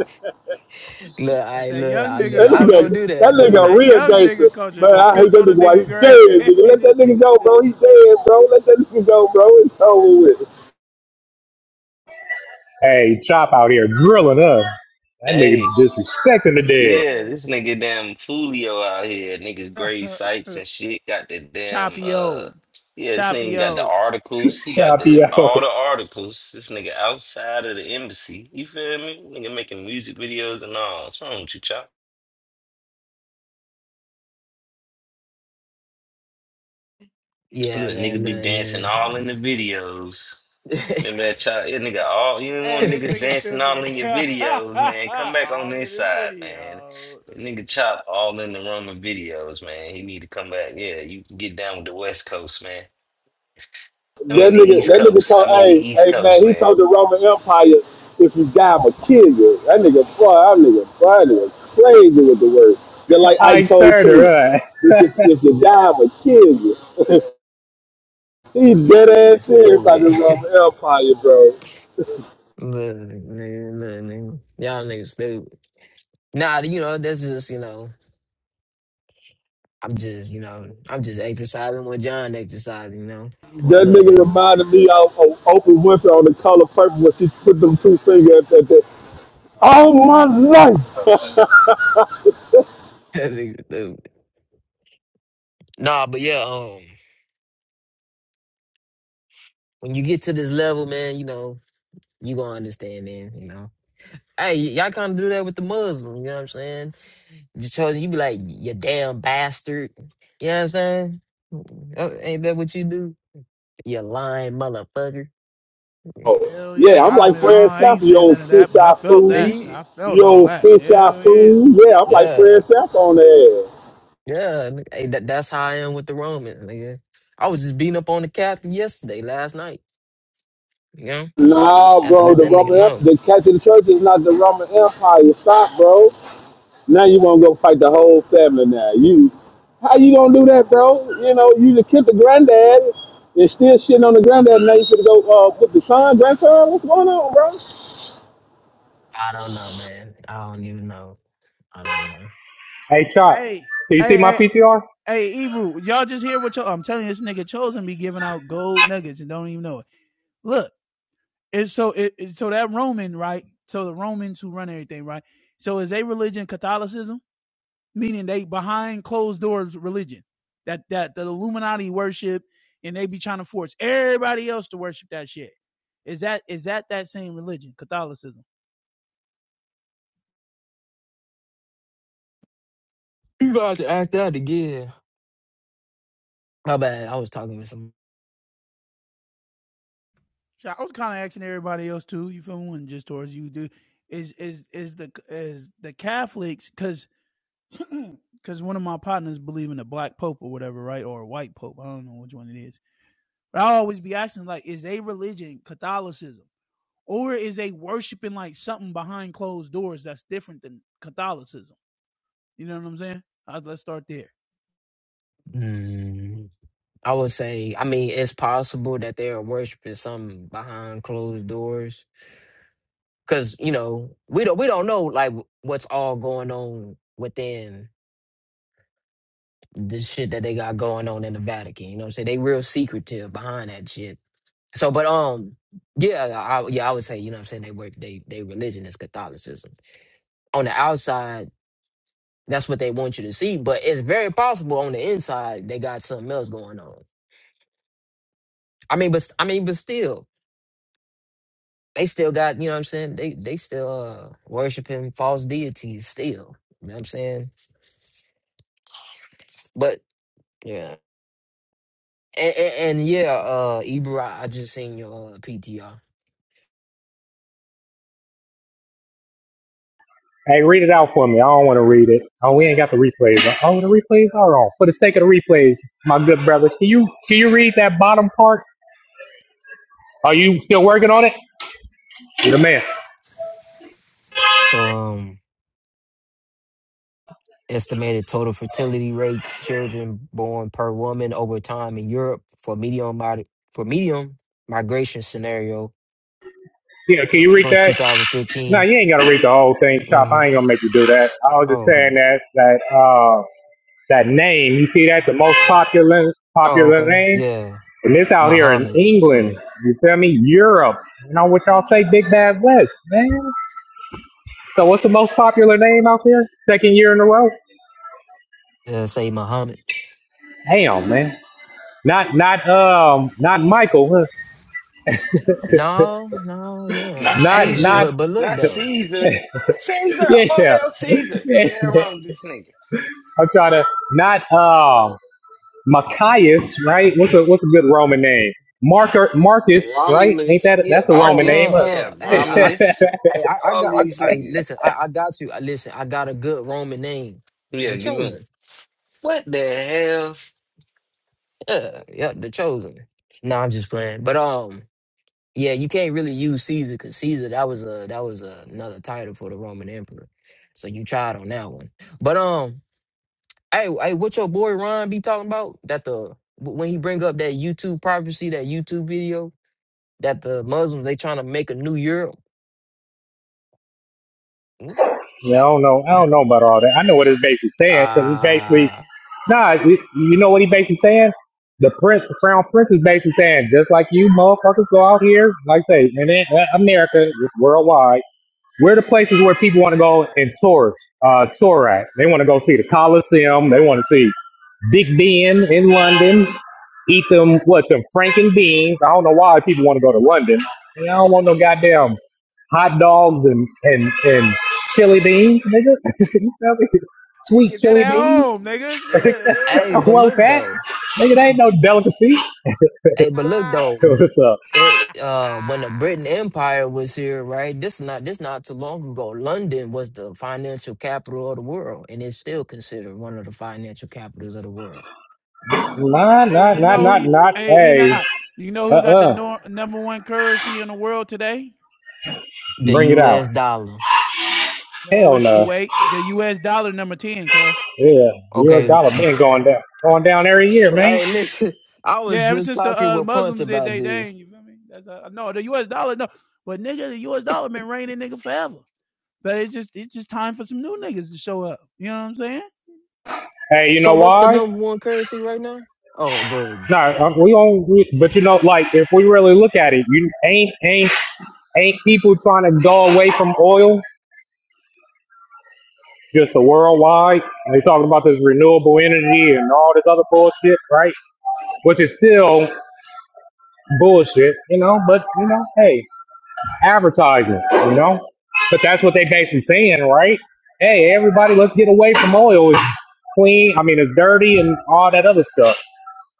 Speaker 5: Look,
Speaker 7: That's
Speaker 5: I
Speaker 7: that
Speaker 5: look,
Speaker 7: young
Speaker 5: I
Speaker 7: nigga
Speaker 6: That
Speaker 5: nigga, I go
Speaker 6: nigga,
Speaker 7: culture.
Speaker 5: do
Speaker 6: that
Speaker 5: that,
Speaker 7: That's
Speaker 6: nigga a
Speaker 5: dude.
Speaker 7: that
Speaker 6: real
Speaker 7: young
Speaker 6: gangster.
Speaker 7: nigga culture.
Speaker 6: Man,
Speaker 7: Go
Speaker 6: I hate
Speaker 7: piss
Speaker 6: that
Speaker 7: on a
Speaker 6: nigga while he
Speaker 7: nigga grave. [LAUGHS]
Speaker 6: dead, nigga.
Speaker 7: hey,
Speaker 6: Let that
Speaker 7: this
Speaker 6: nigga
Speaker 7: nigga
Speaker 6: go, bro. He
Speaker 7: stupid.
Speaker 6: dead, bro. Let that nigga go, bro. It's over with.
Speaker 10: Hey, Chop out here drilling us. That nigga
Speaker 2: Hey.
Speaker 10: disrespecting the dead.
Speaker 2: Yeah, this
Speaker 7: [LAUGHS]
Speaker 2: nigga damn Fulio out here. Niggas grade
Speaker 7: Yeah.
Speaker 2: sites and shit. Got the damn
Speaker 7: Choppy
Speaker 2: uh
Speaker 7: O.
Speaker 2: yeah, this
Speaker 7: Choppy
Speaker 2: nigga got
Speaker 7: O.
Speaker 2: the articles. He got
Speaker 10: Chop
Speaker 2: the
Speaker 10: yo,
Speaker 2: all the articles. This nigga outside of the embassy. You feel me? Nigga making music videos and all. What's wrong with you, Chop?
Speaker 5: Yeah,
Speaker 2: Look,
Speaker 5: man,
Speaker 2: nigga be
Speaker 5: look, man,
Speaker 2: dancing all in
Speaker 5: listen.
Speaker 2: the videos.
Speaker 5: [LAUGHS]
Speaker 2: Remember that child, yeah, nigga, all you didn't
Speaker 7: Hey,
Speaker 2: want
Speaker 7: this
Speaker 2: niggas
Speaker 7: nigga
Speaker 2: dancing
Speaker 7: stupid.
Speaker 2: all in your videos,
Speaker 7: [LAUGHS]
Speaker 2: man. Come back on
Speaker 7: All in
Speaker 2: this
Speaker 7: the
Speaker 2: side, man.
Speaker 7: videos.
Speaker 2: The nigga chop all in the Roman videos, man. He need to come back. Yeah, you can get down with the West Coast, man. I mean
Speaker 6: That
Speaker 2: the
Speaker 6: nigga,
Speaker 2: East
Speaker 6: that nigga
Speaker 2: Coast. I
Speaker 6: told,
Speaker 2: mean the
Speaker 6: hey,
Speaker 2: East
Speaker 6: hey,
Speaker 2: Coast,
Speaker 6: man, he
Speaker 2: man.
Speaker 6: told the Roman Empire, if you die, I'ma kill you. That nigga, boy, that nigga, boy, that nigga crazy with the word. They're
Speaker 10: [LAUGHS]
Speaker 6: like
Speaker 10: I
Speaker 6: Ike told
Speaker 10: turned
Speaker 6: Tina,
Speaker 10: her up.
Speaker 6: if you, if you die, I'ma kill you. He
Speaker 5: Y'all
Speaker 6: dead ass
Speaker 5: niggas
Speaker 6: serious about the
Speaker 5: stupid. [LAUGHS]
Speaker 6: Roman Empire, bro.
Speaker 5: Look, nigga, look, nigga. Y'all niggas stupid. Nah, you know, that's just, you know, I'm just, you know, I'm just exercising what John exercising, you know. Well,
Speaker 6: That
Speaker 5: look,
Speaker 6: nigga
Speaker 5: nigga. [LAUGHS]
Speaker 6: reminded me of, of Oprah Winfrey on the color purple when she put them two fingers at, at, all my life. [LAUGHS]
Speaker 5: That nigga stupid. Nah, but yeah, um, when you get to this level, man, you know, you gonna understand then, you know. Hey, y- y'all kind of do that with the Muslim, you know what I'm saying? You chose, you be like, you damn bastard. You know what I'm saying? Uh, Ain't that what you do? You lying motherfucker.
Speaker 7: Hell
Speaker 6: yeah,
Speaker 7: yeah.
Speaker 6: I'm
Speaker 7: I
Speaker 6: like
Speaker 7: mean,
Speaker 6: Fred
Speaker 7: I ain't
Speaker 6: Sass, you
Speaker 7: saying
Speaker 6: old
Speaker 7: none of that,
Speaker 6: fish
Speaker 7: but I
Speaker 6: eye
Speaker 7: felt that.
Speaker 6: fools.
Speaker 5: See?
Speaker 7: I felt
Speaker 6: You
Speaker 7: all
Speaker 6: old
Speaker 7: that.
Speaker 6: fish eye
Speaker 7: Hell yeah.
Speaker 6: fool. Yeah, I'm like
Speaker 5: Yeah.
Speaker 6: Fred Sass on there.
Speaker 5: Yeah, n- hey, that, that's how I am with the Romans, nigga. I was just beating up on the captain yesterday, last night. You know,
Speaker 6: Nah,
Speaker 5: have to
Speaker 6: bro,
Speaker 5: let
Speaker 6: the
Speaker 5: that nigga
Speaker 6: Roman Empire,
Speaker 5: know.
Speaker 6: the Catholic Church is not the Roman Empire. Stop, bro. Now you want to go fight the whole family now. You, how you gonna do that, bro? You know, you just killed the granddad and still shitting on the granddad. Now you should go uh, with the son, grandson. What's going on, bro?
Speaker 5: I don't know, man. I don't even know. I don't know.
Speaker 10: [LAUGHS] hey, Chop,
Speaker 7: Hey,
Speaker 10: do you
Speaker 7: hey,
Speaker 10: see my
Speaker 7: hey,
Speaker 10: PTR?
Speaker 7: hey, Ebru, y'all just hear what y'all, I'm telling you, this nigga Chosen be giving out gold nuggets and don't even know it. Look, it's so, it, it's so that Roman, right? So the Romans who run everything, right? So is their religion Catholicism? meaning they behind closed doors religion that that the Illuminati worship, and they be trying to force everybody else to worship that shit. Is that is that that same religion, Catholicism?
Speaker 5: You got to ask that again. My bad. I was talking with some.
Speaker 7: So I was kind of asking everybody else too. You feel me? just towards you, dude. Is is is the is the Catholics because because [CLEARS THROAT] one of my partners believe in a black pope or whatever, right? Or a white pope. I don't know which one it is. But I always be asking like, is they religion Catholicism? Or is they worshiping like something behind closed doors that's different than Catholicism? You know what I'm saying? Uh, let's start there.
Speaker 5: Mm, I would say. I mean, it's possible that they are worshiping something behind closed doors, because you know we don't we don't know like what's all going on within the shit that they got going on in the Vatican. You know what I'm saying? They real secretive behind that shit. So, but um, yeah, I, yeah, I would say you know what I'm saying they work they they religion is Catholicism. On the outside, that's what they want you to see, but it's very possible on the inside they got something else going on. I mean, but I mean, but still, they still got you know what I'm saying. They they still uh, worshiping false deities still. You know what I'm saying? But yeah, and and, and yeah, uh, Ibra, I just seen your uh, PTR.
Speaker 10: Hey, read it out for me. I don't want to read it. Oh, we ain't got the replays. Oh, the replays are on. For the sake of the replays, my good brother, can you can you read that bottom part? Are you still working on it? You're the man.
Speaker 5: So um. Estimated total fertility rates children born per woman over time in Europe for medium mod- for medium migration scenario
Speaker 10: Yeah, can you read
Speaker 5: tw- 20,
Speaker 10: that? No,
Speaker 5: 2015.
Speaker 10: you ain't gotta read the whole thing, Chop. I
Speaker 5: Mhm.
Speaker 10: ain't gonna make you do that. I was
Speaker 5: Oh,
Speaker 10: just saying
Speaker 5: okay.
Speaker 10: that that uh that name. You see that the most popular
Speaker 5: Oh,
Speaker 10: popular
Speaker 5: okay.
Speaker 10: name,
Speaker 5: Yeah.
Speaker 10: and this out here in
Speaker 5: Muhammad.
Speaker 10: England. You feel me? Europe. You know what y'all say? Big Bad West, man. So what's the most popular name out there? Second year in a row.
Speaker 5: Uh, say Muhammad.
Speaker 10: Damn, man. Not, not, um, not Michael. huh?
Speaker 5: No, no, yeah.
Speaker 2: Not
Speaker 5: Hey,
Speaker 10: Not,
Speaker 2: Caesar.
Speaker 5: but
Speaker 10: not,
Speaker 5: but look
Speaker 2: Not
Speaker 5: though.
Speaker 2: Caesar. Caesar.
Speaker 10: [LAUGHS] yeah.
Speaker 2: All hell Caesar.
Speaker 10: yeah.
Speaker 2: They're wrong with this nigga.
Speaker 10: I'm trying to, not, um, Machias, right? What's a, what's a good Roman name? Marker, Marcus, right? Ain't
Speaker 2: Romulus.
Speaker 10: that,
Speaker 2: Yeah,
Speaker 10: that's a
Speaker 5: Oh,
Speaker 10: Roman
Speaker 5: uh,
Speaker 10: name.
Speaker 2: Marcus.
Speaker 10: huh?
Speaker 2: Yeah,
Speaker 5: uh,
Speaker 10: [LAUGHS]
Speaker 5: hey, I,
Speaker 10: yeah,
Speaker 5: I,
Speaker 2: Romulus.
Speaker 5: hey, I, I
Speaker 2: All
Speaker 5: got, I,
Speaker 2: these
Speaker 5: I
Speaker 2: niggas.
Speaker 5: listen, I, I got you. I listen, I got a good Roman name,
Speaker 2: Yeah,
Speaker 5: the
Speaker 2: give me one.
Speaker 5: Chosen.
Speaker 2: What the hell?
Speaker 5: Yeah, yeah, the Chosen. No, I'm just playing. But um, Yeah, you can't really use Caesar because Caesar that was a that was a, another title for the Roman emperor. So you tried on that one. But um, hey, hey, what your boy Ron be talking about? That the when he bring up that YouTube prophecy, that YouTube video, that the Muslims they trying to make a new Europe. Mm.
Speaker 10: I don't know. I don't know about all that. I know what it's basically saying because it's basically,
Speaker 5: Uh
Speaker 10: nah, it, you know what he basically saying? The prince, the crown prince is basically saying, just like you motherfuckers go out here, like I say, and then uh, America, worldwide. Where are the places where people want to go and tourist, uh, tour at? They want to go see the Coliseum. They want to see Big Ben in London. Eat them, what, them Franken beans. I don't know why people want to go to London. And I don't want no goddamn hot dogs and, and, and chili beans, nigga. [LAUGHS] You feel me?
Speaker 7: You
Speaker 10: Sweet
Speaker 7: get that
Speaker 10: chili
Speaker 7: at
Speaker 10: beans.
Speaker 7: home, nigga.
Speaker 10: [LAUGHS]
Speaker 7: Shit. You know what I
Speaker 5: hey,
Speaker 10: I
Speaker 7: mean?
Speaker 5: but
Speaker 7: [LAUGHS]
Speaker 10: want
Speaker 5: look
Speaker 10: that.
Speaker 5: though,
Speaker 10: Nigga, that ain't no delicacy.
Speaker 5: hey, but look
Speaker 7: Ah,
Speaker 10: [LAUGHS]
Speaker 5: though.
Speaker 10: What's up?
Speaker 5: it uh when the Britain
Speaker 7: ah.
Speaker 5: Empire was here, right? This not this not too long ago. London was the financial capital of the world, and it's still considered one of the financial capitals of the world. Mm,
Speaker 10: Nah,
Speaker 7: Hey,
Speaker 10: nah,
Speaker 7: you
Speaker 10: nah,
Speaker 7: know who?
Speaker 10: nah, not.
Speaker 5: mm.
Speaker 7: hey,
Speaker 10: Hey,
Speaker 7: Enoch. You know who got the
Speaker 10: uh-uh.
Speaker 7: nor- number one currency in the world today?
Speaker 5: The
Speaker 10: Bring it out.
Speaker 5: U.S. dollar.
Speaker 7: No,
Speaker 10: Hell
Speaker 7: it's
Speaker 10: no.
Speaker 7: Kuwait. The U.S. dollar number ten, cuz.
Speaker 10: Yeah, U.S.
Speaker 5: Okay.
Speaker 10: dollar been going down, going down every year, man.
Speaker 5: Hey, listen. [LAUGHS] I
Speaker 7: Yeah,
Speaker 5: was
Speaker 7: ever
Speaker 5: just
Speaker 7: since the
Speaker 5: talking
Speaker 7: uh,
Speaker 5: with Punch
Speaker 7: Muslims did
Speaker 5: about
Speaker 7: they thing,
Speaker 5: this.
Speaker 7: you feel me? That's a no, the U.S. dollar no, but nigga, the U.S. dollar been reigning nigga forever. But it's just it's just time for some new niggas to show up. You know what I'm saying?
Speaker 10: Hey, you
Speaker 5: So,
Speaker 10: know
Speaker 5: what's the
Speaker 10: why?
Speaker 5: number one currency right now? Oh, good.
Speaker 10: No, uh, we don't. We, but you know, like if we really look at it, you ain't ain't ain't people trying to go away from oil. Just the worldwide, they talking about this renewable energy and all this other bullshit, right? Which is still bullshit, you know. But you know, hey, advertisement, you know? But that's what they basically saying, right? Hey, everybody, let's get away from oil. It's clean, I mean, it's dirty and all that other stuff.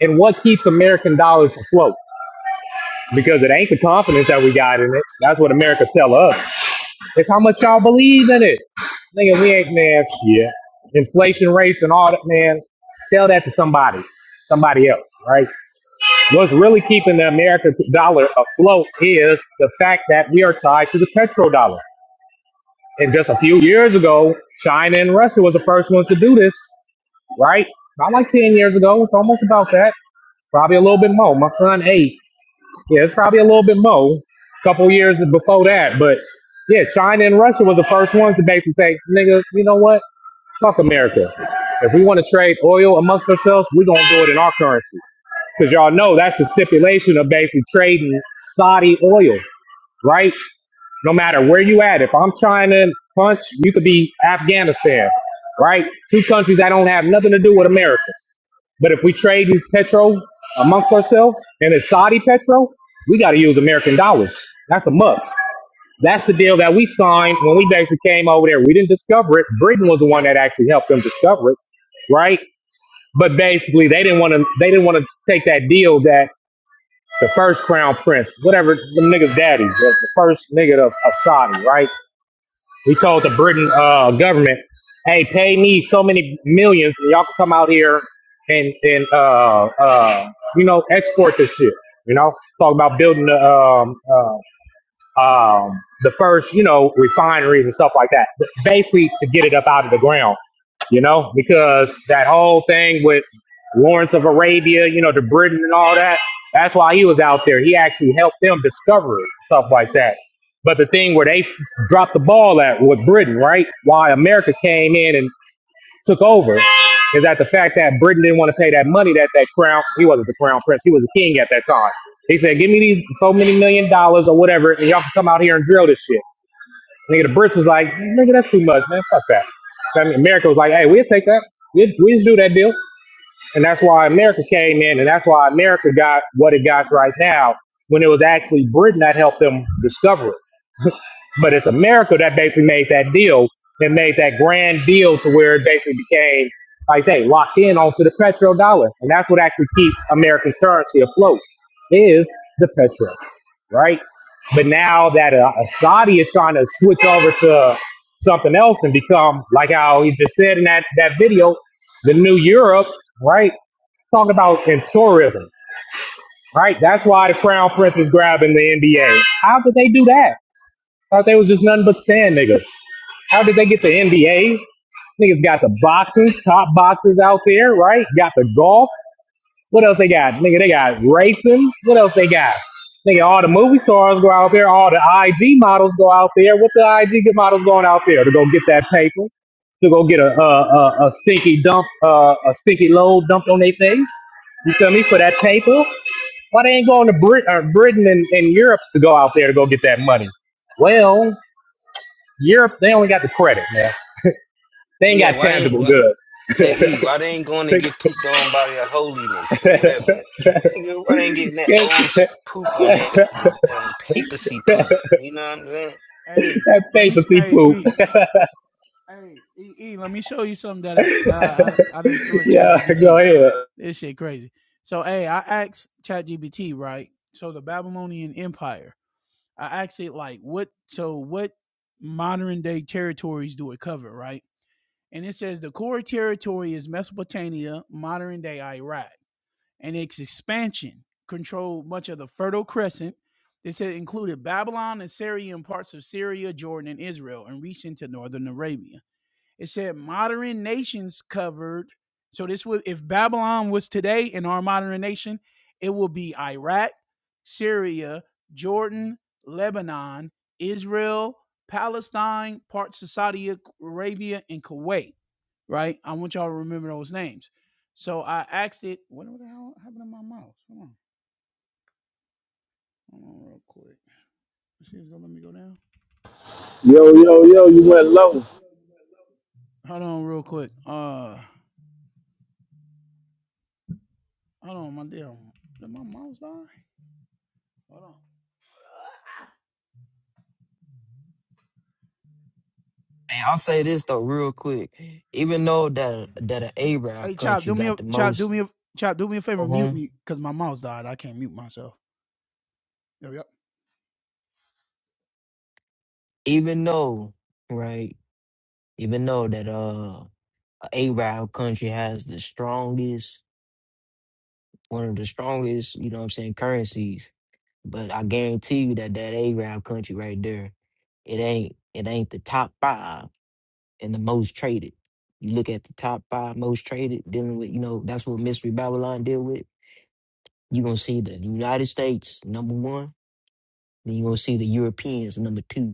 Speaker 10: And what keeps American dollars afloat? Because it ain't the confidence that we got in it. That's what America tell us. It's how much y'all believe in it. Nigga, we ain't, man, yeah. Inflation rates and all that, man. Tell that to somebody, somebody else, right? What's really keeping the American dollar afloat is the fact that we are tied to the petrodollar. And just a few years ago, China and Russia was the first ones to do this, right? Not like 10 years ago. It's almost about that. Probably a little bit more. My son, eight. Yeah, it's probably a little bit more. A couple years before that. But yeah, China and Russia was the first ones to basically say, nigga, you know what? Fuck America. If we want to trade oil amongst ourselves, we're going to do it in our currency. Because y'all know that's the stipulation of basically trading Saudi oil right? No matter where you at, if I'm trying to punch, you could be Afghanistan, right? Two countries that don't have nothing to do with America. But if we trade petrol amongst ourselves and it's Saudi petrol, we got to use American dollars. That's a must. That's the deal that we signed when we basically came over there. We didn't discover it. Britain was the one that actually helped them discover it, right? But basically, they didn't want to. They didn't want to take that deal. that the first crown prince, whatever the nigga's daddy, the, the first nigga of, of Saudi, right? He told the Britain uh, government, "Hey, pay me so many millions, and y'all can come out here and and uh, uh, you know export this shit." You know, talk about building the um, uh, um, the first, you know, refineries and stuff like that, basically to get it up out of the ground, you know, because that whole thing with Lawrence of Arabia, you know, to Britain and all that, that's why he was out there. He actually helped them discover it, stuff like that. But the thing where they dropped the ball at with Britain, right? Why America came in and took over is that the fact that Britain didn't want to pay that money that that crown, he wasn't the crown prince, he was a king at that time. He said, give me these so many million dollars or whatever, and y'all can come out here and drill this shit. Nigga, the Brits was like, nigga, that's too much, man, fuck that. I mean, America was like, hey, we'll take that. We'll, we'll do that deal. And that's why America came in, and that's why America got what it got right now when it was actually Britain that helped them discover it. But it's America that basically made that deal and made that grand deal to where it basically became, like I say, locked in onto the petrodollar. And that's what actually keeps American currency afloat is the petro, right? But now that uh, Saudi is trying to switch over to something else and become, like how he just said in that, that video, the new Europe, right? Talk about in tourism, right? That's why the Crown Prince is grabbing the NBA. How did they do that? Thought they was just nothing but sand niggas. How did they get the NBA? Niggas got the boxes, top boxes out there, right? Got the golf. What else they got? Nigga, they got racing. What else they got? Nigga, all the movie stars go out there. All the IG models go out there. What the IG models going out there to go get that paper? To go get a a, a, a stinky dump, uh, a stinky load dumped on their face? You feel me? For that paper? Why they ain't going to Brit- uh, Britain and, and Europe to go out there to go get that money? Well, Europe, they only got the credit, man. They ain't
Speaker 2: Yeah,
Speaker 10: got
Speaker 2: why ain't?
Speaker 10: tangible goods. [LAUGHS]
Speaker 2: Hey, E,
Speaker 10: that
Speaker 2: why they ain't going to get pooped on by their holiness or whatever? Nigga, Why they ain't getting that old sh- poop on that the damn papacy poop? You know what I'm saying?
Speaker 7: Hey, let me.
Speaker 10: papacy
Speaker 7: Hey,
Speaker 10: poop.
Speaker 7: E. Hey, E. E. Let me show you something that I that I I, I didn't do Chat
Speaker 10: Yeah, go
Speaker 7: GPT.
Speaker 10: ahead.
Speaker 7: This shit crazy. So hey, I asked Chat GPT, right. So the Babylonian Empire. I asked it like what. So what modern day territories do it cover? Right. And it says the core territory is Mesopotamia, modern day Iraq. and its expansion controlled much of the Fertile Crescent. This had included Babylon, Assyria, and parts of Syria, Jordan, and Israel, and reached into northern Arabia. It said modern nations covered. So this would, if Babylon was today in our modern nation, it will be Iraq, Syria, Jordan, Lebanon, Israel, Palestine, parts of Saudi Arabia, and Kuwait right? I want y'all to remember those names. So I asked it, what the hell happened to my mouse? Hold on. Hold on real quick. She's gonna let me go down.
Speaker 6: Yo, yo, yo, you went low.
Speaker 7: Hold on real quick. Uh hold on, my dear. Did my mouse die? Hold on.
Speaker 5: And I'll say this though, real quick. Even though that that an
Speaker 7: Hey
Speaker 5: Arab
Speaker 7: Chop,
Speaker 5: country
Speaker 7: do me a
Speaker 5: got the
Speaker 7: chop, do
Speaker 5: most,
Speaker 7: me a chop, do me a favor, mute
Speaker 5: uh-huh,
Speaker 7: me, because my mouse died. I can't mute myself. Yep, yep.
Speaker 5: even though, right? even though that uh Arab country has the strongest one of the strongest, you know what I'm saying, currencies. But I guarantee you that that Arab country right there, it ain't it ain't the top five and the most traded. You look at the top five most traded, dealing with you know that's what Mystery Babylon deal with. You gonna see the United States number one, then you gonna see the Europeans number two.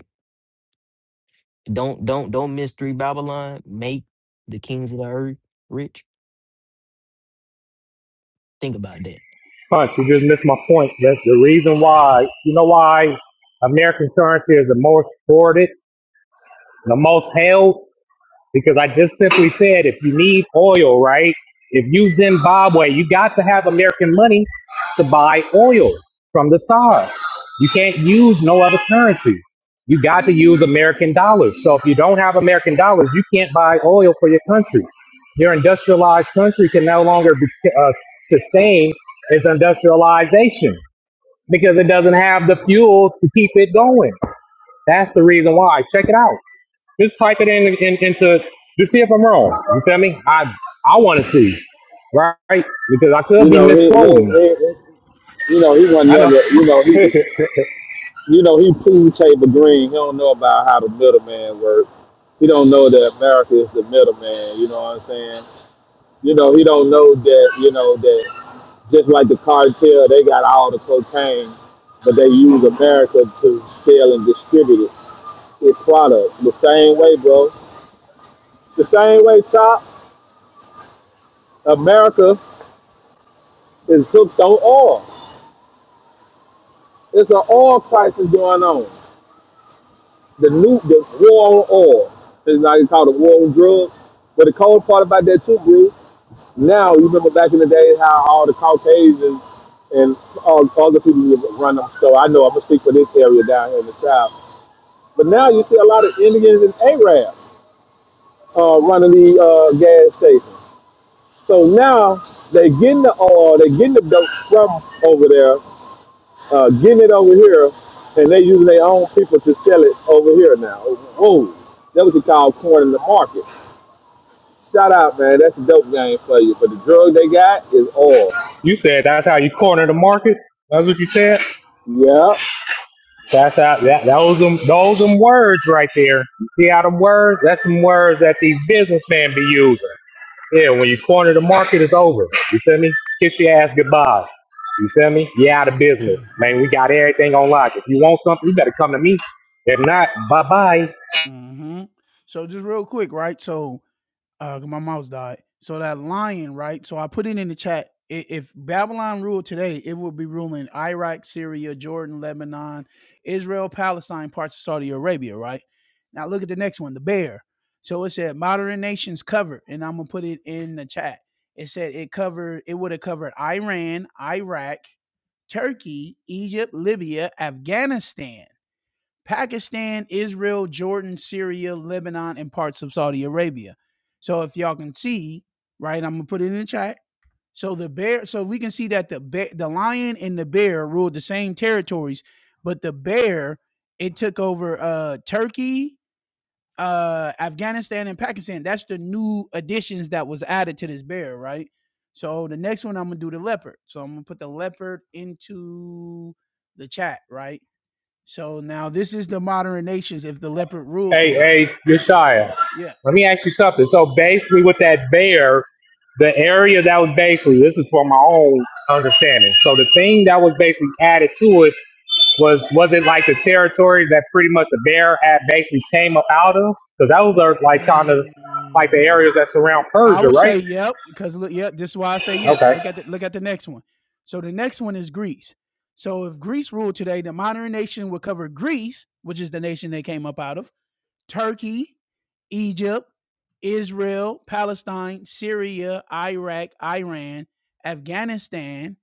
Speaker 5: Don't don't don't Mystery Babylon make the kings of the earth rich. Think about that
Speaker 10: Punch, you just missed my point. That's the reason why, you know why American currency is the most hoarded, the most held? because I just simply said if you need oil, right? If you Zimbabwe, you got to have American money to buy oil from the SARS. You can't use no other currency. You got to use American dollars. So if you don't have American dollars, you can't buy oil for your country. Your industrialized country can no longer be, uh, sustain its industrialization because it doesn't have the fuel to keep it going. That's the reason why. Check it out. Just type it in, in into to see if I'm wrong. You feel me? I I want to see, right? Because I could
Speaker 6: You
Speaker 10: be
Speaker 6: know, he,
Speaker 10: misquoting.
Speaker 6: he, he, You know, he wasn't
Speaker 10: I know.
Speaker 6: never, you know,
Speaker 10: [LAUGHS]
Speaker 6: he,
Speaker 10: you
Speaker 6: you know, he proved Tabor Green. He don't know about how the middleman works. He don't know that America is the middleman. You know what I'm saying? You know, he don't know that, you know, that just like the cartel, they got all the cocaine, but they use America to sell and distribute it, its products. The same way, bro. The same way, Chop, America is hooked on oil. It's an oil crisis going on. the new the war on oil. It's now you call it war on drugs. But the cold part about that too, Brew, now you remember back in the day how all the Caucasians and all other people would run them. So I know I'm gonna speak for this area down here in the south. But now you see a lot of Indians and Arabs uh, running the uh, gas stations. So now they're getting the oil, they're getting the dope from over there, uh, getting it over here, and they using their own people to sell it over here now. Oh, that what you call corn in the market. Shout out, man. That's a dope game for you. But the drug they got is oil.
Speaker 10: said that's how you corner the market. That's what you said.
Speaker 6: Yeah.
Speaker 7: Yep.
Speaker 10: That's how that those them those them words right there. You see how them words? That's them words that these businessmen be using. Yeah, when you corner the market, it's over. You feel me? Kiss your ass goodbye. You feel me? You out of
Speaker 7: [LAUGHS]
Speaker 10: business, man. We got everything on lock. If you want something, you better come to me. If not, bye bye.
Speaker 7: mm-hmm. So just real quick, right? So uh 'cause my mouse died. So that lion, right? So I put it in the chat. I- If Babylon ruled today, it would be ruling Iraq, Syria, Jordan, Lebanon, Israel, Palestine, parts of Saudi Arabia, right? Now look at the next one, the bear. So it said modern nations covered, and I'm gonna put it in the chat. It said it covered. It would have covered Iran, Iraq, Turkey, Egypt, Libya, Afghanistan. Pakistan, Israel, Jordan, Syria, Lebanon, and parts of Saudi Arabia. So if y'all can see, right, I'm gonna put it in the chat. So the bear, so we can see that the bear, the lion and the bear ruled the same territories, but the bear it took over uh Turkey, uh Afghanistan, and Pakistan. That's the new additions that was added to this bear, right? So the next one I'm gonna do the leopard. So I'm gonna put the leopard into the chat, right? So now this is the modern nations if the leopard ruled
Speaker 10: Hey,
Speaker 7: today.
Speaker 10: hey, Yeshaya.
Speaker 7: Yeah.
Speaker 10: Let me ask you something. So basically, with that bear, the area that was basically this is for my own understanding. So the thing that was basically added to it was was it like the territory that pretty much the bear had basically came up out of? Because those are like kind of like the
Speaker 7: Mm.
Speaker 10: areas that surround
Speaker 7: I
Speaker 10: Persia,
Speaker 7: would
Speaker 10: right?
Speaker 7: say yep, because look, yep, this is why I say yes.
Speaker 10: Okay.
Speaker 7: Look at the look at the next one. So the next one is Greece. So if Greece ruled today, the modern nation would cover Greece, which is the nation they came up out of, Turkey, Egypt, Israel, Palestine, Syria, Iraq, Iran, Afghanistan,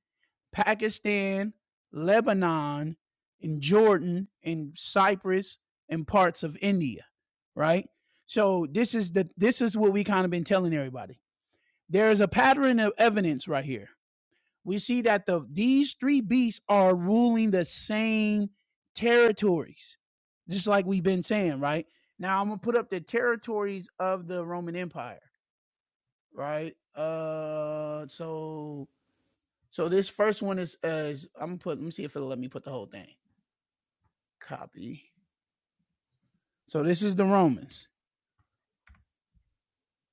Speaker 7: Pakistan, Lebanon, and Jordan, and Cyprus, and parts of India, right? So this is the this is what we kind of been telling everybody. There is a pattern of evidence right here. We see that the these three beasts are ruling the same territories, just like we've been saying, right? Now I'm gonna put up the territories of the Roman Empire, right? Uh, so so this first one is uh, is I'm gonna put. Let me see if it'll let me put the whole thing. Copy. So this is the Romans,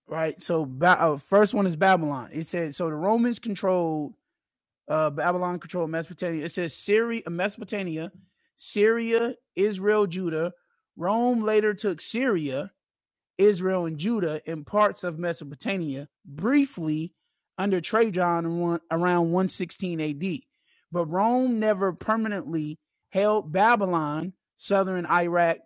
Speaker 7: right? So ba- uh, first one is Babylon. It said so the Romans controlled uh, Babylon controlled Mesopotamia. It says Syria, Mesopotamia, Syria, Israel, Judah. Rome later took Syria Israel and Judah and parts of Mesopotamia briefly under Trajan around 116 AD. But Rome never permanently held Babylon, southern Iraq,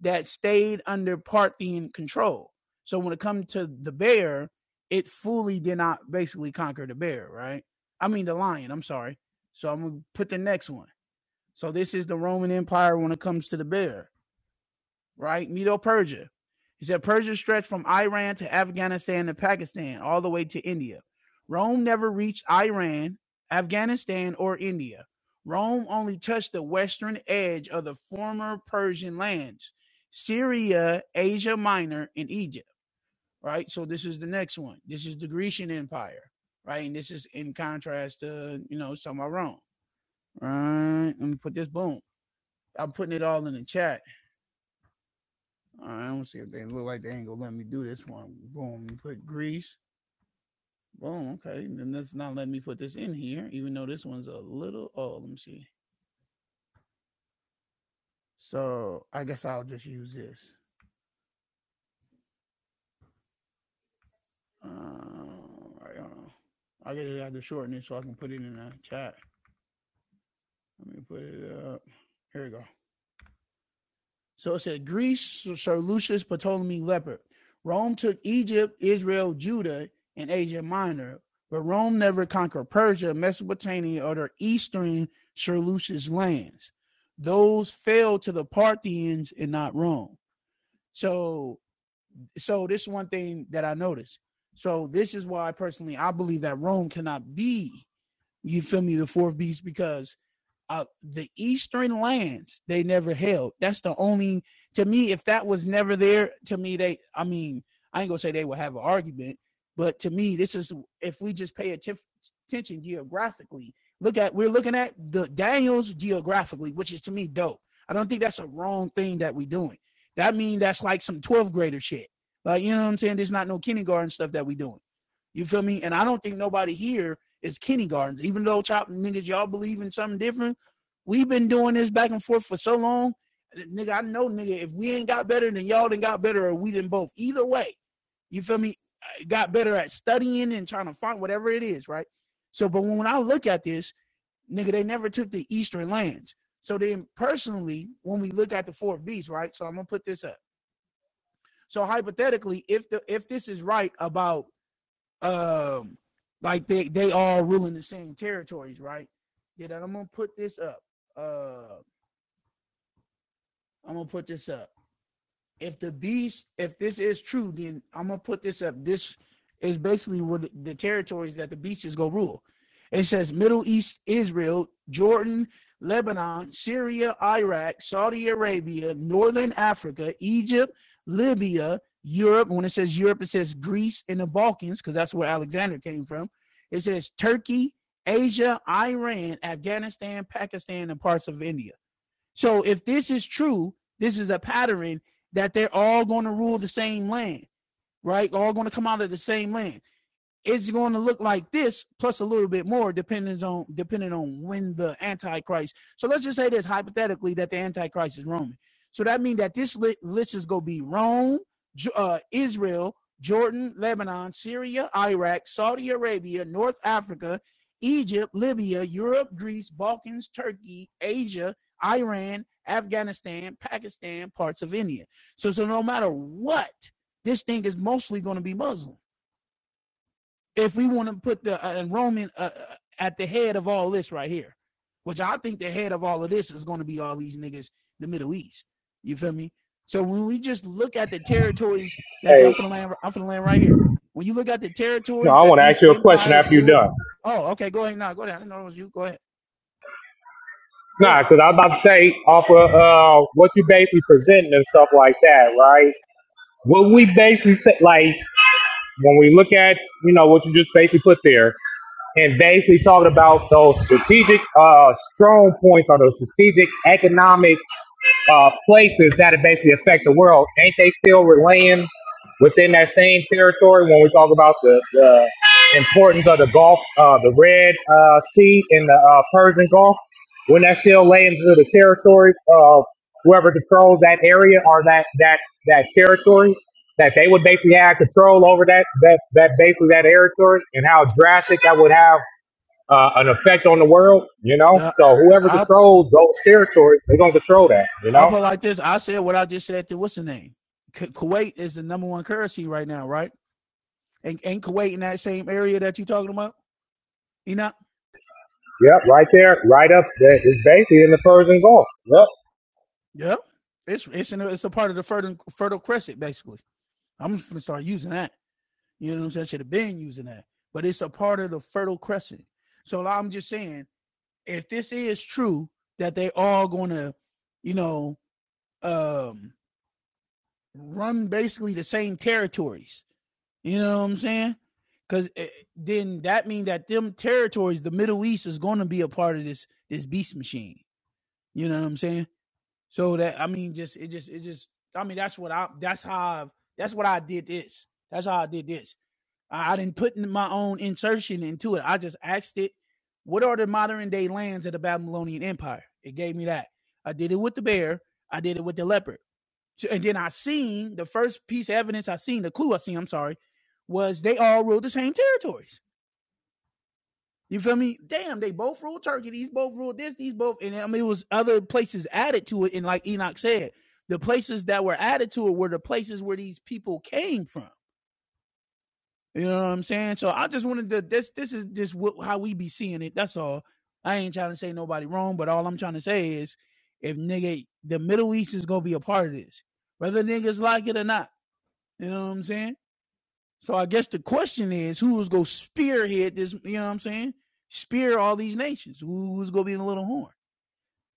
Speaker 7: that stayed under Parthian control. So when it comes to the bear, it fully did not basically conquer the bear, right? I mean, the lion, I'm sorry. So I'm going to put the next one. So this is the Roman Empire when it comes to the bear right? Medo Persia. He said Persia stretched from Iran to Afghanistan to Pakistan, all the way to India. Rome never reached Iran, Afghanistan, or India. Rome only touched the western edge of the former Persian lands, Syria, Asia Minor, and Egypt, right? So this is the next one. This is the Grecian Empire, right? And this is in contrast to, you know, some of Rome. Right. let me put this boom. I'm putting it all in the chat. All right, I'm gonna see if they look like they ain't gonna let me do this one. Boom, put grease. Boom, okay. Then that's not letting me put this in here, even though this one's a little oh, let me see. So I guess I'll just use this. Uh, I don't know. I guess I have to shorten it so I can put it in the chat. Let me put it up. Here we go. So it said Greece, Sir Lucius Ptolemy Leopard. Rome took Egypt, Israel, Judah, and Asia Minor, but Rome never conquered Persia, Mesopotamia, or their eastern Sir Lucius lands. Those fell to the Parthians and not Rome. So, so this is one thing that I noticed. So this is why personally I believe that Rome cannot be, you feel me, the fourth beast because uh, the eastern lands they never held that's the only to me if that was never there to me they i mean i ain't gonna say they would have an argument but to me this is if we just pay atten- attention geographically look at we're looking at the daniels geographically which is to me dope i don't think that's a wrong thing that we doing that mean that's like some 12th grader shit like you know what i'm saying there's not no kindergarten stuff that we doing you feel me and i don't think nobody here is kindergartens even though chop niggas y'all believe in something different We've been doing this back and forth for so long. Nigga, I know, nigga, if we ain't got better, then y'all done got better, or we didn't both. Either way, you feel me? I got better at studying and trying to find whatever it is, right? So, but when I look at this, nigga, they never took the Eastern lands. So then, personally, when we look at the fourth beast, right? So I'm gonna put this up. So hypothetically, if the if this is right about um like they they all ruling the same territories, right? Yeah, Then I'm gonna put this up. Uh I'm gonna put this up. If the beast, if this is true, then I'm gonna put this up. This is basically what the territories that the beast is gonna rule. It says Middle East, Israel, Jordan, Lebanon, Syria, Iraq, Saudi Arabia, Northern Africa, Egypt, Libya, Europe. When it says Europe, it says Greece and the Balkans, because that's where Alexander came from. It says Turkey, Asia, Iran, Afghanistan, Pakistan, and parts of India. So if this is true, this is a pattern that they're all going to rule the same land, right? All going to come out of the same land it's going to look like this plus a little bit more depending on depending on when the antichrist so let's just say this hypothetically that the antichrist is roman so that means that this list is going to be rome uh, israel jordan lebanon syria iraq saudi arabia north africa egypt libya europe greece balkans turkey asia iran afghanistan pakistan parts of india so so no matter what this thing is mostly going to be muslim if we want to put the uh, enrollment uh, uh, at the head of all this right here, which I think the head of all of this is going to be all these niggas, the Middle East. You feel me? So when we just look at the territories that they,
Speaker 10: Hey,
Speaker 7: I'm finna land, I'm finna land right here. When you look at the
Speaker 10: no,
Speaker 7: territories
Speaker 10: I
Speaker 7: that
Speaker 10: want to
Speaker 7: these
Speaker 10: ask you a question
Speaker 7: empires
Speaker 10: after you're
Speaker 7: rule,
Speaker 10: done.
Speaker 7: oh, okay, go ahead now, go ahead. I didn't know it was you. Go ahead, go
Speaker 10: Nah,
Speaker 7: ahead.
Speaker 10: because I was about to say off of uh, what you basically presenting and stuff like that, right? What we basically say, like. When we look at, you know, what you just basically put there, and basically talking about those strategic uh, strong points or those strategic economic uh, places that basically affect the world, ain't they still relaying within that same territory when we talk about the, the importance of the Gulf, uh, the Red uh, Sea and the uh, Persian Gulf? Wouldn't that still lay into the territory of whoever controls that area or that, that, that territory? that they would basically have control over that that that basically that territory and how drastic that would have uh, an effect on the world, you know.
Speaker 7: Yeah,
Speaker 10: So whoever
Speaker 7: I
Speaker 10: controls those territories, they're gonna control that, you
Speaker 7: I
Speaker 10: know.
Speaker 7: put it like this. I said what I just said to what's the name? Ku- Kuwait is the number one currency right now, right? And ain't Kuwait in that same area that you talking about? You know?
Speaker 10: Yep, right there, right up there. It's basically in the Persian Gulf. Yep.
Speaker 7: Yeah, it's it's in a, it's a part of the fertile fertile crescent basically. I'm just gonna start using that. You know what I'm saying? I should have been using that, but it's a part of the fertile crescent. So like, I'm just saying, if this is true that they all gonna, you know, um, run basically the same territories. You know what I'm saying? Because then that means that them territories, the Middle East, is going to be a part of this this beast machine. You know what I'm saying? So that I mean, just it just it just I mean that's what I that's how I, that's what I did this. That's how I did this. I, I didn't put in my own insertion into it. I just asked it, what are the modern day lands of the Babylonian Empire? It gave me that. I did it with the bear. I did it with the leopard. So- and then I seen the first piece of evidence I seen, the clue I seen, I'm sorry, was they all ruled the same territories. You feel me? Damn, they both ruled Turkey. These both ruled this. These both, and I mean, it was other places added to it. And like Enoch said, the places that were added to it were the places where these people came from. You know what I'm saying? So I just wanted to. This this is just what, how we be seeing it. That's all. I ain't trying to say nobody wrong, but all I'm trying to say is, if nigga, the Middle East is gonna be a part of this, whether niggas like it or not. You know what I'm saying? So I guess the question is who's gonna spearhead this, you know what I'm saying? Spear all these nations. Who's gonna be in the little horn?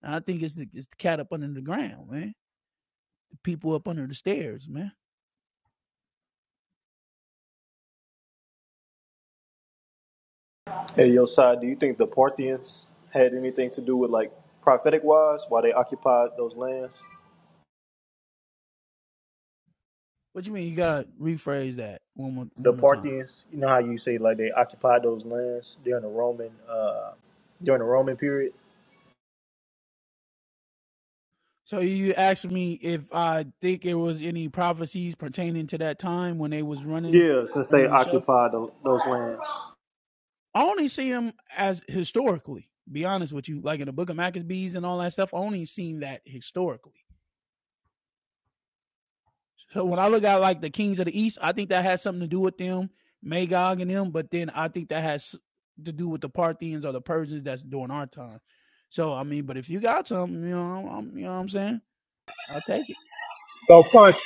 Speaker 7: And I think it's the, it's the cat up under the ground, man. The people up under the stairs, man.
Speaker 1: Hey, Josiah, do you think the Parthians had anything to do with like prophetic wise why they occupied those lands?
Speaker 7: What you mean? You gotta rephrase that one more
Speaker 1: The
Speaker 7: one more time.
Speaker 1: Parthians, you know how you say like they occupied those lands during the Roman uh during the Roman period?
Speaker 7: So you asked me if I think there was any prophecies pertaining to that time when they was running
Speaker 1: Yeah, since they
Speaker 7: running the show.
Speaker 1: occupied the, those lands.
Speaker 7: I only see them as historically. Be honest with you, like in the Book of Maccabees and all that stuff. I only seen that historically. So when I look at like the kings of the east, I think that has something to do with them, Magog and them. But then I think that has to do with the Parthians or the Persians that's during our time. So I mean, but if you got something, you know, I'm, you know what I'm saying. I'll take it.
Speaker 10: So punch.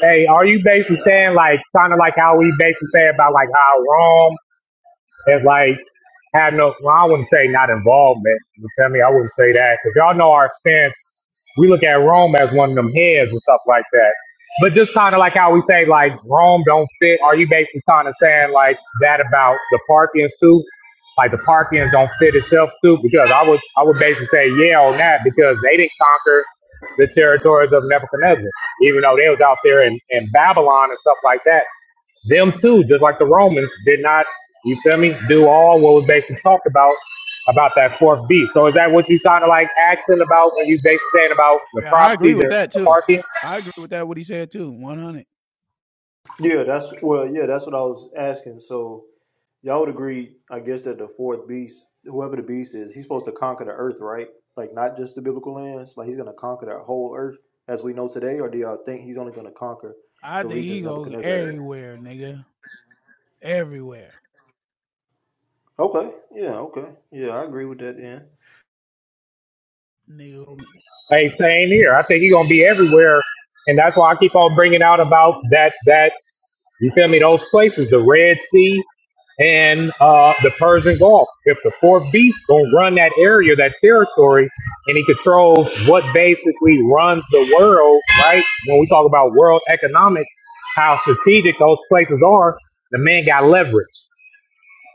Speaker 10: Hey, are you basically saying like kind of like how we basically say about like how Rome It's like have no. Well, I wouldn't say not involvement. You feel me? I wouldn't say that because y'all know our stance. We look at Rome as one of them heads and stuff like that. But just kind of like how we say like Rome don't fit. Are you basically kind of saying like that about the Parthians too? Like the Parthians don't fit itself too? Because I would I would basically say yeah on that because they didn't conquer the territories of Nebuchadnezzar, even though they was out there in, in Babylon and stuff like that them too, just like the Romans, did not, you feel me, do all what was basically talked about about that fourth beast. So is that what you kind of like asking about when you basically saying about the
Speaker 7: Yeah, I agree
Speaker 10: prophecies
Speaker 7: with
Speaker 10: and
Speaker 7: that
Speaker 10: the
Speaker 7: too.
Speaker 10: parking?
Speaker 7: I agree with that what he said too. One hundred.
Speaker 1: Yeah, that's well, yeah, that's what I was asking. So Y'all would agree, I guess, that the fourth beast, whoever the beast is, he's supposed to conquer the earth, right? Like not just the biblical lands, like he's gonna conquer the whole earth as we know today, or do y'all think he's only gonna conquer
Speaker 7: I
Speaker 1: the
Speaker 7: think he
Speaker 1: regions
Speaker 7: goes
Speaker 1: Nebuchadnezzar had?
Speaker 7: everywhere, nigga. Everywhere,
Speaker 1: Okay, yeah, okay. Yeah, I agree with that, yeah.
Speaker 7: nigga.
Speaker 10: Ain't saying here. I think he's gonna be everywhere, and that's why I keep on bringing out about that that. You feel me? Those places, the Red Sea and uh, the Persian Gulf. If the fourth beast gonna run that area, that territory, and he controls what basically runs the world, right? When we talk about world economics, how strategic those places are, the man got leverage.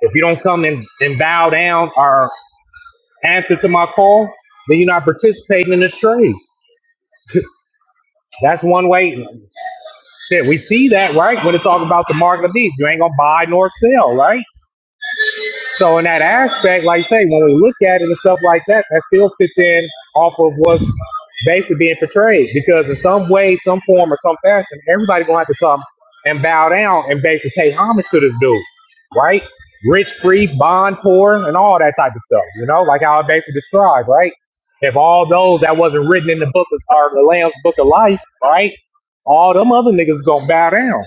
Speaker 10: If you don't come and, and bow down or answer to my call, then you're not participating in this trade. That's one way. Shit, we see that, right? When it's talking about the market of the beast, you ain't gonna buy nor sell, right? So in that aspect, like I say, when we look at it and stuff like that, that still fits in off of what's basically being portrayed. Because in some way, some form, or some fashion, everybody's gonna have to come and bow down and basically pay homage to this dude, right? Rich, free, bond, poor, and all that type of stuff. You know, like how I basically described, right? If all those that wasn't written in the book of, or the Lamb's book of life, right? All them other niggas gonna bow down.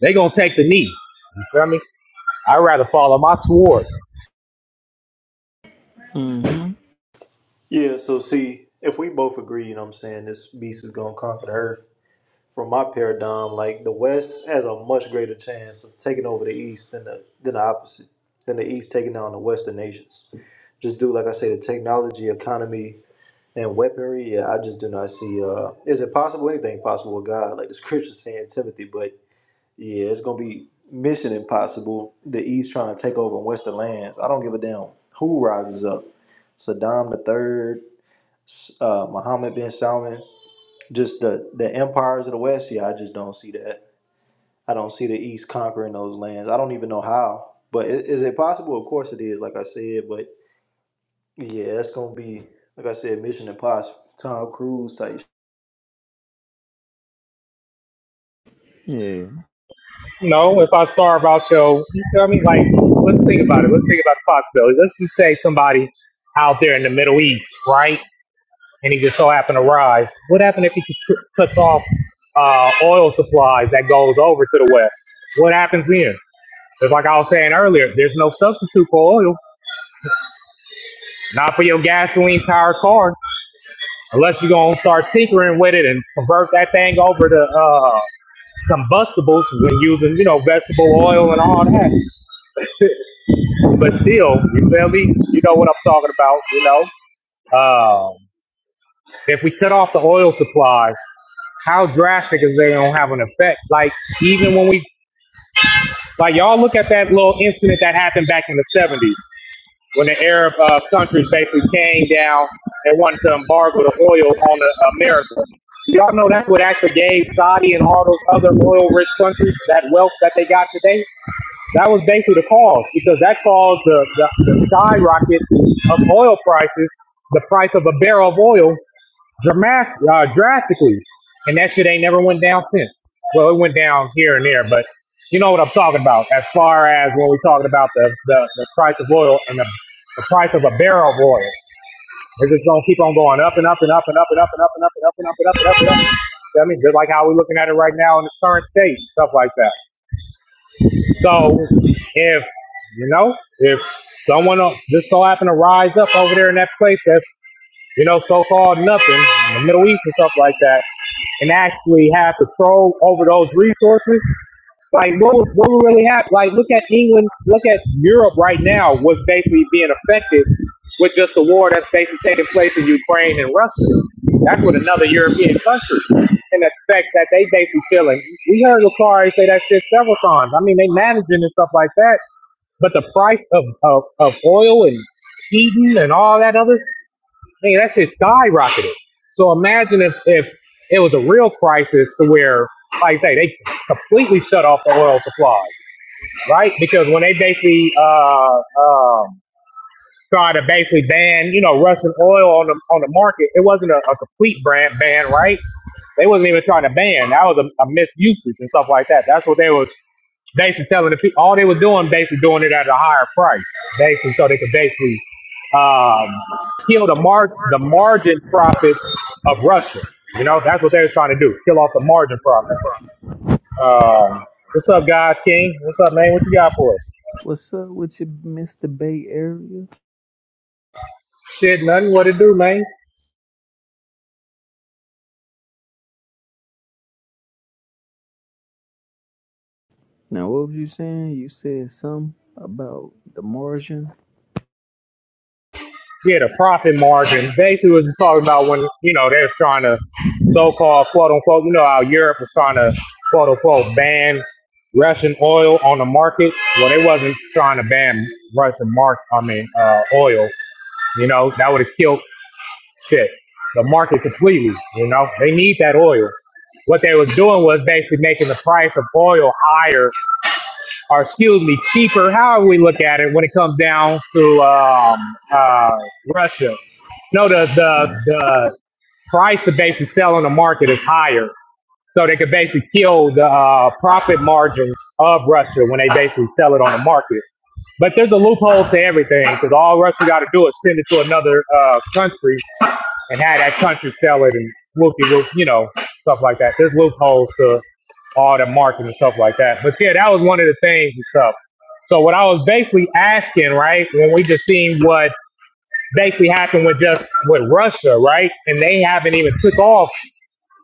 Speaker 10: They gonna take the knee. You feel me? I'd rather follow my sword.
Speaker 11: hmm
Speaker 1: Yeah, so see, if we both agree, you know what I'm saying, this beast is gonna conquer the earth, from my paradigm, like the West has a much greater chance of taking over the East than the than the opposite, than the East taking down the Western nations. Just do like I say, the technology, economy, and weaponry. Yeah, I just do not see. Uh, is it possible? Anything possible with God? Like the scripture saying, Timothy. But yeah, it's gonna be mission impossible. The East trying to take over Western lands. I don't give a damn who rises up. Saddam the third, uh, Mohammed bin Salman. Just the the empires of the West. Yeah, I just don't see that. I don't see the East conquering those lands. I don't even know how. But is, is it possible? Of course it is. Like I said, but yeah, that's gonna be like I said, Mission Impossible, Tom Cruise type
Speaker 11: Yeah.
Speaker 10: No, if I starve out your, you feel me? Like, let's think about it. Let's think about the possibility. Let's just say somebody out there in the Middle East, right? And he just so happened to rise. What happened if he cut- cuts off uh, oil supplies that goes over to the West? What happens then? It's like I was saying earlier, there's no substitute for oil, not for your gasoline powered car, unless you're going to start tinkering with it and convert that thing over to uh, combustibles when using, you know, vegetable oil and all that. But still, you feel me? You know what I'm talking about, you know? Um, if we cut off the oil supplies, how drastic is they gonna have an effect? Like even when we like y'all look at that little incident that happened back in the seventies when the Arab uh, countries basically came down and wanted to embargo the oil on the America. Y'all know that's what actually gave Saudi and all those other oil rich countries that wealth that they got today. That was basically the cause because that caused the, the, the skyrocket of oil prices, the price of a barrel of oil dramatic, uh, drastically. And that shit ain't never went down since. Well, it went down here and there, but you know what I'm talking about as far as when we're talking about the, the, the price of oil and the, the price of a barrel of oil. It's just going to keep on going up and up and up and up and up and up and up and up and up and up and up and up. And up. You know what I mean, just like how we're looking at it right now in the current state, stuff like that. So if you know, if someone else just so happened to rise up over there in that place that's you know so-called nothing in the Middle East and stuff like that, and actually have control over those resources, like what was what would really happen? Like look at England, look at Europe right now. What's basically being affected with just the war that's basically taking place in Ukraine and Russia. That's what another European country and the effect that they basically feeling. We heard Lucari say that shit several times. I mean, they managing and stuff like that, but the price of of, of oil and heating and all that other I mean, that shit skyrocketed. So imagine if, if it was a real crisis to where, like I say, they completely shut off the oil supply, right? Because when they basically uh, um try to basically ban, you know, Russian oil on the on the market. It wasn't a, a complete brand ban, right? They wasn't even trying to ban. That was a, a misusage and stuff like that. That's what they was basically telling the people. All they was doing, basically doing it at a higher price, basically, so they could basically um, kill the mar- the margin profits of Russia. You know, that's what they was trying to do, kill off the margin profits. Um, what's up, guys? King, what's up, man? What you got for us?
Speaker 11: What's up with you, Mr. Bay Area?
Speaker 10: Shit, nothing. What it do, man?
Speaker 11: Now, what was you saying? You said something about the margin.
Speaker 10: yeah, the profit margin. Basically, was just talking about when you know they're trying to so-called quote unquote. You know how Europe was trying to quote unquote ban Russian oil on the market. Well, they wasn't trying to ban Russian mark. I mean, uh, oil. You know that would have killed shit the market completely. You know they need that oil. What they was doing was basically making the price of oil higher or excuse me, cheaper, however we look at it, when it comes down to um, uh, Russia. No, the, the
Speaker 11: Mm.
Speaker 10: the price to basically sell on the market is higher, so they could basically kill the uh, profit margins of Russia when they basically sell it on the market. But there's a loophole to everything because all Russia got to do is send it to another uh, country and have that country sell it and whoopie you know, stuff like that. There's loopholes to all the marketing and stuff like that. But yeah, that was one of the things and stuff. So what I was basically asking, right, when we just seen what basically happened with just with Russia, right, and they haven't even took off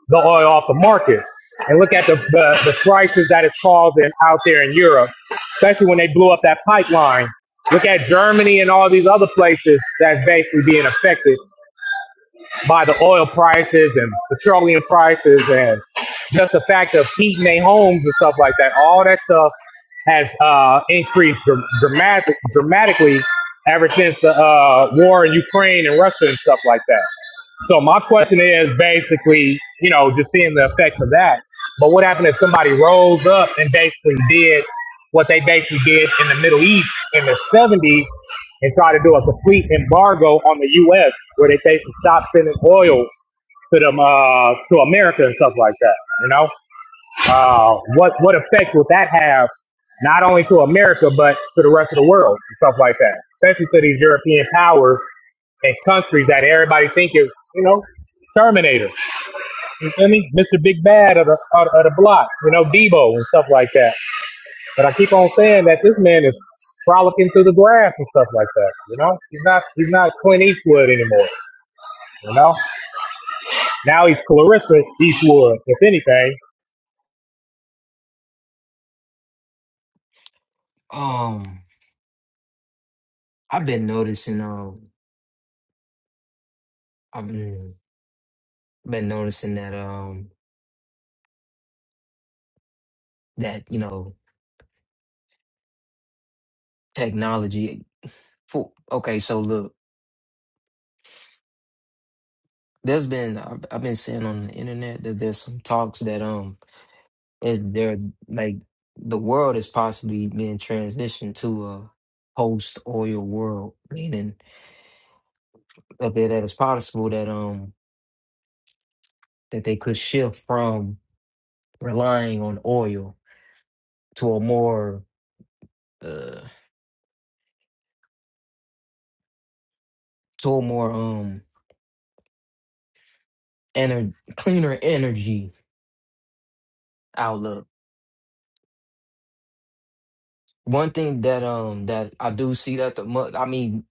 Speaker 10: the oil off the market. And look at the the, the crisis that it's causing out there in Europe, especially when they blew up that pipeline. Look at Germany and all these other places that's basically being affected by the oil prices and petroleum prices and just the fact of heating their homes and stuff like that. All that stuff has uh, increased dr- dramatic, dramatically ever since the uh, war in Ukraine and Russia and stuff like that. So my question is basically, you know, just seeing the effects of that. But what happened if somebody rose up and basically did what they basically did in the Middle East in the 70s and tried to do a complete embargo on the U.S. where they basically stopped sending oil to them uh, to America and stuff like that. You know, uh, what what effect would that have? Not only to America, but to the rest of the world and stuff like that, especially to these European powers and countries that everybody think is, you know, Terminator. You feel me? Mr. Big Bad of the, of the of the block, you know, Debo and stuff like that. But I keep on saying that this man is frolicking through the grass and stuff like that, you know? He's not he's not Clint Eastwood anymore, you know? Now he's Clarissa Eastwood, if anything.
Speaker 5: Um, I've been noticing. Um, I've been been noticing that. Um, that you know, technology. For okay, so look, there's been I've, I've been seeing on the internet that there's some talks that um, is there like the world is possibly being transitioned to a post oil world, meaning up there that it's possible that um that they could shift from relying on oil to a more uh to a more um ener- cleaner energy outlook. One thing that um that I do see that the Mu- I mean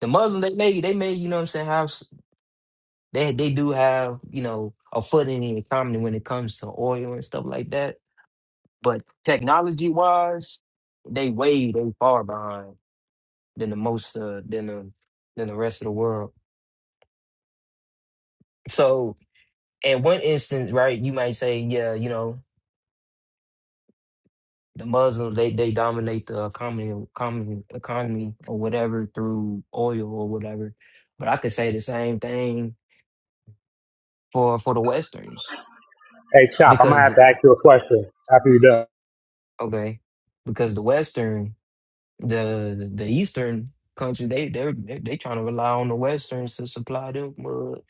Speaker 5: the Muslims they may they may you know what I'm saying have s- they they do have you know a foot in the economy when it comes to oil and stuff like that. But technology wise, they way they far behind than the most uh, than the than the rest of the world. So in one instance, right, you might say, yeah, you know. the Muslims they they dominate the economy common economy or whatever through oil or whatever. But I could say the same thing for for the Westerns
Speaker 10: Hey, Chop, I'm gonna
Speaker 5: because
Speaker 10: have
Speaker 5: the
Speaker 10: to ask you a question after you're done.
Speaker 5: okay because the Western the the, the Eastern country they they're they, they trying to rely on the Westerns to supply them with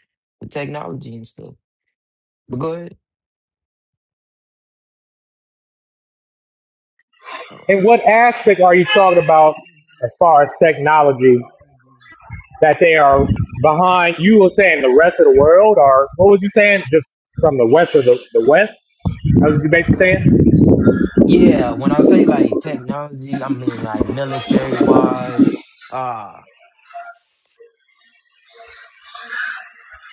Speaker 5: the technology and stuff. But go ahead. Oh.
Speaker 10: And what aspect are you talking about as far as technology that they are behind. You were saying the rest of the world, or what was you saying? Just from the west of the, the west. That was you basically saying.
Speaker 5: Yeah, when I say like technology, I mean like military wise.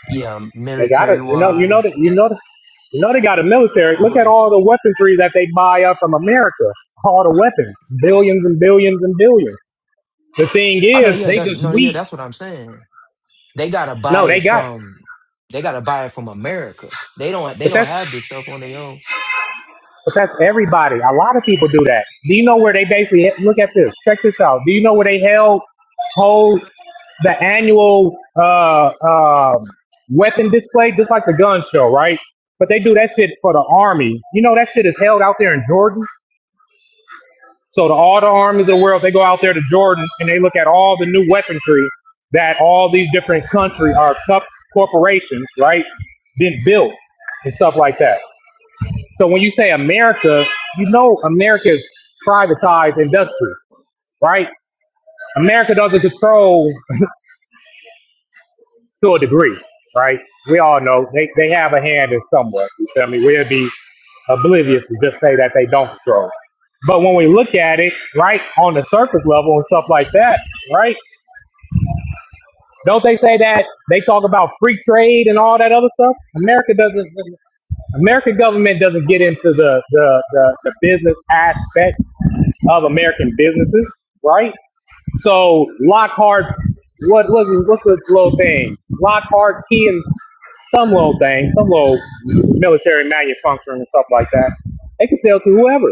Speaker 5: yeah,
Speaker 10: They got it.
Speaker 5: military
Speaker 10: You know. You know that.
Speaker 5: wise.
Speaker 10: You know that. You know they got a military.
Speaker 5: I'm
Speaker 10: Look at
Speaker 5: good.
Speaker 10: all the weaponry that they buy up from America. All the weapons, billions and billions and billions. The thing
Speaker 5: I know,
Speaker 10: is,
Speaker 5: yeah,
Speaker 10: they
Speaker 5: that
Speaker 10: just
Speaker 5: no, yeah,
Speaker 10: weak.
Speaker 5: that's what I'm saying. They gotta buy
Speaker 10: No, they
Speaker 5: it
Speaker 10: got it.
Speaker 5: from they gotta buy it from America. They don't they
Speaker 10: But
Speaker 5: don't
Speaker 10: that's
Speaker 5: have this stuff on their own.
Speaker 10: But that's everybody. A lot of people do that. Do you know where they basically look at this? Check this out. Do you know where they held hold the annual uh, uh weapon display, just like the gun show, right? But they do that shit for the army. You know that shit is held out there in Jordan. So the, all the armies of the world, they go out there to Jordan and they look at all the new weaponry that all these different country or sub corporations, right, been built and stuff like that. So when you say America, you know America is privatized industry, right? America doesn't control to a degree, right? We all know they, they have a hand in somewhere. You feel me? We'll be oblivious to just say that they don't control. But when we look at it, right, on the surface level and stuff like that, right? Don't they say that they talk about free trade and all that other stuff? America doesn't. American government doesn't get into the the, the, the business aspect of American businesses, right? So Lockhart, what what what's this little thing? Lockhart key and some little thing, some little military manufacturing and stuff like that. They can sell to whoever,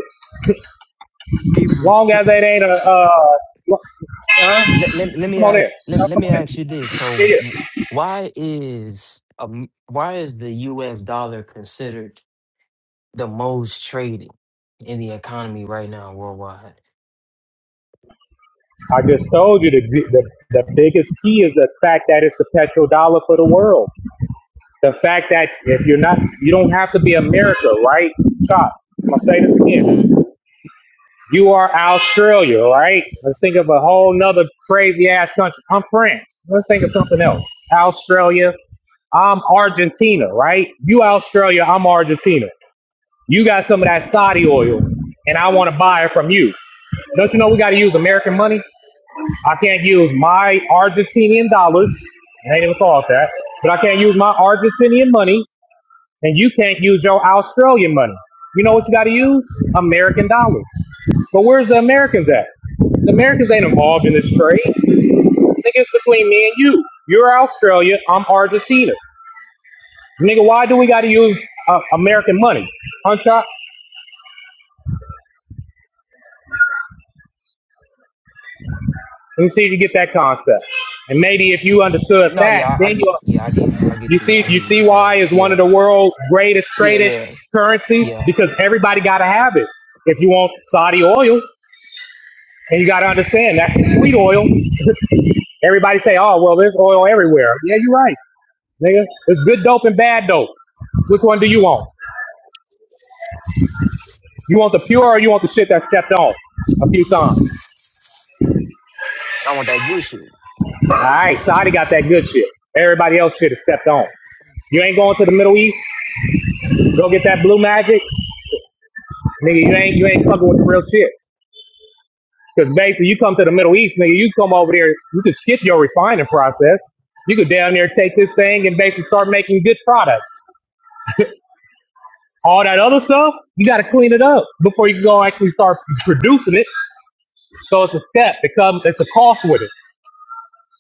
Speaker 10: as
Speaker 5: Avery,
Speaker 10: long
Speaker 5: so
Speaker 10: as it ain't a uh. lo- huh?
Speaker 5: let, let, let me
Speaker 10: Come on in.
Speaker 5: ask let,
Speaker 10: Huh?
Speaker 5: let
Speaker 10: Come
Speaker 5: me
Speaker 10: on in.
Speaker 5: ask you this.
Speaker 10: Yeah,
Speaker 5: So w-
Speaker 10: yeah.
Speaker 5: why is um why is the US dollar considered the most traded in the economy right now worldwide?
Speaker 10: I just told you the, the the biggest key is the fact that it's the petrodollar for the world. The fact that if you're not, you don't have to be America, right? Stop. I'm gonna say this again.
Speaker 5: hmm
Speaker 10: You are Australia, right? Let's think of a whole nother crazy ass country. I'm France. Let's think of something else. Australia. I'm Argentina, right? You Australia, I'm Argentina. You got some of that Saudi oil, and I want to buy it from you. Don't you know we got to use American money? I can't use my Argentinian dollars. I ain't even thought of that. But I can't use my Argentinian money and you can't use your Australian money. You know what you got to use? American dollars. But where's the Americans at? The Americans ain't involved in this trade. Nigga, it's between me and you. You're Australia. I'm Argentina. Nigga, why do we got to use uh, American money? Hunchop, let me see if you get that concept. And maybe if you understood
Speaker 5: No,
Speaker 10: that,
Speaker 5: yeah, I, I
Speaker 10: then
Speaker 5: get yeah, I get
Speaker 10: you
Speaker 5: I
Speaker 10: you
Speaker 5: get you.
Speaker 10: see
Speaker 5: I
Speaker 10: you
Speaker 5: get what
Speaker 10: see
Speaker 5: you're
Speaker 10: why
Speaker 5: saying.
Speaker 10: is one of the
Speaker 5: Yeah.
Speaker 10: world's greatest
Speaker 5: Yeah,
Speaker 10: traded
Speaker 5: yeah.
Speaker 10: currencies
Speaker 5: Yeah.
Speaker 10: because everybody got to have it. If you want Saudi oil, And you got to understand, that's the sweet oil. [LAUGHS] Everybody say, oh, well, there's oil everywhere. Yeah, you're right, nigga. There's good dope and bad dope. Which one do you want? You want the pure or you want the shit that stepped on a few times?
Speaker 5: I want that good shit.
Speaker 10: All right, Saudi got that good shit. Everybody else shit is stepped on. You ain't going to the Middle East. Go get that blue magic, nigga. You ain't you ain't fucking with the real shit. Because basically, you come to the Middle East, nigga. You come over there, you could skip your refining process. You could down there take this thing and basically start making good products. All that other stuff, you got to clean it up before you can go actually start producing it. So it's a step. It comes, it's a cost with it.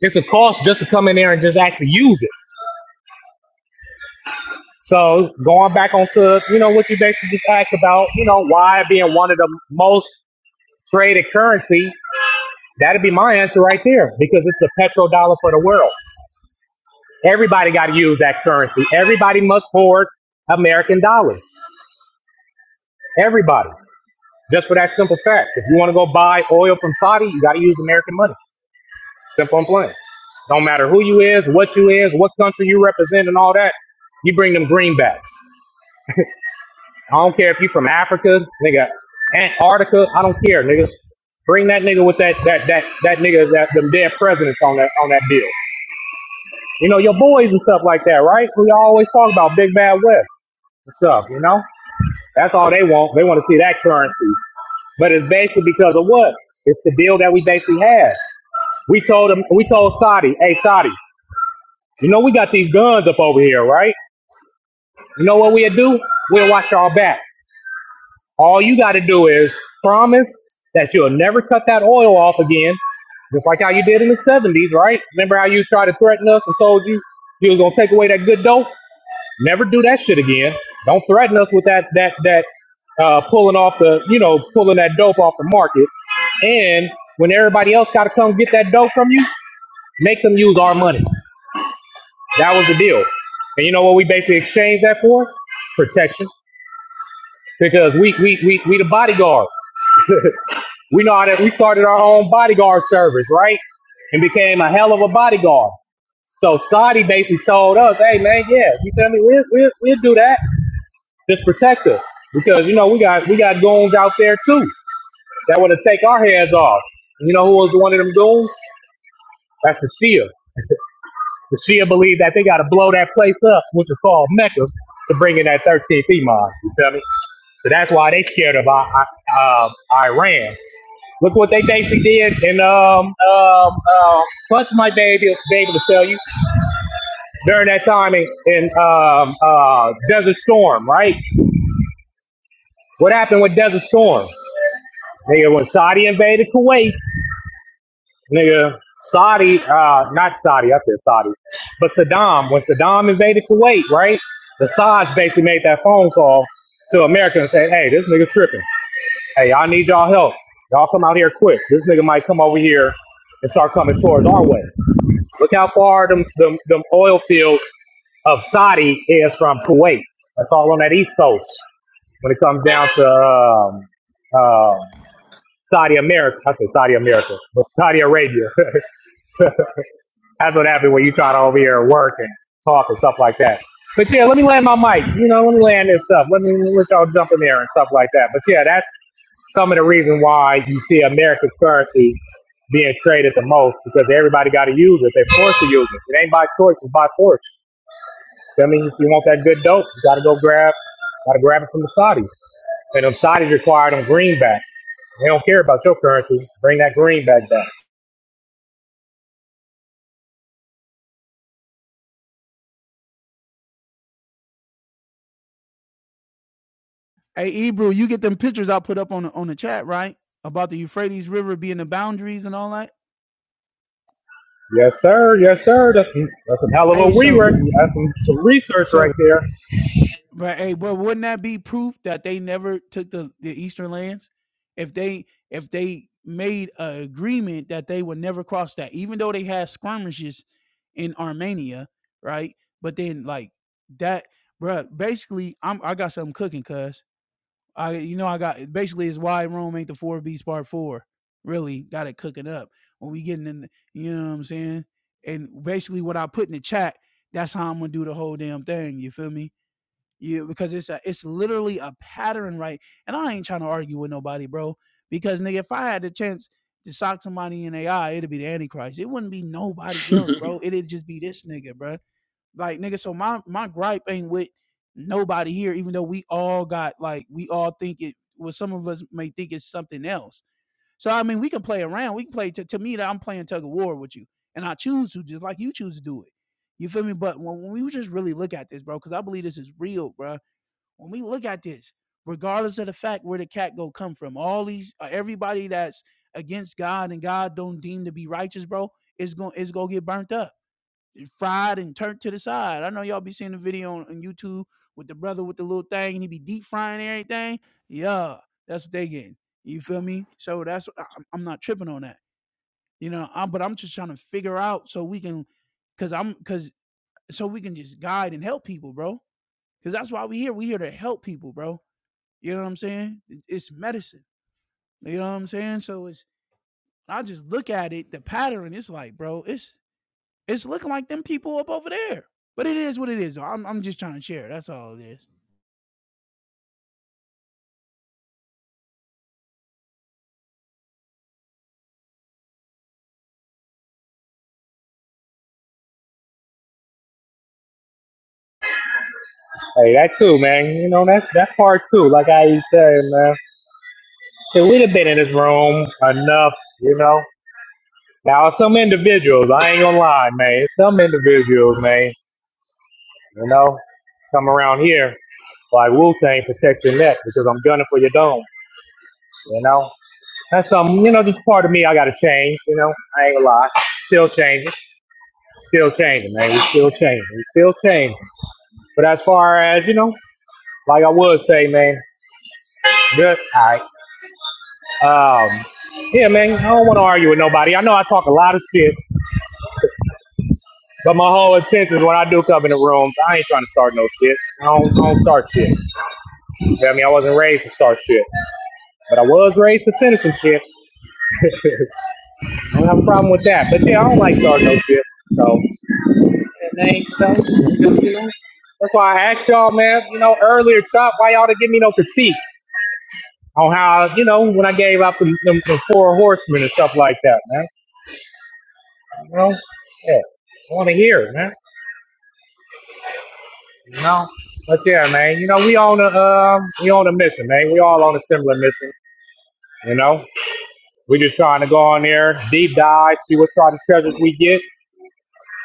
Speaker 10: It's a cost just to come in there and just actually use it. So going back onto, you know, what you basically just asked about, you know, why being one of the most traded currency, that'd be my answer right there because it's the petrodollar for the world. Everybody got to use that currency. Everybody must hoard American dollars. Everybody. Just for that simple fact. If you want to go buy oil from Saudi, you got to use American money. Simple and plain. Don't matter who you is, what you is, what country you represent, and all that. You bring them greenbacks. I don't care if you from Africa, nigga, Antarctica. I don't care, nigga. Bring that nigga with that that that that nigga that them dead presidents on that on that deal. You know your boys and stuff like that, right? We always talk about Big Bad West and stuff. You know, that's all they want. They want to see that currency, but it's basically because of what? It's the deal that we basically had. We told them. We told Saudi, "Hey, Saudi." You know, we got these guns up over here, right? You know what we'll do? We'll watch our back. All you got to do is promise that you'll never cut that oil off again, just like how you did in the 70s, right? Remember how you tried to threaten us and told you you was going to take away that good dope? Never do that shit again. Don't threaten us with that, that, that, uh, pulling off the, you know, pulling that dope off the market. And when everybody else got to come get that dope from you, make them use our money. That was the deal. And you know what we basically exchanged that for? Protection. Because we we we we the bodyguard. We know that we started our own bodyguard service, right? And became a hell of a bodyguard. So Saudi basically told us, hey man, yeah, you feel me? We'll we'll, we'll do that. Just protect us. Because you know we got we got goons out there too that wanna take our heads off. And you know who was one of them goons? That's the Shia. The Shia believe that they got to blow that place up, which is called Mecca, to bring in that 13th Imam. You feel me? So that's why they scared of I, I, uh, Iran. Look what they basically did, and um, um, um, Bunch might be able, be able to tell you during that time in, in um, uh, Desert Storm, right? What happened with Desert Storm? They, when Saudi invaded Kuwait, Nigga, Saudi, uh, not Saudi, I said Saudi, but Saddam, when Saddam invaded Kuwait, right? The Saudis basically made that phone call to America and said, hey, this nigga tripping. Hey, y'all need y'all help. Y'all come out here quick. This nigga might come over here and start coming towards our way. Look how far them, them, them oil fields of Saudi is from Kuwait. That's all on that east coast when it comes down to um, um, Saudi America. I said Saudi America, but Saudi Arabia. [LAUGHS] That's what happened when you try to over here work and talk and stuff like that. But yeah, let me land my mic. You know, let me land this stuff. Let me let y'all jump in there and stuff like that. But yeah, that's some of the reason why you see American currency being traded the most because everybody got to use it. They're forced to use it. It ain't by choice; it's by force. That means if you want that good dope, you got to go grab, got to grab it from the Saudis. And them Saudis require them greenbacks. They don't care about your currency. Bring that greenback back.
Speaker 7: Hey, Ebru, you get them pictures I put up on the, on the chat, right? About the Euphrates River being the boundaries and all that.
Speaker 10: Yes, sir. Yes, sir. That's that's some hell of a
Speaker 7: Hey, so
Speaker 10: rework. That's some, some research right
Speaker 7: so
Speaker 10: there.
Speaker 7: But hey, but wouldn't that be proof that they never took the, the eastern lands? If they if they made an agreement that they would never cross that, even though they had skirmishes in Armenia, right? But then like that, bro. Basically, I'm I got something cooking, cuz I you know I got basically it's why Rome ain't the four beasts part four. Really got it cooking up when we getting in. The, you know what I'm saying? And basically, what I put in the chat, that's how I'm gonna do the whole damn thing. You feel me? You because it's a it's literally a pattern, right? And I ain't trying to argue with nobody, bro. Because nigga, if I had the chance to sock somebody in AI, it'd be the Antichrist. It wouldn't be
Speaker 11: [LAUGHS]
Speaker 7: nobody
Speaker 11: All
Speaker 7: else, bro. It'd just be this nigga, bro. Like nigga, so my my gripe ain't with nobody here, even though we all got like we all think it. Well, some of us may think it's something else. So I mean, we can play around. We can play. To, to me, that I'm playing tug of war with you, and I choose to just like you choose to do it. You feel me? But when, when we just really look at this, bro, because I believe this is real, bro. When we look at this, regardless of the fact where the cat go come from, all these uh, everybody that's against God and God don't deem to be righteous, bro, is going is gonna get burnt up, fried and turned to the side. I know y'all be seeing the video on, on YouTube with the brother with the little thing and he be deep frying everything. Yeah, that's what they getting. You feel me? So that's I- am I'm not tripping on that. You know, I'm, but I'm just trying to figure out so we can, cause I'm, cause so we can just guide and help people, bro. Cause that's why we here. We here to help people, bro. You know what I'm saying? It's medicine. You know what I'm saying? So it's I just look at it, the pattern. It's like, bro, it's it's looking like them people up over there. But it is what it is. Though. I'm I'm just trying to share. That's all it is.
Speaker 10: Hey, that too, man. You know, that's that part too. Like I was saying, man, Shit, we'd have been in this room enough, you know. Now, some individuals, I ain't gonna lie, man. Some individuals, man, you know, come around here like Wu Tang protect your neck because I'm gunning for your dome. You know, that's um, you know, just part of me. I gotta change. You know, I ain't gonna lie. Still changing, still changing, man. We still changing, we still changing. But as far as, you know, like I would say, man, good. All right. Um, yeah, man, I don't want to argue with nobody. I know I talk a lot of shit, but my whole intention is when I do come in the room, I ain't trying to start no shit. I don't, I don't start shit. You feel me? I wasn't raised to start shit, but I was raised to finish some shit. [LAUGHS] I don't have a problem with that. But yeah, I don't like starting no shit. So, you know, just, you know, that's why I asked y'all, man, you know, earlier, Chop, why y'all didn't give me no critique on how, you know, when I gave out the, the, the four horsemen and stuff like that, man. know, yeah, I want to hear, it, man. You know, but yeah, man. You know, we on a um, we on a mission, man. We all on a similar mission. You know, we just trying to go on there, deep dive, see what sort of treasures we get,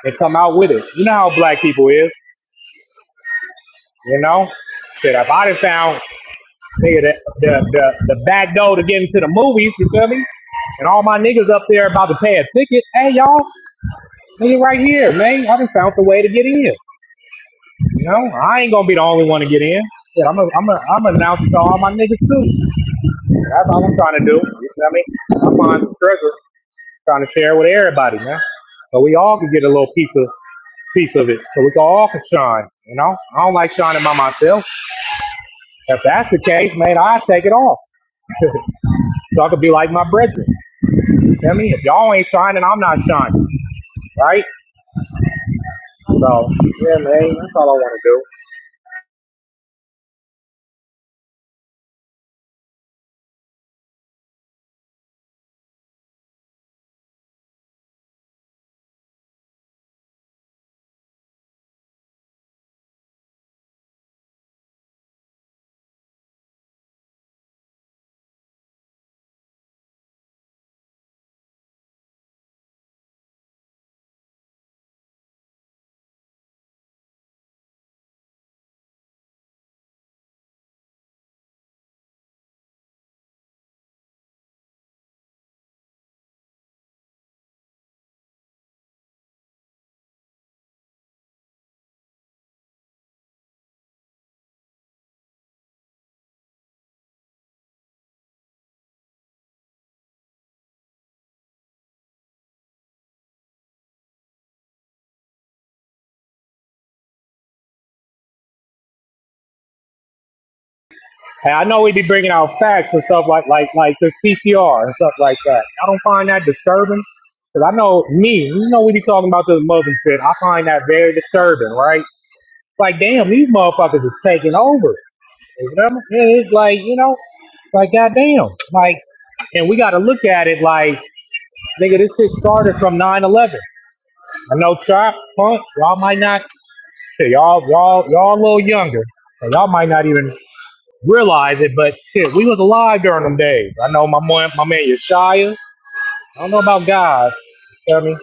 Speaker 10: and come out with it. You know how black people is. You know, shit. If I done found nigga, the, the the the back door to get into the movies, you feel me? And all my niggas up there about to pay a ticket. Hey, y'all, nigga, right here, man. I done found the way to get in. You know, I ain't gonna be the only one to get in. Yeah, I'm a, I'm a, I'm announcing to all my niggas too. That's all I'm trying to do. You know what I'm mean? i on the treasure, trying to share it with everybody, man. So we all can get a little piece of piece of it. So we can all can shine. You know, I don't like shining by myself. If that's the case, man, I take it off. So I could be like my brethren. You know what I mean? If y'all ain't shining, I'm not shining. Right? So yeah, man, that's all I want to do. Hey, I know we be bringing out facts and stuff like like like the PCR and stuff like that. I don't find that disturbing because I know me. You know we be talking about this mother shit. I find that very disturbing, right? Like damn, these motherfuckers is taking over. You know? It's like you know, like goddamn, like, and we got to look at it like nigga, this shit started from nine eleven. I know Chop, Punk, y'all might not. Shit, y'all y'all y'all a little younger. And y'all might not even realize it, but shit, we was alive during them days. I know my man, my man Yeshaya. I don't know about God. Tell me,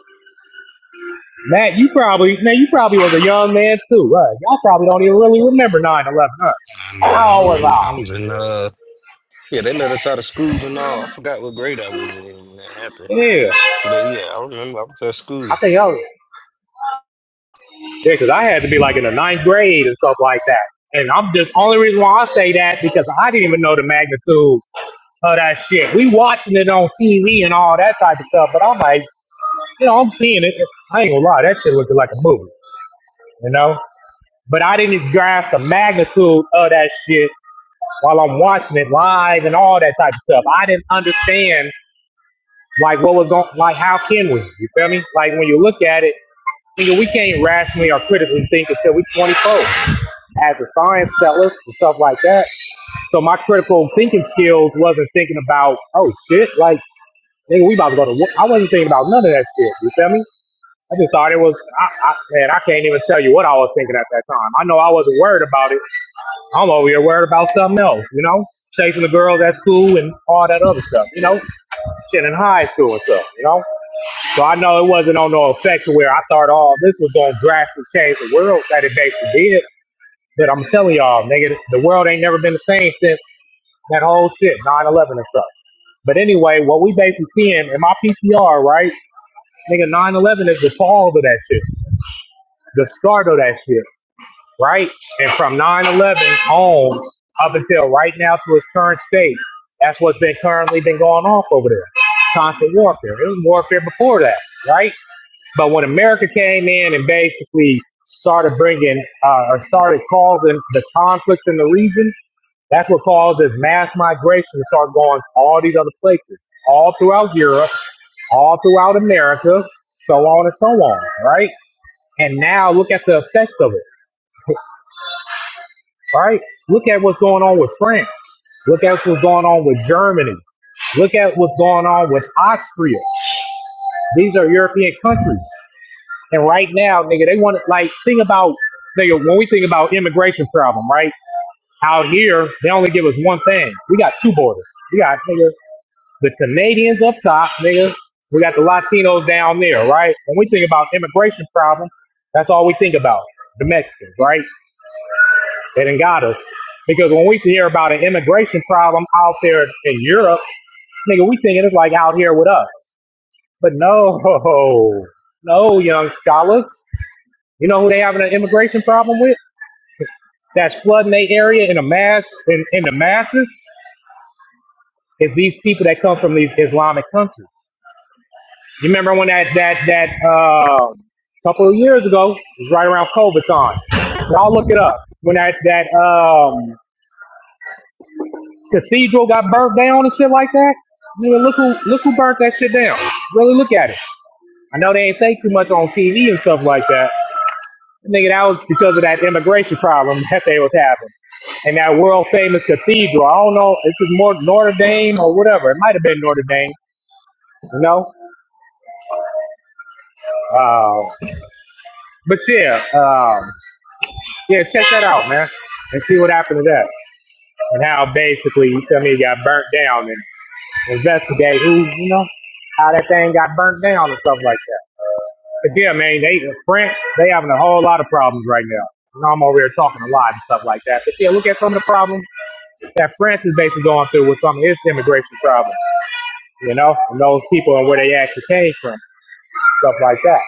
Speaker 10: Matt, you probably man, you probably was a young man too, right? Y'all probably don't even really remember 9-11, huh?
Speaker 2: Nah, nah,
Speaker 10: How
Speaker 2: I
Speaker 10: old was
Speaker 2: remember I was
Speaker 10: I?
Speaker 2: in uh yeah, they let us out of school and all. I forgot what grade I was in when that happened.
Speaker 10: Yeah,
Speaker 2: But yeah, I remember I was at school.
Speaker 10: I think I was yeah, because I had to be like in the ninth grade and stuff like that. And I'm just only reason why I say that because I didn't even know the magnitude of that shit. We watching it on TV and all that type of stuff, but I'm like, you know, I'm seeing it. I ain't gonna lie, that shit looking like a movie, you know. But I didn't grasp the magnitude of that shit while I'm watching it live and all that type of stuff. I didn't understand like what was going like how can we? You feel me? Like when you look at it, nigga, we can't rationally or critically think until we 24 as a science tellers and stuff like that. So my critical thinking skills wasn't thinking about, oh shit, like nigga, we about to go to. War. I wasn't thinking about none of that shit. You feel me? I just thought it was. I, I man, I can't even tell you what I was thinking at that time. I know I wasn't worried about it I'm over here worried about something else, you know? Chasing the girls at school and all that other stuff, you know? Shit in high school and stuff, you know? So I know it wasn't on no effect to where I thought all this was going to drastically change the world that it basically did. But I'm telling y'all, nigga, the world ain't never been the same since that whole shit, 9 11 and stuff. But anyway, what we basically seeing in my PTR, right? Nigga, 9 11 is the fall of that shit, the start of that shit. right? And from 9/11 on up until right now to its current state, that's what's been currently been going off over there. Constant warfare. It was warfare before that, right? But when America came in and basically started bringing uh, or started causing the conflicts in the region, that's what caused this mass migration to start going all these other places, all throughout Europe, all throughout America, so on and so on, right? And now look at the effects of it. All right. Look at what's going on with France. Look at what's going on with Germany. Look at what's going on with Austria. These are European countries. And right now, nigga, they want to, like, think about, nigga, when we think about immigration problem, right? Out here, they only give us one thing. We got two borders. We got, nigga, the Canadians up top, nigga. We got the Latinos down there, right? When we think about immigration problem, that's all we think about, the Mexicans, right? They done got us. Because when we hear about an immigration problem out there in Europe, nigga, we think it's like out here with us. But no, [LAUGHS] no, young scholars. You know who they having an immigration problem with? That's flooding their area in a mass in, in the masses is these people that come from these Islamic countries. You remember when that that that uh, couple of years ago, it was right around COVID time. Y'all look it up. When that that um, Cathedral got burnt down and shit like that. Nigga, look who look who burnt that shit down. Really look at it. I know they ain't say too much on TV and stuff like that. Nigga, that was because of that immigration problem [LAUGHS] that they was having. And that world famous cathedral. I don't know, if it was more Notre Dame or whatever. It might have been Notre Dame, you know? Uh, but yeah, um, yeah, check that out, man. And see what happened to that. And how basically you tell me it got burnt down and. investigate who, you know, how that thing got burnt down and stuff like that. But yeah, man, they the French, they having a whole lot of problems right now. You know, I'm over here talking a lot and stuff like that. But yeah, look at some of the problems that France is basically going through with some of its immigration problems, you know, and those people and where they actually came from, stuff like that.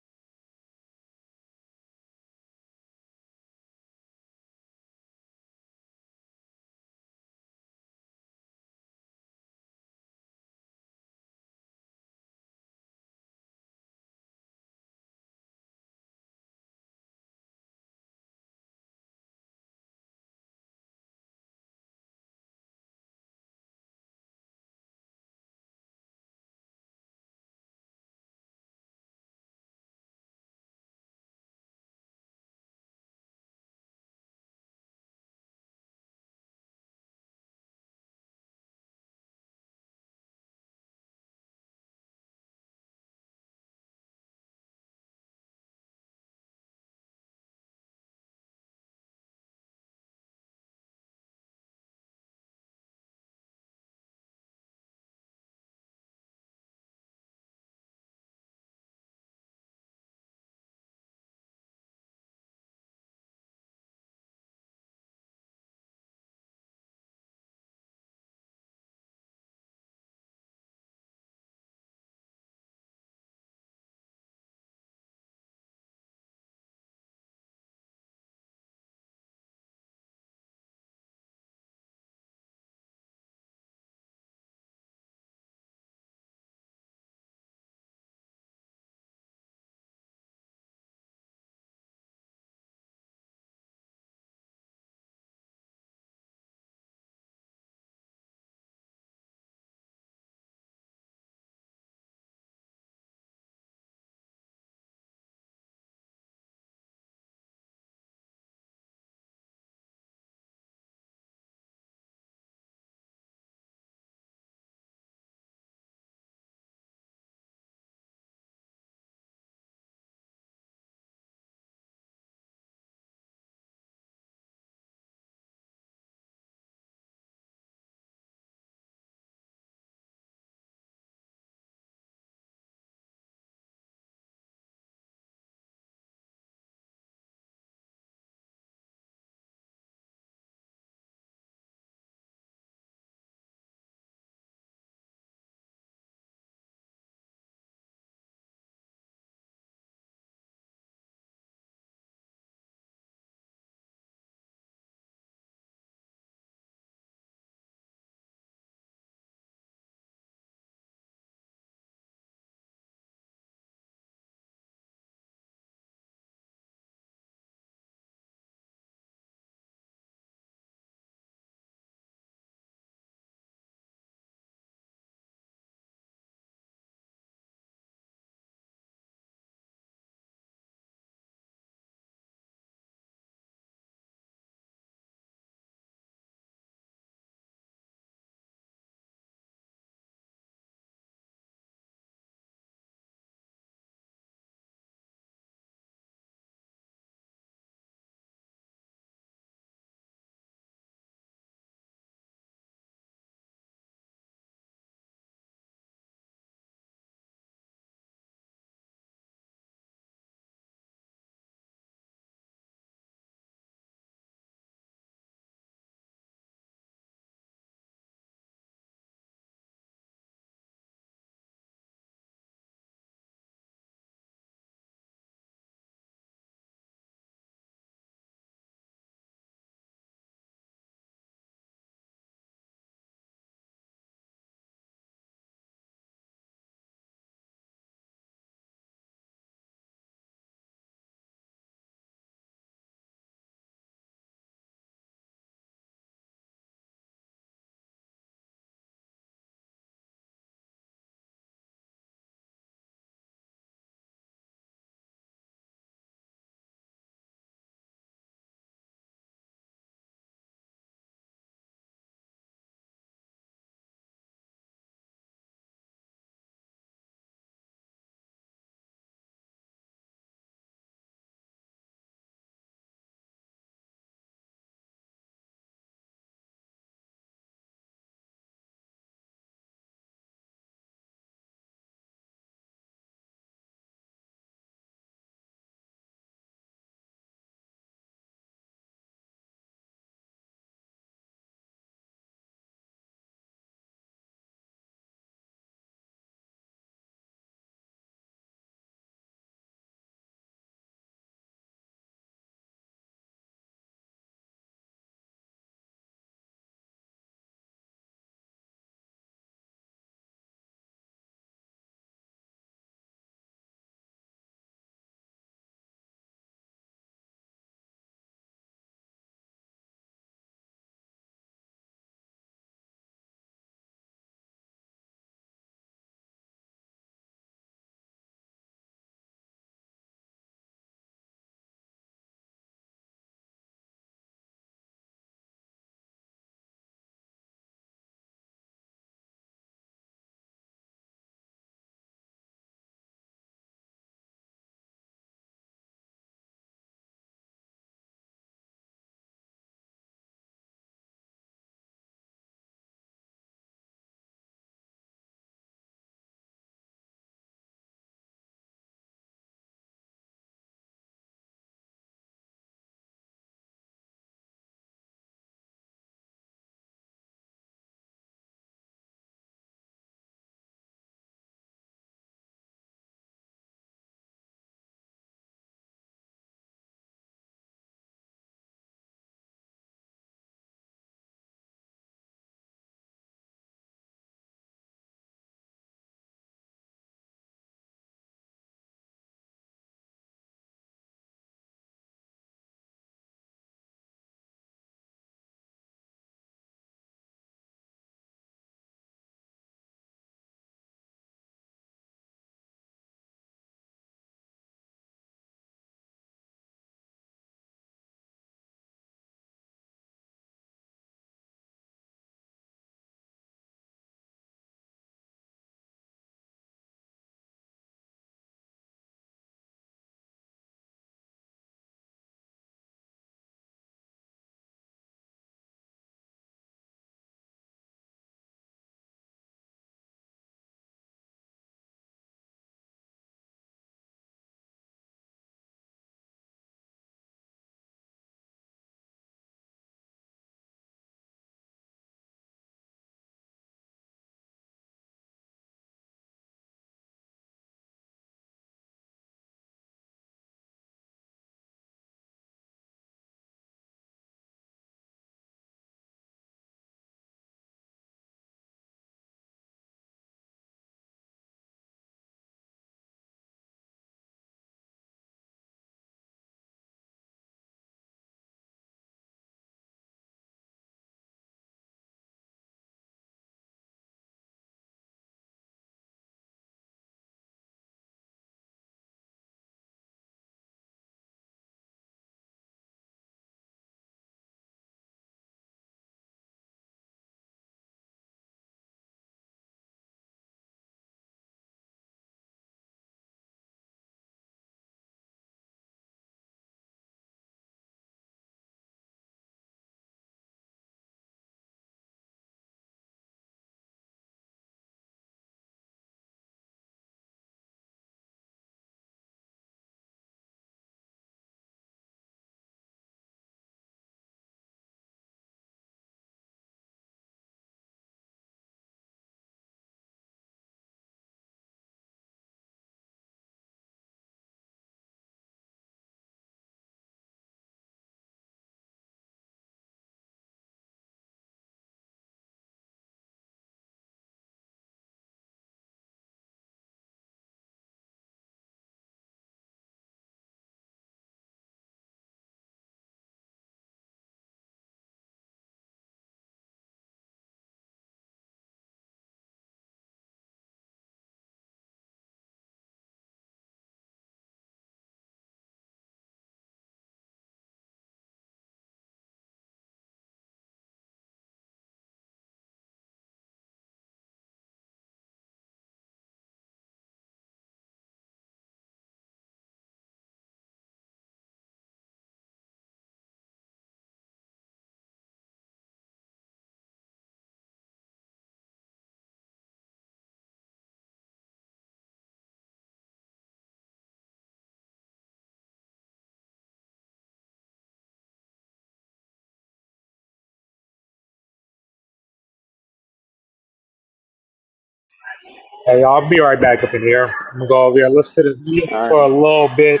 Speaker 10: Hey, I'll be right back up in here. I'm gonna go over here, listen to this music for
Speaker 11: right.
Speaker 10: a little bit,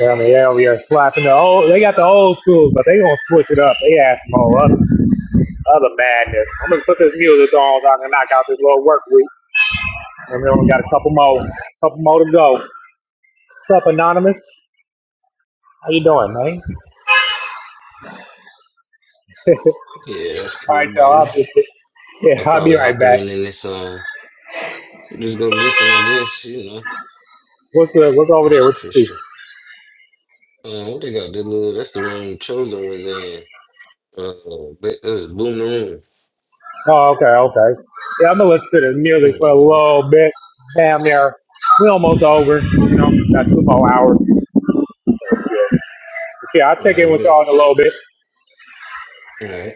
Speaker 10: I mean, yeah, we are slapping the old. They got the old school, but they gonna switch it up. They add some whole other, other madness. I'm gonna put this music on so I can knock out this little work week. And we only got a couple more, couple more to go. Sup, anonymous? How you doing, man?
Speaker 2: Yeah, that's
Speaker 10: All
Speaker 2: cool,
Speaker 10: right,
Speaker 2: bro.
Speaker 10: y'all. I'll be, yeah,
Speaker 2: I'll
Speaker 10: I'll be
Speaker 2: probably
Speaker 10: right
Speaker 2: hop
Speaker 10: back.
Speaker 2: in and this um just go listen, I guess, you know.
Speaker 10: What's the, what's over
Speaker 2: That's
Speaker 10: there?
Speaker 2: just
Speaker 10: What you see?
Speaker 2: Christian. Um, what they got the little that's the room chosen was in. Uh, but it was boom the room.
Speaker 10: Oh, okay, okay. Yeah, I'm gonna listen to this music for a
Speaker 2: Uh,
Speaker 10: little bit. Damn near, we almost over. You know, got two more hours. yeah, I'll
Speaker 2: all
Speaker 10: check
Speaker 2: right,
Speaker 10: in with y'all
Speaker 2: lit.
Speaker 10: in a little bit.
Speaker 2: All right.